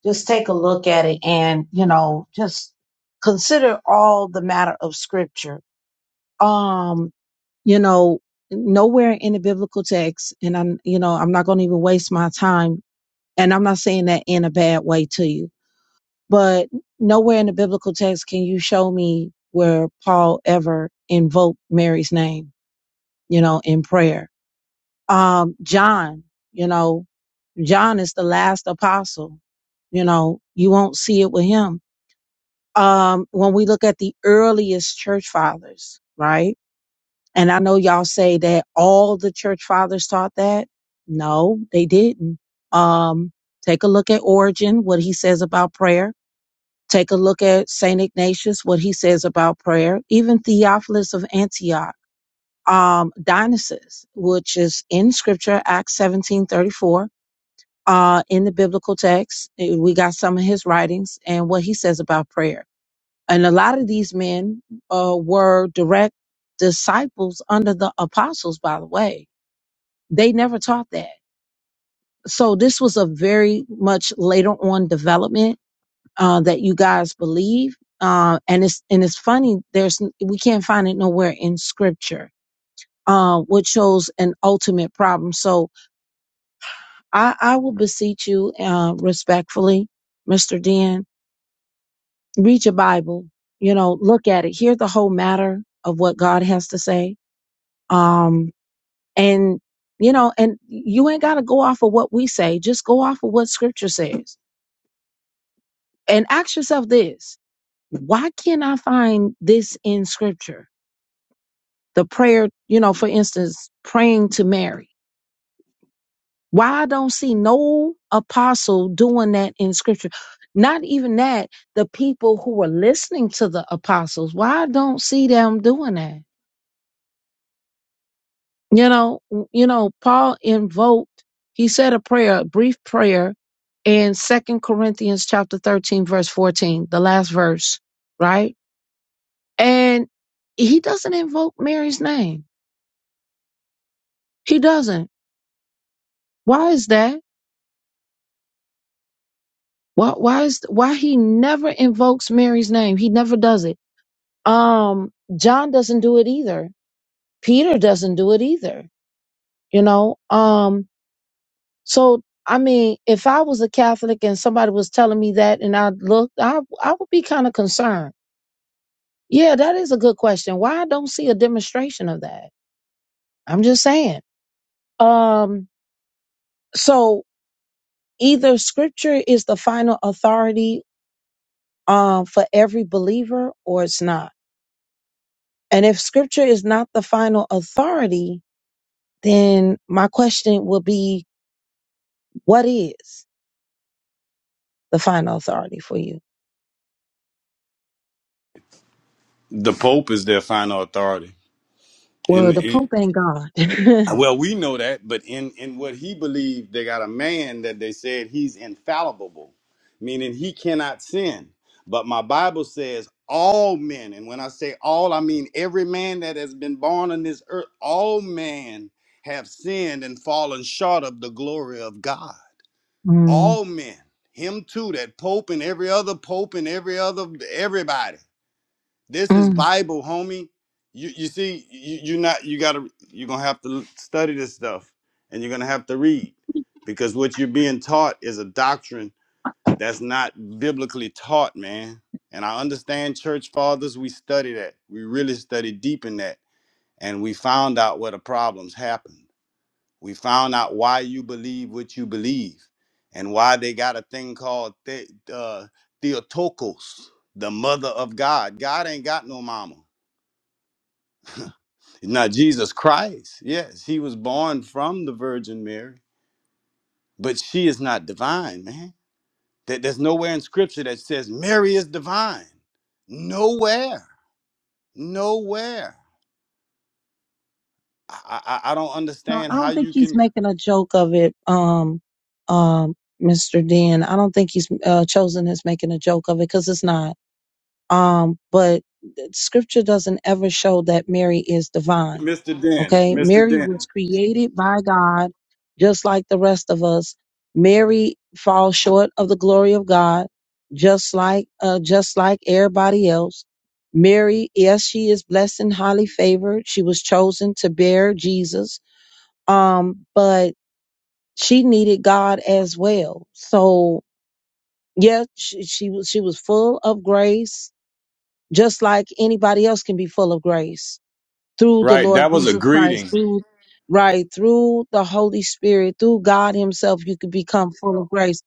just take a look at it and you know just consider all the matter of scripture um you know nowhere in the biblical text and i'm you know i'm not going to even waste my time and i'm not saying that in a bad way to you but nowhere in the biblical text can you show me where paul ever invoked mary's name you know in prayer um john you know john is the last apostle you know you won't see it with him um when we look at the earliest church fathers right And I know y'all say that all the church fathers taught that. No, they didn't. Um, take a look at Origin, what he says about prayer. Take a look at St. Ignatius, what he says about prayer. Even Theophilus of Antioch, um, Dionysus, which is in scripture, Acts 17 34. uh, in the biblical text. eh, We got some of his writings and what he says about prayer and a lot of these men uh, were direct disciples under the apostles, by the way. They never taught that. So this was a very much later on development uh, that you guys believe. Uh, and it's and it's funny. There's we can't find it nowhere in scripture, uh, which shows an ultimate problem. So I, I will beseech you uh, respectfully, Mr. Dan, read your Bible. You know, look at it, hear the whole matter of what God has to say um and you know and you ain't got to go off of what we say just go off of what scripture says and ask yourself this why can't i find this in scripture the prayer you know for instance praying to mary why i don't see no apostle doing that in scripture not even that the people who were listening to the apostles why I don't see them doing that You know, you know, Paul invoked, he said a prayer, a brief prayer in Second Corinthians chapter 13, verse 14, the last verse, right? And he doesn't invoke Mary's name. He doesn't. Why is that? Why why is why he never invokes Mary's name? He never does it. Um, John doesn't do it either. Peter doesn't do it either. You know, um, So, I mean, if I was a Catholic and somebody was telling me that and I looked, I, I would be kind of concerned. Yeah, that is a good question. Why I don't see a demonstration of that? I'm just saying. Um, so either scripture is the final authority um, for every believer or it's not. And if scripture is not the final authority, then my question will be, what is the final authority for you?
the pope is their final authority
Well, the
and.
Pope ain't God.
Well, we know that, but in in what he believed, they got a man that they said he's infallible, meaning he cannot sin. But my Bible says all men, and when I say all, I mean every man that has been born on this earth, all men have sinned and fallen short of the glory of God.
Mm.
All men, him too, that pope and every other pope and every other everybody. This is Bible, homie. You you see, you you not you gotta you're gonna have to study this stuff and you're gonna have to read because what you're being taught is a doctrine that's not biblically taught, man. And I understand church fathers, we study that. We really study deep in that. And we found out where the problems happened. We found out why you believe what you believe and why they got a thing called the, uh, Theotokos, the mother of God. God ain't got no mama. Now, Jesus Christ, yes, he was born from the Virgin Mary, but she is not divine, man. That There's nowhere in scripture that says Mary is divine. Nowhere. Nowhere. I, I, I don't
No,
understand
I
how
don't think
you
he's
can.
making a joke of it, um, um, Mr. Dan. I don't think he's uh, chosen as making a joke of it because it's not. Um, but th- Scripture doesn't ever show that Mary is divine.
Mr. Den,
Okay,
Mr.
Mary was
Den.
created by God, just like the rest of us. Mary falls short of the glory of God, just like uh, just like everybody else. Mary, yes, she is blessed and highly favored. She was chosen to bear Jesus um, but she needed God as well. So yeah, she, she was she was full of grace, just like anybody else can be full of grace through the
Right,
Lord
that was a
Jesus Christ,
greeting.
through right through the Holy Spirit, through God Himself, you could become full of grace.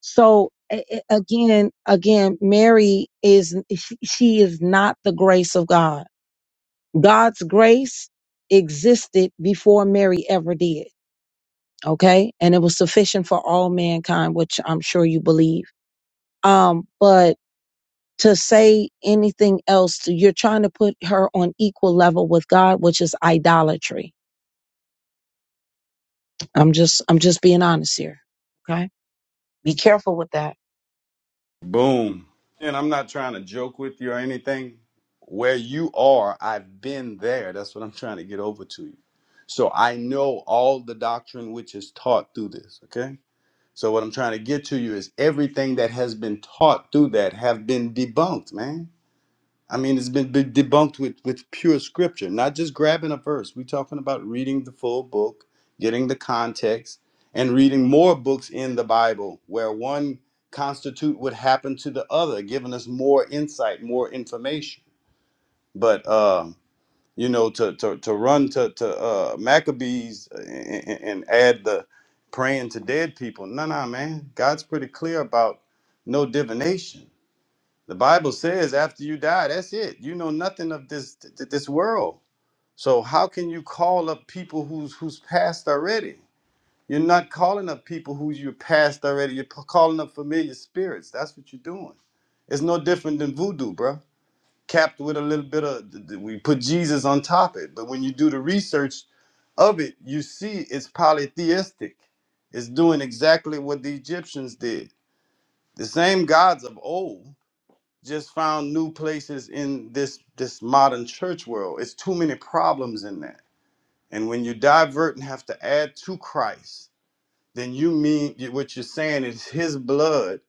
So a- a- again, again, Mary is she she is not the grace of God. God's grace existed before Mary ever did. okay and it was sufficient for all mankind which i'm sure you believe um but to say anything else you're trying to put her on equal level with god which is idolatry i'm just i'm just being honest here okay be careful with that
Boom. And I'm not trying to joke with you or anything. Where you are, I've been there. That's what I'm trying to get over to you. So I know all the doctrine which is taught through this, okay? So what I'm trying to get to you is everything that has been taught through that have been debunked, man. I mean, it's been been debunked with with pure scripture, not just grabbing a verse. We're talking about reading the full book, getting the context, and reading more books in the Bible where one constitute what happened to the other, giving us more insight, more information. But um, you know, to to to run to to uh, Maccabees uh, and, and add the praying to dead people, no, no, man. God's pretty clear about no divination the Bible says after you die, that's it. You know nothing of this th- this world. So how can you call up people who's who's passed already? You're not calling up people who you passed already. You're p- calling up familiar spirits. That's what you're doing. It's no different than voodoo, bro. Capped with a little bit of th- th- we put Jesus on top of it, but when you do the research of it, you see it's polytheistic. It's doing exactly what the Egyptians did. The same gods of old just found new places in this this modern church world. It's too many problems in that. And when you divert and have to add to Christ, then you mean what you're saying is his blood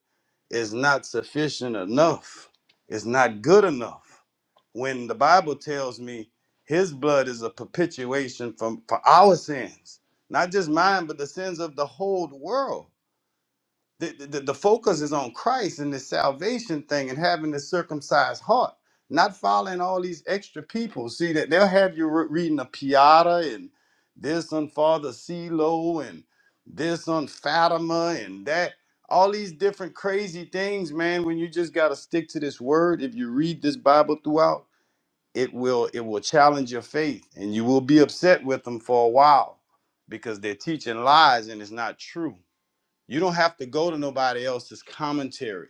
is not sufficient enough. It's not good enough. When the Bible tells me his blood is a perpetuation from for our sins, not just mine, but the sins of the whole world the, the, the focus is on Christ and the salvation thing and having the circumcised heart, not following all these extra people. See that they'll have you re- reading a Piata and this on Father CeeLo and this on Fatima and that. All these different crazy things, man, when you just gotta stick to this word. If you read this Bible throughout, it will it will challenge your faith and you will be upset with them for a while because they're teaching lies and it's not true you don't have to go to nobody else's commentary.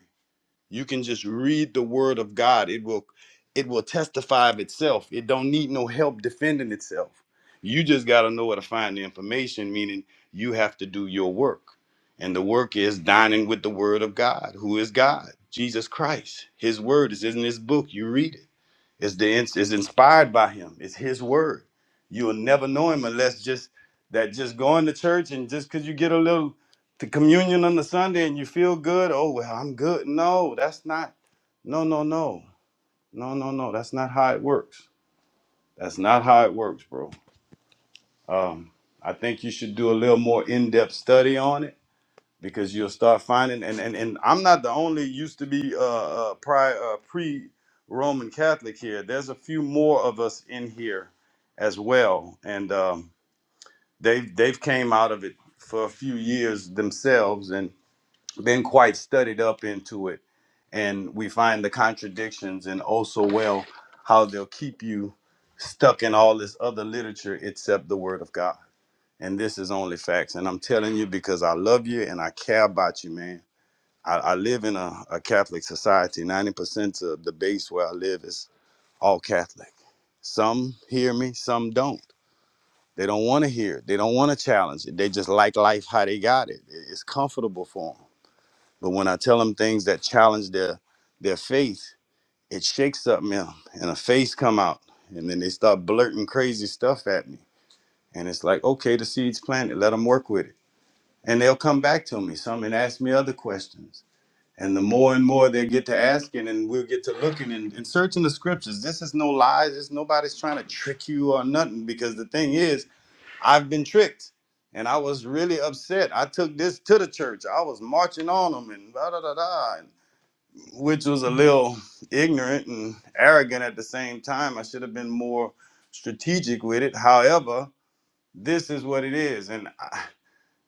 You can just read the word of God. It will it will testify of itself. It don't need no help defending itself. You just got to know where to find the information, meaning you have to do your work. And the work is dining with the word of God, who is God, Jesus Christ. His word is in this book. You read it. It's the it's inspired by him. It's his word. You'll never know him unless just that just going to church and just because you get a little to communion on the Sunday and you feel good. Oh well, I'm good. No, that's not. No, no, no, no, no, no. That's not how it works. That's not how it works, bro. Um, I think you should do a little more in-depth study on it because you'll start finding and and, and I'm not the only used to be uh, uh prior uh, pre Roman Catholic here. There's a few more of us in here as well, and um, they've they've came out of it for a few years themselves and been quite studied up into it, and we find the contradictions and also well how they'll keep you stuck in all this other literature except the Word of God. And this is only facts. And I'm telling you because I love you and I care about you, man I, I live in a, a Catholic society. 90% of the base where I live is all Catholic. Some hear me, some don't. They don't want to hear it. They don't want to challenge it. They just like life how they got it. It- It's comfortable for them. But when I tell them things that challenge their their faith, it shakes something in 'em, and a face come out. And then they start blurting crazy stuff at me. And it's like, okay, the seed's planted. Let them work with it. And they'll come back to me, some, and ask me other questions And the more and more they get to asking, and we'll get to looking and, and searching the scriptures. This is no lies. This nobody's trying to trick you or nothing. Because the thing is, I've been tricked, and I was really upset. I took this to the church. I was marching on them, and da da da da, and- which was a little ignorant and arrogant at the same time. I should have been more strategic with it. However, this is what it is, and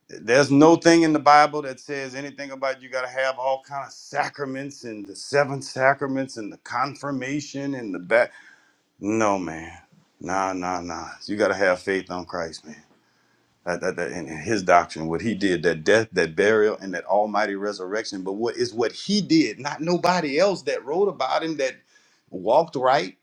there's no thing in the Bible that says anything about you got to have all kind of sacraments and the seven sacraments and the confirmation and the back. No, man. Nah, nah, nah. You got to have faith on Christ, man. That, that, that, and, and his doctrine, what he did, that death, that burial, and that almighty resurrection. But what is what he did, not nobody else that wrote about him, that walked right,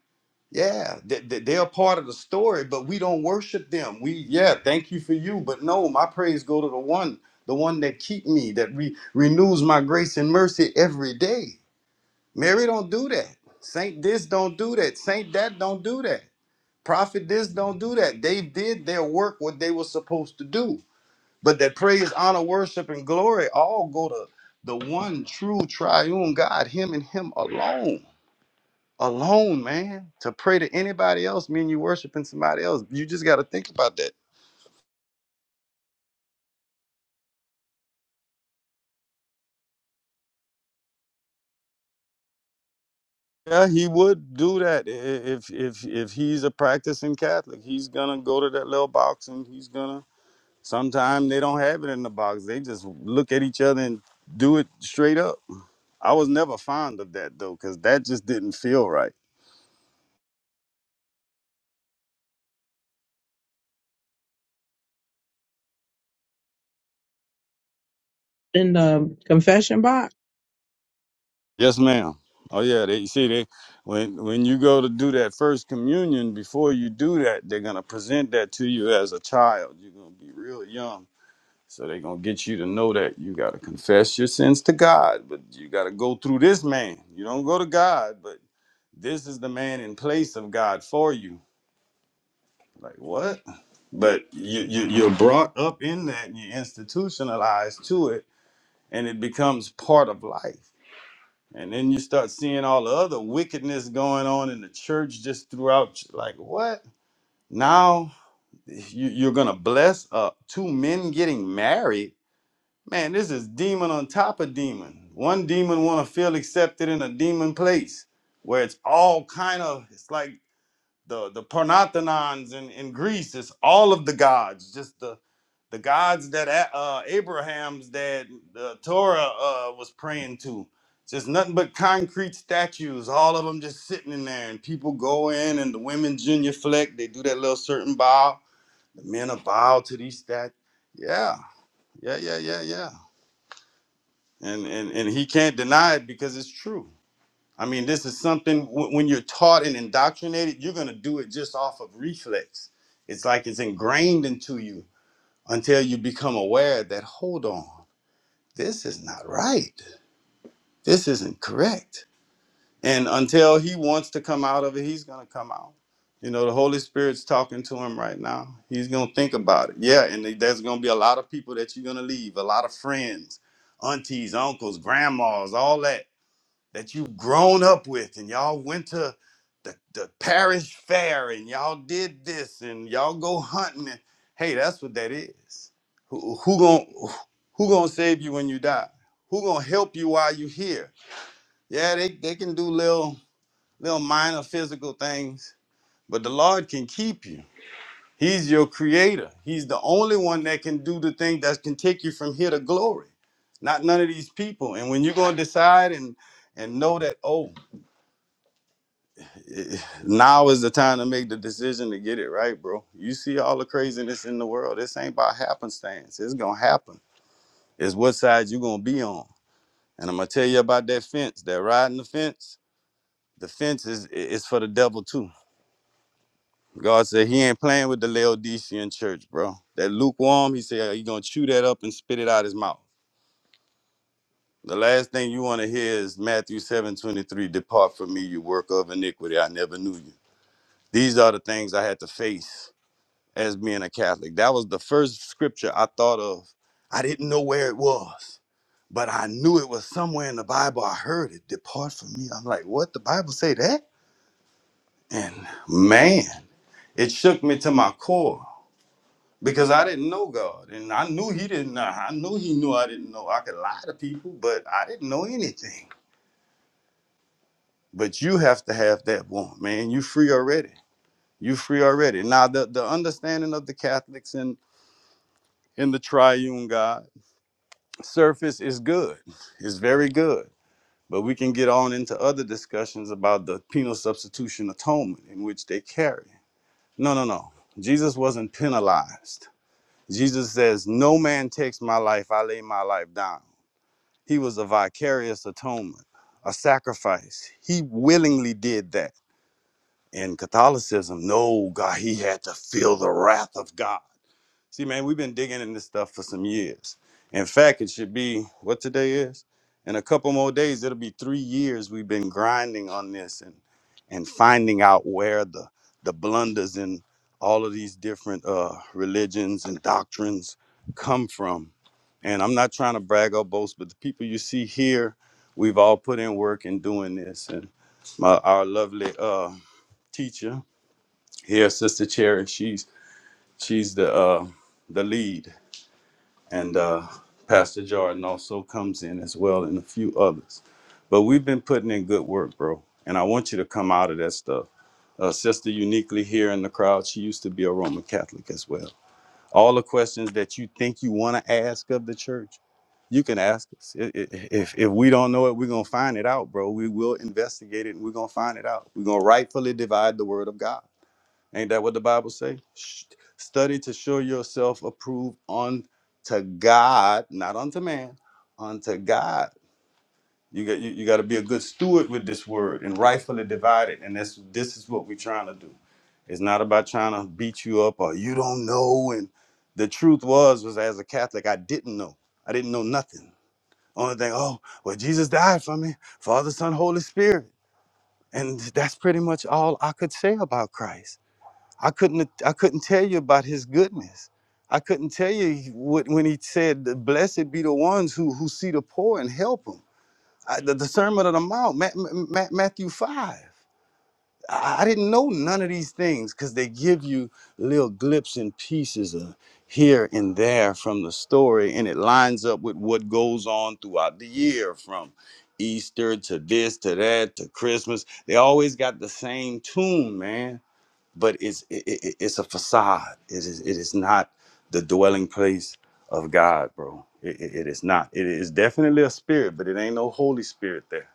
yeah, they, they- they're a part of the story, but we don't worship them. We, yeah, thank you for you, but no, my praise go to the one, the one that keep me, that re- renews my grace and mercy every day. Mary don't do that. Saint this don't do that. Saint that don't do that. Prophet this don't do that. They did their work what they were supposed to do. But that praise, honor, worship, and glory all go to the one true triune God, Him and Him alone alone, man. To pray to anybody else, mean you worshiping somebody else. You just got to think about that. Yeah, he would do that i- if if if he's a practicing Catholic. He's gonna go to that little box and he's gonna. Sometimes they don't have it in the box. They just look at each other and do it straight up. I was never fond of that though, cause that just didn't feel right.
and i
Yes, ma'am. Oh yeah, they see they when when you go to do that first communion, before you do that, they're gonna present that to you as a child. You're gonna be real young. So they're gonna get you to know that you gotta confess your sins to God, but you gotta go through this man. You don't go to God, but this is the man in place of God for you. Like what? But you, you you're brought up in that and you're institutionalized to it and it becomes part of life. And then you start seeing all the other wickedness going on in the church just throughout. ch- Like, what? Now you, you're going to bless uh, two men getting married? Man, this is demon on top of demon. One demon want to feel accepted in a demon place where it's all kind of, it's like the the Parnathenons in, in Greece. It's all of the gods, just the the gods that A- uh, Abraham's dad, the Torah uh, was praying to. Just nothing but concrete statues, all of them just sitting in there, and people go in, and the women genuflect. They do that little certain bow. The men are bow to these statues. Yeah, yeah, yeah, yeah, yeah. And and and he can't deny it because it's true. I mean, this is something wh- when you're taught and indoctrinated, you're going to do it just off of reflex. It's like it's ingrained into you until you become aware that, hold on, this is not right. This isn't correct. And until he wants to come out of it, he's going to come out. You know, the Holy Spirit's talking to him right now. He's going to think about it. Yeah. And there's going to be a lot of people that you're going to leave, a lot of friends, aunties, uncles, grandmas, all that that you've grown up with and y'all went to the, the parish fair and y'all did this and y'all go hunting and hey that's what that is who, who gonna who gonna save you when you die who gonna help you while you here yeah they, they can do little little minor physical things but the lord can keep you he's your creator he's the only one that can do the thing that can take you from here to glory not none of these people and when you're gonna decide and and know that oh now is the time to make the decision to get it right, bro. You see all the craziness in the world. This ain't by happenstance. It's gonna happen. It's what side you gonna be on. And I'm gonna tell you about that fence. That riding the fence. The fence is is for the devil too. God said he ain't playing with the Laodicean church, bro. That lukewarm, he said he gonna chew that up and spit it out his mouth. The last thing you wanna hear is Matthew 7:23. depart from me, you work of iniquity. I never knew you. These are the things I had to face as being a Catholic. That was the first scripture I thought of. I didn't know where it was, but I knew it was somewhere in the Bible. I heard it. Depart from me. I'm like, what? The Bible say that? And man, it shook me to my core because I didn't know God, and I knew He didn't. know. I knew He knew I didn't know. I could lie to people, but I didn't know anything. But you have to have that one, man. You free already. You free already. Now the the understanding of the Catholics and in the triune God surface is good. It's very good. But we can get on into other discussions about the penal substitution atonement in which they carry. No, no, no. Jesus wasn't penalized. Jesus says, No man takes my life, I lay my life down. He was a vicarious atonement, a sacrifice. He willingly did that. In Catholicism, no, God, he had to feel the wrath of God. See, man, we've been digging in this stuff for some years. In fact, it should be what today is. In a couple more days, it'll be three years we've been grinding on this and and finding out where the the blunders in all of these different uh, religions and doctrines come from. And I'm not trying to brag or boast, but the people you see here, we've all put in work in doing this. And my our lovely uh, teacher here, Sister Cherry, she's she's the uh, the lead and uh, Pastor Jordan also comes in as well, and a few others. But we've been putting in good work, bro, and I want you to come out of that stuff. Uh, Sister uniquely here in the crowd, she used to be a Roman Catholic as well. All the questions that you think you want to ask of the church, you can ask us. I- i- If if we don't know it, we're gonna find it out, bro. We will investigate it, and we're gonna find it out. We're gonna rightfully divide the word of God. Ain't that what the Bible say? Sh- Study to show yourself approved unto God, not unto man, unto God. You got you, you got to be a good steward with this word and rightfully divide it. And that's this is what we're trying to do. It's not about trying to beat you up or you don't know. And the truth was was as a Catholic, I didn't know. I didn't know nothing. Only thing, oh well, Jesus died for me, Father, Son, Holy Spirit, and that's pretty much all I could say about Christ. I couldn't I couldn't tell you about his goodness. I couldn't tell you what, when he said, "Blessed be the ones who who see the poor and help them." I, the, the Sermon on the Mount, Ma- Ma- Ma- Matthew five. I, I didn't know none of these things because they give you little glips and pieces of here and there from the story, and it lines up with what goes on throughout the year from. Easter to this to that to Christmas, they always got the same tune, man but it's it, it, it's a facade. It is it is not the dwelling place of God, bro. It, it, it is not. It is definitely a spirit, but it ain't no Holy Spirit there.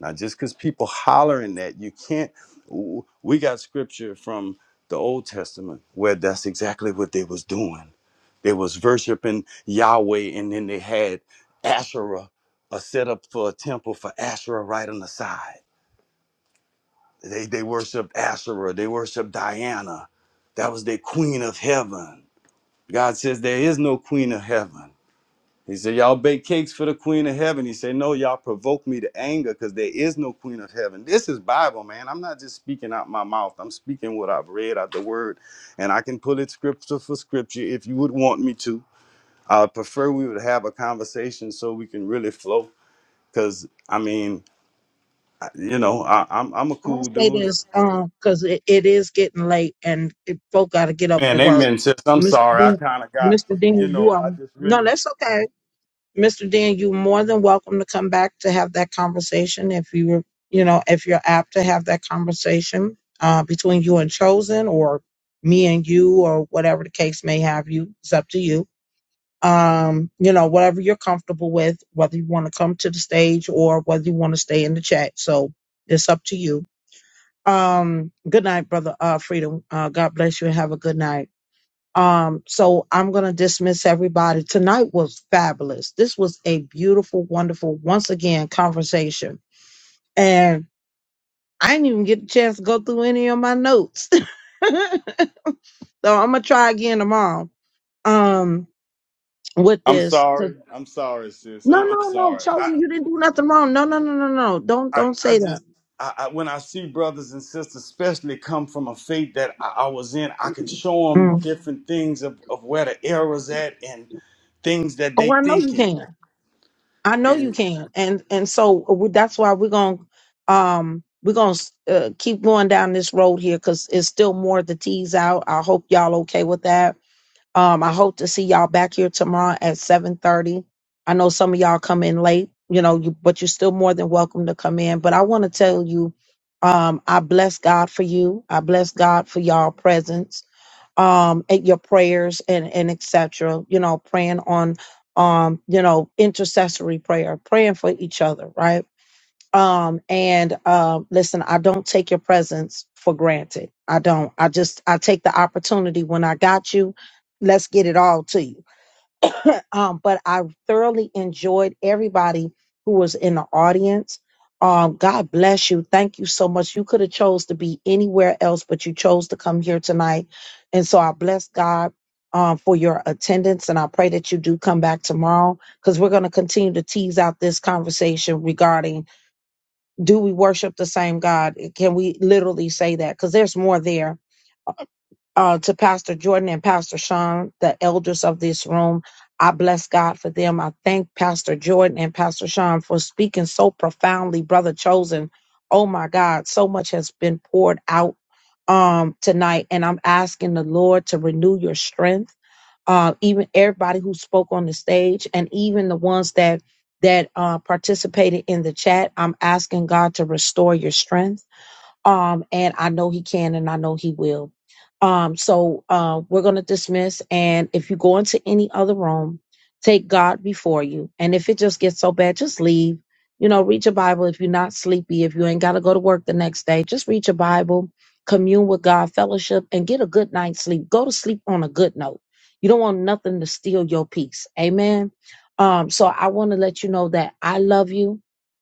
Now, just because people hollering that, you can't. w- We got scripture from the Old Testament where that's exactly what they was doing. They was worshiping Yahweh, and then they had Asherah, a setup for a temple for Asherah right on the side. They they worshiped Asherah. They worshiped Diana. That was their queen of heaven. God says there is no queen of heaven. He said, Y'all bake cakes for the queen of heaven. He said, No, y'all provoke me to anger because there is no queen of heaven. This is Bible, man. I'm not just speaking out my mouth. I'm speaking what I've read out the word. And I can pull it scripture for scripture if you would want me to. I would prefer we would have a conversation so we can really flow. Cause I mean, I- you know, I, I'm I'm a
will
cool
say
dude.
this um because it, it is getting late and it, folk got to get up for
Man,
work
amen, sis. I'm
mr
sorry. I
dean
kind of got,
mr
you
dean you
know,
are
I just
no
really,
that's okay Mr. Dan, you're more than welcome to come back to have that conversation if you were, you know, if you're apt to have that conversation uh, between you and Chosen or me and you or whatever the case may have you. It's up to you. Um, you know, whatever you're comfortable with, whether you want to come to the stage or whether you want to stay in the chat. So it's up to you. Um, good night, brother uh, Freedom. Uh, God bless you and have a good night. Um, so I'm going to dismiss everybody. Tonight was fabulous. This was a beautiful, wonderful, once again, conversation. And I didn't even get a chance to go through any of my notes. so I'm going to try again tomorrow um, with
I'm
this. 'Cause-
sorry. I'm sorry, sis.
No,
I'm, I'm
no, no,
sorry.
Chosen, you
I,
didn't do nothing wrong. No, no, no, no, no. Don't,
I,
don't
I
say that.
just, I, I, when I see brothers and sisters, especially come from a faith that I, I was in, I can show them
Mm.
different things of, of where the error's at and things that they
Oh, I know you
thinking.
can. I know you can, and and so uh, we, that's why we're gonna um we're gonna uh, keep going down this road here because it's still more to tease out. I hope y'all okay with that. Um, I hope to see y'all back here tomorrow at seven thirty. I know some of y'all come in late, you know, you, but you're still more than welcome to come in. But I want to tell you, um, I bless God for you. I bless God for y'all presence um at your prayers and and etc you know praying on um you know intercessory prayer praying for each other right um and um listen i don't take your presence for granted i don't i just i take the opportunity when i got you let's get it all to you um, but I thoroughly enjoyed everybody who was in the audience. Um, God bless you. Thank you so much. You could have chose to be anywhere else, but you chose to come here tonight. And so I bless God um, for your attendance, and I pray that you do come back tomorrow because we're going to continue to tease out this conversation regarding do we worship the same God? Can we literally say that? Because there's more there uh, to Pastor Jordan and Pastor Sean, the elders of this room. I bless God for them. I thank Pastor Jordan and Pastor Sean for speaking so profoundly, brother chosen. Oh my God, so much has been poured out um, tonight, and I'm asking the Lord to renew your strength. Uh, even everybody who spoke on the stage, and even the ones that that uh, participated in the chat, I'm asking God to restore your strength um, and I know he can, and I know he will. Um, so uh, we're going to dismiss, and if you go into any other room, take God before you, and if it just gets so bad, just leave. You know, read your Bible if you're not sleepy, if you ain't got to go to work the next day, just read your Bible, commune with God, fellowship, and get a good night's sleep. Go to sleep on a good note. You don't want nothing to steal your peace. Amen. Um, so I want to let you know that I love you.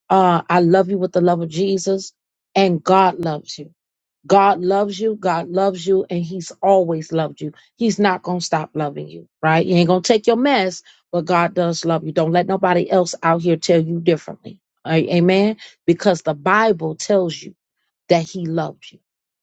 Uh, I love you with the love of Jesus and God loves you. God loves you. God loves you, and He's always loved you. He's not gonna stop loving you, right? You ain't gonna take your mess, but God does love you. Don't let nobody else out here tell you differently. A- Amen. Because the Bible tells you that he loves you.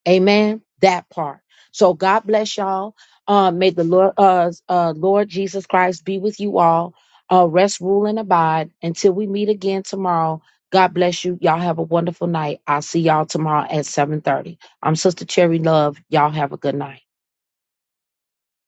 Amen. That part. So God bless y'all. Um, may the Lord, uh, uh, Lord Jesus Christ be with you all. Uh, rest, rule, and abide until we meet again tomorrow. God bless you. Y'all have a wonderful night. I'll see y'all tomorrow at 7:30. I'm Sister Cherry Love. Y'all have a good night.